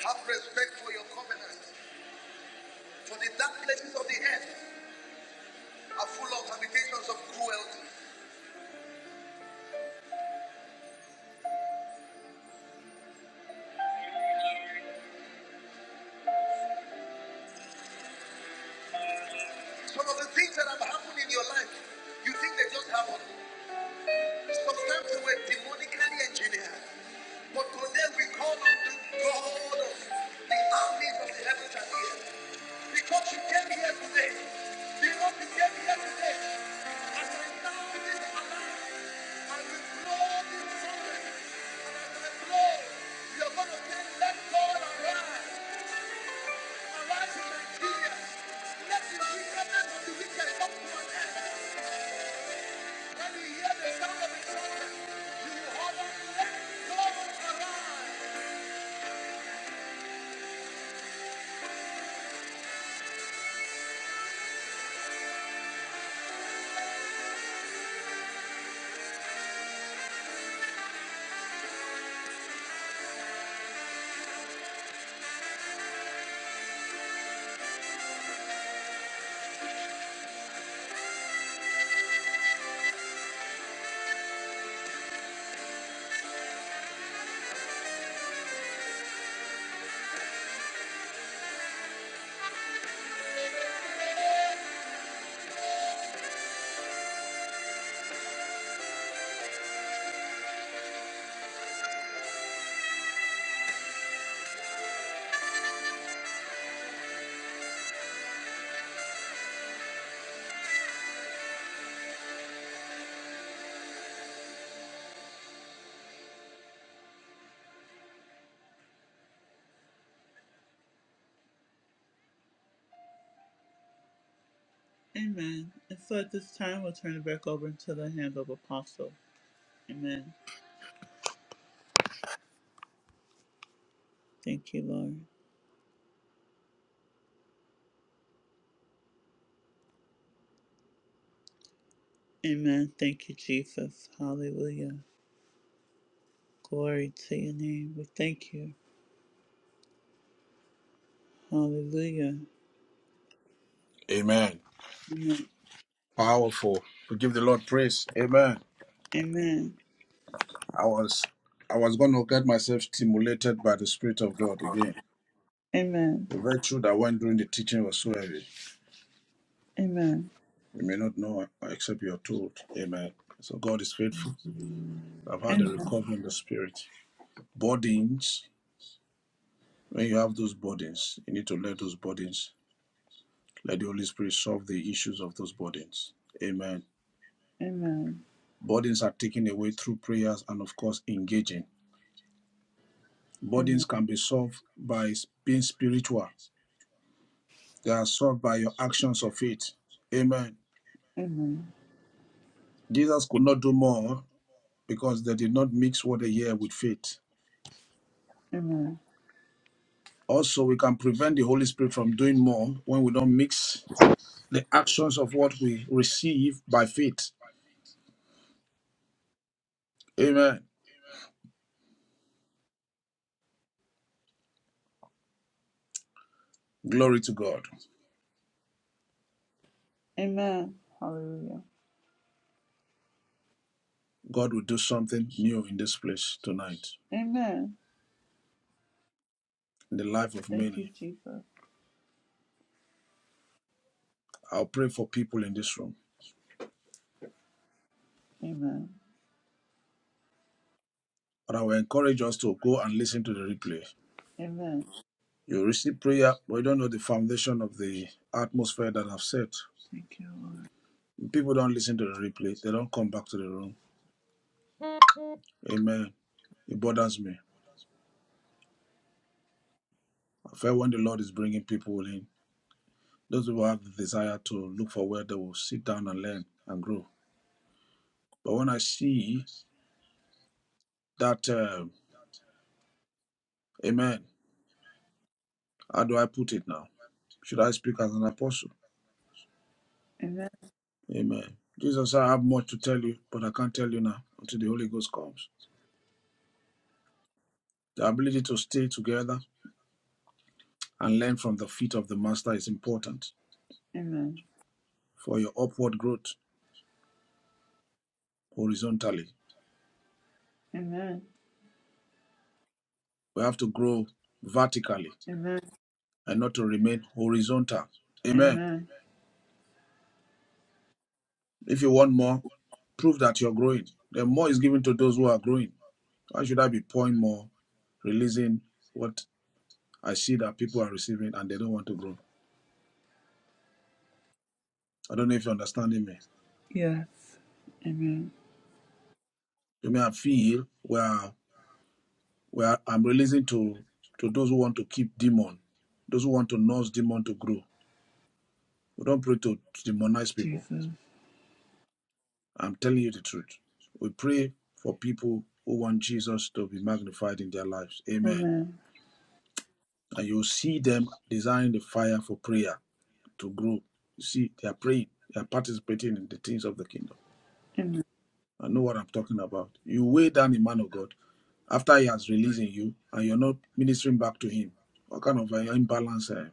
Have respect for your covenant, for the dark places of the earth are full of habitations of cruelty. Some of the things that have happened in your life, you think they just happened. Sometimes they were demonically engineered. But today we call on the God of the armies of the heavens and the earth. Because you came here today, because you came here today, as I sound this alarm, I we blow this trumpet. Amen. And so at this time, we'll turn it back over into the hand of Apostle. Amen. Thank you, Lord. Amen. Thank you, Jesus. Hallelujah. Glory to your name. We thank you. Hallelujah. Amen. Amen. Powerful. We give the Lord praise. Amen. Amen. I was I was gonna get myself stimulated by the Spirit of God again. Amen. The virtue that went during the teaching was so heavy. Amen. You may not know except you're told. Amen. So God is faithful. I've had a Amen. recovery in the spirit. Burdens. When you have those burdens, you need to let those burdens, let the Holy Spirit solve the issues of those burdens. Amen. Burdens are taken away through prayers and of course engaging. Burdens can be solved by being spiritual They are solved by your actions of faith. Amen. Jesus could not do more because they did not mix what they hear with faith. Also, we can prevent the Holy Spirit from doing more when we don't mix the actions of what we receive by faith. Amen. Glory to God. Amen. Hallelujah. God will do something new in this place tonight, Amen. in the life of Thank you, many. Jesus. I'll pray for people in this room, Amen. but I will encourage us to go and listen to the replay. Amen. You receive prayer, but you don't know the foundation of the atmosphere that I've set. Thank you, Lord. People don't listen to the replays. They don't come back to the room. Amen. It bothers me. I feel when the Lord is bringing people in, those people have the desire to look for where they will sit down and learn and grow. But when I see that, um, Amen. How do I put it now? Should I speak as an apostle? Amen. Amen. Jesus, I have much to tell you, but I can't tell you now until the Holy Ghost comes. The ability to stay together and learn from the feet of the Master is important Amen. for your upward growth horizontally. Amen. We have to grow vertically Amen. and not to remain horizontal. Amen. Amen. If you want more, prove that you're growing. The more is given to those who are growing. Why should I be pouring more, releasing what I see that people are receiving and they don't want to grow? I don't know if you're understanding me. Yes. Amen. You may feel where where I'm releasing to to those who want to keep demon, those who want to nurse demon to grow. We don't pray to demonize people. Jesus. I'm telling you the truth. We pray for people who want Jesus to be magnified in their lives. Amen. Amen. And you'll see them desiring the fire for prayer to grow. You see, they are praying, they are participating in the things of the kingdom. Amen. I know what I'm talking about. You weigh down a man of God after he has released in you and you're not ministering back to him. What kind of an imbalance? eh?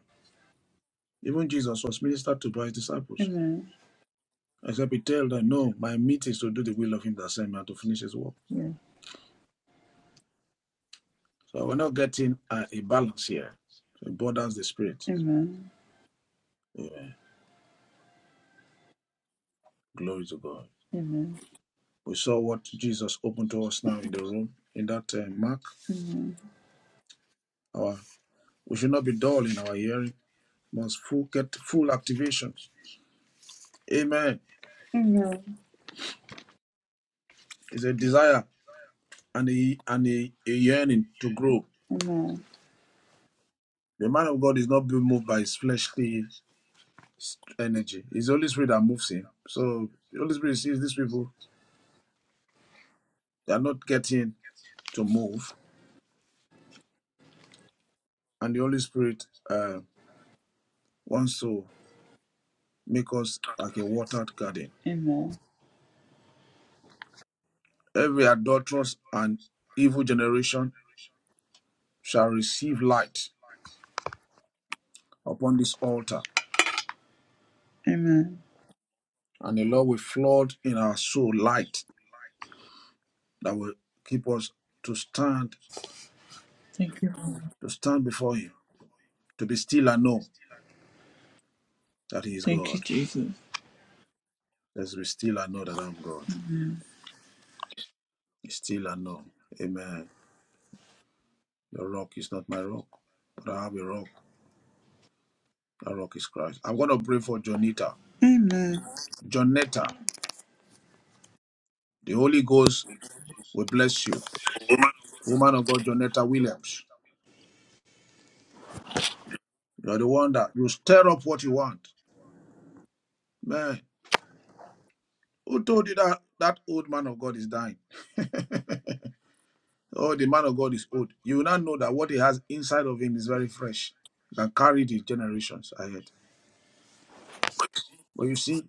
Even Jesus was ministered to by his disciples. Amen. Except he told, them, No, my meat is to do the will of him that sent me and to finish his work. Yes. So we're not getting a, a balance here. So it borders the spirit. Yeah, Glory to God. We saw what Jesus opened to us now in the room in that uh, Mark. Our we should not be dull in our hearing. We Must full get full activations. Amen. It's a desire and a and a, a yearning to grow. Amen. The man of God is not being moved by his fleshly energy. It's the Holy Spirit that moves him. So the Holy Spirit sees these people; they are not getting to move, and the Holy Spirit uh, wants to make us like a watered garden. Amen. Every adulterous and evil generation shall receive light upon this altar, Amen. and the Lord will flood in our soul light that will keep us to stand, Thank you, Lord. to stand before Him, to be still and know that He is Thank you, God. Jesus. Let's be still and know that I'm God. Be still and know. Amen. Your rock is not my rock, but I have a rock. That rock is Christ. I'm going to pray for Jonita. Amen. Jonetta, the Holy Ghost will bless you. Woman of God, Jonetta Williams. You're the one that you stir up what you want. Man, who told you that that old man of God is dying? Oh, the man of God is old. You will not know that what he has inside of him is very fresh. You can carry the generations ahead. But you see,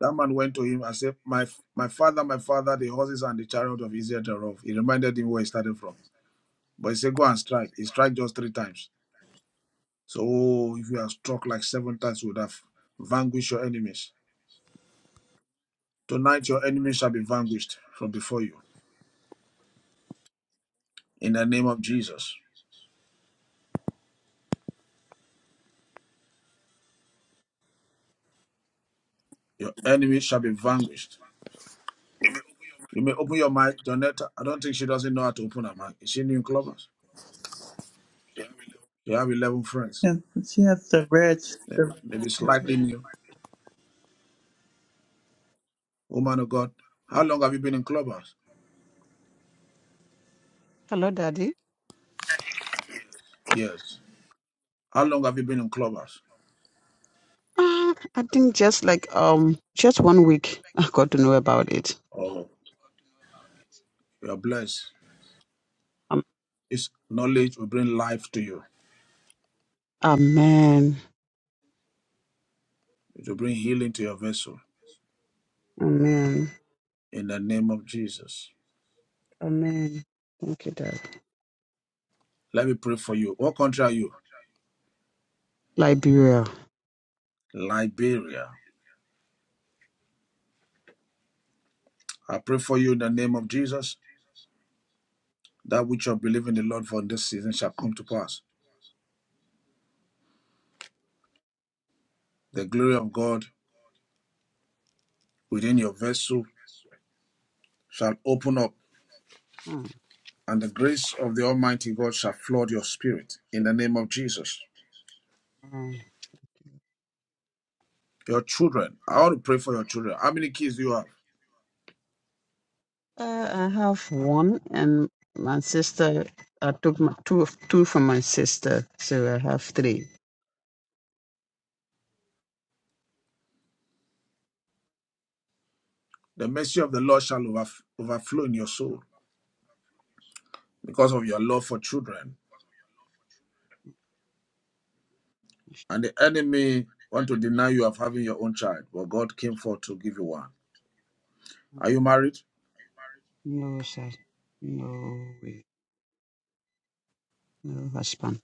that man went to him and said, My my father, my father, the horses and the chariot of Israel thereof. He reminded him where he started from. But he said, Go and strike. He struck just three times. So oh, if you are struck like seven times, you would have vanquished your enemies. Tonight, your enemies shall be vanquished from before you. In the name of Jesus, your enemies shall be vanquished. You may open your mic, Donetta. I don't think she doesn't know how to open her mic. Is she new in Clubhouse? You have 11 friends, Yes, but she has the red. The red maybe ticket. slightly new. Woman of God, how long have you been in Clubhouse? Hello, Daddy. Yes. How long have you been in Clubhouse? Uh, I think just like um just one week I got to know about it. Oh, you're blessed. Um, This knowledge will bring life to you, amen. it will bring healing to your vessel. Amen. In the name of Jesus. Amen. Thank you, Dad. Let me pray for you. What country are you? Liberia. Liberia. I pray for you in the name of Jesus. That which you believe in the Lord for in this season shall come to pass. The glory of God within your vessel shall open up, Hmm. and the grace of the Almighty God shall flood your spirit in the name of Jesus. Your children, I want to pray for your children. How many kids do you have? Uh, I have one and my sister I took my two of- two from my sister, so I have three. The mercy of the Lord shall overf- overflow in your soul because of your love for children. And the enemy want to deny you of having your own child, but God came forth to give you one. Are you married? No sir. No way. No husband.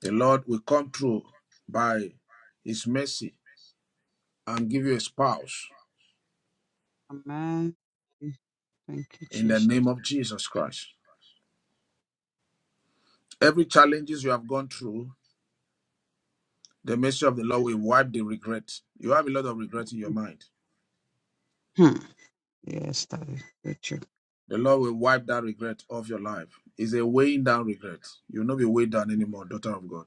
The Lord will come through by His mercy and give you a spouse Amen. Thank you, in the name Jesus. of Jesus Christ. Every challenges you have gone through, the mercy of the Lord will wipe the regret. You have a lot of regret in your mind. Hmm. Yes, Daddy. Good The Lord will wipe that regret off your life. It's a weighing down regret. You'll not be weighed down anymore, daughter of God.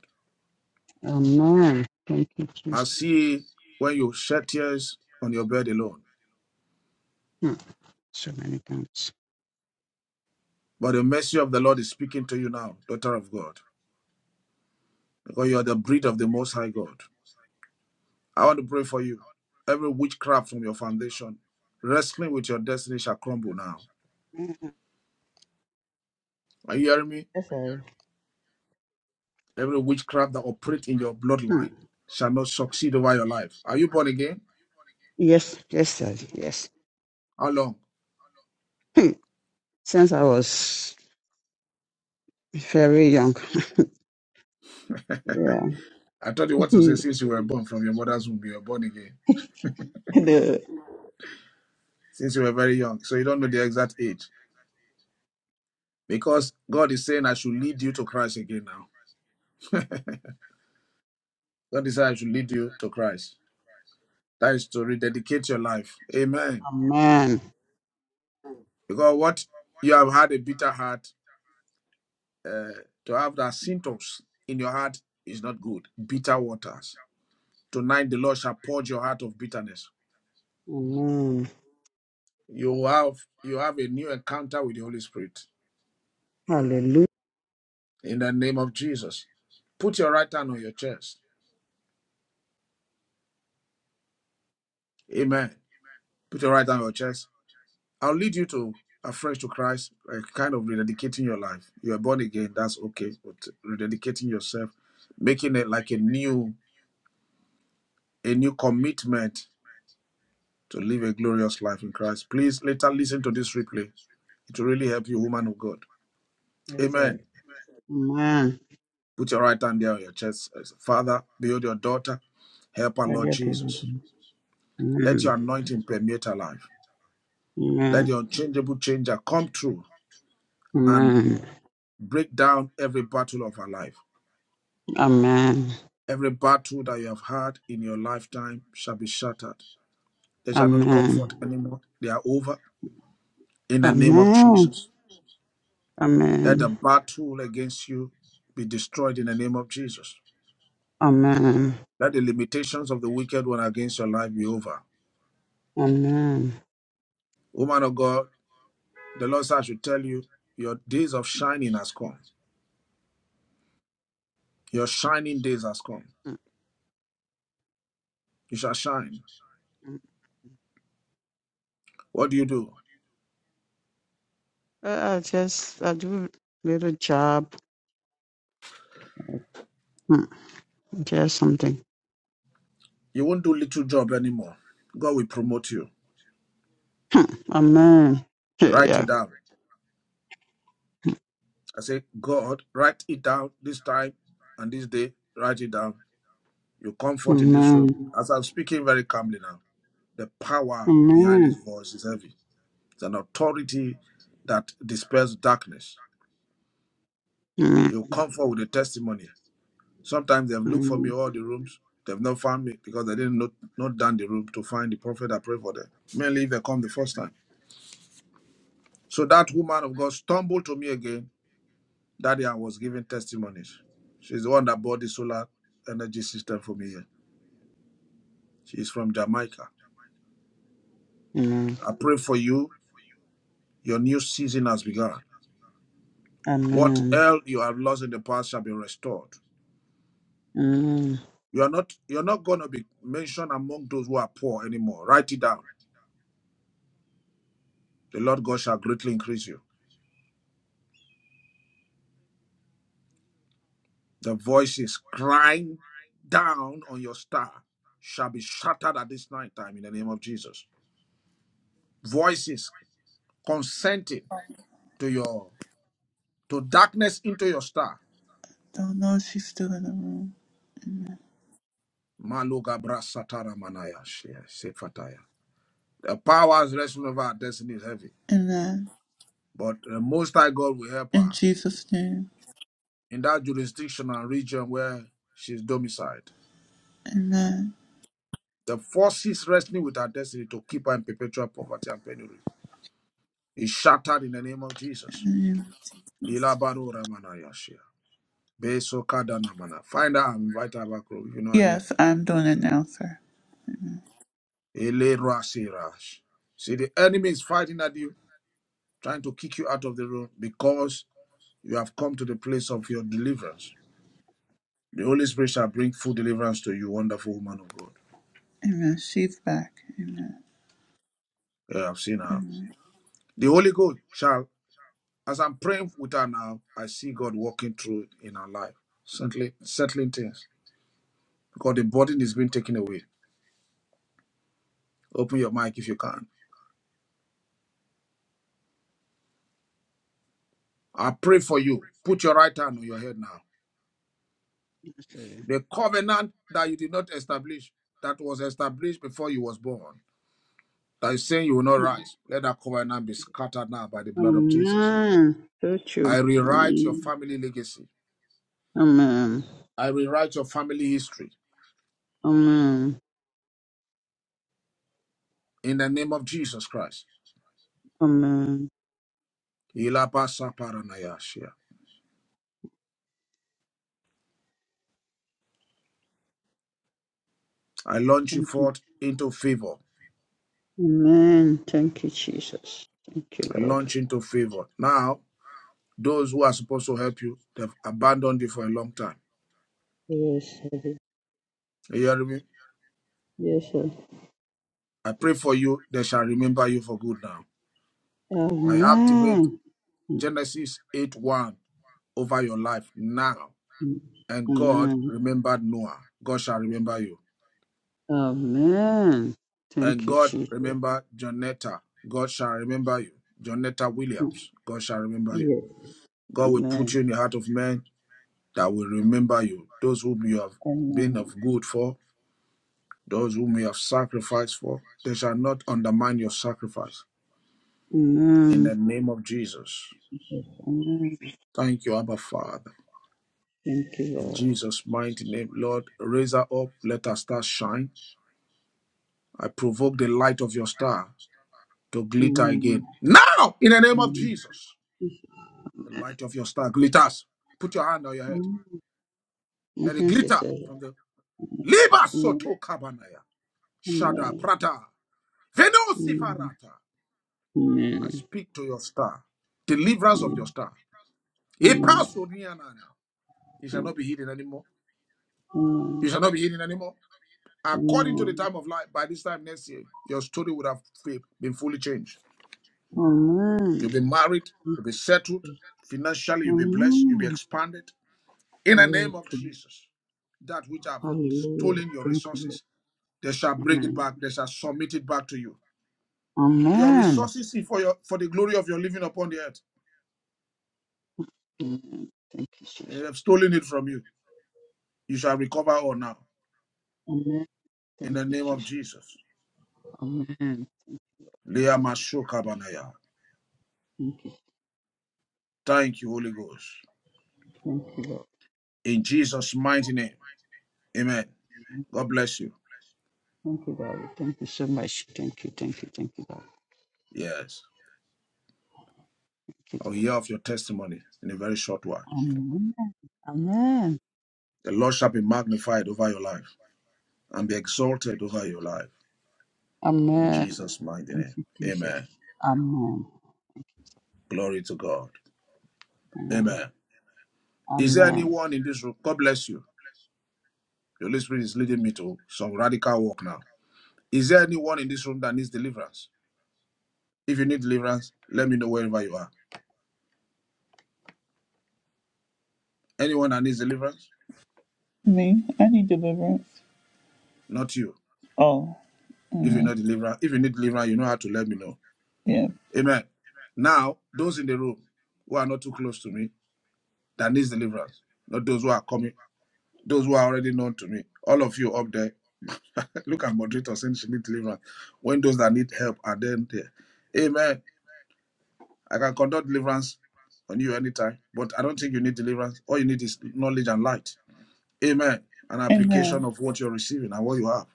Amen. Thank you, I Jesus. see when you shed tears on your bed alone. Hmm. So many times. But the mercy of the Lord is speaking to you now, daughter of God, because you are the breed of the Most High God. I want to pray for you. Every witchcraft from your foundation, wrestling with your destiny shall crumble now. Mhm. Are you hearing me? Yes, sir. Every witchcraft that operates in your Hmm. bloodline shall not succeed over your life. Are you born again? Yes, yes, sir. Yes. How long? Hmm. Since I was very young. yeah. I told you what to say since you were born from your mother's womb, you were born again. Good. Since you were very young. So you don't know the exact age. Because God is saying I should lead you to Christ again now. God is saying I should lead you to Christ. That is to rededicate your life. Amen. Amen. Because what you have had a bitter heart uh, to have that symptoms in your heart is not good. Bitter waters. Tonight the Lord shall purge your heart of bitterness. Amen. You have you have a new encounter with the Holy Spirit Hallelujah. in the name of Jesus. Put your right hand on your chest. Amen. Put your right hand on your chest. I'll lead you to afresh to Christ, uh, kind of rededicating your life. You are born again, that's okay, but rededicating yourself, making it like a new a new commitment to live a glorious life in Christ. Please later listen to this replay It will really help you, woman of God. Yes, sir. Amen. Amen. Put your right hand there on your chest. Father, build your daughter. Help her, Lord Hallelujah. Jesus. Let your Amen. anointing permeate her life. Let the unchangeable changer come through and Amen. break down every battle of her life. Amen. Every battle that you have had in your lifetime shall be shattered. They shall not comfort Amen. anymore. They are over in Amen. the name of Amen. Jesus. Let the Amen. battle against you be destroyed in the name of Jesus. Let the limitations of the wicked one against your life be over. Amen. Woman of God, the Lord said, I should tell you, your days of shining has come. Your shining days has come. You shall shine. Amen. What do you do? Uh, I just I do little job, Mm, just something. You won't do little job anymore. God will promote you. Amen. Write it Yeah. down. I say, God, write it down this time and this day. Write it down. You come forth in this room. Amen. As I'm speaking very calmly now, the power behind his Amen. voice is heavy. It's an authority that dispels darkness. Amen. You come forward with a testimony Sometimes they've Amen. looked for me all the rooms. They've not found me because they didn't not not down the room to find the prophet that prayed for them. Mainly if they come the first time. So that woman of God stumbled to me again. That day I was giving testimonies. She's the one that bought the solar energy system for me here. She's from Jamaica. Amen. I pray for you. Your new season has begun. What Amen. else you have lost in the past shall be restored. Amen. You are not you're not gonna be mentioned among those who are poor anymore. Write it down. The Lord God shall greatly increase you. The voices crying down on your star shall be shattered at this night time in the name of Jesus. Voices consenting to your to darkness into your star. Don't know if she's still in the room. Maluga brasatara manaya sefataya. The powers wrestling over our destiny is heavy, Amen. but the Most High God will help In her Jesus' name. in that jurisdiction and region where she's domiciled. Amen. The forces wrestling with her destiny to keep her in perpetual poverty and penury is shattered in the name of Jesus. Ilabaru Ramana Yashia. Beso Kadanamana. Find her and invite her back row if you know her name. Yes, I'm doing it now, sir. Ele Rasirash. See, the enemy is fighting at you, trying to kick you out of the room because you have come to the place of your deliverance. The Holy Spirit shall bring full deliverance to you, wonderful woman of God. Amen. She's back. Amen. Yeah, I've seen her. The Holy Ghost shall, as I'm praying with her now, I see God walking through in her life, settling, settling things because the burden is being taken away. Open your mic if you can. I pray for you. Put your right hand on your head now. Okay. The covenant that you did not establish, that was established before you was born, that is saying you will not rise. Let that covenant be scattered now by the blood of Jesus. Amen. So I true. rewrite your Amen. family legacy. Amen. I rewrite your family history Amen. in the name of Jesus Christ. Amen. I launch you Thank you. forth into favor. Amen. Thank you, Jesus. Thank you, I Lord. launch into favor. Now, those who are supposed to help you, they've abandoned you for a long time. Yes, sir. You hear me? Yes, sir. I pray for you, they shall remember you for good now. I activate Amen. Genesis 8 1 over your life now. And God Amen. remembered Noah. God shall remember you. Amen. Thank And you, God Jesus. remembered Jonetta. God shall remember you. Jonetta Mm. Williams. God shall remember you. Yes. God will put you Amen. in the heart of men that will remember you. Those whom you have been Amen. of good for, those whom you have sacrificed for, they shall not undermine your sacrifice. In the Amen. name of Jesus. Yes. Amen. Thank you, Abba Father. Thank you, In Lord. Jesus' mighty name, Lord, raise her up. Let her star shine. I provoke the light of your star to glitter Amen. again. Now, in the name of Amen. Jesus, the light of your star glitters. Put your hand on your head. Amen. My Let it hands is glitter up. from the Liba Amen. Soto Kabanaya. Shada Amen. Prata. Amen. Venosifarata. I Amen. speak to your star. Deliverance of your star. It Mm. shall Amen. not be hidden anymore. Mm. You shall not be hidden anymore. According to the Amen. time of life, by this time next year, your story would have been fully changed. Amen. You'll be married, you'll Amen. be settled, financially, you'll be blessed, you'll be Amen. expanded. In the name of Welcome. Jesus, that which have Hallelujah. stolen your Thank you, Lord. resources, they shall bring it Amen. back, they shall submit it back to you. Your Amen. resources for your for the glory of your living upon the earth. Amen. Thank you, They have Jesus. stolen it from you. You shall recover all now. In Thank the you, name of Jesus. Jesus. Amen. Lea Thank Mashoka you. Thank you, Holy Ghost. Thank you, Lord. In Jesus' mighty name. Amen. God bless you. Thank you, Lord. Thank you so much. Thank you. Thank you. Thank you, Lord. Yes. Thank I'll you, Lord. hear of your testimony in a very short while. Amen. Amen. The Lord shall be magnified over your life and be exalted over your life. In Amen. Jesus' mighty Thank name. you, Amen. Jesus. Amen. Glory to God. Amen. Amen. Is there Amen. anyone in this room? God bless you. The Holy Spirit is leading me to some radical work now. Is there anyone in this room that needs deliverance? If you need deliverance, let me know wherever you are. Anyone that needs deliverance? Me? I need deliverance. Not you. Oh, If you amen. need deliverance, if you need deliverance, you know how to let me know. Yeah. Amen. Now, those in the room who are not too close to me, that needs deliverance, not those who are coming, those who are already known to me. All of you up there, look at moderator saying she need deliverance. When those that need help are then there. Amen. I can conduct deliverance on you anytime, but I don't think you need deliverance. All you need is knowledge and light. Amen. An application of what you're receiving and what you have.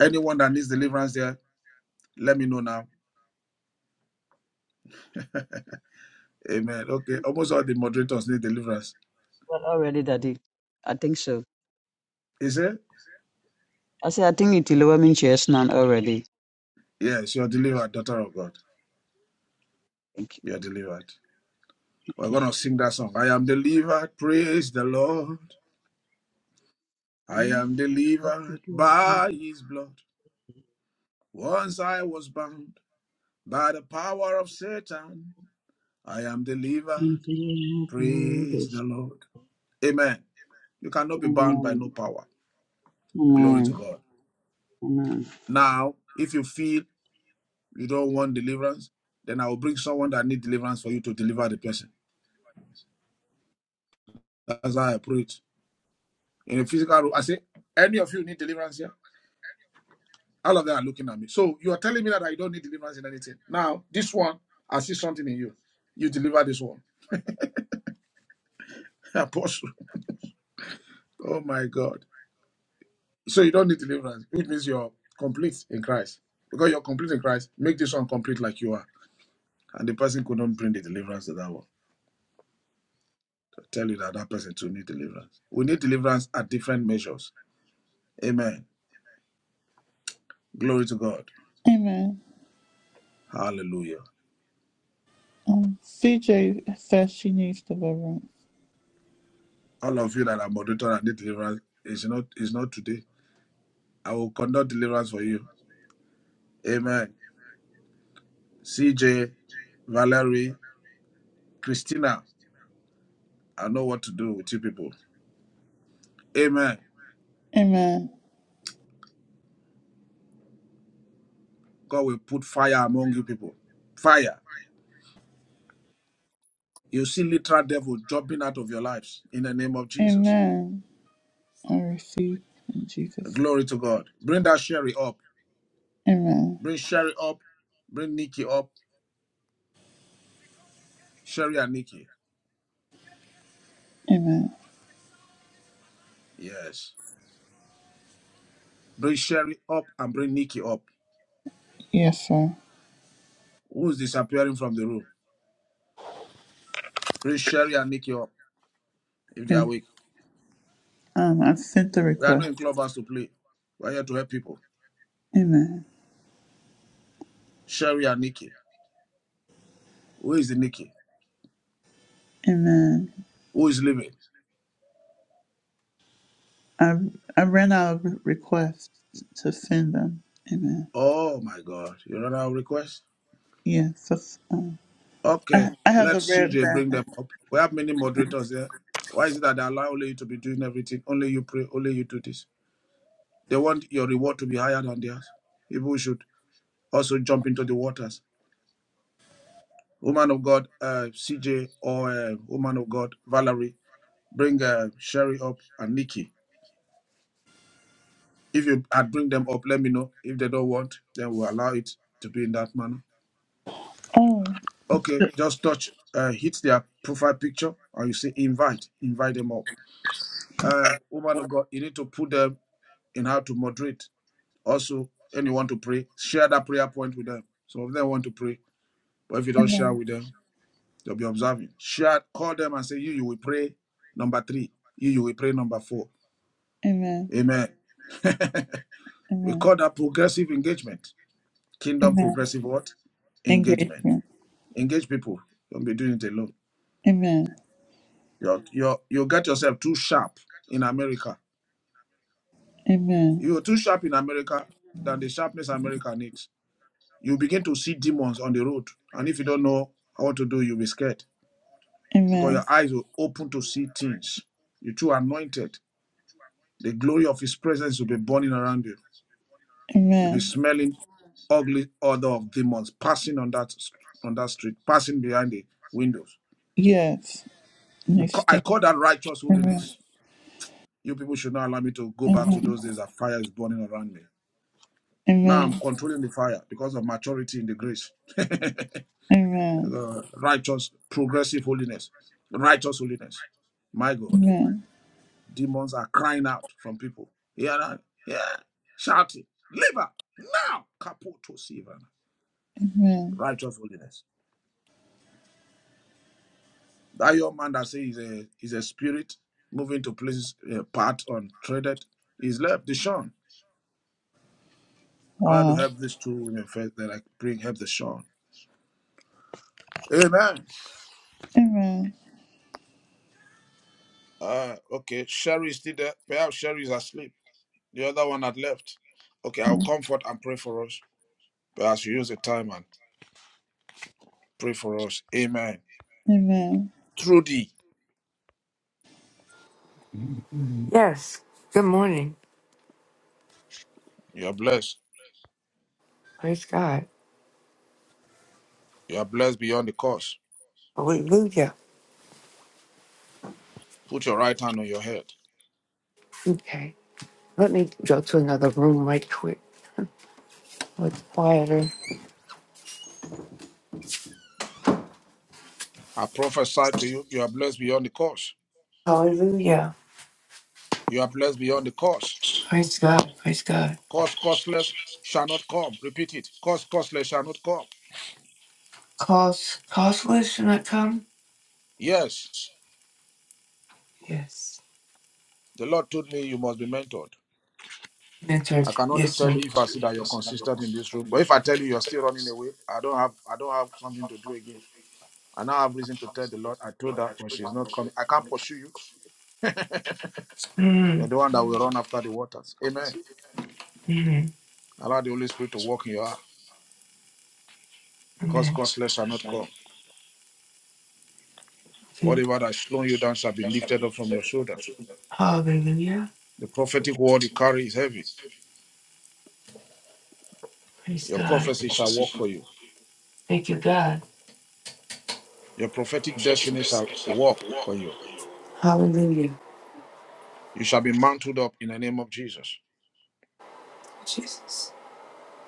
Anyone that needs deliverance there, let me know now. Amen. Okay. Um, Almost all the moderators need deliverance. Well, already, Daddy. I think so. Is it? I say I think it will overwhelm chairs now already. Yes, you're delivered, daughter of God. Thank you. You're delivered. We're going to sing that song. I am delivered, praise the Lord. I am Mm. delivered Amen. by his blood. Once I was bound by the power of Satan. I am delivered, praise the Lord. Amen. You cannot be bound by no power. Glory to Amen. God. Amen. Now, if you feel you don't want deliverance, then I will bring someone that need deliverance for you to deliver the person. That's how I put it. In a physical room, I say, any of you need deliverance here? All of them are looking at me. So you are telling me that I don't need deliverance in anything. Now, this one, I see something in you. You deliver this one. Apostle. Oh my God. So you don't need deliverance, which means you're complete in Christ. Because you're complete in Christ, make this one complete like you are. And the person couldn't bring the deliverance to that one. I tell you that that person too need deliverance. We need deliverance at different measures. Amen. Glory to God. Amen. Hallelujah. Um, CJ says she needs deliverance. All of you that are moderator and need deliverance, it's not it's not today. I will conduct deliverance for you. Amen. CJ, Valerie, Christina. I know what to do with you people. Amen. God will put fire among you people. Fire. You see literal devil jumping out of your lives in the name of Jesus. Amen. I receive in Jesus. Glory to God. Bring that Sherry up. Amen. Bring Sherry up. Bring Nikki up. Sherry and Nikki. Amen. Yes. Bring Sherry up and bring Nikki up. Yes, sir. Who's disappearing from the room? Bring Sherry and Nikki up if they are Yes. awake. Um, I've sent the We are not request. in clubhouse to play. We are here to help people. Amen. Sherry and Nikki. Who is the Nikki? Amen. Who is leaving? I I ran out of re- requests to send them. Amen. Oh my God. You know our request? Yes. that's, um, I, Okay. I have Let the red CJ bring them banner. up. We have many moderators there. Why is it that they allow only you to be doing everything? Only you pray, only you do this. They want your reward to be higher than theirs. People should also jump into the waters. Woman of God, uh, CJ, or uh, woman of God, Valerie, bring uh, Sherry up and Nikki. If you i bring them up, let me know. If they don't want, then we'll allow it to be in that manner. Okay, just touch, uh, hit their profile picture, and you say invite, invite them up. Uh, woman of God, you need to put them in how to moderate. Also, anyone to pray, share that prayer point with them. Some of them want to pray, but if you don't share with them, they'll be observing. Share, call them and say, You, you will pray number three, you, you will pray number four. Amen. Amen. we call that progressive engagement. Kingdom progressive what? Engagement. Engage people. Don't be doing it alone. You're, you're, you get yourself too sharp in America. You're too sharp in America than the sharpness America needs. You begin to see demons on the road. And if you don't know what to do, you'll be scared because your eyes will open to see things. You're too anointed. The glory of his presence will be burning around you. You'll Amen. be smelling ugly odor of demons passing on that on that street, passing behind the windows. Yes. We ca- Next I thing. call that righteous Amen. holiness. You people should not allow me to go back to those days that fire is burning around me. Now I'm Amen. controlling the fire because of maturity in the grace, Amen. Uh, righteous, progressive holiness, righteous holiness. My God, demons are crying out from people. Yeah, yeah, shouting, leave her now, caputo Sivan. Righteous holiness. That young man that says he's a, he's a spirit moving to places uh, part untraded is left the Sean. I want to help these two women first, then I bring help the Sean. Amen. Uh, okay, Sherry is still there. Perhaps Sherry is asleep. The other one had left. Okay, I'll comfort and pray for us. But as you use the time and pray for us. Amen. Trudy, Yes. Good morning. you are blessed. Praise God. You are blessed beyond the curse. Hallelujah. Put your right hand on your head. Okay. Let me go to another room right quick. It's quieter. I prophesy to you, you are blessed beyond the curse. Hallelujah. You are blessed beyond the curse. Praise God. Praise God. Curse, causeless shall not come. Repeat it. Curse, causeless shall not come. Cause cause list. should not come? Yes, Yes. the Lord told me you must be mentored. Mentor. I can only Yes, tell sir. you if I see that you're consistent in this room. But if I tell you you're still running away, I don't have I don't have something to do again. I now have reason to tell the Lord, I told her, but she's not coming. I can't pursue you. You're Mm. the one that will run after the waters. Amen. Mm-hmm. Allow the Holy Spirit to walk in your heart. Cause costless shall not come. Amen. Okay. Whatever that is slowing you down shall be lifted up from your shoulder. Hallelujah. The prophetic word you carry is heavy. Praise Your God. prophecy shall work for you. Thank you, God. Your prophetic destiny shall work for you. Hallelujah. You shall be mounted up in the name of Jesus. Jesus.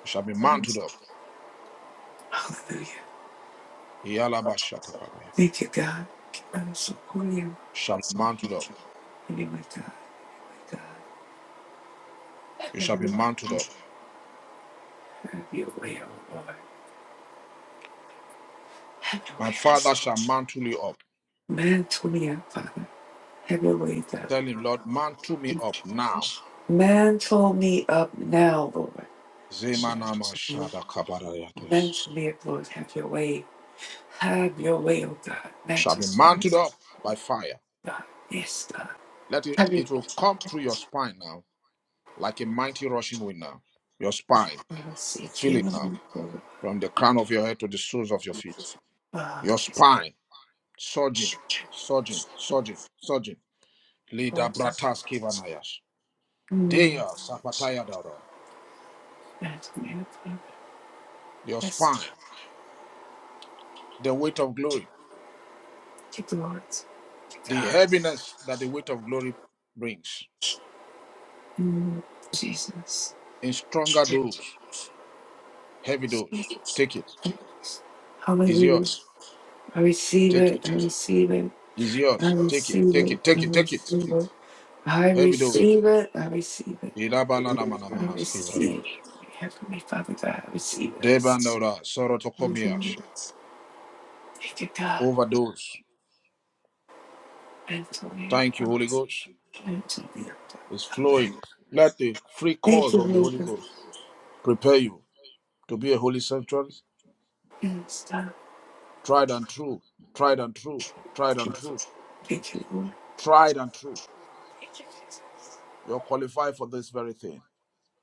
You shall be Hallelujah. mounted up. Iyalaba Thank you, God. I'm so cool. you. Shall be mounted up. Thank you, my God. My God. You shall be Hallelujah. mounted up. Have your way, oh Lord. Have your way. My oh father shall mantle you up. Lord. Man, to me, Father. Have your way, God. Tell him, Lord, mantle me up now. Mantle me up now, Lord. Zemanama shada kabarayatos. Mantle me up, Lord. Have your way. Have your way, oh God. Shall Mantle be me up, mounted up by fire. God. Yes, God. Let it, Have your it will come way. through your spine now, like a mighty rushing wind now. Your spine, Uh, see, you feel it now, Caleb, Lord. from the crown of your head to the soles of your feet. Oh, Your Jesus. spine, surging, surging, surging, surging. Lida Oh, God. bratas kivanayash. Mm. Dea sapataya daro. Mantle me up, Lord. Your Yes, spine, God. the weight of glory, Thank you, Lord. Thank the God. heaviness that the weight of glory brings. Mm. Jesus. in stronger dose, heavy dose. Take it. It's Hallelujah. yours. I receive Take it. it. I receive it. It's I yours. Take it. receive Take it. it. I Take it. Take it. receive it. I Heavy dose. receive it. I receive it. I receive Ilabalanamanamanaskivrados. it. Heavenly Father God, I receive it. I receive Debandora it. Hallelujah. sorotokomiash. Thank you, God. Overdose. And to me Thank you, upon Holy Ghost. and to me upon. It's flowing. Hallelujah. Let the free Thank cause you, of the Lord. Holy God. Ghost prepare you to be a holy sanctuary. Yes, God. Tried and true. Tried and true. Tried Thank and true. you, Lord. Tried and true. Thank you, Jesus. You're qualified for this very thing.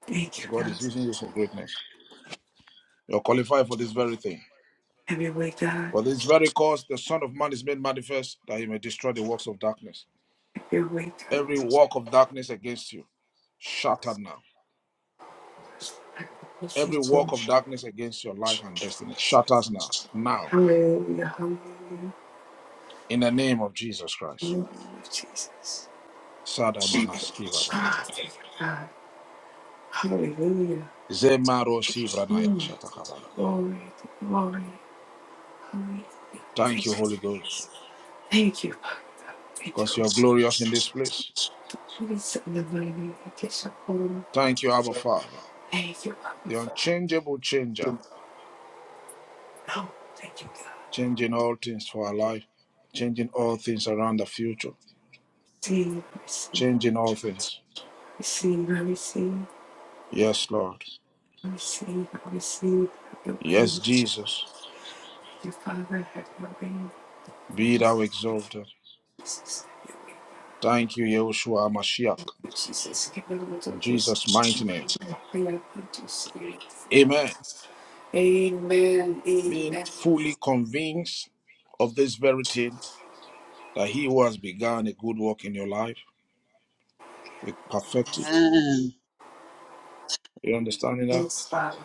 Thank you, Because God is God. using you for greatness. You're qualified for this very thing. Have your way, God. For this very cause, the Son of Man is made manifest that he may destroy the works of darkness. Have your way, God. Every work of darkness against you, shattered now. I will see Every work of change. darkness against your life and destiny, shatters now. Now, Hallelujah, hallelujah, in the name of Jesus Christ. hallelujah, Jesus. Sadamana skivanaya Ah, vadaya. thank you, God. Hallelujah. Zemaro sivranaya Mm, shatakavaya. glory, glory, Thank hallelujah. you, Holy Ghost, Thank you, Father. God. Thank you, because Holy you're glorious in this place. Spirit. Please, in the mighty name of Jesus, Lord. Thank you, Abba Father, Thank you, Father. the Father. unchangeable changer. Oh, thank you, God. changing all things for our life, changing all things around the future, Receive, changing all things. receive, receive, I receive, Yes, Lord. I receive, I receive, I Yes, receive. Jesus. Your Father, have mercy on Be thou exalted. Jesus. have your reign. Thank you, Yahushua Mashiach. Jesus, give him the In Jesus' Jesus. mighty name. We are good to see. Amen. Amen. Amen. Being fully convinced of this very thing, that he who has begun a good work in your life will perfect it. Amen. You understanding that? Yes, Father.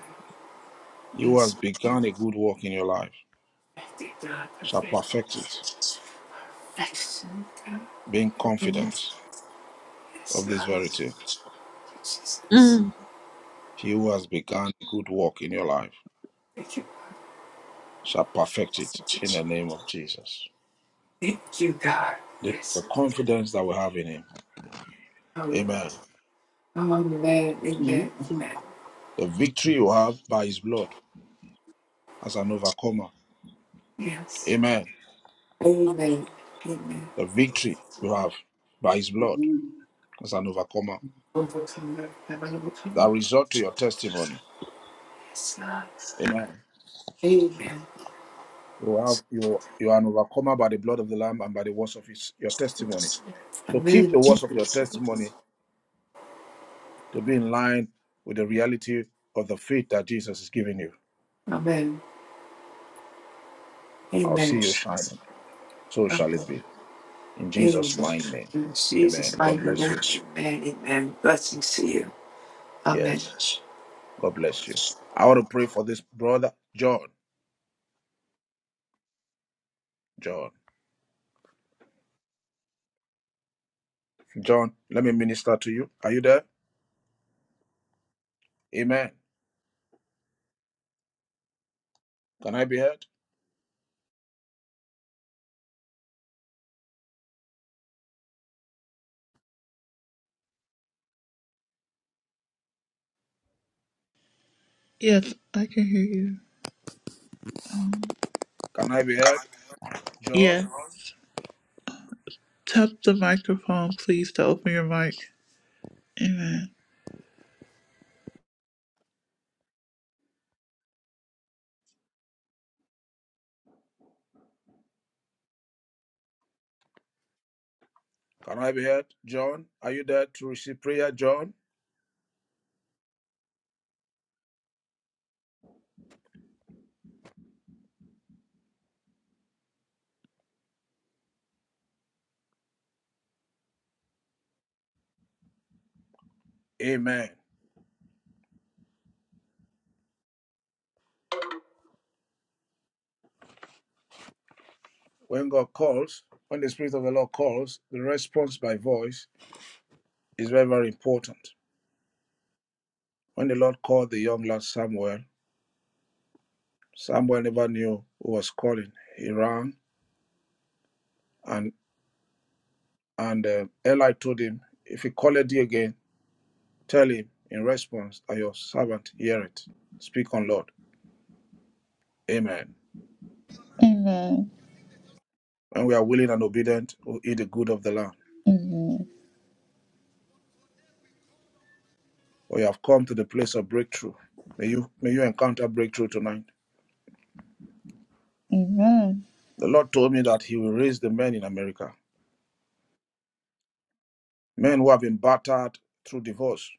He who has Yes, begun a good work in your life perfected God, shall perfect it. perfected. Excellent God. Being confident Yes, of yes, this verity. Jesus. He who has begun a good work in your life Thank you. shall perfect it Father. in the name of Jesus. Thank you, God. This is the Yes. confidence that we have in him. Hallelujah. Amen. Amen. Mm. Amen. Amen. The Mm. victory you have by his blood as an overcomer. Yes. Amen. Amen. Amen. The victory you have by his blood Amen. as an overcomer. Overcomer. Have an That overcomer. result to your testimony. Yes, God. Amen. Amen. You have you you are an overcomer by the blood of the Lamb and by the words of his, your Amen. testimony. So keep the Amen. words of your testimony to be in line with the reality of the faith that Jesus is giving you. Amen. I'll see Amen. you shining. So shall it Amen. be. In In Jesus' mighty name. Amen. Jesus' God mighty bless name. you. Amen. Amen. Blessings to you. Amen. Yes. God bless you. I want to pray for this brother, John. John. John, let me minister to you. Are you there? Amen. Can I be heard? Yes, I can hear you. Can I be heard? John? Yes. Tap the microphone, please, to open your mic. Amen. Can I be heard? John? Are you there to receive prayer, John? Amen. When God calls, when the Spirit of the Lord calls, the response by voice is very, very important. When the Lord called the young lad Samuel, Samuel never knew who was calling. He ran, and and uh, Eli told him, "If he called thee again, tell him in response that your servant hear it. Speak on, Lord. Amen." When we are willing and obedient, we eat the good of the land. We have come to the place of breakthrough. May you may you encounter breakthrough tonight. The Lord told me that He will raise the men in America, men who have been battered through divorce.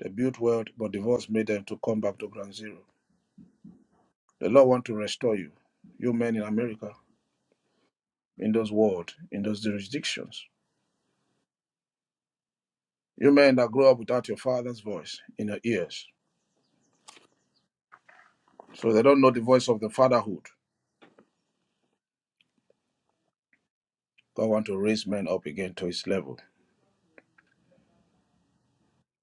They built wealth, but divorce made them to come back to ground zero. The Lord want to restore you, you men in America. in those world, in those jurisdictions. You men that grow up without your father's voice in your ears, so they don't know the voice of the fatherhood. God want to raise men up again to his level.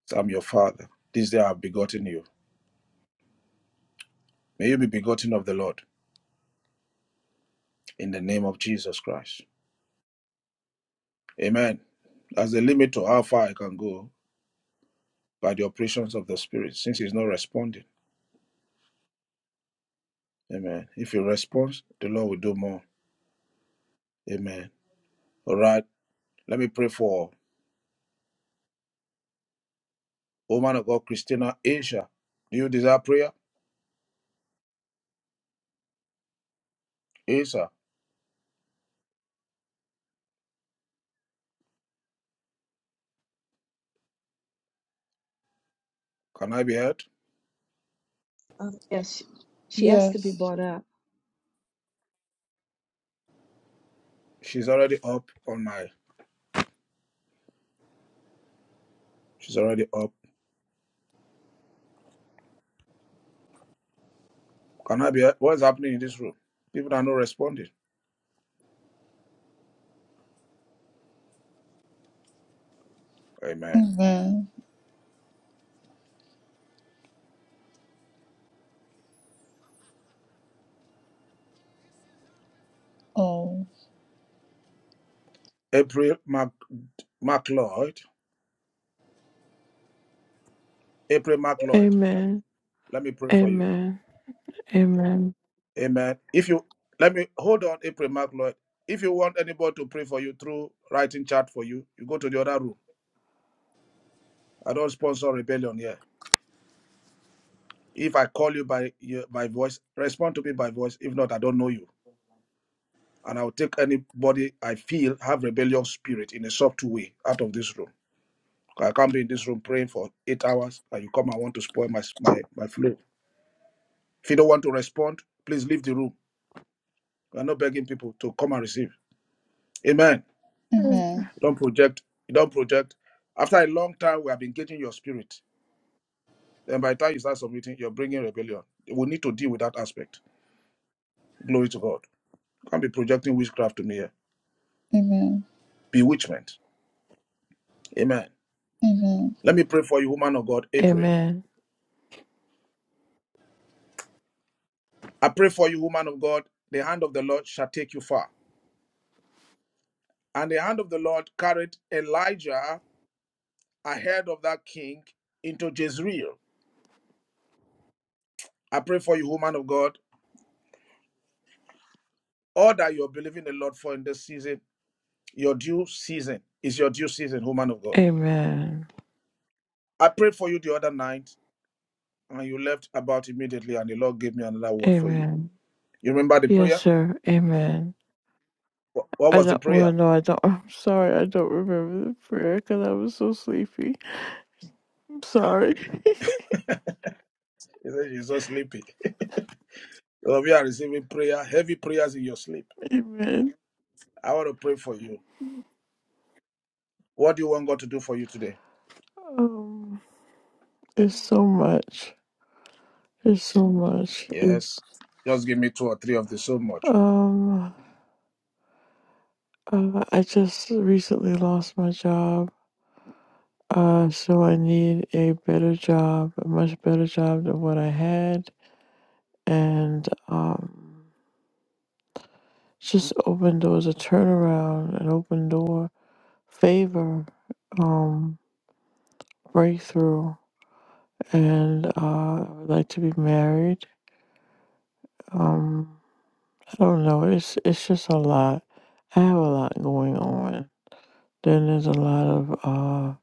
So I'm your father. This day I have begotten you. May you be begotten of the Lord in the name of Jesus Christ. Amen. That's the limit to how far I can go by the operations of the Spirit, since he's not responding. Amen. If he responds, the Lord will do more. Amen. All right. Let me pray for woman of God, Christina Asia. Do you desire prayer? Isa, can I be heard? Father, Yes, she she has to be brought up. She's already up on my. She's already up. Can I be heard? What's happening in this room? People are not responding. Amen. April Mac McLeod. April McLeod. Amen. Let me pray for you. Amen. Amen. Amen. If you let me hold on, April McLeod. If you want anybody to pray for you through writing chat for you, you go to the other room. I don't sponsor rebellion here. If I call you by by voice, respond to me by voice. If not, I don't know you. and I'll take anybody I feel have rebellion spirit in a soft way out of this room. I can't be in this room praying for eight hours and you come and want to spoil my my my flow. If you don't want to respond, please leave the room. We're not begging people to come and receive. Amen. Don't project. Don't project. After a long time, we have been getting your spirit. Then by the time you start submitting, you're bringing rebellion. We need to deal with that aspect. Glory to God. Can't be projecting witchcraft to me here. Bewitchment. Amen. Let me pray for you, woman of God, April. Amen. I pray for you, woman of God. The hand of the Lord shall take you far. And the hand of the Lord carried Elijah ahead of that king into Jezreel. I pray for you, woman of God. All that you're believing the Lord for in this season, your due season is your due season, woman of God. Amen. I prayed for you the other night, and you left about immediately, and the Lord gave me another word for you. Amen. You remember the Yes, prayer? sir. Amen. What I was the don't. Well, prayer? no, I don't. I'm sorry. I don't remember the prayer because I was so sleepy. I'm sorry. He said, You're so sleepy. So we are receiving prayer, heavy prayers in your sleep. Amen. I want to pray for you. What do you want God to do for you today? Um, it's so much. It's so much. Yes. It's Just give me two or three of this so much. um. Uh, I just recently lost my job. Uh, so I need a better job, a much better job than what I had. and um, just open doors, a turnaround, an open door, favor, um, breakthrough, and uh, I would like to be married. Um, I don't know. It's it's just a lot. I have a lot going on. Then there's a lot of uh,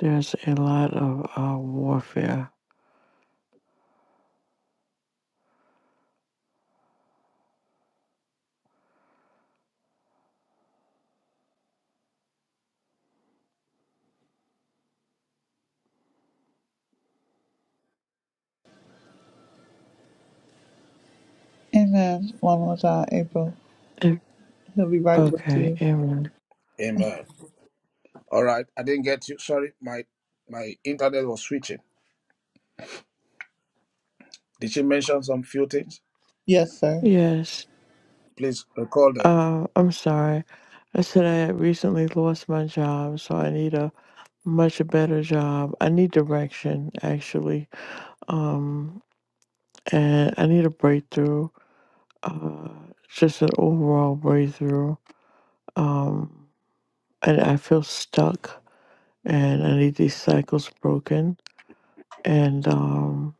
there's a lot of uh, warfare. Em- He'll be right with okay, you. Aaron. Amen. All right. I didn't get you. Sorry, my my internet was switching. Did she mention some few things? Yes, sir. Yes. Please recall them. Uh, I'm sorry. I said I had recently lost my job, so I need a much a better job. I need direction actually. Um and I need a breakthrough. Uh just an overall breakthrough. Um and I feel stuck and I need these cycles broken and um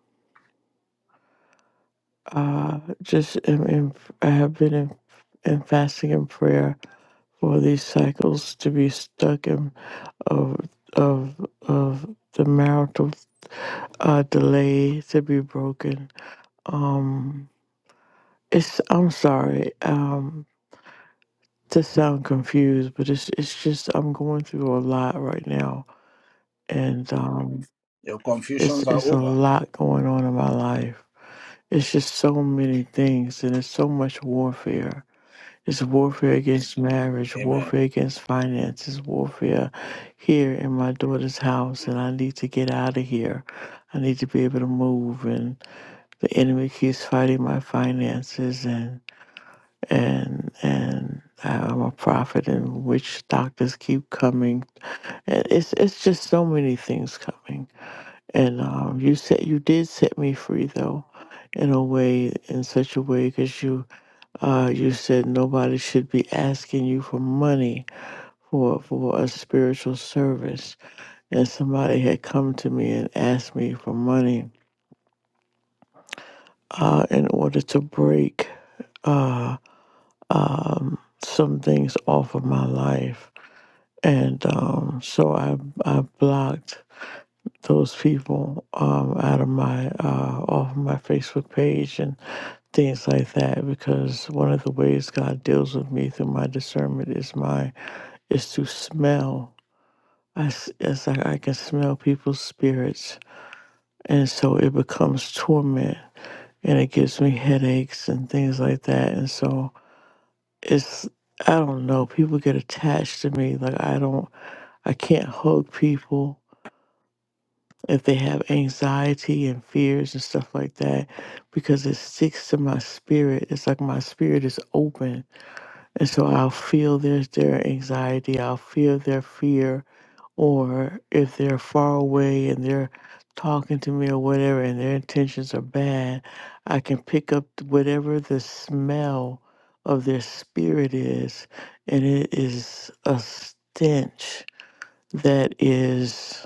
uh just am in, I have been in, in fasting and prayer for these cycles to be stuck in of of of the marital uh delay to be broken. Um It's I'm sorry um, to sound confused, but it's it's just I'm going through a lot right now, and um, Your it's confusions are it's a over. lot going on in my life. It's just so many things, and it's so much warfare. It's warfare against marriage, Amen. warfare against finances, warfare here in my daughter's house, and I need to get out of here. I need to be able to move, and the enemy keeps fighting my finances, and. and and I'm a prophet, and witch doctors keep coming. And it's it's just so many things coming. And um, you said you did set me free though, in a way, in such a way, because you uh you said nobody should be asking you for money for for a spiritual service, and somebody had come to me and asked me for money uh in order to break uh um some things off of my life and um, so I I blocked those people um, out of my uh, off of my Facebook page and things like that because one of the ways God deals with me through my discernment is my is to smell. I s- it's like I can smell people's spirits, and so it becomes torment, and it gives me headaches and things like that. And so it's I don't know. People get attached to me. Like I don't. I can't hug people. if they have anxiety and fears and stuff like that, because it sticks to my spirit. It's like my spirit is open. And so I'll feel their, their anxiety, I'll feel their fear, or if they're far away and they're talking to me or whatever and their intentions are bad, I can pick up whatever the smell of their spirit is, and it is a stench that is.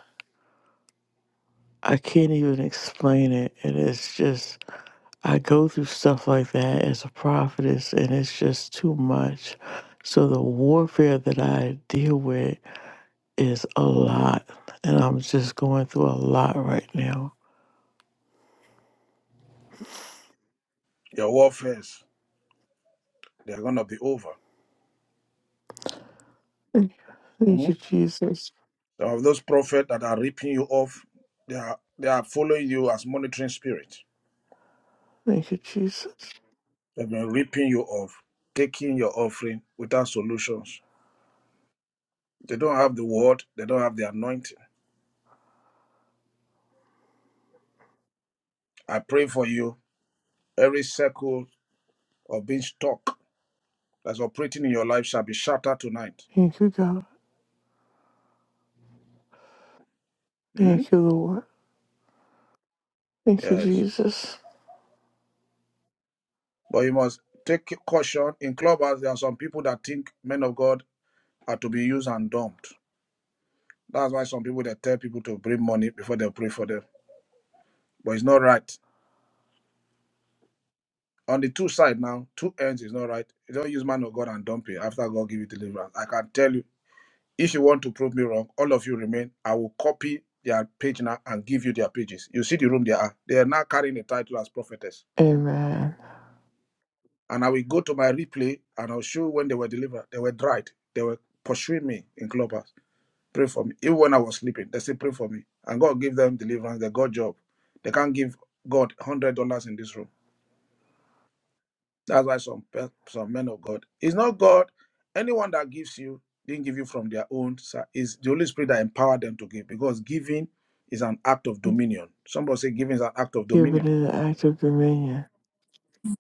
I can't even explain it. And it's just, I go through stuff like that as a prophetess, and it's just too much. So the warfare that I deal with is a lot. And I'm just going through a lot right now. Your warfares, they're gonna be over. Thank thank you, Mhm. Jesus. Some of those prophets that are ripping you off, they are they are following you as monitoring spirits. Thank you, Jesus. They've been ripping you off, taking your offering without solutions. They don't have the word, they don't have the anointing. I pray for you. Every circle or being stuck that's operating in your life shall be shattered tonight. Thank you, God. Hmm? Thank you, Lord. Thank you, Yes. Jesus. But you must take caution. In clubhouse, there are some people that think men of God are to be used and dumped. That's why some people they tell people to bring money before they pray for them. But it's not right. On the two side now, two ends is not right. You don't use man of God and dump it after God give you deliverance. I can tell you, if you want to prove me wrong, all of you remain. I will copy their page now and give you their pages. You see the room they are. They are now carrying the title as prophetess Amen. And I will go to my replay and I'll show when they were delivered. They were dried. They were pursuing me in clubhouse. Pray for me. Even when I was sleeping, they said, pray for me. And God give them deliverance. They got job. They can't give God one hundred dollars in this room. That's why some pe- some men of God. It's not God. Anyone that gives you didn't give you from their own. side. It's the Holy Spirit that empowered them to give because giving is an act of dominion. Somebody say giving is an act of dominion. Giving it an act of dominion.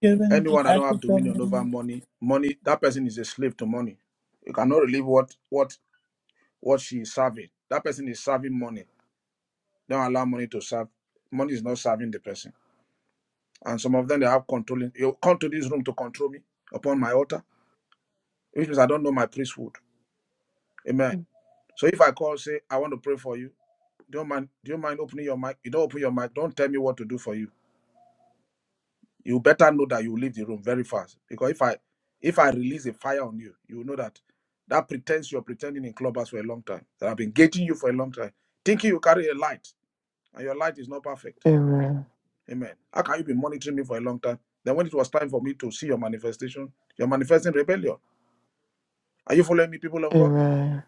Given is an Anyone that don't have active dominion over domain. money, money that person is a slave to money. You cannot relieve what what what she is serving. That person is serving money. Don't allow money to serve. Money is not serving the person. And some of them they have controlling. You come to this room to control me upon my altar, which means I don't know my priesthood. Amen. So if I call say I want to pray for you, don't mind. Do you mind opening your mic? You don't open your mic. Don't tell me what to do for you. you better know that you leave the room very fast because if i if i release a fire on you you will know that that pretense you're pretending in clubhouse for a long time that i've been gating you for a long time thinking you carry a light and your light is not perfect Amen. amen how can you be monitoring me for a long time then when it was time for me to see your manifestation you're manifesting rebellion are you following me people of god Amen.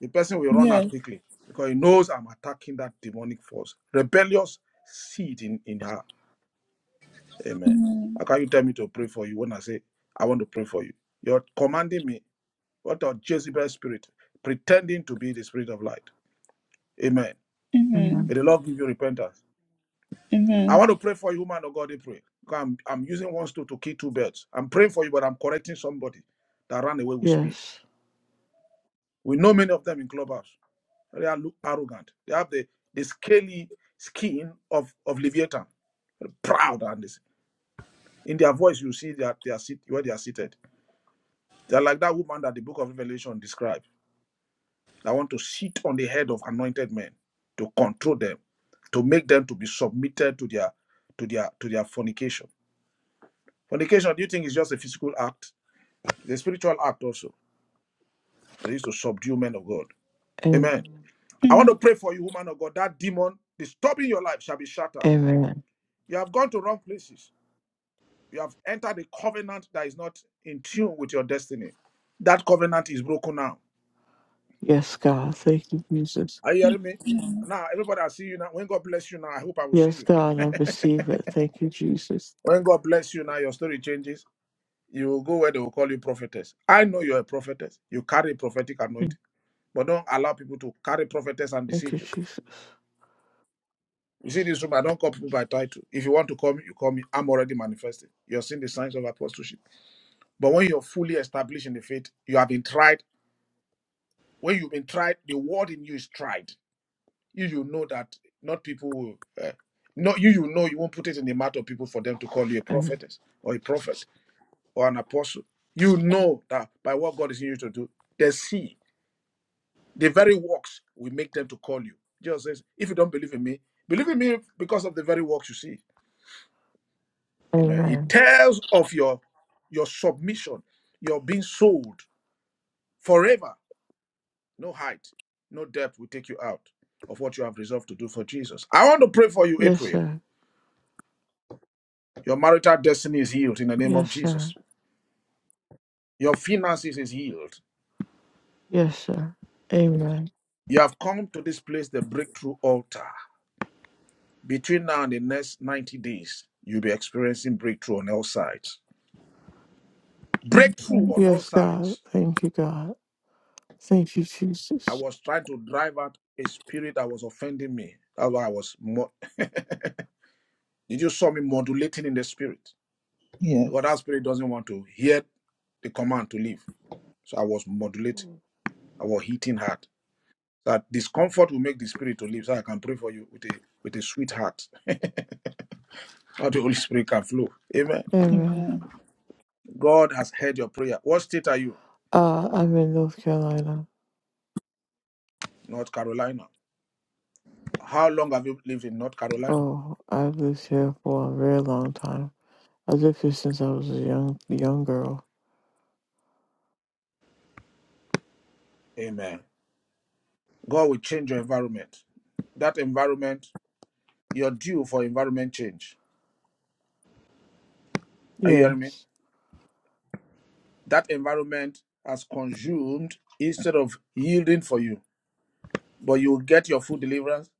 the person will run out quickly because he knows i'm attacking that demonic force rebellious seed in in her Amen. How can you tell me to pray for you when I say, I want to pray for you? You're commanding me. What a Jezebel spirit, pretending to be the spirit of light. Amen. May Amen. the Lord give you repentance. I want to pray for you, man of God, they pray. Because I'm, I'm using one stone to kill two birds. I'm praying for you, but I'm correcting somebody that ran away with speed. Yes. We know many of them in clubhouse. They are look arrogant. They have the, the scaly skin of, of Leviathan, proud and this. In their voice, you see that they are sit, where they are seated. They're like that woman that the book of Revelation described. I want to sit on the head of anointed men to control them, to make them to be submitted to their to their to their fornication. Fornication, do you think is just a physical act? It's a spiritual act also. They to subdue men of God. Amen. Amen. I want to pray for you, woman of God. That demon disturbing your life shall be shattered. Amen. You have gone to wrong places. You have entered a covenant that is not in tune with your destiny. That covenant is broken now Yes, God. Thank you, Jesus. Are you hearing me? Now, everybody, I see you now. When God bless you now, I hope I will see Yes, you. God, I receive it. Thank you, Jesus. When God bless you now, your story changes. You will go where they will call you prophetess. I know you're a prophetess. You carry prophetic Thank anointing, but don't allow people to carry prophetess and thank deceive you, you. Jesus. You see this room, I don't call people by title. If you want to call me, you call me. I'm already manifesting. You're seeing the signs of apostleship. But when you're fully established in the faith, you have been tried. When you've been tried, the word in you is tried. you you know that not people will uh, not you you know you won't put it in the mouth of people for them to call you a Am- prophetess or a prophet or an apostle you know that by what god is in you to do they see the very works will make them to call you jesus says if you don't believe in me believe in me because of the very works you see amen it Amen. tells of your your submission your being sold forever no height no depth will take you out of what you have resolved to do for jesus i want to pray for you Yes, april sir. Your marital destiny is healed in the name of Yes, Jesus. sir. Your finances is healed. Yes, sir. Amen. You have come to this place, the breakthrough altar. Between now and the next 90 days, you'll be experiencing breakthrough on all sides. Breakthrough on all Yes, God. sides. Thank you, God. Thank you, I Jesus. was trying to drive out a spirit that was offending me. That's why I was. Mo- Did you saw me modulating in the spirit? Because Yes. that spirit doesn't want to hear the command to leave. So I was modulating. I was hitting hard. That discomfort will make the spirit to live. So I can pray for you with a with a sweet heart. How the Holy Spirit can flow. Amen. Amen. God has heard your prayer. What state are you? Uh, I'm in North Carolina. North Carolina. How long have you lived in North Carolina? Oh, I've lived here for a very long time. I lived here since I was a young young girl. Amen. God will change your environment. That environment, you're due for environment change. Are you hearing me? Yes. That environment has consumed instead of yielding for you. but you will get your full deliverance.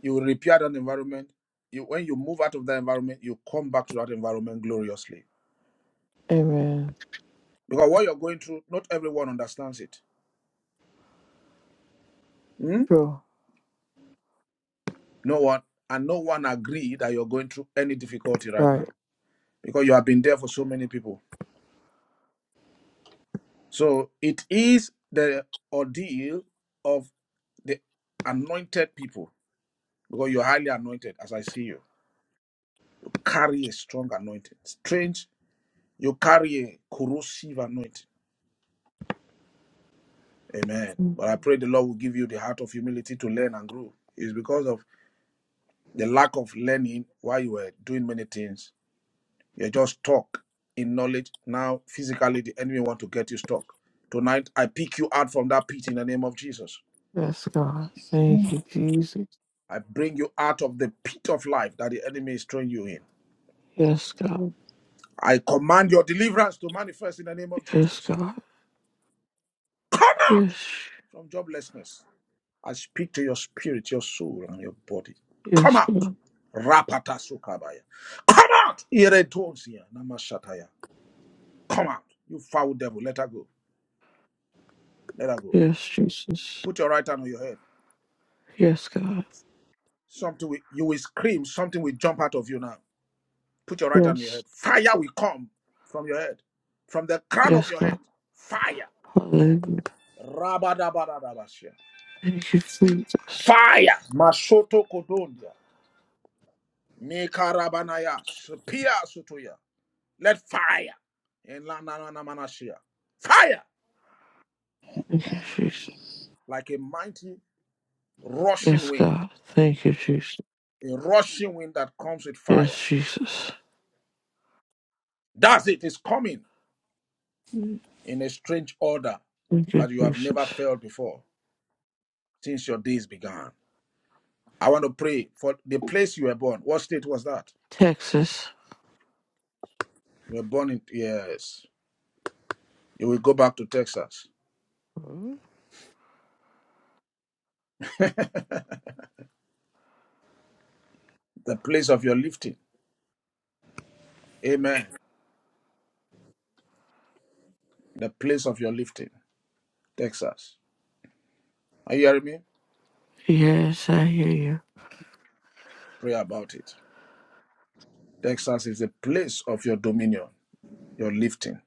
You will repair that environment. You, when you move out of that environment, you come back to that environment gloriously. Amen. Because what you're going through, not everyone understands it. Hmm? Sure. No one, and no one agree that you're going through any difficulty right now Right. because you have been there for so many people. So it is the ordeal of the anointed people because you're highly anointed, as I see you. Carry a strong anointing. Strange, you carry a corrosive anointing Amen. But I pray the Lord will give you the heart of humility to learn and grow. It's because of the lack of learning while you were doing many things. You're just stuck in knowledge. Now, physically, the enemy want to get you stuck. Tonight, I pick you out from that pit in the name of Jesus. Yes, God. Thank you, Jesus. I bring you out of the pit of life that the enemy is throwing you in. Yes, God. I command your deliverance to manifest in the name of Yes, Jesus. God. Come out Yes. from joblessness. I speak to your spirit, your soul, and your body. Come Yes, out. God. Rapata sukabaya. Come out. Iretonsia namashataya. Come out. You foul devil. Let her go. Let her go. Yes, Jesus. Put your right hand on your head. Yes, God. Something will, you will scream. Something will jump out of you now. Put your right hand on your head. Yes. Fire will come from your head. From the crown of Yes, your head. God. Fire. Hallelujah. Rabadabadabashia. Thank you, Jesus. Fire. Masoto kodondia. Mikarabanaya. Pia sutuya. Let fire in La- Na- Na- Na- Manashia. Fire Thank you, Jesus. like a mighty rushing Yes, wind, God. Thank you, Jesus. a rushing wind that comes with Yes, fire. Jesus. That's it, it's coming in a strange order Thank you, that you have never Jesus. felt before since your days began. I want to pray for the place you were born. What state was that? Texas. You were born in, yes. You will go back to Texas, the place of your lifting. Amen. The place of your lifting, Texas. Are you hearing me? Yes, I hear you. Pray about it. Texas is a place of your dominion, your lifting.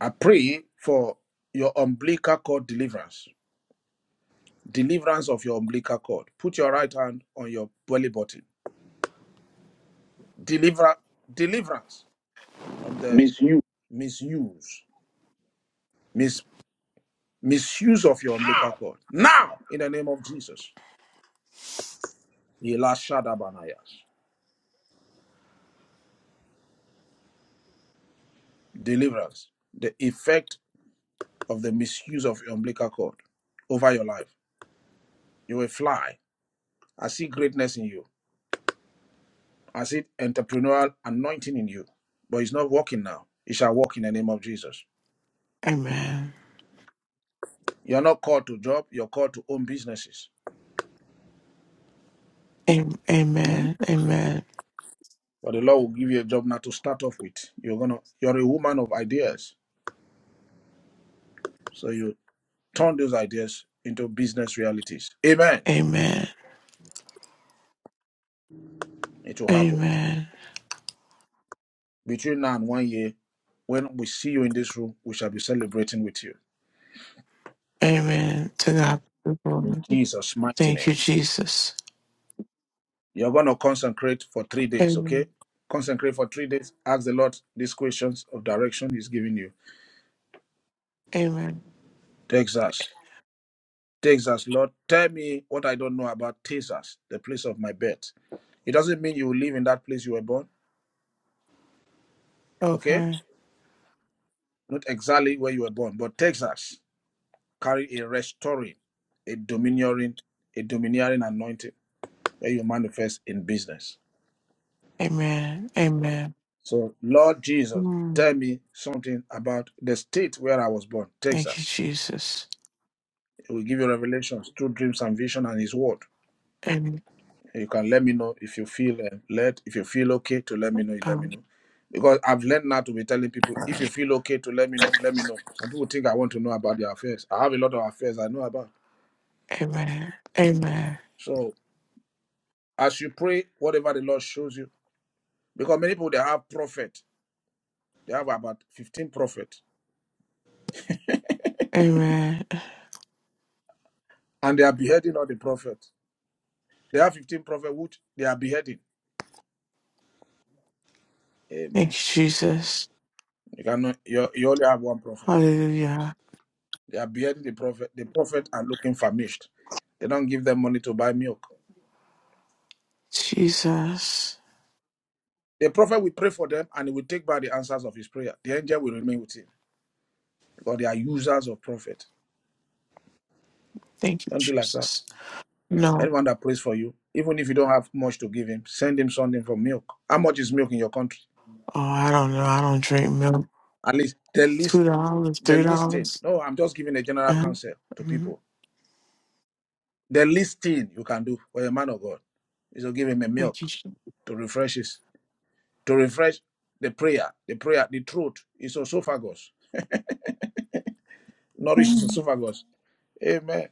I pray for your umbilical cord deliverance, deliverance of your umbilical cord. Put your right hand on your belly button. Deliver deliverance from the Miss you. misuse, mis, misuse of your umbilical cord. Now, in the name of Jesus, Elashadabanayas. deliverance, the effect of the misuse of your umbilical cord over your life. You will fly. I see greatness in you. I see entrepreneurial anointing in you, but it's not working now. It shall work in the name of Jesus. Amen. You're not called to job, you're called to own businesses. Am- Mhm. Amen. Amen. But the Lord will give you a job now to start off with. You're gonna you're a woman of ideas. So you turn those ideas into business realities. Amen. Amen. It will happen. Amen. Between now and one year, when we see you in this room, we shall be celebrating with you. Amen. To God be the In glory. Jesus' mighty Thank name. you, Jesus. You're going to consecrate for three days, okay? Amen. Consecrate for three days. Ask the Lord these questions of direction He's giving you. Amen. Texas, Texas, Lord, tell me what I don't know about Texas, the place of my birth. It doesn't mean you will live in that place you were born, okay? Okay. Not exactly where you were born, but Texas carry a restoring, a domineering, a domineering anointing where you manifest in business. Amen. Amen. So, Lord Jesus, Mm. tell me something about the state where I was born, Thank you, Texas. Jesus. He will give you revelations through dreams and vision and His word. Amen. You can let me know if you feel uh, led, if you feel okay to let me know, you let me Um, know. Because I've learned now to be telling people, if you feel okay to let me know, let me know. Some people think I want to know about their affairs. I have a lot of affairs I know about. amen. Amen. So as you pray, whatever the Lord shows you, because many people they have prophet, they have about 15 prophets, Amen. and they are beheading all the prophets. They have 15 prophets which they are beheading. Thank Amen. you, Jesus. You cannot you, you only have one prophet. Hallelujah. They are beheading the prophet. The prophet are looking famished. They don't give them money to buy milk. Jesus. The prophet will pray for them and he will take back the answers of his prayer. The angel will remain with him because they are users of prophet. Thank you, Don't do like that. Jesus. No. Anyone that prays for you, even if you don't have much to give him, send him something for milk. How much is milk in your country? Oh, I don't know. I don't drink milk. At least the least, Two dollars, the three least thing. dollars. No, I'm just giving a general Uh, counsel to mhm. people. The least thing you can do for a man of God is to give him a Thank milk you. Jesus. to refresh his to refresh the prayer, the prayer, the truth is esophagus, nourishes esophagus. Amen.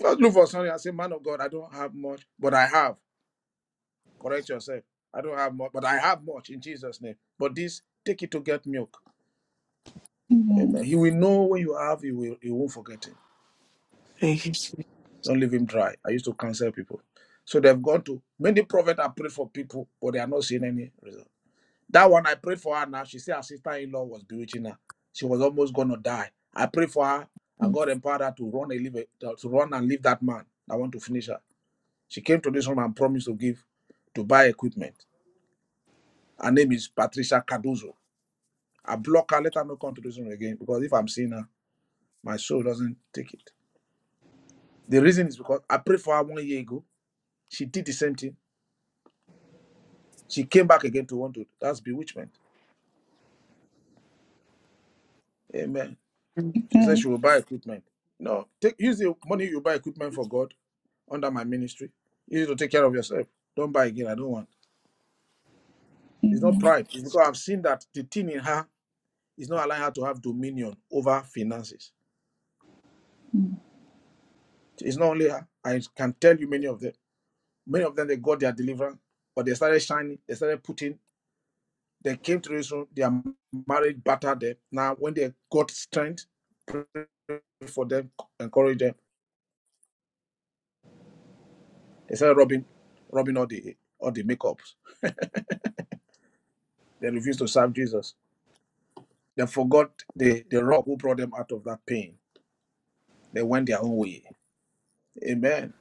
Just look for something and say, Man of God, I don't have much, but I have. Correct yourself. I don't have much, but I have much in Jesus' name. But this, take it to get milk. Amen. Amen. He will know when you have, he will he won't forget it. Thank you. Jesus. Don't leave him dry. I used to counsel people. So they've gone to many prophets have prayed for people, but they are not seeing any result. That one I prayed for her now. She said her sister in law was bewitching her. She was almost gonna die. I prayed for her and God empowered her to run and leave it- uh, to run and leave that man. I want to finish her. She came to this room and promised to give to buy equipment. Her name is Patricia Cardozo. I block her, let her not come to this room again because if I'm seeing her, my soul doesn't take it. The reason is because I prayed for her one year ago. She did the same thing. She came back again to want to. That's bewitchment. Amen. She said she will buy equipment. No, take use the money you buy equipment for God under my ministry. You need to take care of yourself. Don't buy again. I don't want. It's not pride. It's because I've seen that the thing in her is not allowing her to have dominion over finances. It's not only her. I can tell you many of them. Many of them they got their deliverance, but they started shining. They started putting. They came to this room. Their marriage battered them. Now when they got strength, pray for them, encourage them. They started robbing, robbing all the all the makeups. They refused to serve Jesus. They forgot the the rock who brought them out of that pain They went their own way. Amen.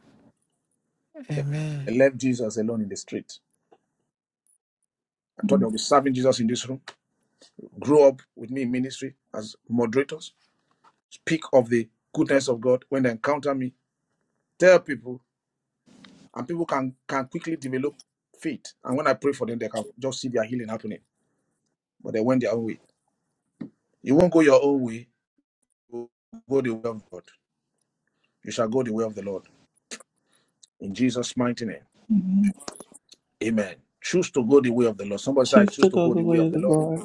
Amen. They left Jesus alone in the street. I thought they would be serving Jesus in this room, grow up with me in ministry as moderators, speak of the goodness of God when they encounter me, tell people, and people can, can quickly develop faith. And when I pray for them, they can just see their healing happening. But they went their own way. You won't go your own way, you will go the way of God. You shall go the way of the Lord. In Jesus' mighty name. Amen. Amen. Choose to go the way of the Lord. Somebody say, I Choose choose to to go go the the way way of of the the Lord. Lord.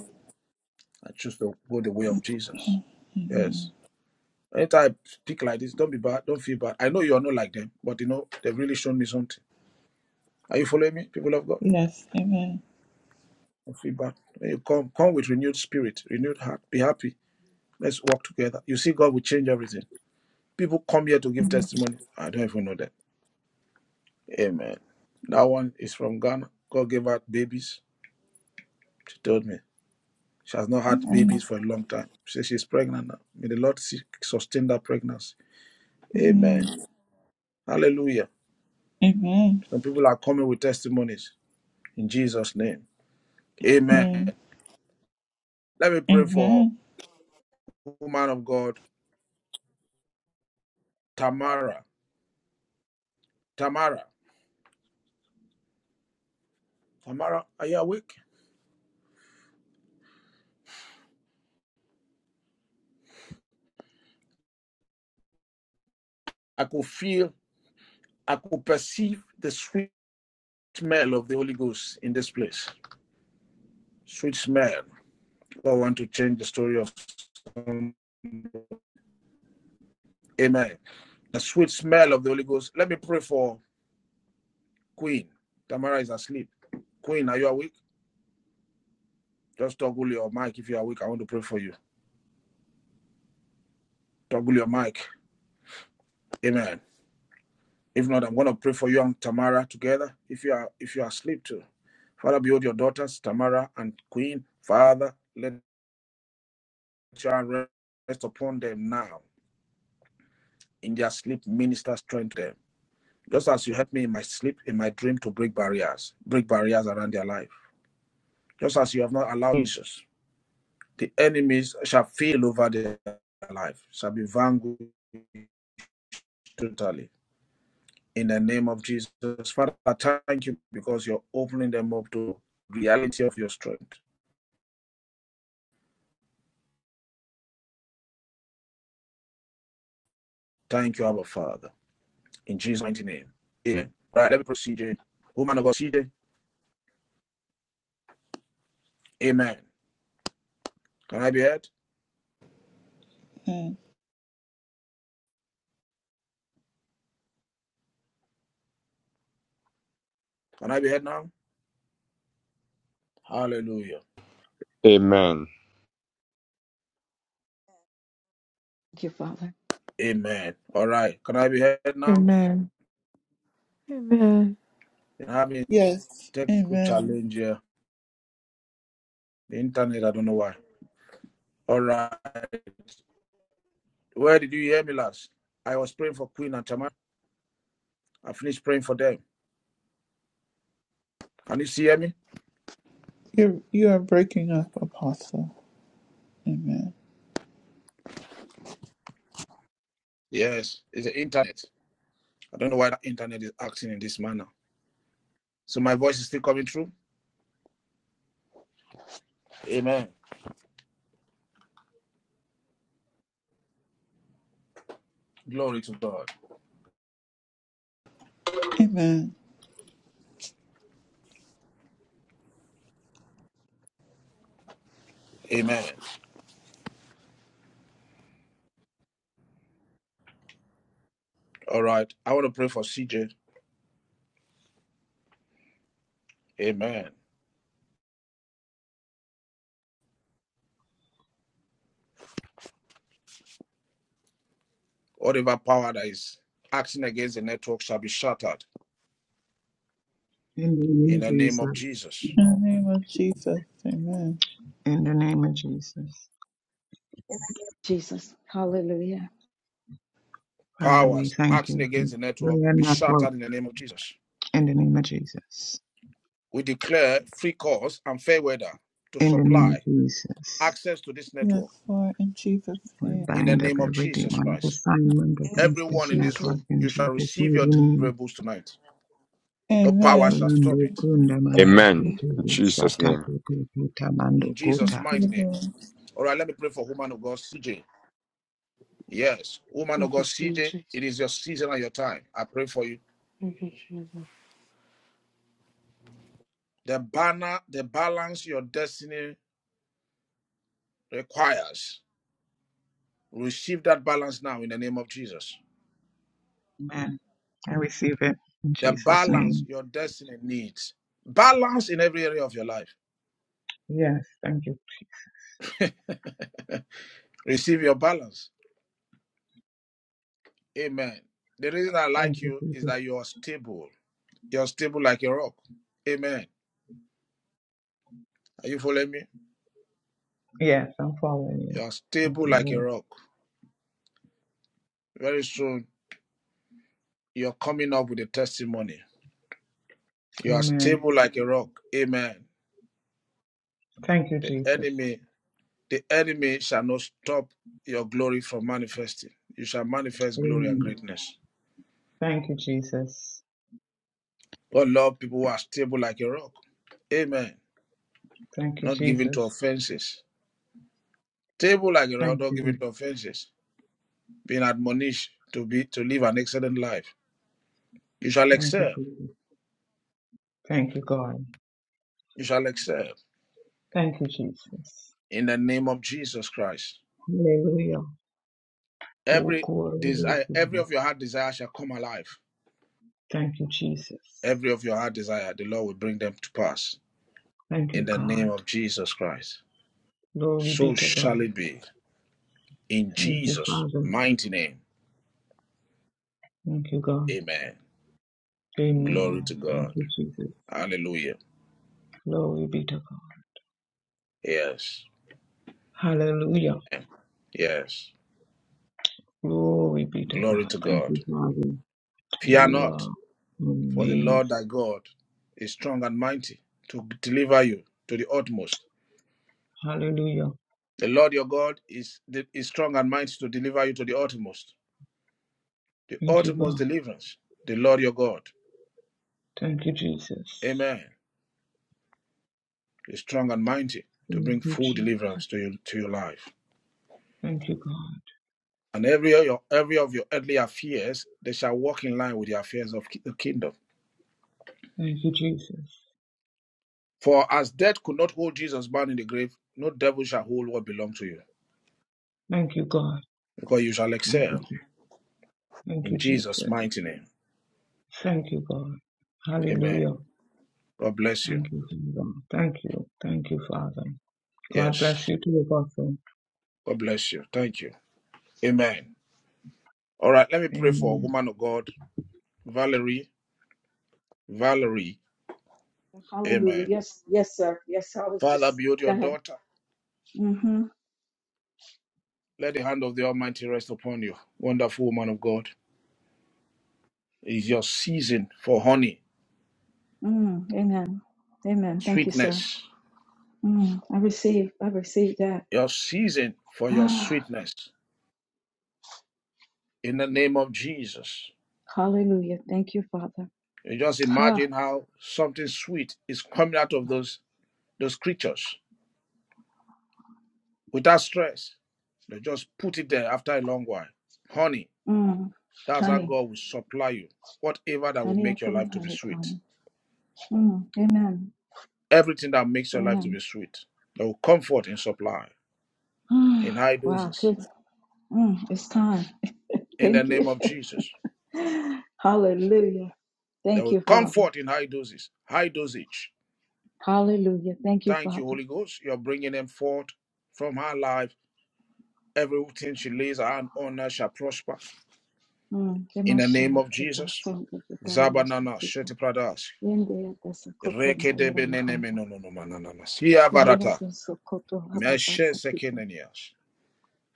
I choose to go the way of Jesus. Yes. Anytime I speak like this, don't be bad, don't feel bad. I know you are not like them, but you know, they've really shown me something. Are you following me, people of God? Yes. Amen. Don't feel bad. When you come, come with renewed spirit, renewed heart. Be happy. Let's work together. You see, God will change everything. People come here to give testimony. I don't even know that. Amen. That one is from Ghana. God gave her babies. She told me. She has not had babies for a long time. She says she's pregnant now. May the Lord sustain that pregnancy. Amen. Hallelujah. Some people are coming with testimonies in Jesus' name. Amen. Let me pray for woman of God, Tamara. Tamara, Tamara, are you awake? I could feel, I could perceive the sweet smell of the Holy Ghost in this place. Sweet smell. God want to change the story of some- Amen. The sweet smell of the Holy Ghost. Let me pray for Queen. Tamara is asleep. Queen, are you awake? Just toggle your mic if you're awake. I want to pray for you. Toggle your mic. Amen. If not, I'm going to pray for you and Tamara together. If you are if you are asleep too, Father, behold your daughters Tamara and Queen. Father, let your rest upon them now in their sleep. Minister strength to them, just as you helped me in my sleep, in my dream, to break barriers, break barriers around their life. Just as you have not allowed Jesus, the enemies shall feel over their life, shall be vanquished totally. In the name of Jesus, Father, I thank you because you're opening them up to reality of your strength Thank you, Abba Father. In Jesus' mighty name. Amen. All Right, let me proceed. CJ. Woman of God, CJ. Amen. Can I be heard? Can I be heard now? Hallelujah. Amen. Thank you, Father. Amen. All right. Can I be heard now? Amen. Amen. Been having Yes. technical challenge here. The internet, I don't know why. All right. Where did you hear me last? I was praying for Queen and Tamar. I finished praying for them. Can you see hear me? You're you are breaking up, Apostle. Amen. Yes. It's the internet. I don't know why the internet is acting in this manner. So my voice is still coming through. Amen. Glory to God. Amen. Amen. All right. I want to pray for CJ. Amen. Whatever power that is acting against the network shall be shattered In the name in of the name of Jesus, Jesus. In the name of Jesus. Amen. in the name of Jesus, In the name of Jesus. Hallelujah. Father, we Powers thank acting you for against the network prayer be network. shattered in the name of Jesus. In the name of Jesus, We declare free course and fair weather to in the name of supply Jesus, access to this Yes, network Lord, in Jesus' we name. in the bind up name of every Jesus demonic Christ. assignment against this Everyone in this network Jesus. room, in you shall Jesus' receive mighty your name. deliverables tonight. No power Amen. shall stop Rondo it. kunda mando Amen. In kuku Jesus' satake name. kukuta In mando Thank Jesus' kuta. mighty you, name. Lord. All right, let me pray for woman of God, CJ. Yes, woman of Thank God, you, CJ, Jesus. it is your season and your time. I pray for you. Thank you, Jesus. The banner, the balance your destiny requires. Receive that balance now in the name of Jesus. Amen. I receive it in The Jesus' name. balance your destiny needs. Balance in every area of your life. Yes, thank you. Receive your balance. Amen. The reason I Thank like you, you is Jesus. that you are stable. You're stable like a rock. Amen. Are you following me? Yes, I'm following you. You're Thank stable you, like a Lord. rock. Very soon, you're coming up with a testimony. You are Amen. stable like a rock. Amen. Thank you, The Jesus. enemy, the enemy shall not stop your glory from manifesting. You shall manifest glory and Amen. greatness. Thank you, Jesus. God love people who are stable like a rock. Amen. Thank you, Not given to Jesus. offenses. Stable like a rock, Thank not given you. to offenses. Being admonished to be to live an excellent life. You shall Thank you, excel. Jesus. Thank you, God. You shall excel Thank you, Jesus. in the name of Jesus Christ. Hallelujah. Oh, Every glory be desire, to every you. of your heart desire shall come alive. Thank you, Jesus. Every of your heart desire, the Lord will bring them to pass Thank in you, the name God. of Jesus Christ. Glory be So to shall God. it be in Thank you, Jesus' Father. mighty name. Thank you, God. Amen. Glory Amen. to Thank God. you, Jesus. Hallelujah. Glory be to God. Yes. Hallelujah. Yes. Glory be to Glory God. to Thank God. you, Father. Fear You not, are for the Lord thy amazing. God is strong and mighty to deliver you to the utmost. Hallelujah. The Lord your God is, is strong and mighty to deliver you to the utmost. The Thank you, utmost God. deliverance, the Lord your God. Thank you, Jesus. Amen. Is strong and mighty to Thank bring you, full Jesus. deliverance to, you, to your life. Thank you, God. and every of your, every of your earthly affairs, they shall walk in line with the affairs of ki- the kingdom. Thank you, Jesus. For as death could not hold Jesus bound in the grave, no devil shall hold what belongs to you, Thank you, God. because you shall Thank excel you. Thank in you, Jesus' Jesus. mighty name. Thank you, God. Amen. Hallelujah. God bless you. Thank you, Father. Thank you. Thank you, Father. God bless Yes. you too, Apostle. God bless you. Thank you. Amen. All right, let me pray for a Amen. woman of God, Valerie. Valerie. Hallelujah. Amen. Yes, yes, sir. Yes, I was Father, just build go your ahead. daughter. Mm-hmm. Let the hand of the Almighty rest upon you. Wonderful woman of God. It is your season for honey, Mm, amen. Amen. Thank you, sir. sweetness. Mm, I receive. I receive that. your season for your Ah, sweetness in the name of Jesus. hallelujah. Thank you, Father. You just Ha. imagine how something sweet is coming out of those those creatures without stress. They just put it there after a long while. Honey, Mm, that's how honey. God will supply you. Whatever that will Honey, I make your put in life the to be sweet. honeycomb. Mm, amen. Everything that makes your life to Amen. be sweet. There will comfort in supply Mm, in high wow. doses. good. Mm, it's time. In the Thank you. name of Jesus. Hallelujah. There Thank will you, Father. comfort in high doses, high dosage Hallelujah. Thank you, Thank you, Father. Holy Ghost. You're bringing them forth from her life. Everything she lays her hand on her shall prosper. Mm, In the name of Kemashamaketa, Jesus. Sonde Zabanana Kitaramasakita, Sheti Pradas. Yendeata Reke Sakokonda de benene Yaramahanda, menono no manana. Sia barata. Yendeata Sokoto Habata Meshe Sakita, sekenenias.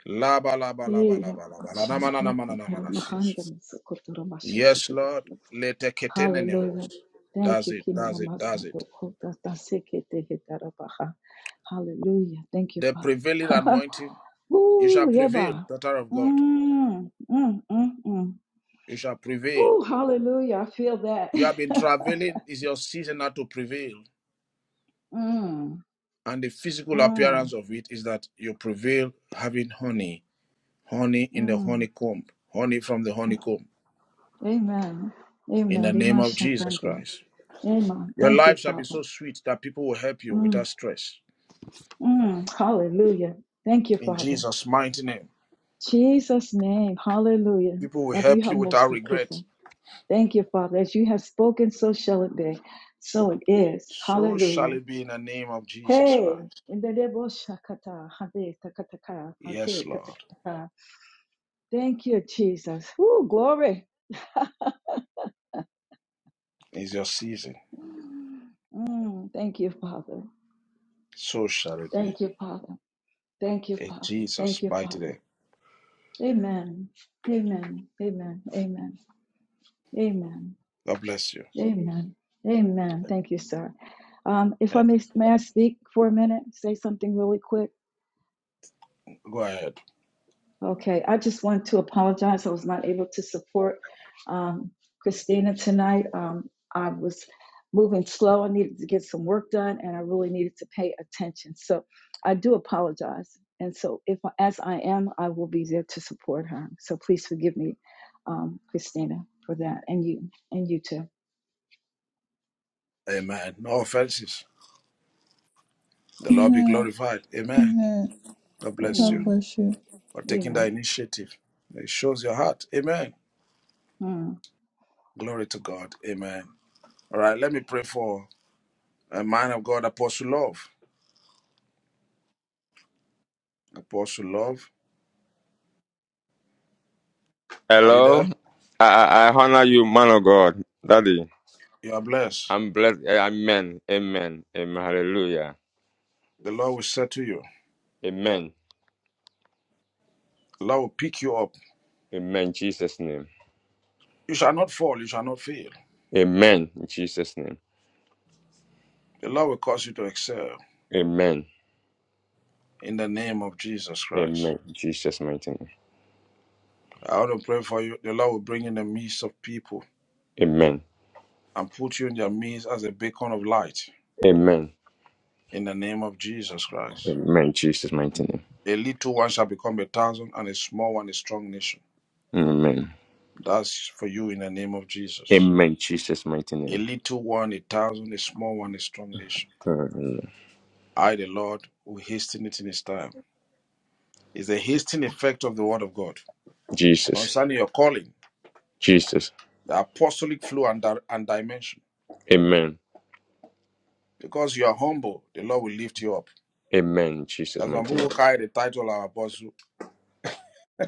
Laba laba laba Hey laba laba. La namana Yapashande namana namana Kitaramahanda sis. Sokoto Yes, Ramashakita. Lord. Lete ketenenios. Hallelujah. Thank That's you, it. That's it. That's it. Kimeramasanto Kota Tasekete Hitarabaha. Hallelujah. Thank you, The prevailing Father. anointing. You shall Woo, prevail, Yeba. daughter of God. Mm, mm, mm, mm. You shall prevail. Woo, hallelujah. I feel that. You have been traveling, is your season now to prevail. Mm. And the physical Mm, appearance of it is that you prevail having honey, honey in the mm. honeycomb, honey from the honeycomb, Amen. in the Amen. name Amen. of Jesus Shatande. Christ. Amen. Your Thank you, life shall be so Father. sweet that people will help you Mm, without stress. mm. Hallelujah. Thank you, In Father. Jesus' mighty name, Jesus' name. Hallelujah. people will If you help have you without most regret. taken. Thank you, Father. As you have spoken, so shall it be. So it is. So shall Hallelujah. it be in the name of Jesus Hey. Christ. In the Debo Shakata. Hade Takataka. Yes, Hade Lord, Katakataka. Thank you, Jesus. Woo, glory. is your season. Mm, thank you, Father. So shall it be. Thank you, Father. Thank you, In Father. Jesus' Thank you, mighty Father. name. Amen. Amen. Amen. Amen. Amen. God bless you. Amen. Amen. Thank you, sir. Um, if Eh, I may, may I speak for a minute? Say something really quick. Go ahead. Okay, I just want to apologize. I was not able to support um, Christina tonight. Um, I was moving slow. I needed to get some work done, and I really needed to pay attention. So I do apologize. And so, if as I am, I will be there to support her. So please forgive me, um, Christina, for that, and you, and you too. Amen. No offenses. The Lord be glorified. Amen. God bless you God Amen. bless you. for taking that Amen. initiative. It shows your heart. Amen. Mm. Glory to God. Amen. All right, let me pray for a man of God, Apostle Love. Apostle Love, are you there? Hello. I, I, I honor you, man of God. Daddy. You are blessed. I'm blessed. Eh, Amen. Amen. Amen. Hallelujah. The Lord will say to you, Amen. the Lord will pick you up. Amen. In Jesus' name. You shall not fall, you shall not fail. Amen. In Jesus' name. The Lord will cause you to excel Amen. in the name of Jesus Christ. Amen. In Jesus' mighty name. I want to pray for you. The Lord will bring you in the midst of people Amen. and put you in their midst as a beacon of light. Amen. in the name of Jesus Christ. Amen. In Jesus' mighty name. A little one shall become a thousand, and a small one a strong nation. Amen. That's for you in the name of Jesus. Amen. In Jesus' mighty A name. little one, a thousand, a small one, a strong nation. Amen. I, the Lord, will hasten it in his time. Is the hastening effect of the word of God Jesus. concerning your calling, Jesus. the apostolic flow and, di- and dimension. Amen. Because you are humble, the Lord will lift you up. Amen. In Jesus' As some mighty people who carry the title of apostle,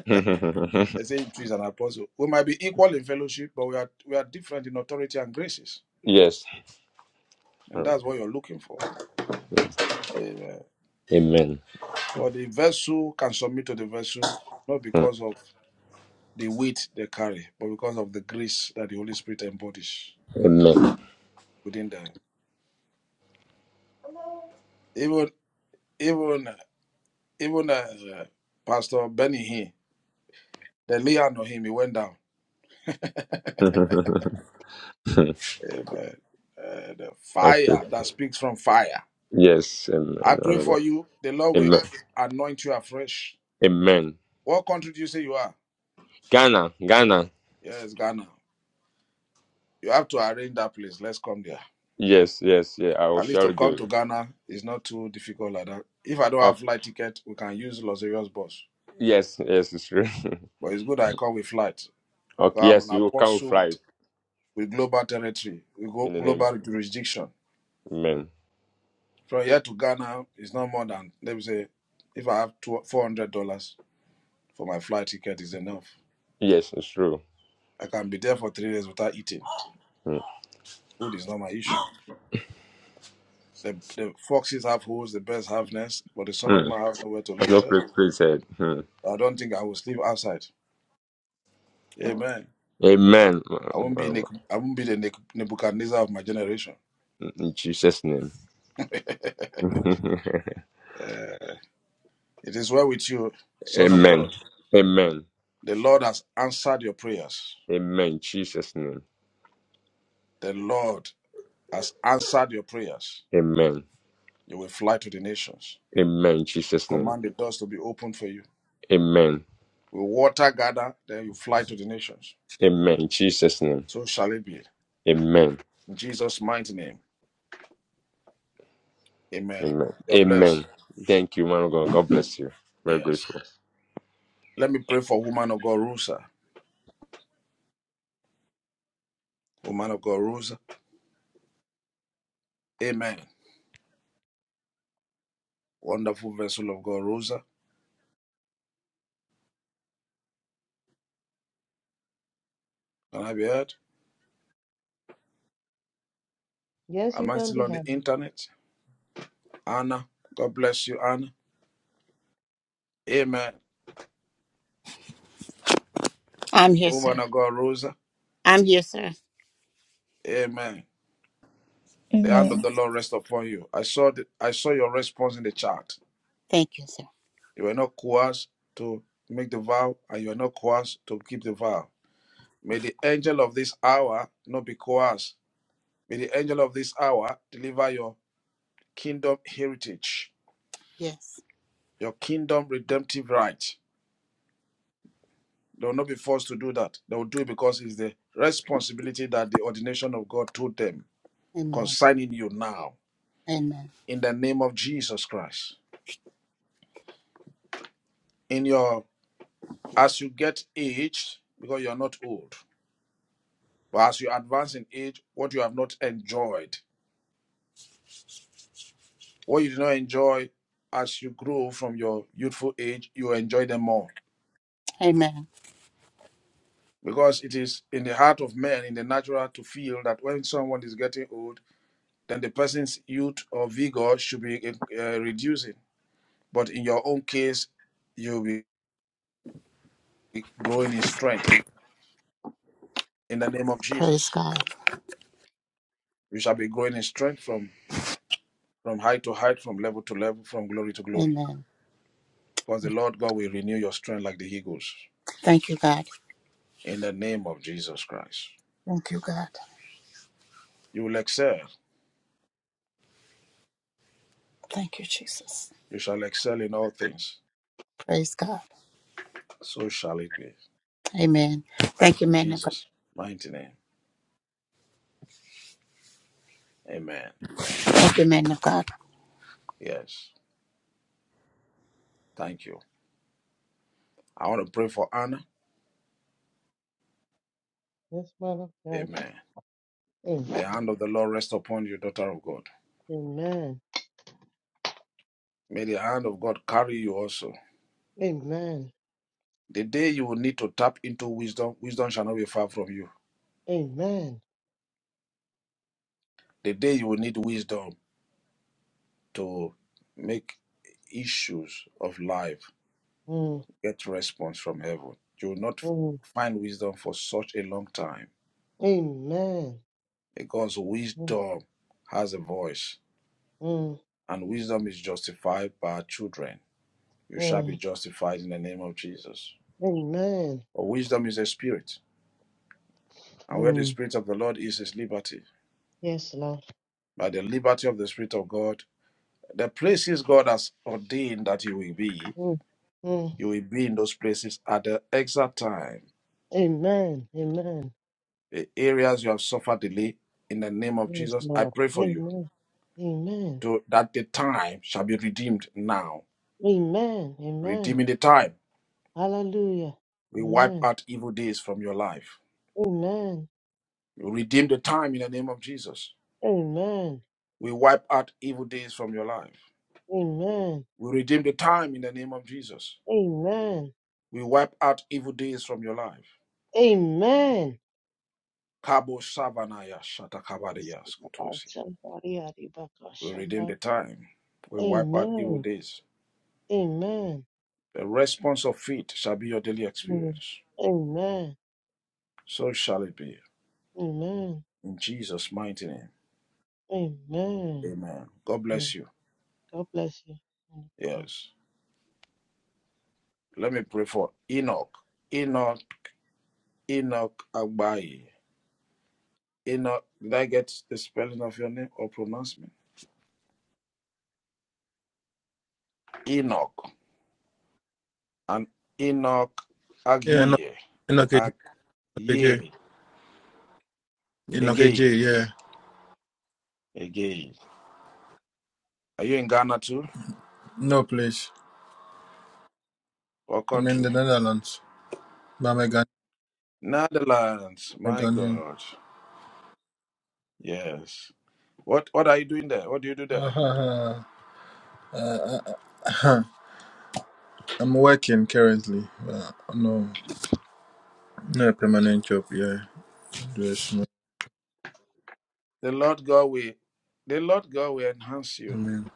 name. they say him too is an apostle. We might be equal in fellowship, but we are we are different in authority and graces. yes. And that's what you're looking for. Amen. Amen. For the vessel can submit to the vessel, not Mm. because of the weight they carry, but because of the grace that the Holy Spirit embodies Amen. within them. Even even even uh, Pastor Benny here, the lay hand on him, he went down. Amen. Uh, the I fire feel- that speaks from fire. yes, I amen. pray for Honorable. you, the Lord will Amen. anoint you afresh. Amen. What country do you say you are? Ghana, Ghana. Yes, Ghana. You have to arrange that place. Let's come there. Yes, yes, yeah. I will At least share to with come you. to Ghana is not too difficult like that. If I don't have Okay. flight ticket, we can use Los Angeles bus. Yes, yes, it's true. But it's good I come with flight. Because okay, I'm yes, an you can apostle fly with, with global territory, with go, in the name of global jurisdiction. Amen. From here to Ghana is not more than, let me say, if I have two, $400 for my flight ticket is enough. Yes, it's true. I can be there for three days without eating. Mm. Food is not my issue. The, the foxes have holes, the birds have nests, but the son of Mm. man have nowhere to lay his No head. place, please said. Mm. I don't think I will sleep outside. Amen. Amen. I won't be Nic- Honorable. I won't be the Nic- Nebuchadnezzar of my generation. In Jesus' name. amen. Uh, it is well with you, Son of God. Amen. The Lord has answered your prayers. Amen. Jesus' name. The Lord has answered your prayers. Amen. You will fly to the nations. Amen. Jesus' name. Command the doors to be opened for you. Amen. Will water gather, then you fly to the nations. Amen. In Jesus' name. So shall it be. Amen. In Jesus' mighty name. Amen. Amen. You are Amen. blessed. Thank you, man of God. God bless you. Very Yes. grateful. Let me pray for woman of God, Rosa. Woman of God, Rosa. Amen. Wonderful vessel of God, Rosa. Can I be heard? Yes, you Am I can still be on the happy. internet? Anna, God bless you, Anna. Amen. I'm here, Woman sir. of God, Rosa. I'm here, sir. Amen. The hand of the Lord rest upon you. I saw the, I saw your response in the chat. Thank you, sir. You were not coerced to make the vow, and you are not coerced to keep the vow. May the angel of this hour not be coerced. May the angel of this hour deliver your kingdom heritage, Yes. your kingdom redemptive right. They will not be forced to do that. They will do it because it's the responsibility that the ordination of God told them. Amen. concerning you now Amen. in the name of Jesus Christ. In your as you get aged, because you are not old, but as you advance in age, what you have not enjoyed, what you did not enjoy as you grow from your youthful age, you enjoy them more. Amen. Because it is in the heart of man, in the natural, to feel that when someone is getting old, then the person's youth or vigor should be uh, reducing. But in your own case, you'll be growing in strength in the name of Praise Jesus. God. We shall be growing in strength from, from height to height, from level to level, from glory to glory. Amen. Because the Lord God will renew your strength like the eagles Thank you, God. in the name of Jesus Christ. Thank you, God. You will excel. Thank you, Jesus. You shall excel in all things. Praise God. So shall it be. Amen. Thank you, In man of God. Jesus' mighty name. Amen. Thank you, man of God. Yes. Thank you. I want to pray for Anna. Yes, mother God. Amen. The hand Amen. of the Lord rest upon you, daughter of God. Amen. May the hand of God carry you also. Amen. The day you will need to tap into wisdom, wisdom shall not be far from you. Amen. The day you will need wisdom, to make issues of life Mm, get response from heaven. You will not mm, find wisdom for such a long time amen. because Mm, wisdom has a voice mm, and wisdom is justified by our children. You shall be mm, justified in the name of Jesus. amen. For wisdom is a spirit, and where the Mm, spirit of the Lord is, is liberty. yes, Lord. By the liberty of the Spirit of God, the places God has ordained that you will be, Mm, mm, you will be in those places at the exact time amen. Amen. the areas you have suffered delay in the name of Yes, Jesus. I Lord. pray for you Amen. Amen. to, that the time shall be redeemed now. Amen. Amen. Redeeming the time. Hallelujah. We wipe Amen. out evil days from your life. Amen. We redeem the time in the name of Jesus. Amen. We wipe out evil days from your life. Amen. We redeem the time in the name of Jesus. Amen. We wipe out evil days from your life. Amen. Kabo Savanaya Yes, Shatakabadiya Lord. Skutosia. Shandari Aribaka We redeem Shandari. the time. We wipe out evil Amen. days. Amen. The response of faith shall be your daily Mm. experience. Amen. So shall it be. Amen. In Jesus' mighty name. Amen. Amen. God Yeah. bless you. God bless you. Mm. God. Yes. Let me pray for Enoch. Enoch, Enoch Agbayi. Enoch, did I get the spelling of your name or pronouncement? Enoch. And Enoch Yeah, no, Agye. Enoch AJ. Enoch AJ. Agye. Enoch Again. AJ, yeah. Again. Are you in Ghana too? No place. Or I'm in country? the Netherlands. But I'm a Ghanaian. Netherlands. I'm a My Ghanaian. God. Yes. What what are you doing there? What do you do there? Uh, uh, uh, I'm working currently. Uh, no, no permanent job. Yeah, just no. The Lord God will the Lord God will enhance I you. mean,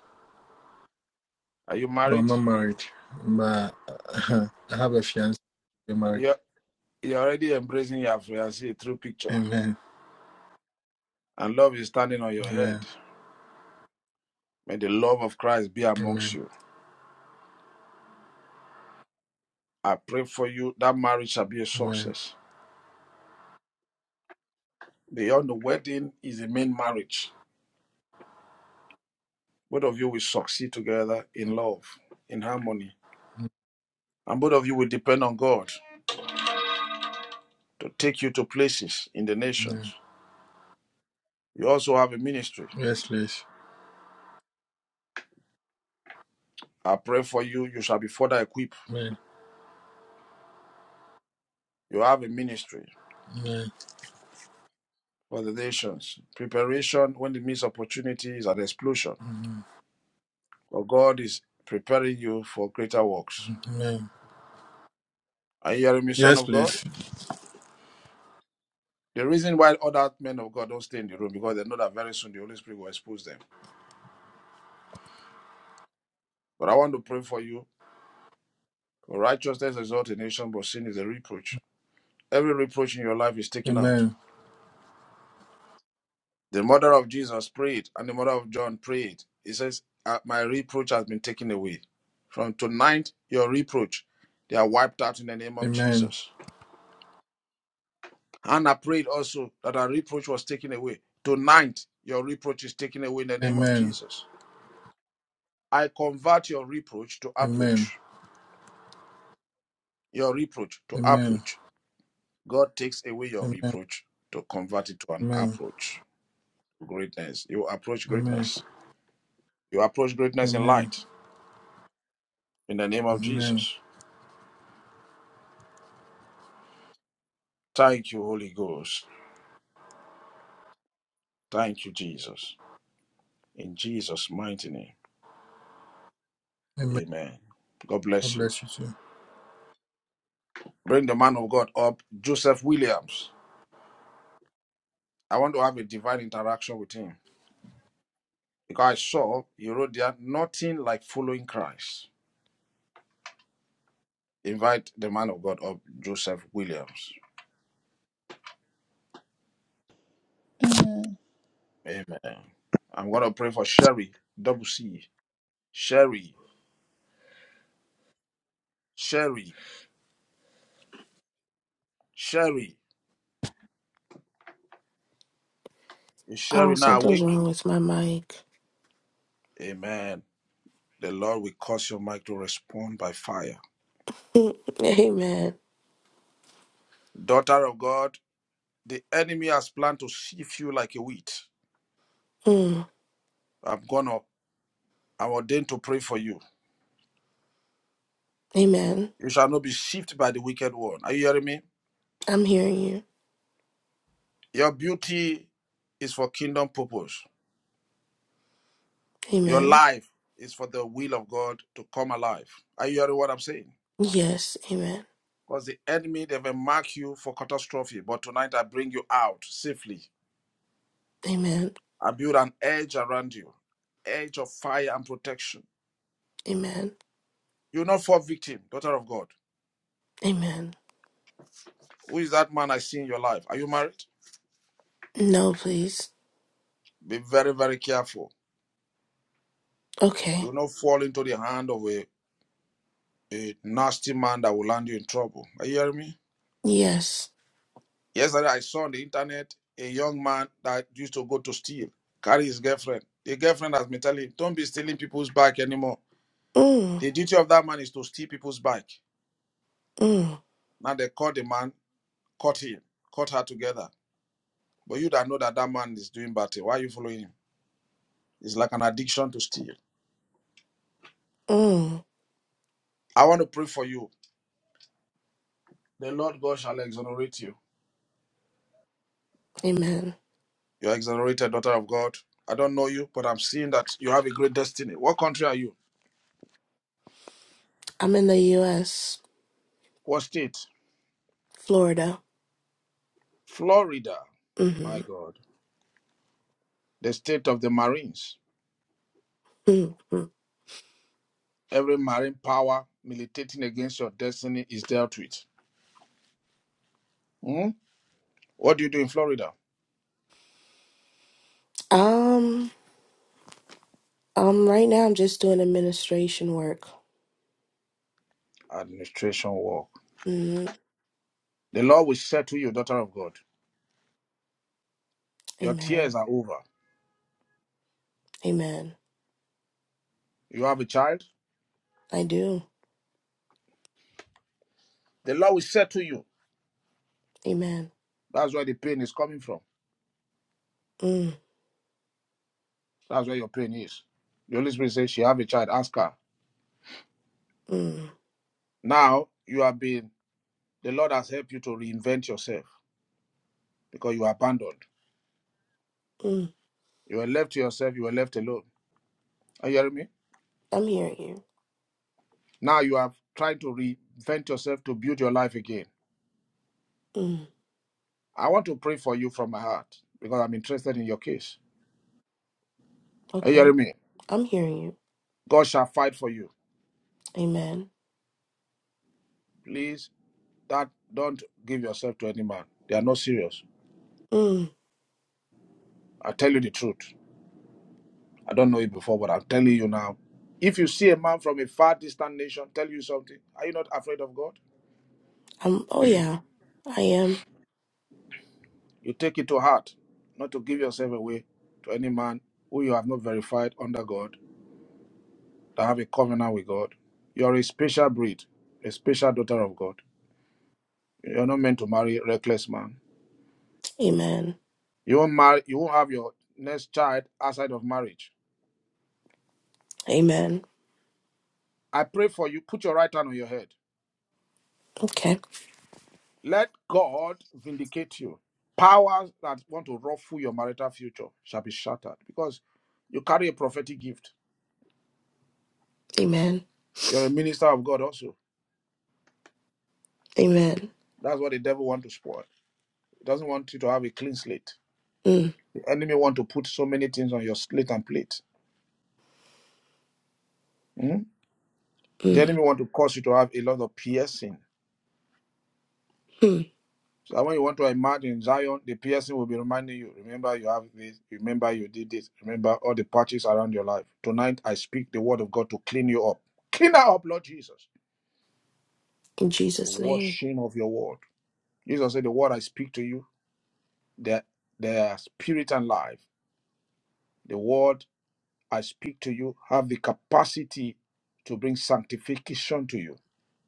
Are you no, I'm married? not married, but uh, I have a fiance. I'm married. Yeah. You're already embracing your fiancée through picture, Amen. and love is standing on your head. Amen. May the love of Christ be amongst Amen. you. I pray for you that marriage shall be a Amen. success. Beyond the wedding is the main marriage. Both of you will succeed together in love, in harmony, and both of you will depend on God to take you to places in the Amen. nations. You also have a ministry. Yes, please. I pray for you, you shall be further equipped. Amen. You have a ministry Amen. for the nations. Preparation when it means opportunity is an explosion Amen. For God is preparing you for greater works. Amen. Are you hearing me, son Yes, of God? please. The reason why other men of God don't stay in the room because they know that very soon the Holy Spirit will expose them. But I want to pray for you. For righteousness exalts a nation, but sin is a reproach. Every reproach in your life is taken out. Amen. The mother of Jesus prayed, and the mother of John prayed. He says, "Uh, My reproach has been taken away. From tonight, your reproach, they are wiped out in the name of Amen. Jesus. Hannah prayed also that her reproach was taken away. Tonight, your reproach is taken away in the name of Amen. Jesus. I convert your reproach to Amen. approach. Your reproach to Amen. approach. God takes away your Amen. reproach to convert it to an Amen. approach. Greatness. You approach Amen. greatness. You approach greatness in Amen. light in the name of Amen. Jesus. Thank you, Holy Ghost. Thank you, Jesus. In Jesus' mighty name. Amen. Amen. God God bless you. bless you too. Bring the man of God up, Joseph Williams. I want to have a divine interaction with him. Because I saw you wrote there nothing like following Christ. Invite the man of God up, Joseph Williams. Amen. I'm gonna pray for Sherry, double C. Sherry, Sherry, Sherry. Is Oh, Sherry now something's awake? wrong with my mic. Amen. The Lord will cause your mic to respond by fire. Amen. Daughter of God, the enemy has planned to sift you like a wheat. Mm, I'm gonna I'm ordained to pray for you. amen. You shall not be shifted by the wicked one. Are you hearing me? I'm hearing you. Your beauty is for kingdom purpose. Your Amen. life is for the will of God to come alive. Are you hearing what I'm saying? Yes. Amen. Because the enemy, they will mark you for catastrophe. But tonight I bring you out safely. Amen. I build an edge around you, edge of fire and protection. Amen. You're not for victim, daughter of God. Amen. Who is that man I see in your life? Are you married? No, please. Be very, very careful. You Okay. will not fall into the hand of a, a nasty man that will land you in trouble. Are you hearing me? Yes. Yesterday, I saw on the internet a young man that used to go to steal, carry his girlfriend. The girlfriend has been telling him, don't be stealing people's bike anymore. Mm, The duty of that man is to steal people's bike. mm, Now they caught the man, caught him, caught her together. But you that know that that man is doing bad thing, why are you following him? It's like an addiction to steal. mm. I want to pray for you. The Lord God shall exonerate you. Amen. You are exonerated, daughter of God. I don't know you, but I'm seeing that you have a great destiny. What country are you? I'm in the U.S., What state? Florida. Florida. Mm-hmm. My God. The state of the Marines. Mm-hmm. Every Marine power militating against your destiny is dealt with. Hmm? What do you do in Florida? Um, um, right now I'm just doing administration work. Administration work. Mm, The law will settle you, daughter of God. Your tears amen. are over. Amen. You have a child? I do. The law will settle you. Amen. That's where the pain is coming from. Mm, That's where your pain is. The Holy Spirit says she have a child. Ask her. mm, Now you have been. The Lord has helped you to reinvent yourself because you were abandoned. mm. You were left to yourself. You were left alone. Are you hearing me? I'm hearing you. Now you have tried to reinvent yourself to build your life again. Mm, I want to pray for you from my heart because I'm interested in your case. Are you hearing okay. me? I'm hearing you. God shall fight for you. Amen. Please, that don't give yourself to any man. They are not serious. Mm, I tell you the truth. I don't know it before, but I'm telling you now. If you see a man from a far distant nation tell you something, are you not afraid of God? I'm, oh, yeah. I am. You take it to heart, not to give yourself away to any man who you have not verified under God that have a covenant with God. You're a special breed, a special daughter of God. You're not meant to marry a reckless man. Amen. You won't marry. You won't have your next child outside of marriage. Amen. I pray for you. Put your right hand on your head. Okay. Let God vindicate you. Powers that want to ruffle your marital future shall be shattered because you carry a prophetic gift. Amen. You're a minister of God also. Amen. That's what the devil want to spoil. He doesn't want you to have a clean slate. Mm, The enemy want to put so many things on your slate and plate. Hmm? The enemy mm, want to cause you to have a lot of piercing. mm. So that when you want to imagine Zion, the piercing will be reminding you, remember you have this, remember you did this, remember all the patches around your life. Tonight I speak the word of God to clean you up. Clean her up, Lord Jesus. In The Jesus' name. washing of your word. Jesus said, The word I speak to you, they they are spirit and life. The word I speak to you have the capacity to bring sanctification to you.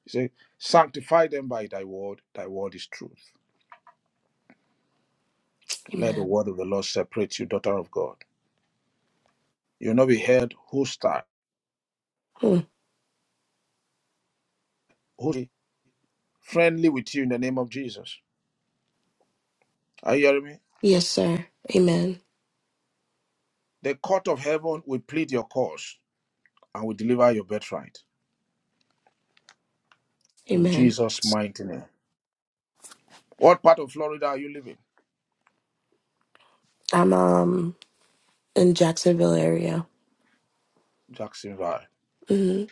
He said, Sanctify them by thy word, thy word is truth. Let the Amen. word of the Lord separate you, daughter of God. You'll not be held hostile, Mm, who's friendly with you in the name of Jesus. Are you hearing me? yes, sir. Amen. The court of heaven will plead your cause and will deliver your birthright in Amen. Jesus' mighty name. What part of Florida are you living? I'm um in Jacksonville area. Jacksonville. Mm,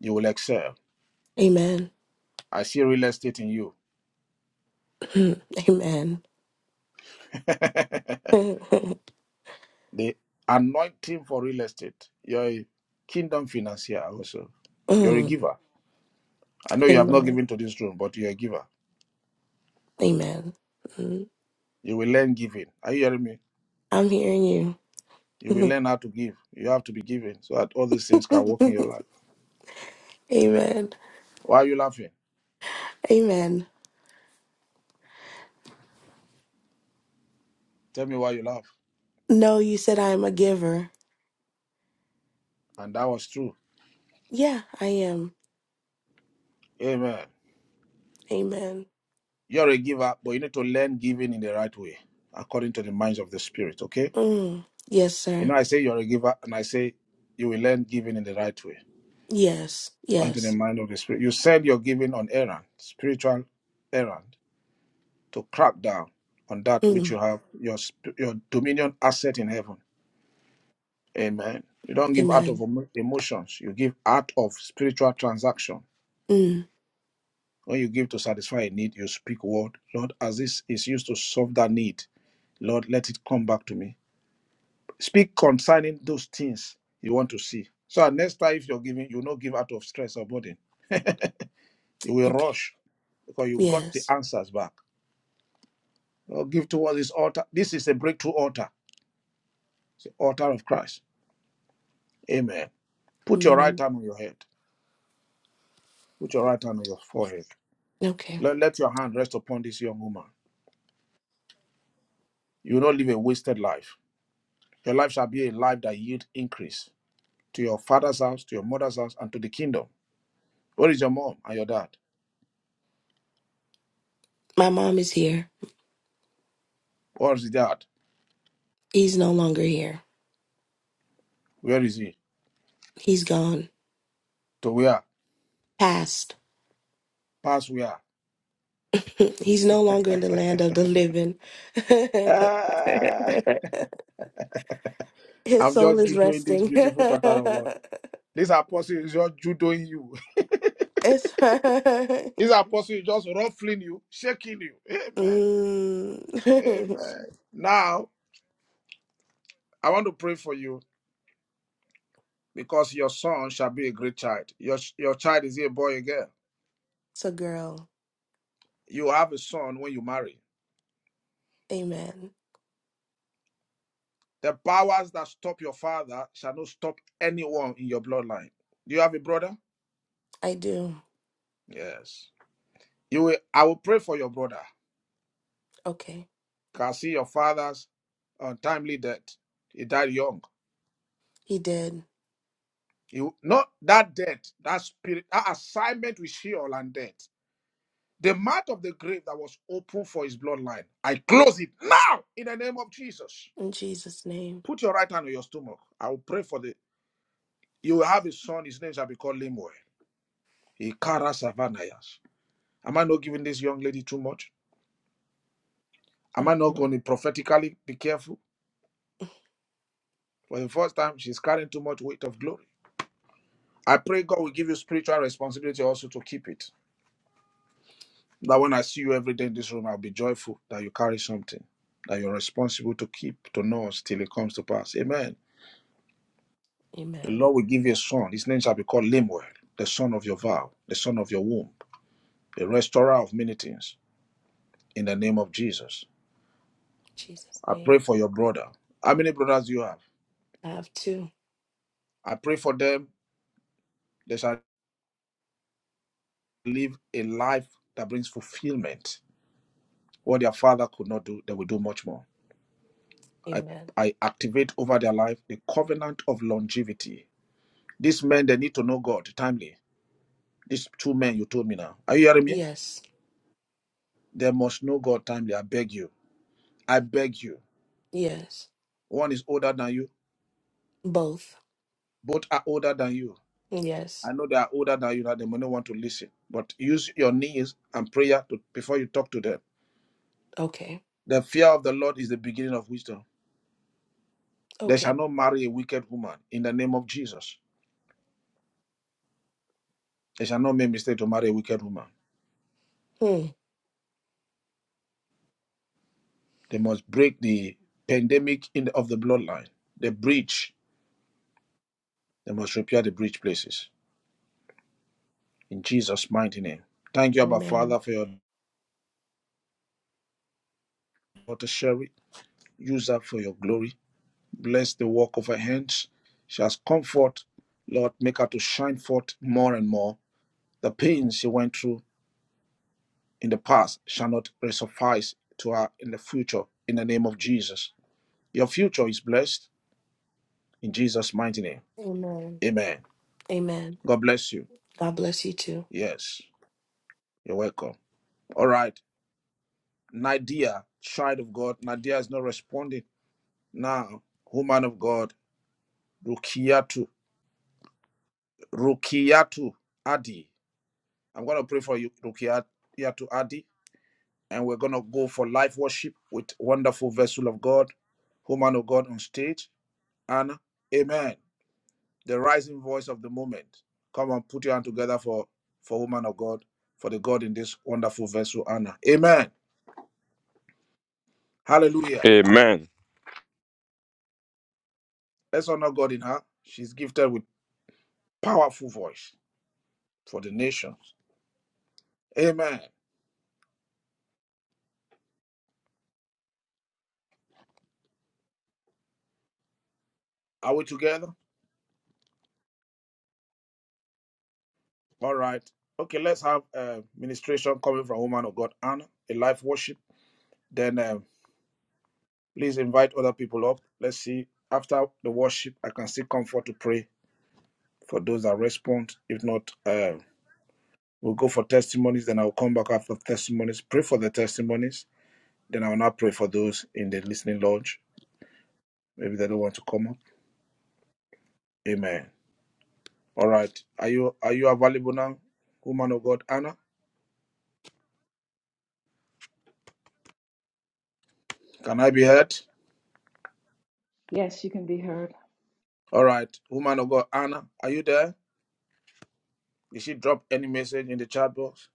You will excel. amen. I see real estate in you. Mm, amen. mm, the anointing for real estate. You're a kingdom financier also. You're a giver. I know you have not amen. given to this room, but you're a giver. Amen. Mm, You will learn giving. Are you hearing me? I'm hearing you. You will learn how to give. You have to be giving so that all these things can work in your life. amen. Why are you laughing? Amen. Tell me why you laugh. No, you said I am a giver. And that was true. Yeah, I am. Amen. Amen. You're a giver, but you need to learn giving in the right way, according to the minds of the spirit. Okay? Mm. Yes, You know, sir. I say you're a giver, and I say you will learn giving in the right way, Yes, according to the yes. mind of the spirit. You send your giving on errand, spiritual errand, to crack down on that which you Mm. have your sp- your dominion asset in heaven. Amen. You don't give out of Amen. emo- emotions. You give out of spiritual transaction. Mm. When you give to satisfy a need, you speak word. Lord, as this is used to solve that need, Lord, let it come back to me. Speak concerning those things you want to see. So that next time if you're giving, you will not give out of stress or burden. You will Okay. rush because you got the Yes. answers back. Lord, give towards this altar. This is a breakthrough altar. It's the altar of Christ. Amen. Put your right Amen. hand on your head. Put your right hand on your forehead. Okay. Let, let your hand rest upon this young woman. You will not live a wasted life. Your life shall be a life that yield increase to your father's house, to your mother's house, and to the kingdom. Where is your mom and your dad? My mom is here. Where is the dad? He's no longer here. Where is he? He's gone. To where? Past. Past where? He's no longer in the land of the living. Ah, His I'm soul just is judoing this resting. it's beautiful daughter of God. This apostle is just judoing you. This apostle is just ruffling you, shaking you. mm. Amen. Amen. Now, I want to pray for you because your son shall be a great child. Your, your child is a boy, a girl. it's a girl. You have a son when you marry Amen. The powers that stop your father shall not stop anyone in your bloodline. Do you have a brother? I do. Yes. You will, I will pray for your brother. Okay. Can see your father's untimely death. He died young. He did. You not that death, that spirit, that assignment with Sheol and death. The mouth of the grave that was open for his bloodline. I close it now in the name of Jesus. In Jesus' name. Put your right hand on your stomach. I will pray for the you will have a son, his name shall be called Lemuel. He carries Savanayas. Am I not giving this young lady too much? Am I not going Mhm. to prophetically be careful? For the first time, she's carrying too much weight of glory. I pray God will give you spiritual responsibility also to keep it. That when I see you every day in this room, I'll be joyful that you carry something that you're responsible to keep, to nurse till it comes to pass. Amen. The Amen. Lord will give you a son. His name shall be called Lemuel, the son of your vow, the son of your womb, the restorer of many things. In the name of Jesus. Jesus' I pray name. for your brother. How many brothers do you have? I have two. I pray for them. They shall. live a life that brings fulfillment. What their father could not do, they will do much more. I, Amen. I activate over their life the covenant of longevity. These men, they need to know God timely. These two men you told me now. Are you hearing me? Yes. They must know God timely. I beg you. I beg you. Yes. One is older than you. Both. Both are older than you. Yes. I know they are older than you that They may not want to listen. But use your knees and prayer to, before you talk to them. Okay. The fear of the Lord is the beginning of wisdom. They shall Okay. not marry a wicked woman in the name of Jesus. They shall not make mistake to marry a wicked woman. Hmm. They must break the pandemic in the, of the bloodline, the breach. They must repair the breach places. In Jesus' mighty name. Thank you, Abba Amen. Father, for your daughter Sherry. Use her for your glory. Bless the work of her hands. She has comfort. Lord, make her to shine forth more and more. The pains she went through in the past shall not suffice to her in the future. In the name of Jesus. Your future is blessed in Jesus' mighty name. Amen. Amen. Amen. God bless you. God bless you too. Yes, you're welcome. All right. Nadia, child of God. Nadia is not responding. Now, woman of God, Rukiatu, Rukiatu Adi. I'm going to pray for you, Rukiatu Adi. And we're going to go for live worship with wonderful vessel of God, woman of God on stage. And amen. The rising voice of the moment. Come on, put your hand together for, for woman of God, for the God in this wonderful vessel, Anna. Amen. Hallelujah. Amen. Let's honor God in her. She's gifted with powerful voice for the nations. Amen. Are we together? All right. Okay, let's have uh, ministration coming from woman of God, Anna, a life worship. Then uh, please invite other people up. Let's see. After the worship, I can still come forward to pray for those that respond. If not, uh, we'll go for testimonies. Then I'll come back after testimonies. Pray for the testimonies. Then I will now pray for those in the listening lodge. Maybe they don't want to come up. Amen. All right. Are you are you available now, woman of God, Anna? Can I be heard? Yes, you can be heard. All right, woman of God, Anna, are you there? Did she drop any message in the chat box?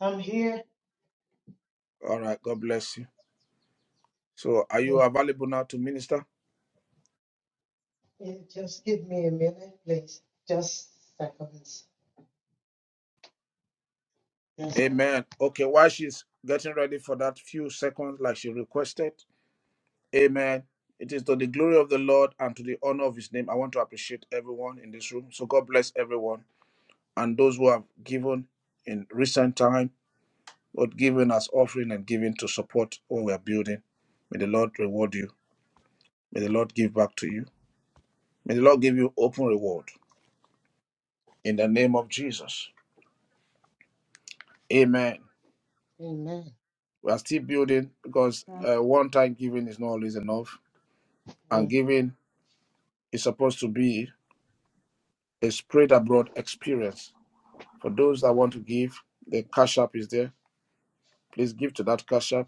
I'm here. All right, God bless you. So, are you Mm. available now to minister? Yeah, Just give me a minute, please. Just seconds. Yes, I Amen. will. Okay, while she's getting ready for that few seconds, like she requested, Amen. It is to the glory of the Lord and to the honor of His name. I want to appreciate everyone in this room. So, God bless everyone and those who have given in recent time. Lord, giving as offering and giving to support what we are building. May the Lord reward you. May the Lord give back to you. May the Lord give you open reward in the name of Jesus. Amen. Amen. We are still building because uh, one time giving is not always enough, and Mm. giving is supposed to be a spread abroad experience. For those that want to give, the cash app is there. Please give to that cash app.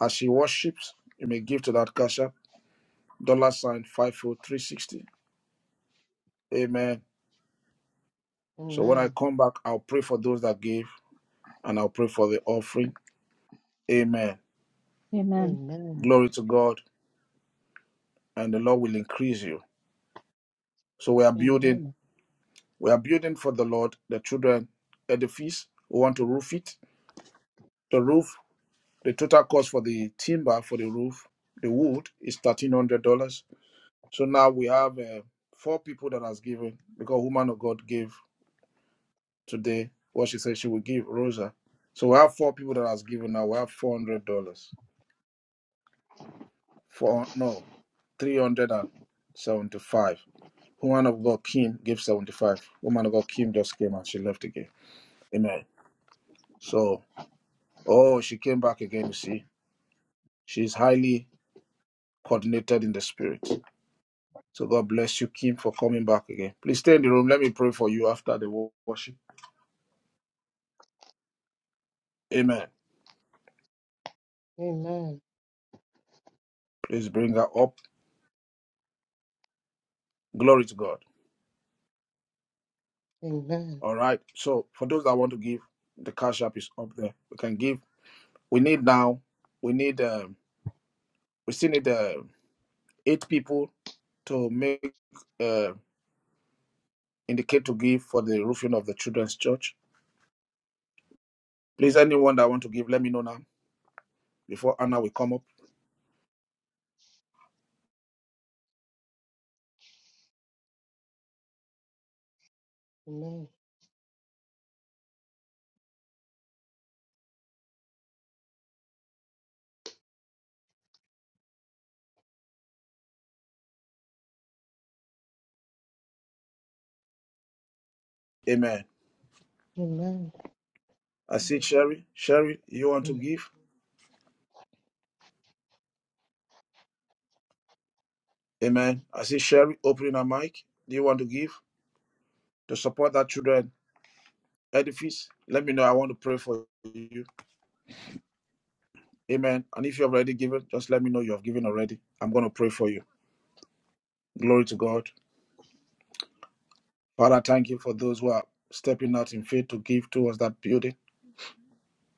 As she worships, you may give to that cash app. Dollar sign five four three sixty. Amen. So when I Amen. come back, I'll pray for those that give and I'll pray for the offering. Amen. Amen. Amen. Glory to God. And the Lord will increase you. So we are building, Amen. we are building for the Lord, the children edifice. We want to roof it. The roof, the total cost for the timber for the roof, the wood is thirteen hundred dollars. So now we have uh, four people that has given because woman of God gave today what she said she will give Rosa. So we have four people that has given now. We have four hundred dollars. Four no 375. Woman of God, Kim, gave 75. Woman of God, Kim just came and she left again. Amen. So, oh, she came back again, you see. She's highly coordinated in the spirit. So God bless you, Kim, for coming back again. Please stay in the room. Let me pray for you after the wo- worship. Amen. Amen. Please bring her up. Glory to God. Amen. All right. So for those that want to give, the cash app is up there. We can give. We need now. We need. Um, we still need. uh, eight people to make uh, indicate to give for the roofing of the children's church. Please, anyone that want to give, let me know now before Anna will come up. Amen. Amen. Amen. I see Sherry. Sherry, you want to Mm. give? Amen. I see Sherry opening her mic. Do you want to give to support that children edifice? Let me know. I want to pray for you. Amen. And if you have already given, just let me know you have given already. I'm going to pray for you. Glory to God. Father, thank you for those who are stepping out in faith to give towards that building.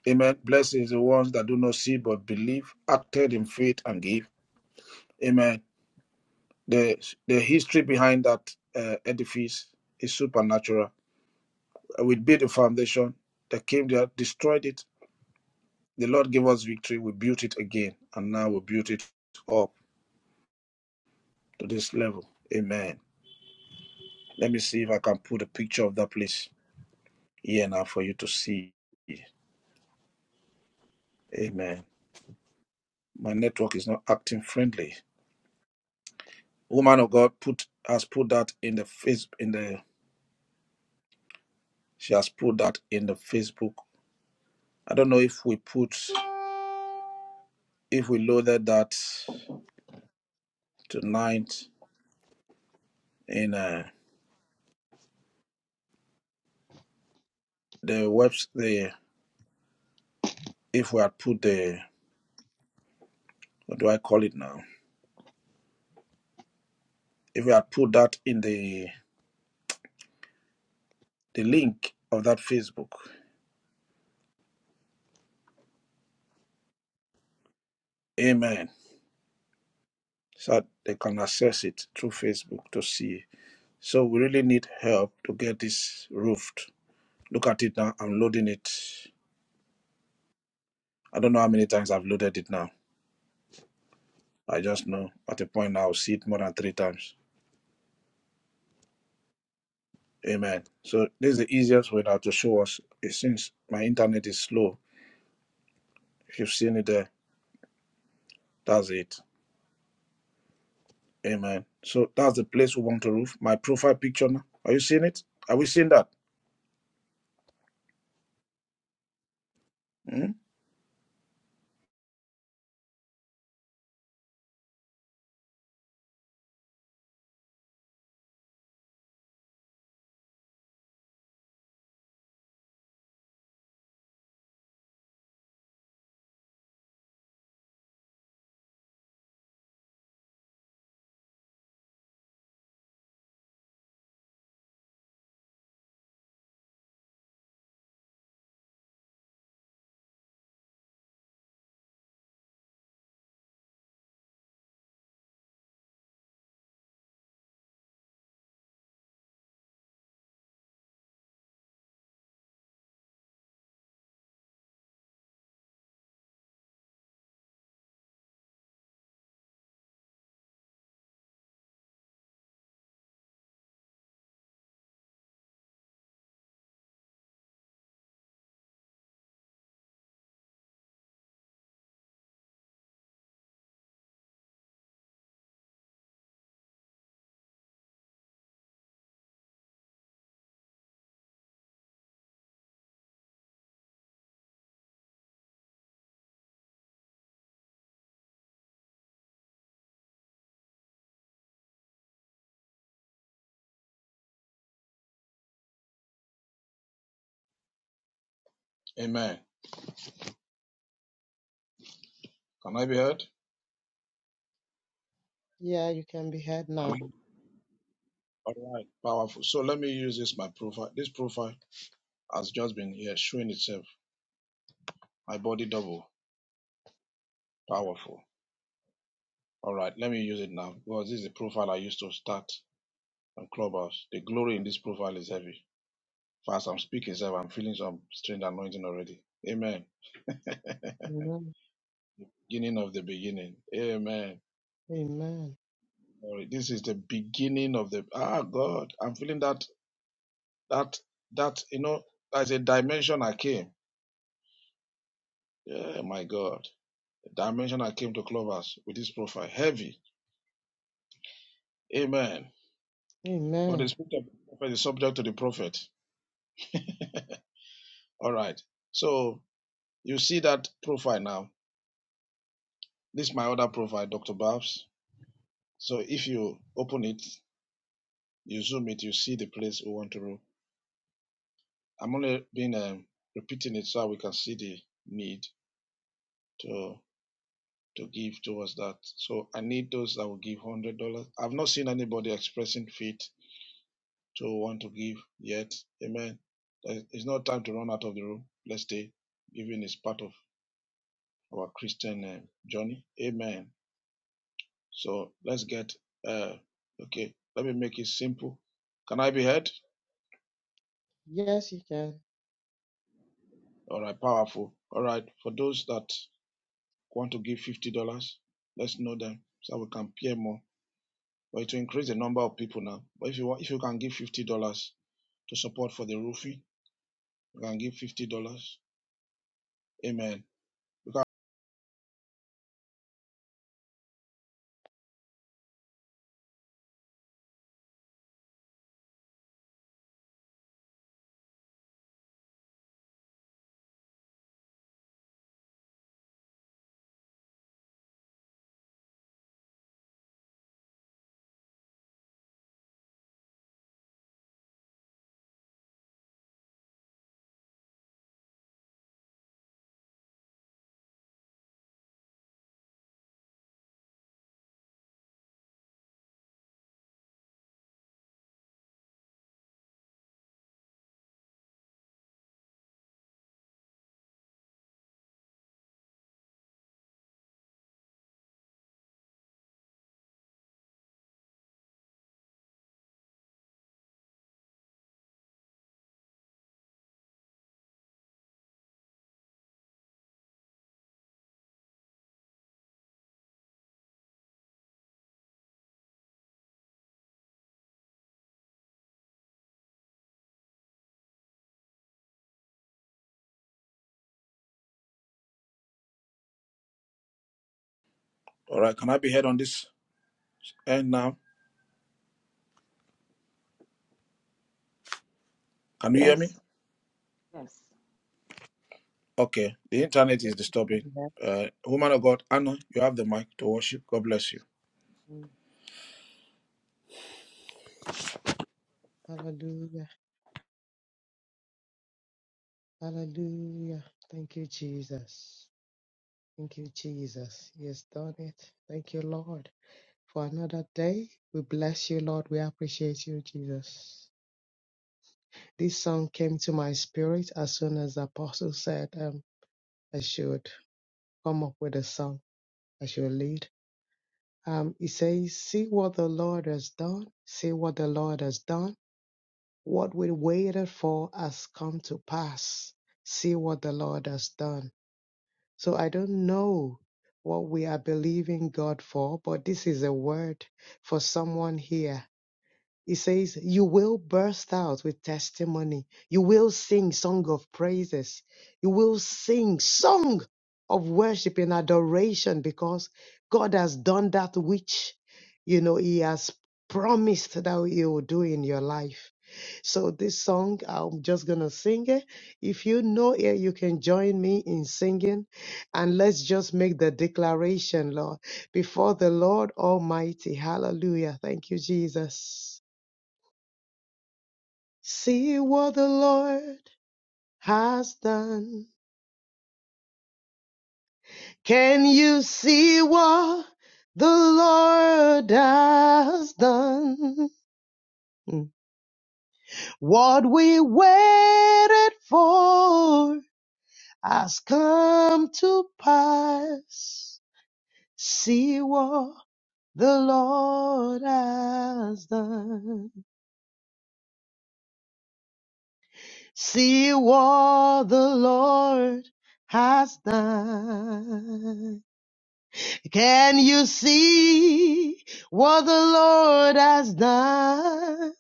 Amen. Blessed is the ones that do not see but believe, acted in faith and give. Amen. The the history behind that uh, edifice is supernatural. Uh, We built a foundation. They came there, destroyed it. The Lord gave us victory. We built it again, and now we built it up to this level. Amen. Let me see if I can put a picture of that place here now for you to see. Amen. My network is not acting friendly. Woman of God put has put that in the face in the She has put that in the Facebook. I don't know if we put if we loaded that tonight in uh, the webs the if we had put the what do I call it now? If we had put that in the the link of that Facebook. Amen. So they can access it through Facebook to see. So we really need help to get this roofed. Look at it now. I'm loading it. I don't know how many times I've loaded it now. I just know at a point I'll see it more than three times Amen. So this is the easiest way now to show us. It seems my internet is slow. If you've seen it there, that's it. Amen. So that's the place we want to roof. My profile picture now. Are you seeing it? Are we seeing that? Hmm? Amen. Can I be heard? Yeah, you can be heard Can now. I? All right. Powerful. So let me use this my profile. This profile has just been here showing itself. My body double. Powerful. All right. Let me use it now because this is the profile I used to start on Clubhouse. The glory in this profile is heavy. Fast, I'm speaking, sir. I'm feeling some strange anointing already. Amen. Amen. Beginning of the beginning. Amen. Amen. Glory. This is the beginning of the. Ah, God. I'm feeling that, that, that, you know, there's a dimension I came. Yeah, my God. The dimension that came to Clovers with this profile. Heavy. Amen. But the Amen. spirit of the prophet is subject to the prophet. All right. So you see that profile now. This is my other profile, Dr. Babs. So if you open it, you zoom it, you see the place we want to rule. I'm only been um, repeating it so we can see the need to to give towards that. So I need those that will give one hundred dollars. I've not seen anybody expressing faith To want to give yet. Amen. Uh, It's not time to run out of the room. Let's stay. Giving is part of our Christian uh, journey. Amen. So let's get, uh, okay, let me make it simple. Can I be heard? Yes, you can. All right, powerful. All right, for those that want to give $50, let's know them so we can pay more. But to increase the number of people now. But if you want, if you can give $50 to support for the roofing, you can give $50. Amen All right. Can I be heard on this end now? Can you hear Yes. me? Yes. Okay. The internet Yes, is disturbing. you can. Uh, woman of God, Anna, you have the mic to worship. God bless you. Mm. Hallelujah. Hallelujah. Thank you, Jesus. Thank you, Jesus. He has done it. Thank you, Lord, for another day. We bless you, Lord. We appreciate you, Jesus. This song came to my spirit as soon as the apostle said um, I should come up with a song I should lead. Um, he says, See what the Lord has done. See what the Lord has done. What we waited for has come to pass. See what the Lord has done. So I don't know what we are believing God for, but this is a word for someone here. He says, You will burst out with testimony. You will sing song of praises. You will sing song of worship and adoration because God has done that which, you know, He has promised that He will do in your life. So this song, I'm just going to sing it. If you know it, you can join me in singing. And let's just make the declaration, Lord, before the Lord Almighty. Hallelujah. Thank you, Jesus. See what the Lord has done. Can you see what the Lord has done? What we waited for has come to pass. See what the Lord has done. See what the Lord has done. Can you see what the Lord has done?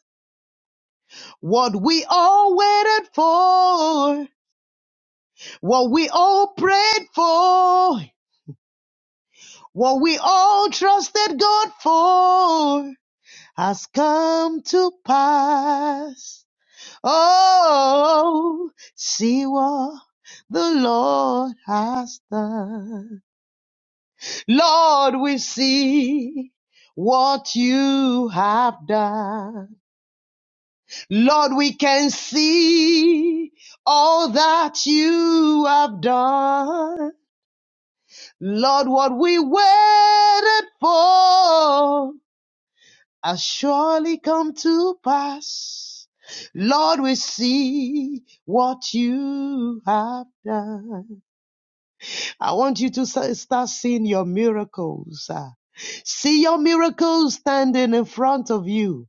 What we all waited for, what we all prayed for, what we all trusted God for has come to pass. Oh, see what the Lord has done. Lord, we see what you have done. Lord, we can see all that you have done. Lord, what we waited for has surely come to pass. Lord, we see what you have done. I want you to s- start seeing your miracles. ah. See your miracles standing in front of you.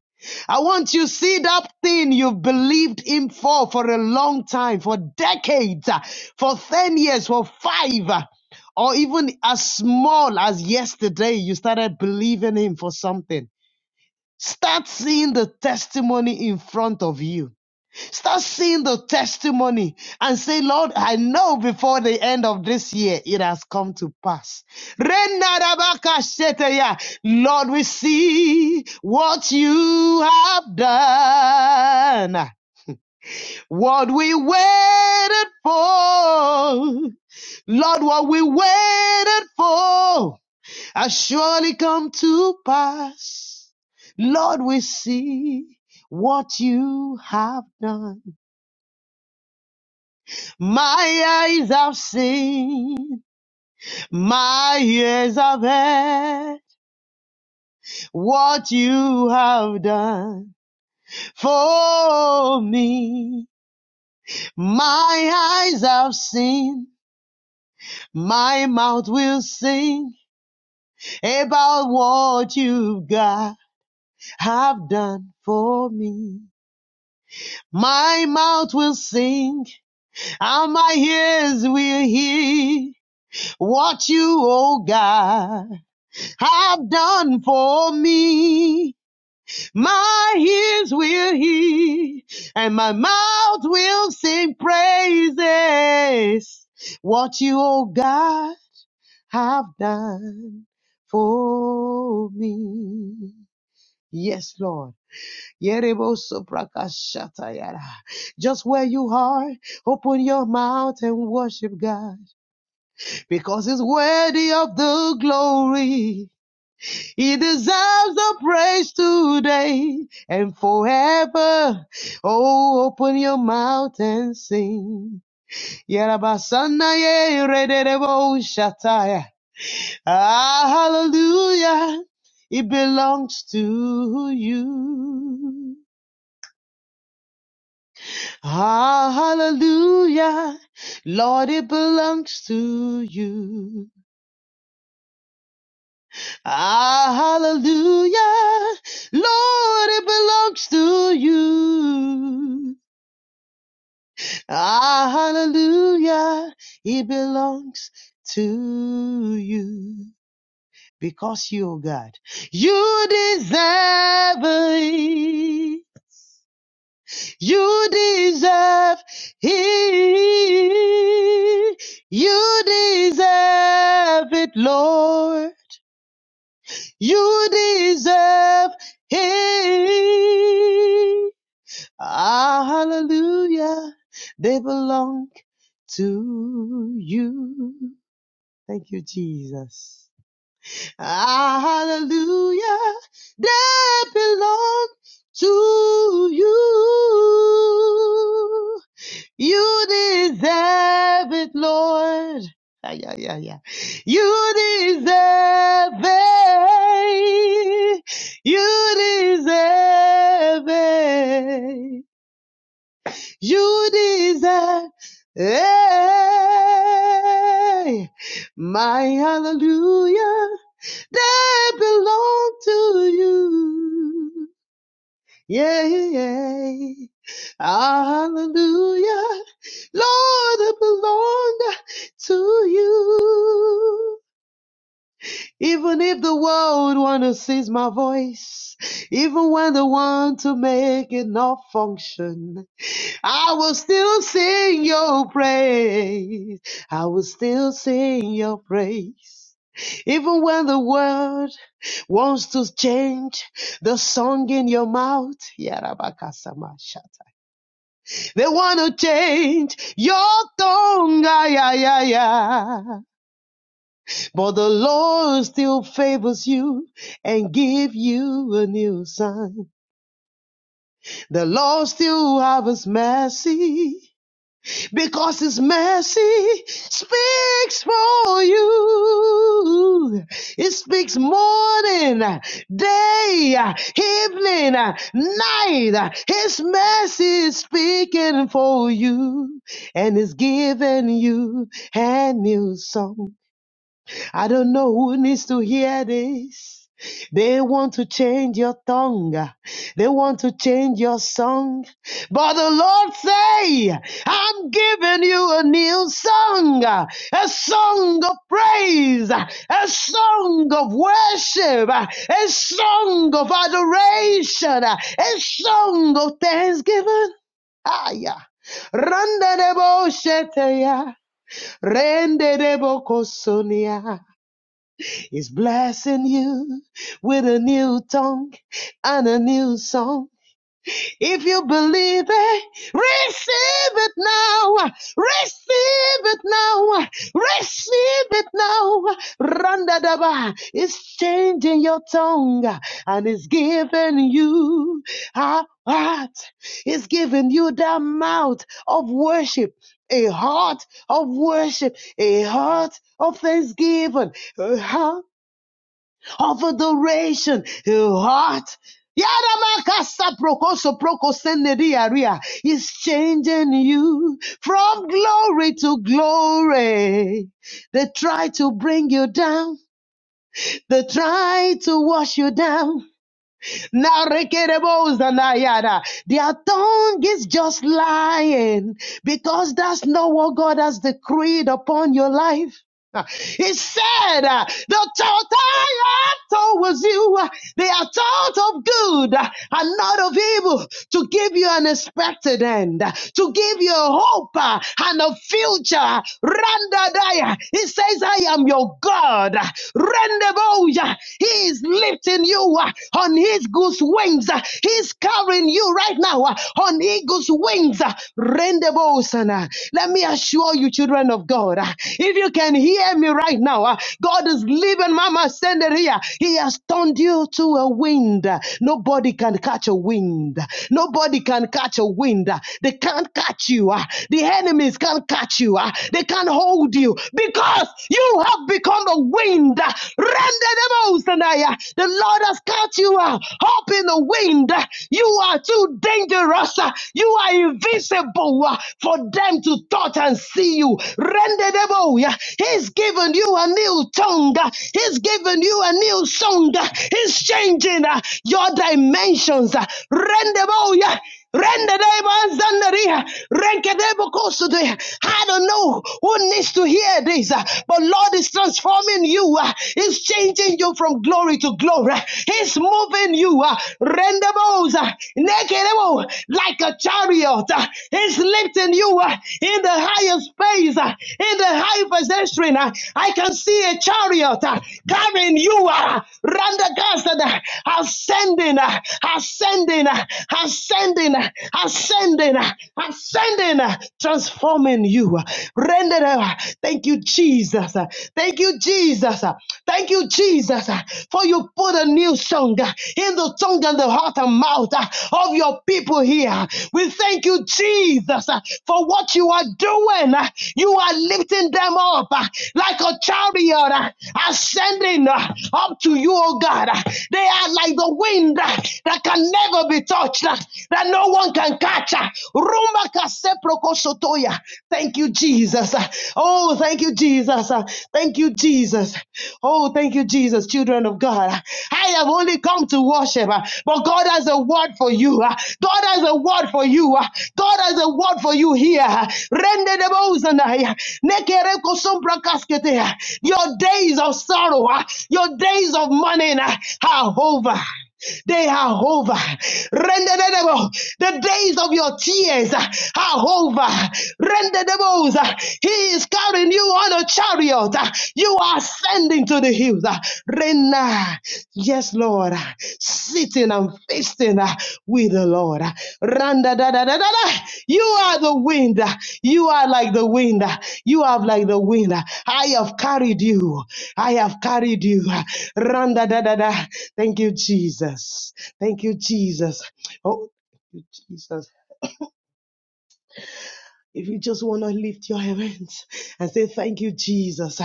I want you to see that thing you've believed in for for a long time, for decades, ah, for 10 years, for five, ah, or even as small as yesterday, you started believing him for something. Start seeing the testimony in front of you. Start seeing the testimony and say, Lord, I know before the end of this year it has come to pass. Renarabakasheteya. Lord, we see what you have done, what we waited for. Lord, what we waited for has surely come to pass. Lord, we see what you have done. My eyes have seen, my ears have heard what you have done for me. My eyes have seen, my mouth will sing about what you got have done for me. My mouth will sing and my ears will hear what you, oh God. have done for me. My ears will hear and my mouth will sing praises. What you, oh God, have done for me. Yes, Lord. Yerebo soprakashatayara. Just where you are, open your mouth and worship God because He's worthy of the glory. He deserves the praise today and forever. Oh, open your mouth and sing. Yarabasana ye rederebo shataya. Ah, hallelujah. It belongs to you. Ah, hallelujah. Lord, it belongs to you. Ah, hallelujah. Lord, it belongs to you. Ah, hallelujah. It belongs to you. Because you, oh God, you deserve it. You deserve it. You deserve it, Lord. You deserve it. Ah, hallelujah. They belong to you. Thank you, Jesus. Ah, hallelujah. They belong to you. You deserve it, Lord. Ay, yeah, yeah, yeah. You deserve it. You deserve it. You deserve it. My hallelujah, they belong to you. Yeah, yay. Hallelujah. Lord, I belong to you. Even if the world wanna cease my voice, even when they want to make it not function, I will still sing your praise. I will still sing your praise. Even when the world wants to change the song in your mouth. Yarabakasama they want to change your tongue, ay, ay, ay, ay. But the Lord still favors you and give you a new sign. The Lord still have his mercy because His mercy speaks for you. It speaks morning, day, evening, night. His mercy is speaking for you and is giving you a new song. I don't know who needs to hear this. They want to change your tongue. They want to change your song. But the Lord say, I'm giving you a new song, a song of praise, a song of worship, a song of adoration, a song of thanksgiving. Ah, yeah. Randa de sheteya, rende de kosonia is blessing you with a new tongue and a new song. If you believe it, receive it now. Receive it now. Receive it now. Randadaba is changing your tongue and is giving you a heart. It's giving you the mouth of worship. A heart of worship, a heart of thanksgiving, a heart of adoration, your heart. Yadamakasa prokoso prokoseneriaria is changing you from glory to glory. They try to bring you down. They try to wash you down. Now rekerebozanayada. Their tongue is just lying because that's not what God has decreed upon your life. Uh, He said, uh, The thought I have towards you, uh, they are thought of good uh, and not of evil, to give you an expected end, uh, to give you a hope uh, and a future. Randadaya. He says, I am your God. Rendeboja. He is lifting you uh, on his goose wings. Uh, He's carrying you right now uh, on eagle's wings. Rendebosana. Let me assure you, children of God, ah, if you can hear me right now, ah, God is leaving Mama Sender here. He has turned you to a wind. Nobody can catch a wind. Nobody can catch a wind. They can't catch you. ah. The enemies can't catch you. ah. They can't hold you because you have become a wind. Render them out, Rendedemosanaya. The Lord has caught you ah, up in the wind. You are too dangerous cross, uh, you are invisible uh, for them to touch and see you. Rendezable, yeah. He's given you a new tongue. uh, He's given you a new song. uh, He's changing uh, your dimensions. uh, Rendezable, yeah. Rendezable, I don't know who needs to hear this, uh, but Lord is transforming you. uh, He's changing you from glory to glory. He's moving you you. Uh, rendezvous, uh, naked, oh, like a chariot. Uh, it's lifting you uh, in the highest place, uh, in the high pedestrian. Uh, I can see a chariot uh, carrying you. Uh, Randagasta, uh, ascending, uh, ascending, uh, ascending, uh, ascending, uh, ascending, uh, transforming you. Uh, Render, uh, thank you, Jesus. Uh, Thank you, Jesus. Uh, Thank you, you, Jesus, uh, for you put a new song uh, in the tongue and the heart and mouth uh, of your people here. We thank you, Jesus, uh, for what you are doing. Uh, You are lifting them up uh, like a chariot uh, ascending uh, up to you, oh God. Uh, They are like the wind uh, that can never be touched, uh, that no one can catch. uh. Thank you, Jesus. Uh, Oh, thank Thank you, Jesus. Uh, Thank you, Jesus. Oh, thank you, Jesus, children of God. I have only come to worship, uh, but God has a word for you. uh, God has a word for you. uh, God has a word for you here. Rende de bozanaya, nekere kosombra kaskete, uh, Your days of sorrow, uh, your days of mourning uh, are over. They are over. Renderable. The days of your tears uh, are over. Renderable. uh, He is carrying you on a chariot. uh, You are ascending to the hills. uh, Rena. Yes, Lord. uh, Sitting and feasting sinner. We the Lord. Randa da da da da da. You are the wind. You are like the wind. You are like the wind. I have carried you. I have carried you. Randa da da da. Thank you, Jesus. Thank you, Jesus. Oh, thank you, Jesus. If you just want to lift your hands and say, Thank you, Jesus.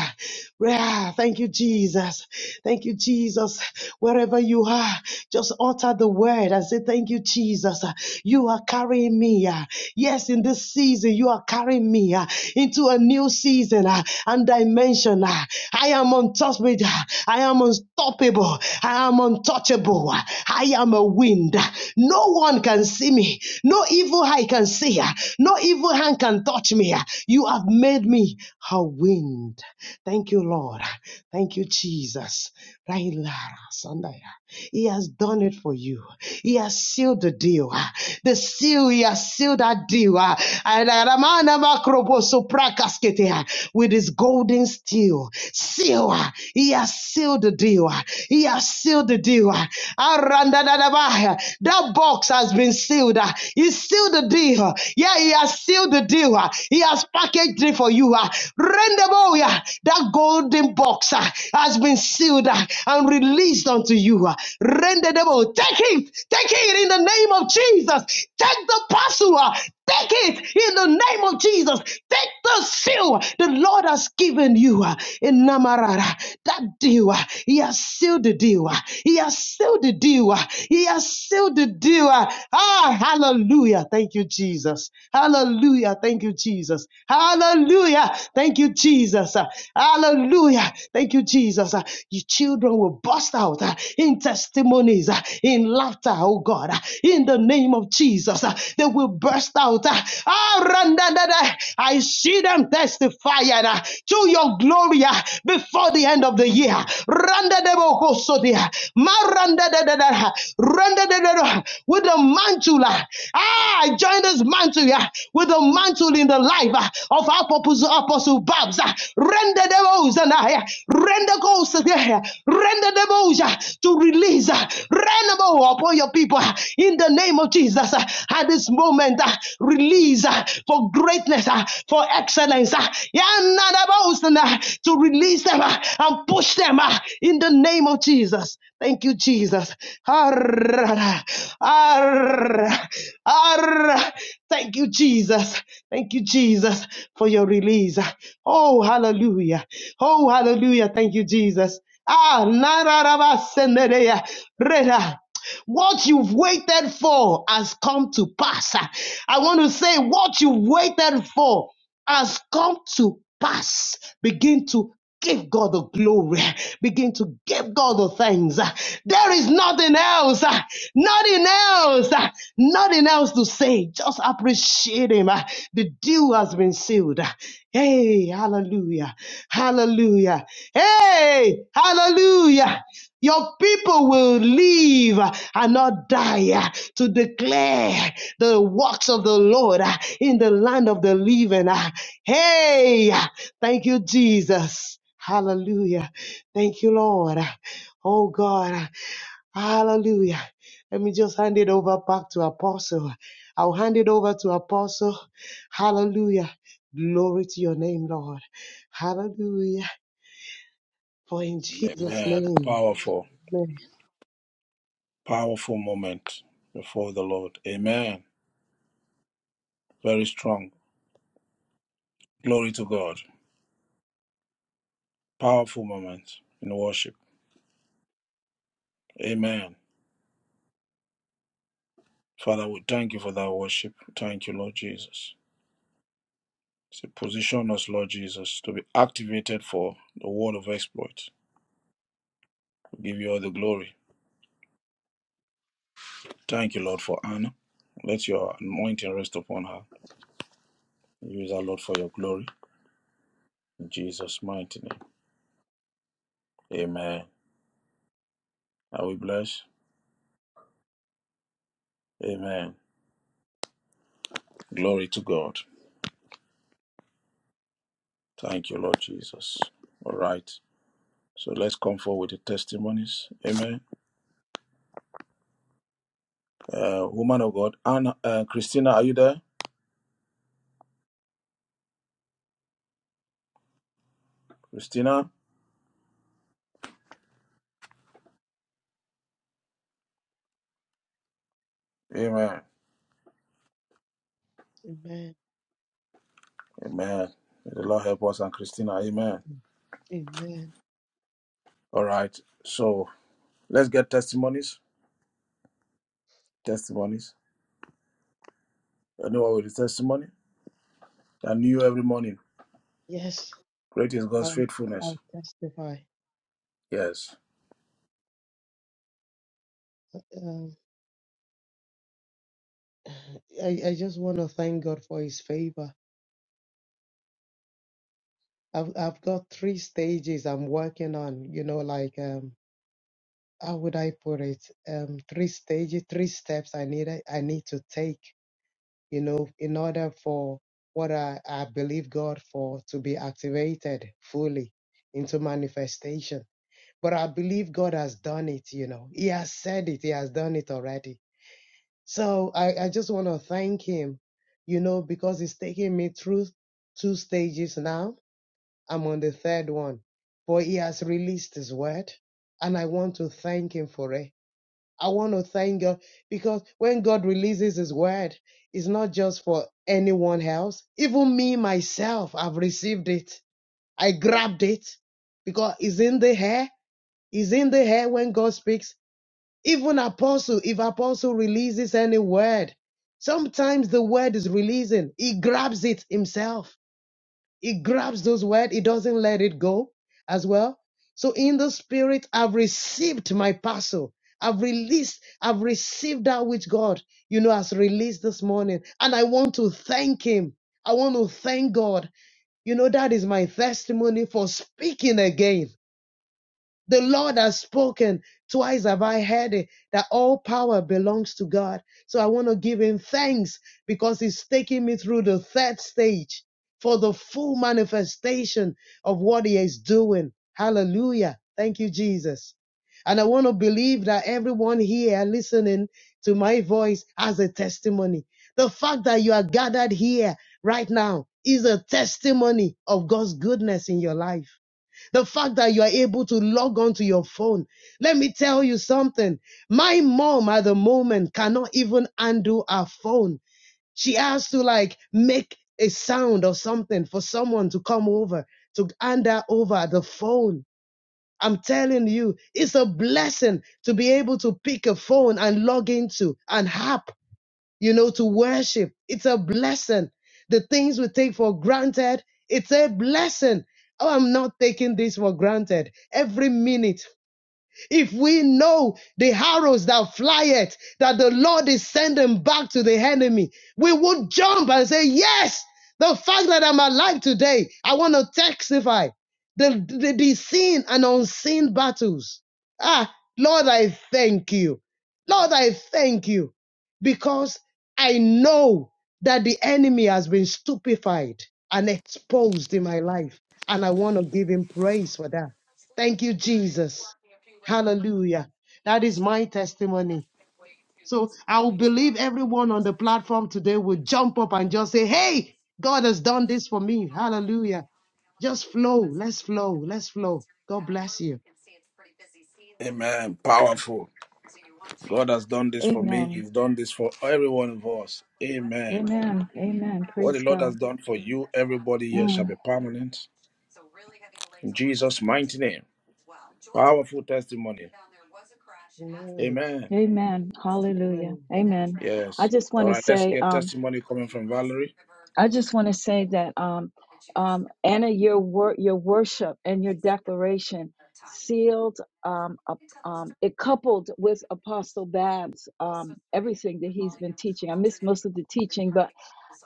Ah, Thank you, Jesus. Thank you, Jesus. Wherever you are, just utter the word and say, Thank you, Jesus. You are carrying me. ah. Yes, in this season, you are carrying me ah, into a new season ah, and dimension. ah. I am untouchable. uh. I am unstoppable. I am untouchable. uh. I am a wind. No one can see me. No evil eye can see. uh me. No evil hand can touch me. You have made me a wind. Thank you, Lord. Thank you, Jesus. Railara Sandaya. He has done it for you. He has sealed the deal. The seal, he has sealed that deal. Adaramana makroboso prakaskete. With his golden steel. Seal. He has sealed the deal. He has sealed the deal. Arandadadaba. That box has been sealed. He's sealed the deal. uh, Yeah, he has sealed the deal. uh, He has packaged it for you. uh, yeah, that golden box uh, has been sealed uh, and released unto you. uh, take it, take it in the name of Jesus. Take the parcel, uh, Take it in the name of Jesus. Take the seal the Lord has given you uh, in Namarara. That deal, uh, He has sealed the deal. uh, He has sealed the deal. uh, He has sealed the deal. uh. Ah, hallelujah. Thank you, Jesus. Hallelujah. Thank you, Jesus. Hallelujah. Thank you, Jesus. Uh, Hallelujah. Thank you, Jesus. Uh, Your children will bust out uh, in testimonies. uh, in laughter, oh God, in the name of Jesus. They will burst out. Ah, randadada. I see them testify uh, to your glory uh, before the end of the year. Randadebokosodia. Marandadadada. Randadadada. With a mantle. uh, Ah, I join this mantle uh, with a mantle in the life uh, of our apostle, apostle Babs. Render the devils and I. Render goes there. Render the boja to release. Render Renable upon your people uh, in the name of Jesus. uh, At this moment, uh, release uh, for greatness, uh, for excellence. uh, Yanadabosana, To release them uh, and push them uh, in the name of Jesus. Thank you, Jesus. Arr, arr, arr. Thank you, Jesus. Thank you, Jesus. Jesus, for your release. Oh, hallelujah. Oh, hallelujah. Thank you, Jesus. Ah, na ra ra ba se ne re ya. Re ra. What you've waited for has come to pass. I want to say what you've waited for has come to pass. Begin to give God the glory. Begin to give God the thanks. There is nothing else, nothing else, nothing else to say. Just appreciate Him. The deal has been sealed. Hey, hallelujah, hallelujah. Hey, hallelujah. Your people will live and not die uh, to declare the works of the Lord uh, in the land of the living. uh. Hey, uh, thank you, Jesus. Hallelujah. Thank you, Lord. Oh, God. Hallelujah. Let me just hand it over back to Apostle. I'll hand it over to Apostle. Hallelujah. Glory to your name, Lord. Hallelujah. For in Jesus' Amen. name. Powerful, Amen. powerful moment before the Lord. Amen. Very strong. Glory to God. Powerful moment in worship. Amen. Father, we thank you for that worship. Thank you, Lord Jesus. So position us, Lord Jesus, to be activated for the word of exploit. We give you all the glory. Thank you, Lord, for Anna. Let your anointing rest upon her. Use her, Lord, for your glory. In Jesus' mighty name. Amen. Are we blessed? Amen. Glory to God. Thank you, Lord Jesus. All right. So let's come forward with the testimonies. Amen. Uh, woman of God, Anna, uh, Christina, are you there? Christina? Amen. Amen. Amen. May the Lord help us and Christina. Amen. Mm. Amen. All right. So let's get testimonies. Testimonies. You know what with the testimony? I knew every morning. Yes, Great is God's I'll, faithfulness. I'll testify. Yes. Um, I, I just want to thank God for His favor. I've, I've got three stages I'm working on, you know, like, um, how would I put it? Um, three stages, three steps I need, I need to take, you know, in order for what I, I believe God for to be activated fully into manifestation. But I believe God has done it, you know. He has said it, He has done it already So I, I just want to thank him, you know, because he's taking me through two stages now. I'm on the third one, but he has released his word, and I want to thank him for it. I want to thank God because when God releases his word, it's not just for anyone else. Even me, myself, I've received it. I grabbed it because it's in the air. It's in the air when God speaks even apostle, if apostle releases any word, sometimes the word is releasing. He grabs it himself. He grabs those words. He doesn't let it go as well. So in the spirit, I've received my parcel. I've released, I've received that which God, you know, has released this morning. And I want to thank him. I want to thank God. You know, that is my testimony for speaking again. The Lord has spoken. Twice have I heard it that all power belongs to God. So I want to give him thanks because he's taking me through the third stage for the full manifestation of what he is doing. Hallelujah. Thank you, Jesus. And I want to believe that everyone here listening to my voice has a testimony. The fact that you are gathered here right now is a testimony of God's goodness in your life. The fact that you are able to log on to your phone. Let me tell you something. My mom at the moment cannot even undo her phone. She has to like make a sound or something for someone to come over to hand her over the phone. I'm telling you, it's a blessing to be able to pick a phone and log into an app you know, to worship. It's a blessing. The things we take for granted, it's a blessing. Oh, I'm not taking this for granted. Every minute if we know the arrows that fly it, that the Lord is sending back to the enemy, we would jump and say, yes, the fact that I'm alive today, I want to testify the, the, the seen and unseen battles. Ah, Lord, I thank you. Lord, I thank you because I know that the enemy has been stupefied and exposed in my life. And I want to give him praise for that. Thank you, Jesus. Hallelujah. That is my testimony. So I will believe everyone on the platform today will jump up and just say, Hey, God has done this for me. Hallelujah. Just flow. Let's flow. Let's flow. God bless you. Amen. Powerful. God has done this for me. Amen. You've done this for every one of us. Amen. Amen. Amen. What the Praise Lord God. has done for you, everybody here shall Mm, be permanent. In Jesus' mighty name. Powerful testimony. Amen. Amen. amen. Hallelujah. Amen. Amen. I Yes. just All want to right. Let's say, get um, testimony coming from Valerie. I just want to say that, um, um, Anna, your wor- your worship and your declaration sealed, um, up, um, it coupled with Apostle Babs, um, everything that he's been teaching. I missed most of the teaching, but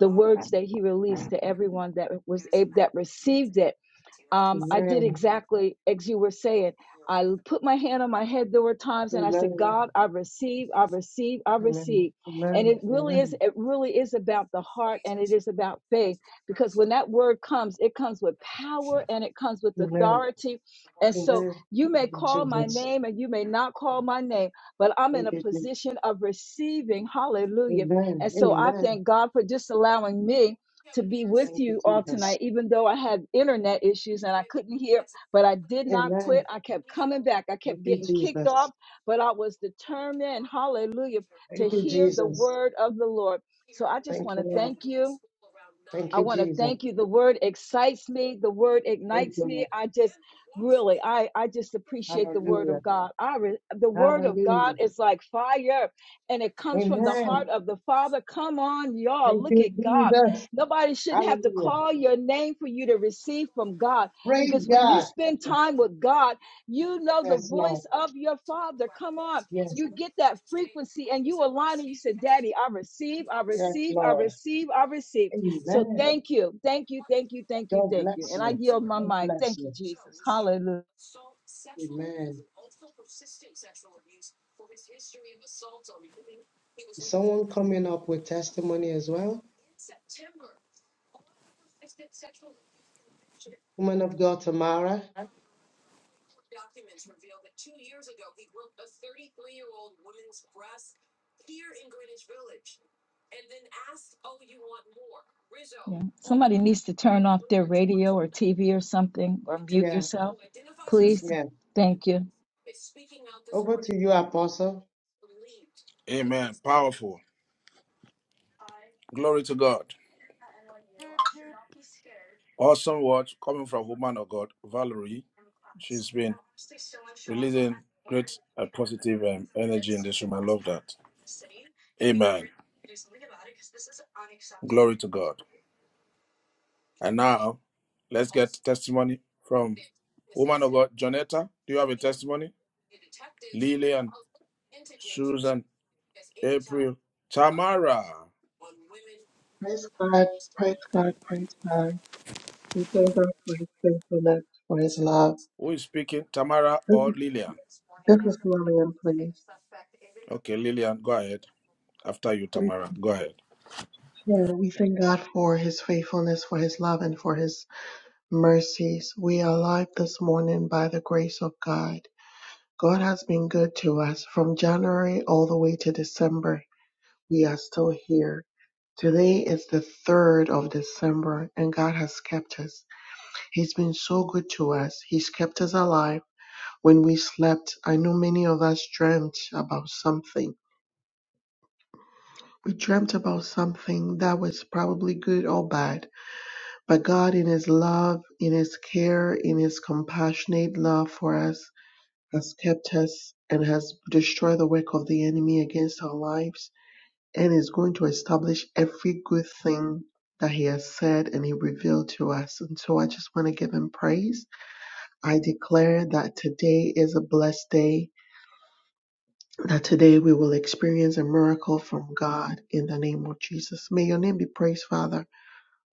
the words that he released to everyone that was able that received it um, I did Amen. exactly as you were saying. I put my hand on my head. There were times, and I said, Amen. "God, I receive, I receive, I Amen. receive." And Amen. it really is. It really is about the heart, and it is about faith. Because when that word comes, it comes with power, and it comes with Amen. authority. And Amen. so, Amen. you Thank may you, call my Jesus. name, and you may not call my name, but I'm in Thank a you, Jesus. position of receiving. Hallelujah! Amen. And so, I Amen. thank God for just allowing me to be with Thank you, you all tonight, Jesus. even though I had internet issues and I couldn't hear, but I did not quit. Amen. I kept coming back. I Thank kept you, getting kicked off, Jesus. but I was determined, hallelujah, to Thank you, hear the Jesus. word of the Lord. So I just Thank want you, to Lord. thank you. Thank I you, want to Jesus. thank you. The word excites me. The word Thank ignites you, me. Lord. I just really, I, I just appreciate the word Hallelujah. of God. I re, the word of Hallelujah. God is like fire and it comes from the heart Amen. of the Father. Come on, y'all. Thank Look you, at God. Jesus. Nobody shouldn't have to Hallelujah. call your name for you to receive from God Praise because when you God. spend Yes, time with God, you know the yes, Lord. voice of your Father. Come on. Yes, You get that frequency and you align and you say, Daddy, I receive, I yes, receive, I Lord. receive, I receive. So Amen. thank you. Thank you. Thank you. Thank you. God Thank you. bless And I you. yield my God mic. bless Thank you, you. Jesus. Hallelujah. Amen. Is someone coming up with testimony as well? Woman of God, Tamara. Yeah. Somebody needs to turn off their radio or TV or something or mute Yeah, yourself, please. yeah. Thank you. Over to you, Apostle. Amen. Powerful. Glory to God. Awesome words coming from woman of God, Valerie. She's been releasing great uh, positive um, energy in this room. I love that. Amen. Glory to God. And now, let's get testimony from woman of God, Jonetta. Do you have a testimony? Lillian, Susan, April, Tamara. Praise God, praise God, praise God. We thank God for His faithfulness, for His love. Who is speaking? Tamara This or is, Lillian? this is Lillian, please. Okay, Lillian, go ahead. After you, We, Tamara, go ahead. yeah, we thank God for His faithfulness, for His love, and for His mercies. We are alive this morning by the grace of God. God has been good to us from January all the way to December. We are still here. Today is the 3rd of December, and God has kept us. He's been so good to us. He's kept us alive. When we slept, I know many of us dreamt about something. We dreamt about something that was probably good or bad, but God, in His love, in His care, in His compassionate love for us, has kept us and has destroyed the work of the enemy against our lives and is going to establish every good thing that He has said and He revealed to us. And so I just want to give Him praise. I declare that today is a blessed day that today we will experience a miracle from God in the name of Jesus. May your name be praised, Father,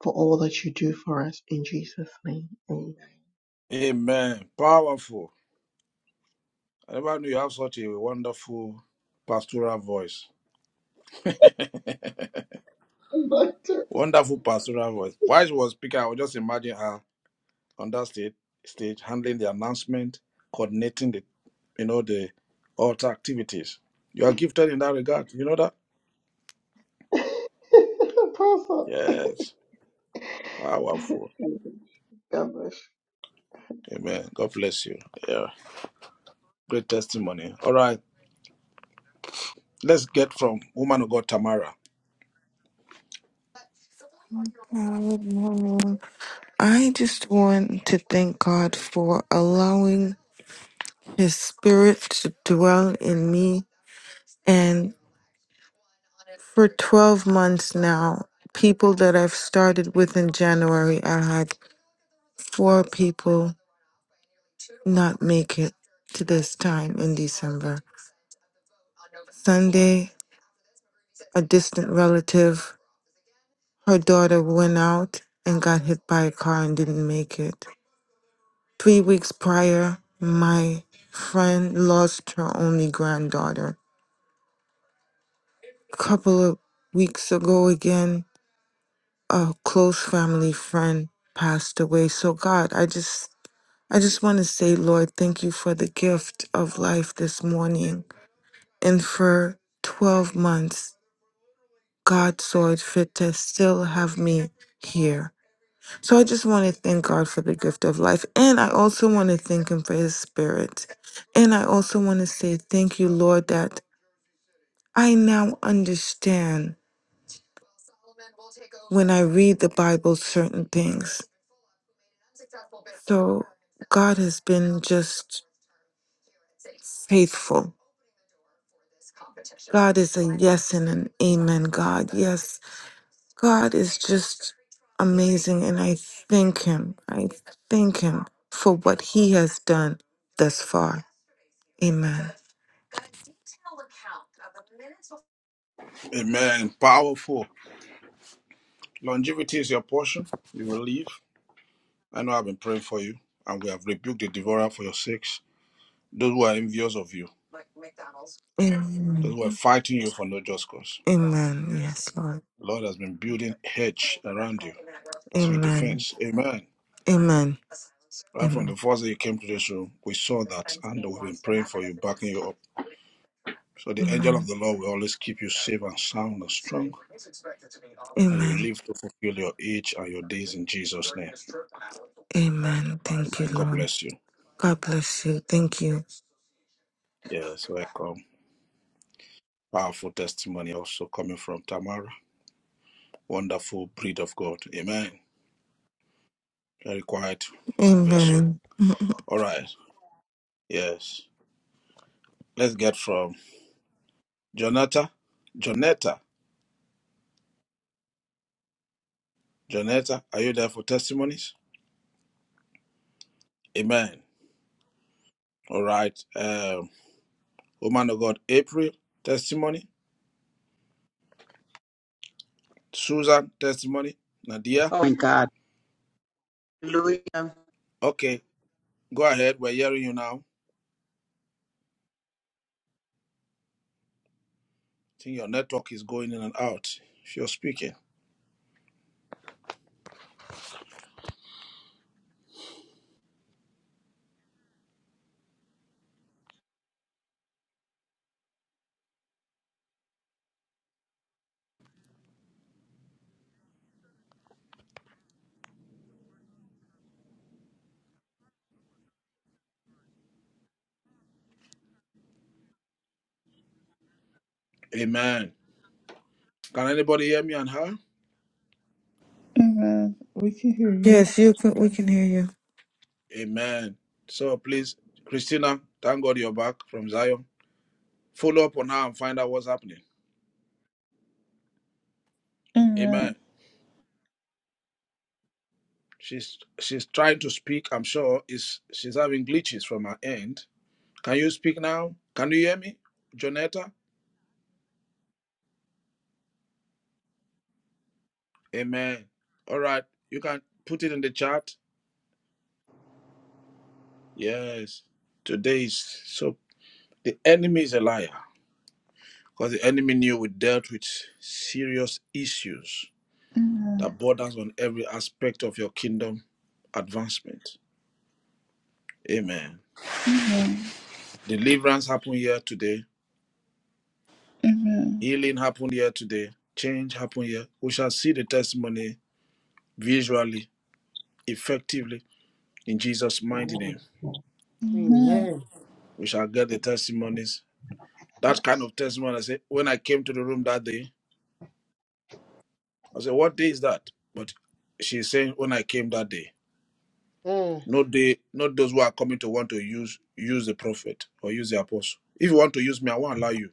for all that you do for us in Jesus' name. Amen. Amen. Powerful. I never knew you have such a wonderful pastoral voice. Doctor, Wonderful pastoral voice. While she was speaking, I was just imagine her on that stage, stage handling the announcement, coordinating the, you know, the altar activities. You are gifted in that regard. You know that? Apostle, Yes. Powerful. God bless you. Amen. God bless you. Yeah. Great testimony. All right. Let's get from woman of God Tamara. Uh, Good morning. I just want to thank God for allowing His Spirit to dwell in me. And for 12 months now, people that I've started with in January, I had four people not make it to this time in December. Sunday, a distant relative. Her daughter went out and got hit by a car and didn't make it. Three weeks prior, my friend lost her only granddaughter. A couple of weeks ago, again, a close family friend passed away. So God, I just I just want to say, Lord, thank you for the gift of life this morning. And for 12 months, God saw it fit to still have me here. So I just want to thank God for the gift of life. And I also want to thank Him for His Spirit. And I also want to say thank you, Lord, that I now understand when I read the Bible certain things. So God has been just faithful. God is a yes and an amen, God. Yes, God is just amazing. And I thank Him. I thank Him for what He has done thus far. Amen. Amen. Powerful. Longevity is your portion. You will live. I know I've been praying for you, and we have rebuked the devourer for your sakes. Those who are envious of you, those Amen. who are fighting you for no just cause. Amen. Yes, Lord. The Lord has been building hedge around you as your Amen. defense. Amen. Amen. Right from the Amen. first day you came to this room, we saw that, and we've been praying for you, backing you up. So the angel of Amen. the Lord will always keep you safe and sound and strong, and you'll Amen. live to fulfill your age and your days in Jesus' name. Amen. Thank you, And God Lord. bless you. God bless you. Thank you. Yes, welcome. Powerful testimony also coming from Tamara. Wonderful breed of God. Amen. Very quiet vessel. Amen. All right. Yes. Let's get from Jonata. Jonetta. Jonetta, are you there for testimonies? Amen. All right. Um, woman of God, April, testimony. Susan, testimony. Nadia. Oh, my God. Hallelujah. Okay. Go ahead. We're hearing you now. I think your network is going in and out. If you're speaking. Amen. Can anybody hear me and her? Amen. We can hear you. Yes, you can. We can hear you. Amen. So please, Christina, thank God you're back from Zion. Follow up on her and find out what's happening. Amen. She's she's trying to speak. I'm sure is she's having glitches from her end. Can you speak now? Can you hear me, Jonetta? Amen. All right, you can put it in the chat. Yes. Today is so the enemy is a liar because the enemy knew we dealt with serious issues that borders on every aspect of your kingdom advancement. Amen. Deliverance happened here today Healing happened here today. Change happened here. We shall see the testimony visually, effectively, in Jesus' mighty name. Amen. We shall get the testimonies. That kind of testimony, I said, when I came to the room that day, I said, what day is that? But she's saying, when I came that day. Mm. Not they, not those who are coming to want to use use the prophet or use the apostle. If you want to use me, I won't allow you.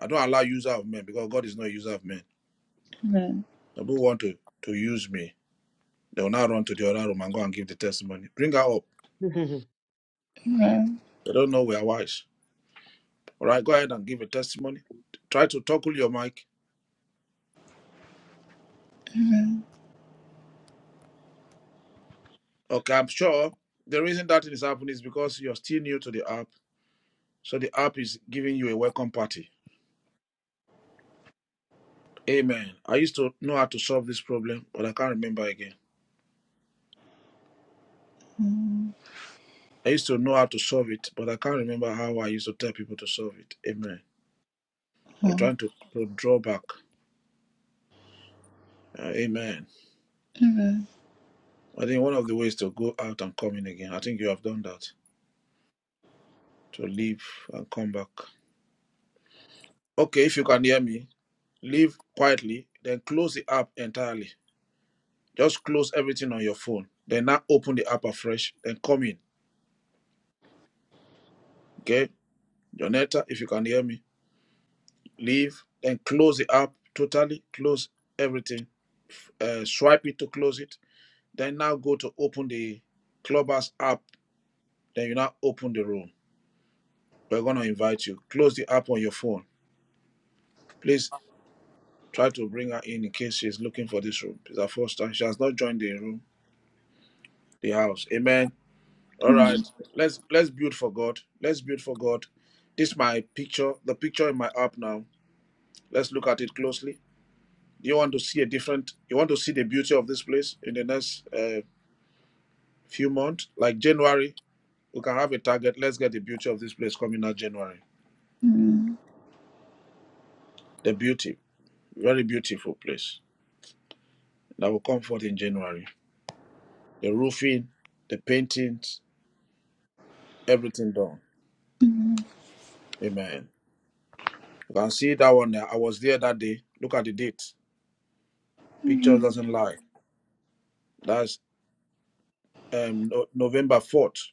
I don't allow user of men because God is not a user of men. People want to, to use me. They will now run to the other room and go and give the testimony. Bring her up. They don't know we are wise. All right, go ahead and give a testimony. Try to toggle your mic. Okay, I'm sure the reason that it is happening is because you're still new to the app. So the app is giving you a welcome party. Amen. I used to know how to solve this problem, but I can't remember again. I used to know how to solve it, but I can't remember how I used to tell people to solve it. Amen. I'm trying to, to draw back. Uh, amen. I think one of the ways to go out and come in again. I think you have done that. To leave and come back. Okay, if you can hear me. leave quietly, then close the app entirely. Just close everything on your phone. Then now open the app afresh, then come in. Okay? Jonetta, if you can hear me, leave, then close the app totally, close everything. Uh, swipe it to close it. Then now go to open the Clubhouse app. Then you now open the room. We're going to invite you. Close the app on your phone. Please try to bring her in in case she's looking for this room. It's her first time. She has not joined the room, the house. Amen. All right. Let's let's build for God. Let's build for God. This is my picture, the picture in my app now. Let's look at it closely. You want to see a different you want to see the beauty of this place in the next uh, few months? Like January, we can have a target. Let's get the beauty of this place coming out January. The beauty. Very beautiful place. That will come forth in January. The roofing, the paintings, everything done. Amen. You can see that one. there. I was there that day. Look at the date. Pictures doesn't lie. That's. um no, November 4th,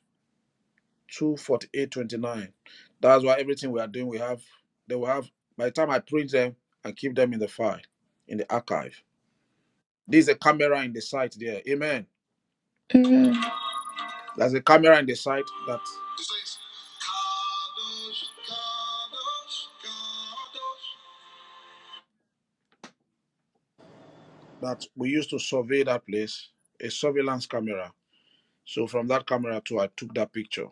248.29. That's why everything we are doing, we have they will have by the time I print them I keep them in the file, in the archive. There's a camera in the site there. Amen. There's a camera in the site that that we used to survey that place, a surveillance camera. So from that camera too, I took that picture.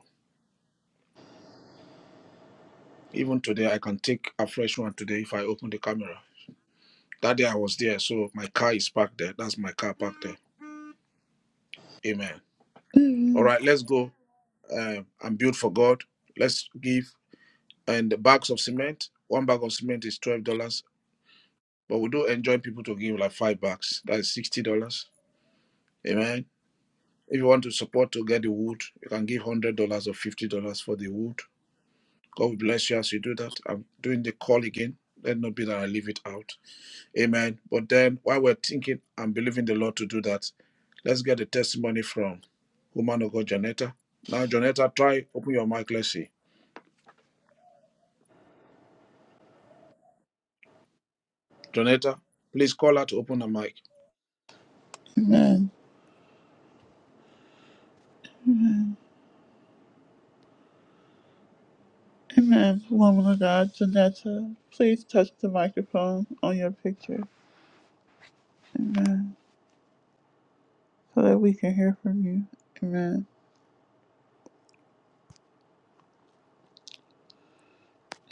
Even today, I can take a fresh one today if I open the camera. That day I was there, so my car is parked there. That's my car parked there. Amen. All right, let's go. Um, I'm built for God. Let's give. And the bags of cement, one bag of cement is twelve dollars. But we do enjoy people to give like five bags. That is sixty dollars. Amen. If you want to support to get the wood, you can give one hundred dollars or fifty dollars for the wood. God will bless you as you do that. I'm doing the call again. Let not be that I leave it out. Amen. But then while we're thinking and believing the Lord to do that, let's get a testimony from woman of God, Janetta. Now, Janetta, try open your mic. Let's see. Janetta, please call her to open the mic. Amen. Amen. Woman of God, Janetta, please touch the microphone on your picture. Amen. So that we can hear from you. Amen.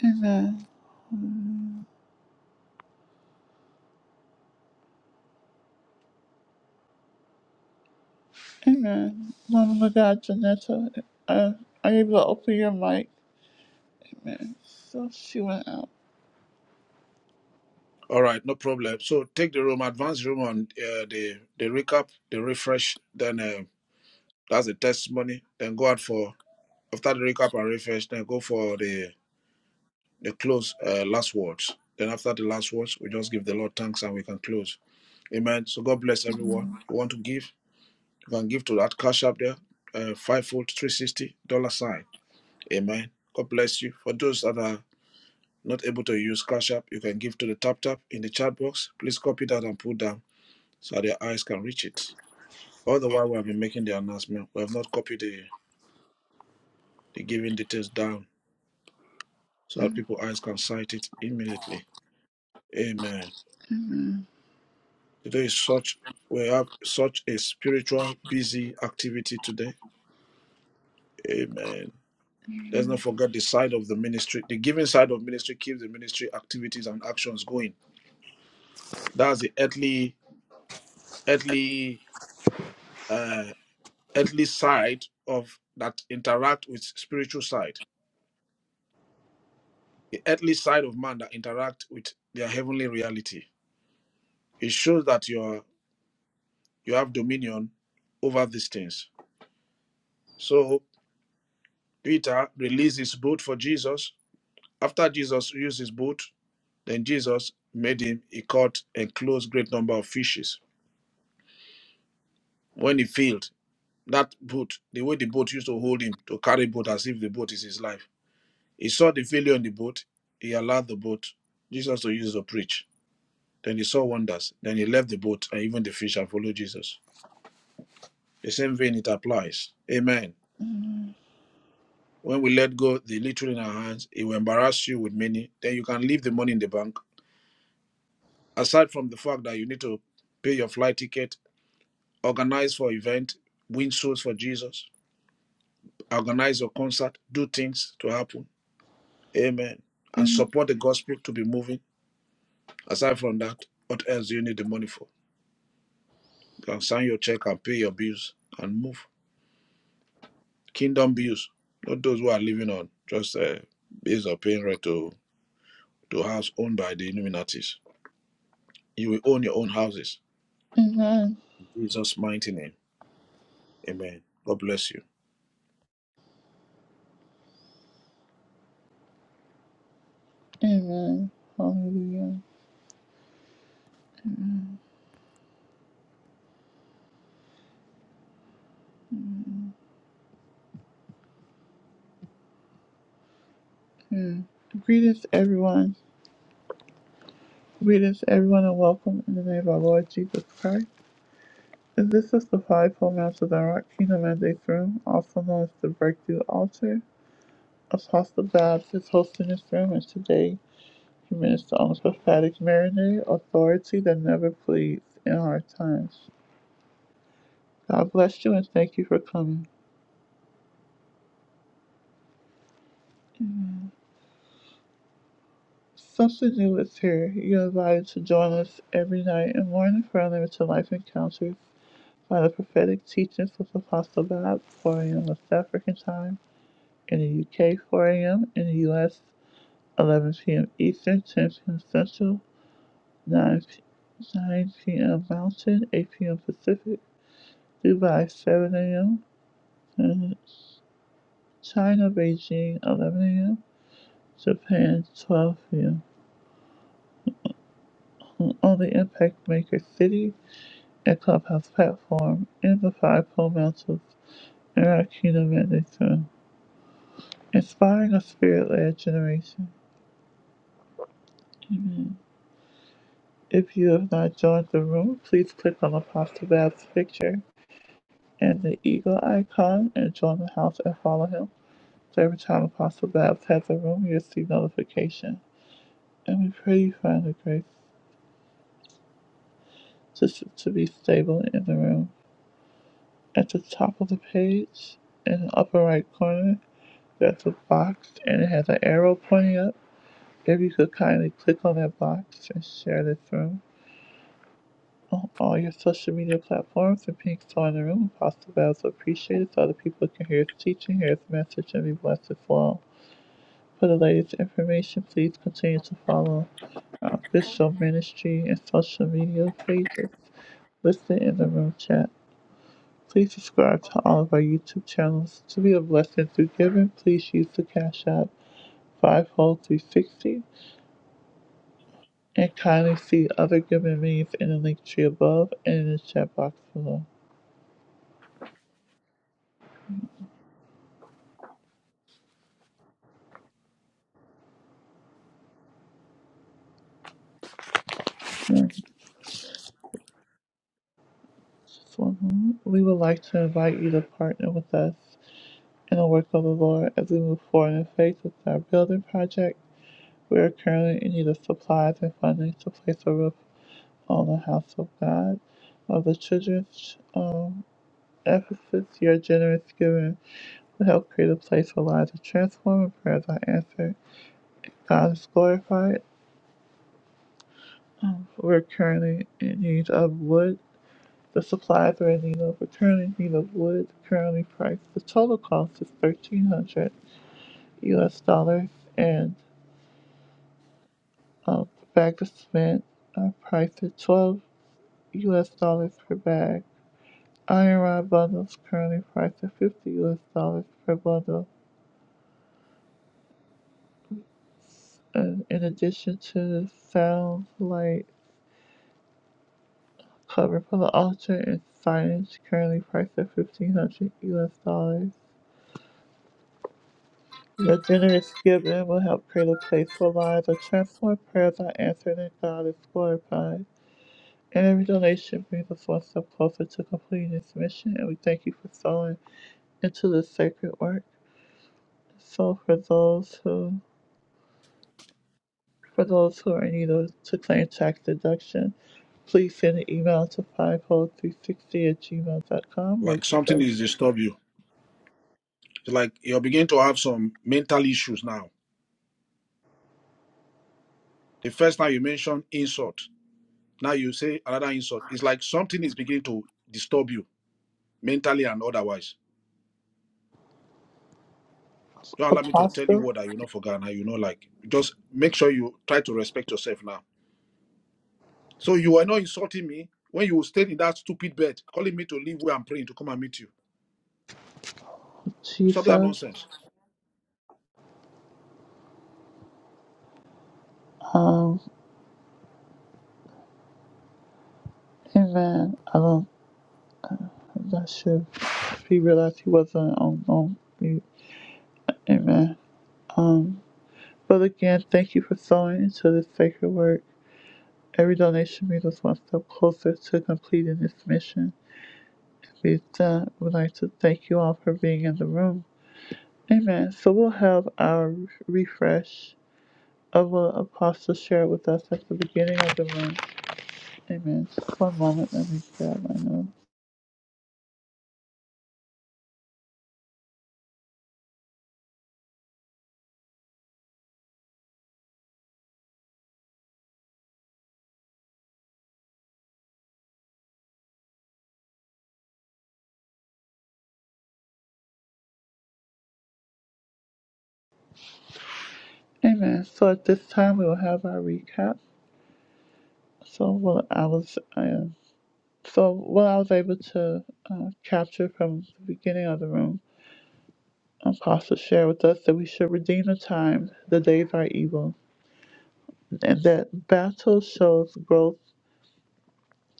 Amen. Amen. Woman of God, Janetta, uh, are you able to open your mic? Amen. So she went out. All right, no problem. So take the room, advance the room on uh, the the recap, the refresh. Then uh, that's the testimony. Then go out for after the recap and refresh. Then go for the the close uh, last words. Then after the last words, we just give the Lord thanks and we can close. Amen. So God bless everyone. You want to give? You can give to that cash app there, uh, fivefold, 360 dollar sign. Amen. God bless you. For those that are not able to use cash app, you can give to the tap tap in the chat box. Please copy that and put down so that their eyes can reach it. All the while we have been making the announcement, we have not copied the, the giving details down so that people's eyes can sight it immediately. Amen. Today is such we have such a spiritual busy activity today. Amen. Let's not forget the side of the ministry. The giving side of ministry keeps the ministry activities and actions going. That's the earthly, earthly, uh, earthly side of that interact with spiritual side. The earthly side of man that interact with their heavenly reality. It shows that you are you have dominion over these things. So Peter released his boat for Jesus. After Jesus used his boat, then Jesus made him. He caught and closed great number of fishes. When he failed. that boat, the way the boat used to hold him to carry boat as if the boat is his life. He saw the failure on the boat. He allowed the boat Jesus to use to preach. Then he saw wonders. Then he left the boat, and even the fish and followed Jesus. The same vein it applies. Amen. When we let go the little in our hands, it will embarrass you with many. Then you can leave the money in the bank. Aside from the fact that you need to pay your flight ticket, organize for event, win souls for Jesus, organize your concert, do things to happen Amen. And support the gospel to be moving. Aside from that, what else do you need the money for? You can sign your check and pay your bills and move. Kingdom bills, not those who are living on just uh, bills or paying rent to, to house owned by the Illuminatis. You will own your own houses. Amen. In Jesus' mighty name. Amen. God bless you. Amen. Hallelujah. Hmm. Greetings, everyone. Greetings, everyone, and welcome in the name of our Lord Jesus Christ. And this is the Five Formats of the Rock Kingdom Mandate Room, also known as the Breakthrough Altar. Apostle Babs is hosting this room, and today he ministers on the prophetic marinade, authority that never pleads in hard times. God bless you, and thank you for coming. Something new is here. You're invited to join us every night and morning for unlimited life encounters by the prophetic teachings of Apostle Babs, 4 a.m. West African time. in the UK 4 a.m. in the US 11 p.m. Eastern, 10 p.m. Central, 9 9 p.m. Mountain, 8 p.m. Pacific, Dubai 7 a.m. China Beijing 11 a.m. Japan 12 p.m. On the Impact Maker City and Clubhouse platform in the Five Pole Mountains in our Kingdom Mandate Room, inspiring a spirit-led generation. Amen. If you have not joined the room, please click on Apostle Bab's picture and the eagle icon and join the house and follow him. So every time Apostle Babs has a room, you'll see notification. And we pray you find the grace to, to be stable in the room. At the top of the page, in the upper right corner, there's a box and it has an arrow pointing up. If you could kindly click on that box and share this room. on all your social media platforms and pink star in the room. Apostle Babs will appreciate it so other people can hear his teaching, hear his message, and be blessed as well. For the latest information, please continue to follow our official ministry and social media pages listed in the room chat. Please subscribe to all of our YouTube channels. To be a blessing through giving, please use the Cash App five hole three sixty and kindly see other giving means in the link tree above and in the chat box below. Yeah. Just one We would like to invite you to partner with us in the work of the Lord as we move forward in faith with our building project. We are currently in need of supplies and funding to place a roof on the house of God of the children's um, Ephesus. Your generous giving will help create a place where lives are transformed and prayers are answered. God is glorified. Um, we're currently in need of wood The supply threatening of currency of wood currently priced the total cost is thirteen hundred US dollars and um, the bag of cement are priced at twelve US dollars per bag. Iron rod bundles currently priced at fifty US dollars per bundle. And in addition to the sound light cover for the altar and signage currently priced at fifteen hundred US dollars. Your generous giving will help create a place where lives are transformed, prayers are answered, and God is glorified. And every donation brings us one step closer to completing this mission, and we thank you for sowing into this sacred work. So for those who for those who are in need of- to claim tax deduction, please send an email to 50360 at gmail dot com. We'll Like get something those. is disturb you. It's like you're beginning to have some mental issues now. The first time you mentioned insult, now you say another insult. It's like something is beginning to disturb you mentally and otherwise. Don't allow me to tell you what I you know for Ghana, you know, like just make sure you try to respect yourself now. So you are not insulting me when you stayed in that stupid bed, calling me to leave where I'm praying to come and meet you. Stop that nonsense. Um, and then I don't, I'm not sure if he realized he wasn't on, on mute. Amen. Um, Father, again, thank you for sowing into this sacred work. Every donation brings us one step closer to completing this mission. We've done. We'd like to thank you all for being in the room. Amen. So we'll have our refresh of what Apostle shared with us at the beginning of the room. Amen. Just one moment. Let me grab my notes. Amen. So at this time, we will have our recap. So what I was, uh, so what I was able to uh, capture from the beginning of the room Apostle shared with us that we should redeem the time, the days are evil, and that battle shows growth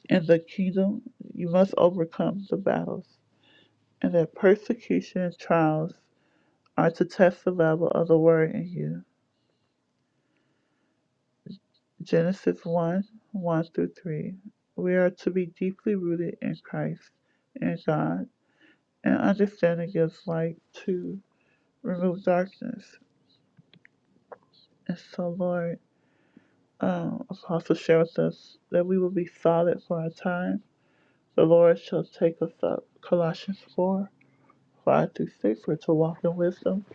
in the kingdom. You must overcome the battles, and that persecution and trials are to test the level of the word in you. Genesis 1 1 through 3. We are to be deeply rooted in Christ and God, and understanding gives light to remove darkness. And so, Lord, um, it's also share with us that we will be solid for our time. The Lord shall take us up. Colossians 4 5 through 6. We're to walk in wisdom,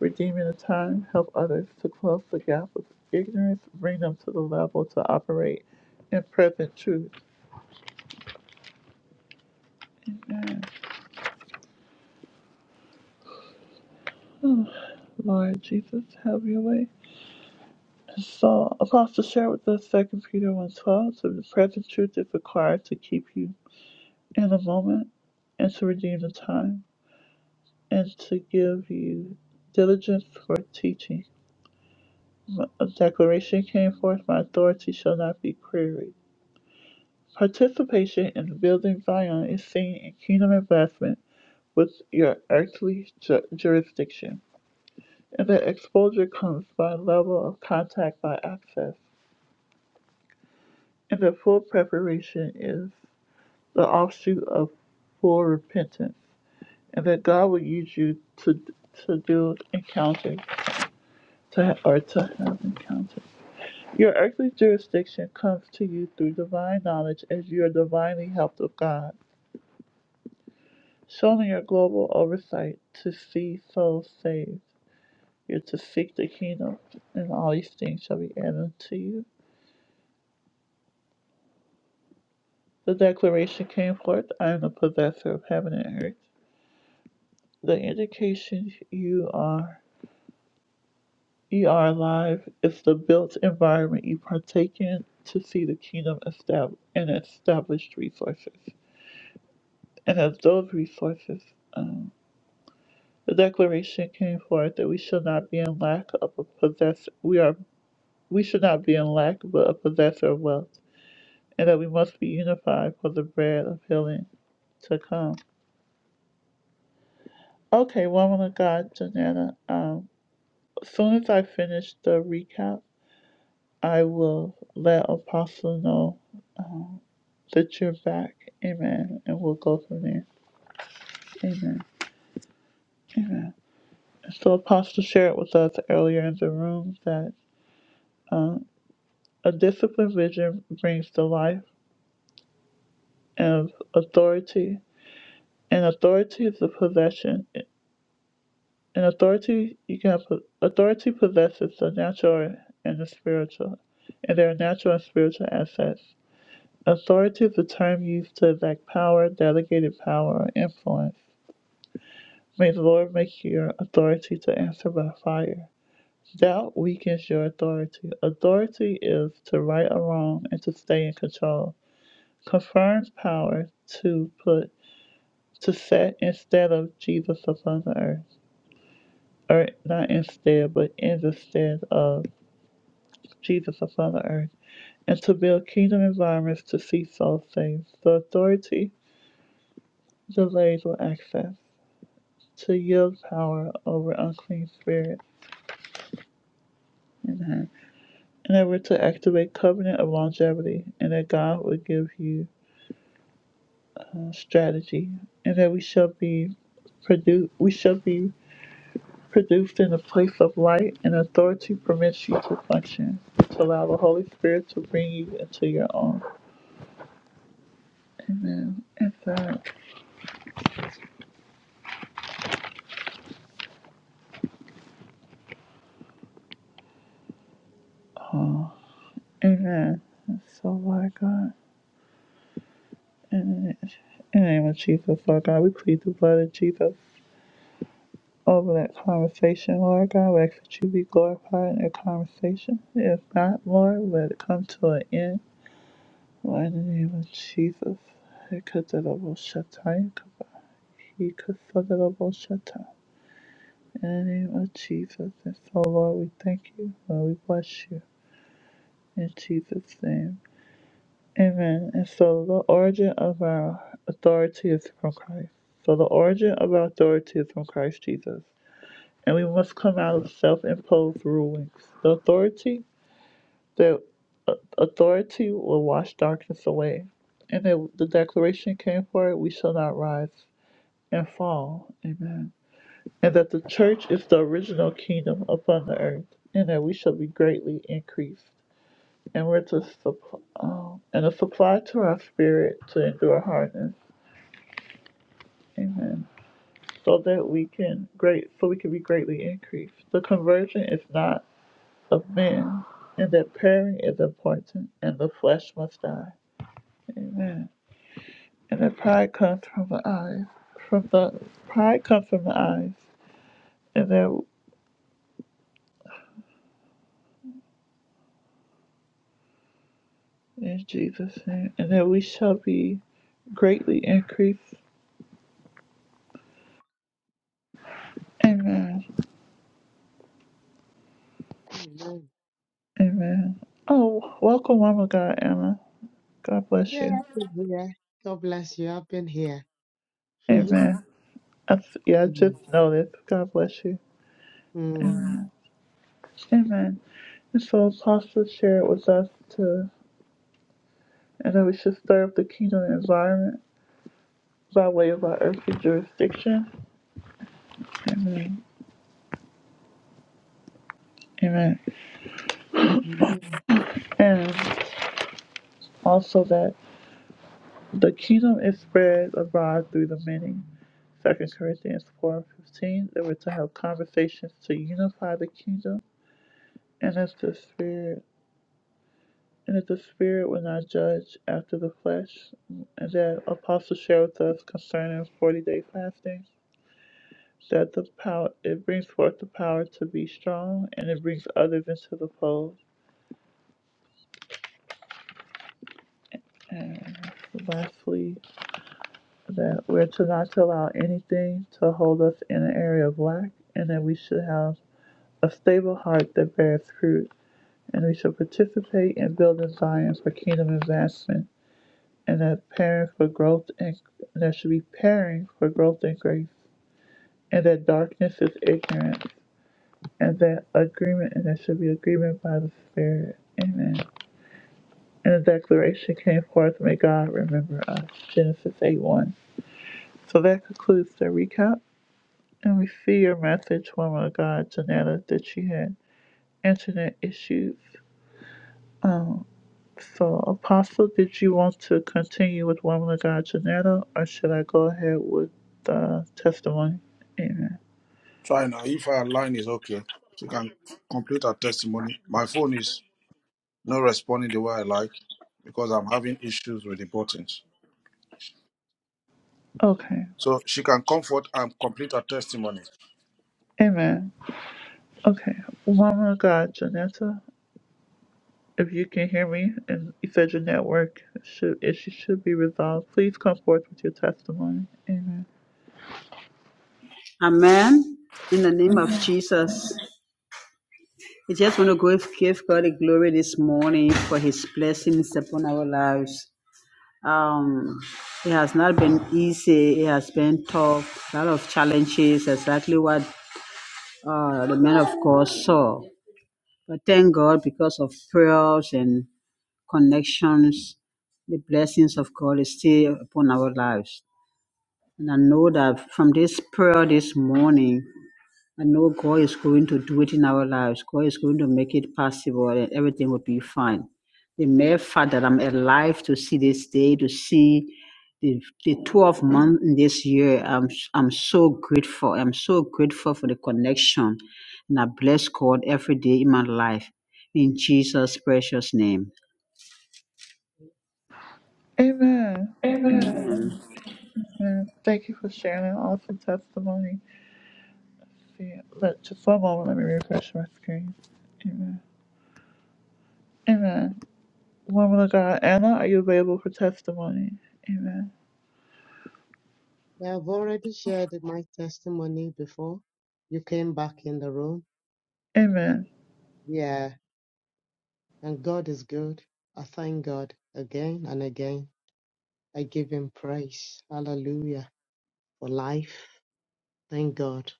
redeeming the time, help others to close the gap of ignorance, bring them to the level to operate in present truth. Amen. Oh, Lord Jesus, have your way. So, Apostle shared with us 2 Peter 1 12. So, the present truth is required to keep you in the moment and to redeem the time. and to give you diligence for teaching. A declaration came forth, my authority shall not be queried. Participation in building Zion is seen in kingdom investment with your earthly ju- jurisdiction. And the exposure comes by level of contact by access. And the full preparation is the offshoot of full repentance. And that God will use you to to do encounters to ha- or to have encounters. Your earthly jurisdiction comes to you through divine knowledge as you are divinely helped of God, shown in your global oversight to see souls saved. You're to seek the kingdom, and all these things shall be added to you. The declaration came forth, I am the possessor of heaven and earth. The indication you are you are alive is the built environment you partake in to see the kingdom established and established resources. And as those resources um, The declaration came forth that we shall not be in lack of a possess we are we should not be in lack but a possessor of wealth, and that we must be unified for the bread of healing to come. Okay, woman of God, Janetta. Um, as soon as I finish the recap, I will let Apostle know that you're back. Amen. And we'll go from there. Amen. Amen. So Apostle shared with us earlier in the room that um, a disciplined vision brings to life and authority. And authority is a possession. And authority, you can have authority possesses the natural and the spiritual, and there are natural and spiritual assets. Authority is a term used to exact power, delegated power, or influence. May the Lord make your authority to answer by fire. Doubt weakens your authority. Authority is to right or wrong and to stay in control. Confirms power to put to set instead of Jesus upon the earth, or not instead, but in the stead of Jesus upon the earth, and to build kingdom environments to see souls saved. The authority delays with access, to yield power over unclean spirits in her, and ever to activate covenant of longevity, and that God will give you uh, strategy, and that we shall be produced, we shall be produced in a place of light and authority permits you to function. To allow the Holy Spirit to bring you into your own. Amen. It's that. Amen. And So, Lord God, in the in the name of Jesus, Lord God, we plead the blood of Jesus over that conversation, Lord God. We ask that you be glorified in that conversation. If not, Lord, let it come to an end. Lord, in the name of Jesus. I cut that off, Shatai, I cut that off, Shatai. In the name of Jesus. And so, Lord, we thank you. Lord, we bless you. In Jesus' name. Amen. And so the origin of our authority is from Christ. So the origin of our authority is from Christ Jesus. And we must come out of self imposed rulings. The authority, the uh, authority will wash darkness away. And the, the declaration came for it, we shall not rise and fall. Amen. and that the church is the original kingdom upon the earth, and that we shall be greatly increased, and we're to supply, um, and a supply to our spirit to endure hardness. Amen. So that we can great, so we can be greatly increased. The conversion is not of men, and that pairing is important, and the flesh must die. Amen. And that pride comes from the eyes, from the pride comes from the eyes, and that. In Jesus' name. And that we shall be greatly increased. Amen. Amen. Amen. Oh, welcome, Mama God, Emma. God bless Yeah, you. I've been here. God bless you. I've been here. Amen. I, s- yeah, I just Mm, noticed. God bless you. mm, Amen. Amen. And so Apostle shared with us to, and that we should stir up the kingdom environment by way of our earthly jurisdiction. Amen. Amen. mm. And also that The kingdom is spread abroad through the many. Second Corinthians four fifteen. They were to have conversations to unify the kingdom, and if the spirit and if the spirit will not judge after the flesh, and that apostle shared with us concerning forty day fasting, that the power it brings forth the power to be strong, and it brings others into the fold. And lastly, that we're to not to allow anything to hold us in an area of lack, and that we should have a stable heart that beareth fruit, and we shall participate in building Zion for kingdom advancement, and that parent for growth and that should be pairing for growth and grace, and that darkness is ignorance, and that agreement and that should be agreement by the Spirit. Amen. And the declaration came forth, may God remember us. Genesis 8 1. So that concludes the recap. And we see your message, woman of God, Janetta, that she had internet issues. So, Apostle, did you want to continue with Woman of God Janetta, or should I go ahead with the testimony? Amen. Try now. If our line is okay, we can complete our testimony. My phone is not responding the way I like because I'm having issues with the buttons. Okay. So she can comfort and complete her testimony. Amen. Okay. Woman of God Janetta, if you can hear me, and you said your network should issue should be resolved, please come forth with your testimony. Amen. Amen. In the name of Jesus. I just want to go give God the glory this morning for his blessings upon our lives. Um, it has not been easy. It has been tough. A lot of challenges, exactly what uh, the man of God saw. But thank God because of prayers and connections, the blessings of God is still upon our lives. And I know that from this prayer this morning, I know God is going to do it in our lives. God is going to make it possible and everything will be fine. The mere fact that I'm alive to see this day, to see the, the 12 month in this year, I'm, I'm so grateful. I'm so grateful for the connection. And I bless God every day in my life. In Jesus' precious name. Amen. Amen. Thank you for sharing an awesome testimony. See, let, just one moment, let me refresh my screen. Amen. Amen. Woman of God, Anna, are you available for testimony? Amen. Yeah, I've already shared my testimony before you came back in the room. Amen. Yeah, and God is good. I thank God again and again. I give Him praise. Hallelujah for life. Thank God.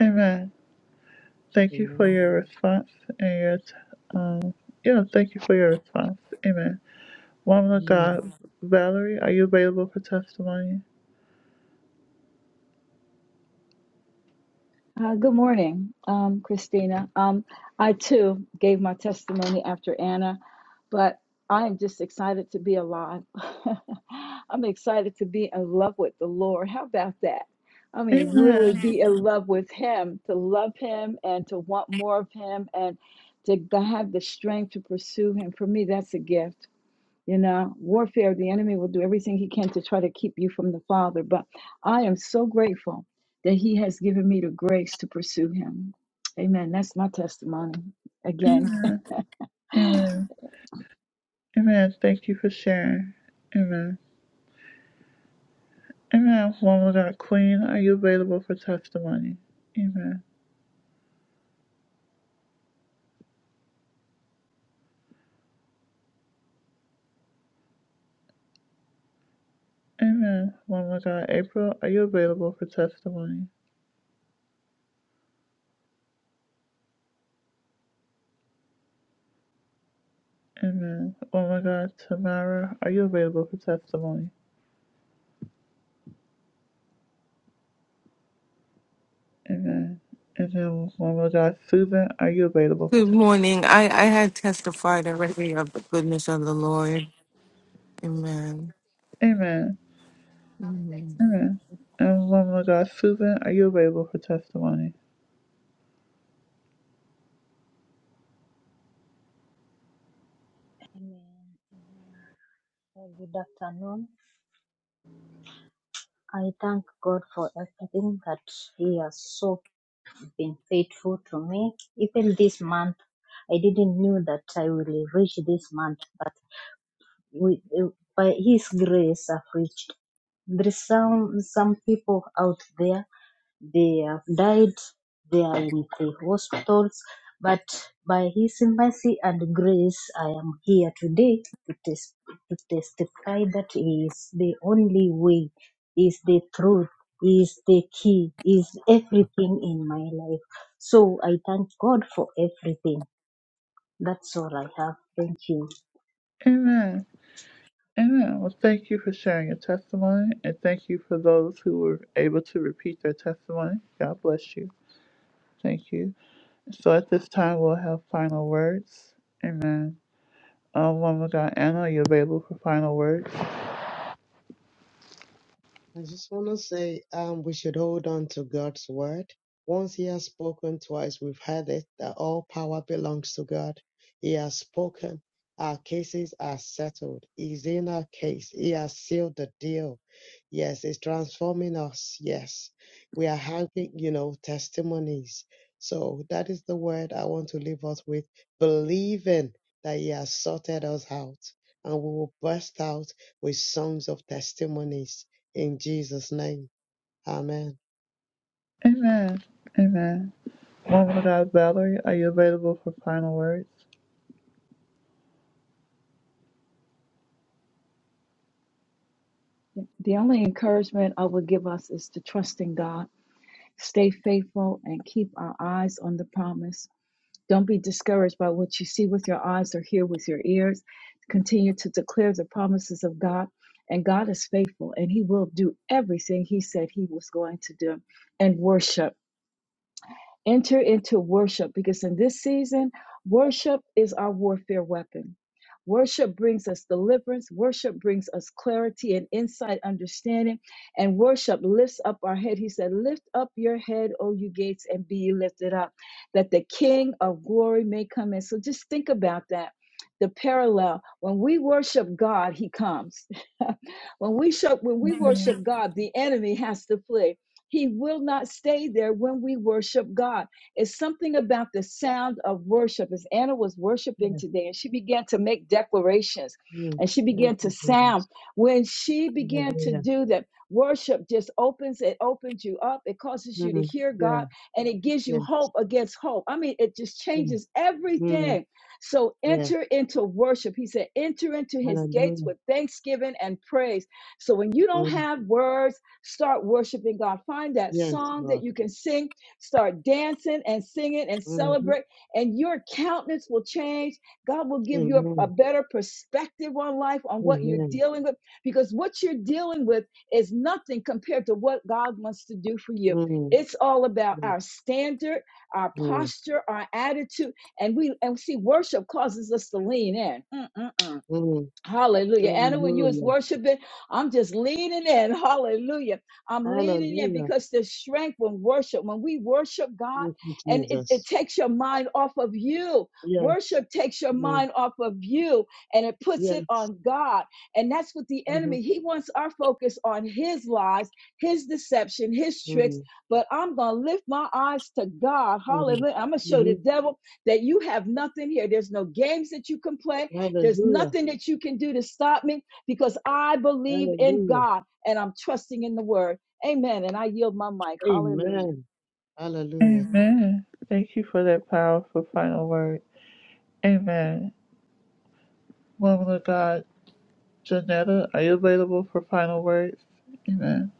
Amen. Thank you for Amen. your response and your, t- um, yeah, thank you for your response. Amen. Woman of God, Valerie, are you available for testimony? Uh, good morning, um, Christina. Um, I too gave my testimony after Anna, but I am just excited to be alive. I'm excited to be in love with the Lord. How about that? I mean, really Amen. be in love with Him, to love Him and to want more of Him and to g- have the strength to pursue Him. For me, that's a gift. You know, warfare, the enemy will do everything he can to try to keep you from the Father. But I am so grateful that he has given me the grace to pursue him. Amen. That's my testimony again. Amen. Amen. Amen. Thank you for sharing. Amen. Amen. Woman of God, Queen, are you available for testimony? Amen. Amen. Woman of God, April, are you available for testimony? Amen. Oh my God, Tamara, are you available for testimony? Amen. And then woman of God, Susan, are you available for Good testimony? morning. I I had testified already of the goodness of the Lord. Amen. Amen. Amen. And woman of God, Susan, are you available for testimony? Amen. Amen. Well, good afternoon. I thank God for everything that He has so been faithful to me. Even this month, I didn't know that I will reach this month, but we, by His grace, I've reached. There's some some people out there. they have died, they are in the hospitals. But by His mercy and grace, I am here today to, tes- to testify that He is the only way, He is the truth, He is the key, He is everything in my life. So I thank God for everything. That's all I have. Thank you. Amen. Amen. Well, thank you for sharing your testimony, and thank you for those who were able to repeat their testimony. God bless you. Thank you. So at this time, we'll have final words. Amen. Um, woman of God, Anna, are you available for final words? I just want to say um, we should hold on to God's word. Once He has spoken twice, we've heard it that all power belongs to God. He has spoken. Our cases are settled. He's in our case. He has sealed the deal. Yes, it's transforming us. Yes, we are having, you know, testimonies. So that is the word I want to leave us with believing that He has sorted us out and we will burst out with songs of testimonies in Jesus' name. Amen. Amen. Amen. Woman of God, Valerie, are you available for final words? The only encouragement I would give us is to trust in God. Stay faithful and keep our eyes on the promise. Don't be discouraged by what you see with your eyes or hear with your ears. Continue to declare the promises of God. And God is faithful and He will do everything He said He was going to do. And worship. Enter into worship because in this season, worship is our warfare weapon. Worship brings us deliverance. Worship brings us clarity and insight, understanding. And worship lifts up our head. He said, Lift up your head, O you gates, and be ye lifted up, that the King of glory may come in. So just think about that. The parallel when we worship God, He comes. when we show, when we Amen. worship God, the enemy has to flee he will not stay there when we worship God. It's something about the sound of worship. As Anna was worshiping Yeah. today, and she began to make declarations Mm. and she Thank began to you, sound. Jesus. When she began to Hallelujah. do that, worship just opens, it opens you up, it causes you to Mm. hear Yeah. God, and it gives Yeah. you hope against hope. I mean, it just Yeah. changes Mm. everything. So Yeah. enter into worship. He said, enter into his gates Hallelujah. with thanksgiving and praise. So when you don't Mm. have words, Start worshiping God. Find that Yes, song that Lord. you can sing. Start dancing and singing and Mm. celebrate, and your countenance will change. God will give you a, a Amen. better perspective on life, on what you're Amen. dealing with, because what you're dealing with is nothing compared to what God wants to do for you. Mm. It's all about Mm. our standard, our Mm. posture, our attitude, and we and see worship causes us to lean in. Mm, mm, mm. Mm. Hallelujah. Anna, when you was Hallelujah. worshiping, I'm just leaning in. Hallelujah. I'm leaning in Hallelujah. because the strength when worship, when we worship God, Thank you, and it, it Jesus. takes your mind off of you. Yes. Worship takes your Mm. mind off of you and it puts it Yes. on God. And that's what the Mm-hmm. enemy, he wants our focus on his lies, his deception, his tricks. Mm. But I'm going to lift my eyes to God. Mm. Hallelujah. I'm going to show the Mm-hmm. devil that you have nothing here. There's no games that you can play. There's Hallelujah. nothing that you can do to stop me because I believe in Hallelujah. God and I'm trusting in the word. Amen. And I yield my mic. Hallelujah. Amen. Hallelujah. Amen. Thank you for that powerful final word. Amen. Woman of God, Janetta, are you available for final words? Amen.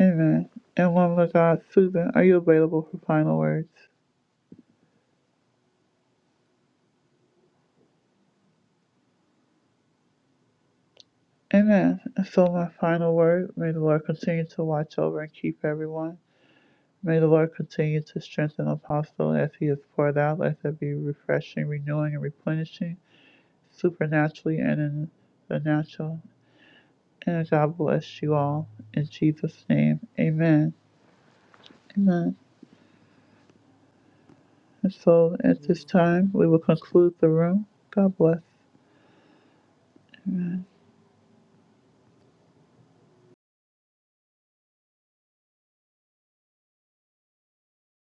Amen. And woman of God, Susan, are you available for final words? Amen. And so my final word, may the Lord continue to watch over and keep everyone. May the Lord continue to strengthen Apostle as he is poured out. Let there be refreshing, renewing, and replenishing. supernaturally and in the natural. And God bless you all. In Jesus' name, amen. Amen. And so at this time, Mm. we will conclude the room. God bless.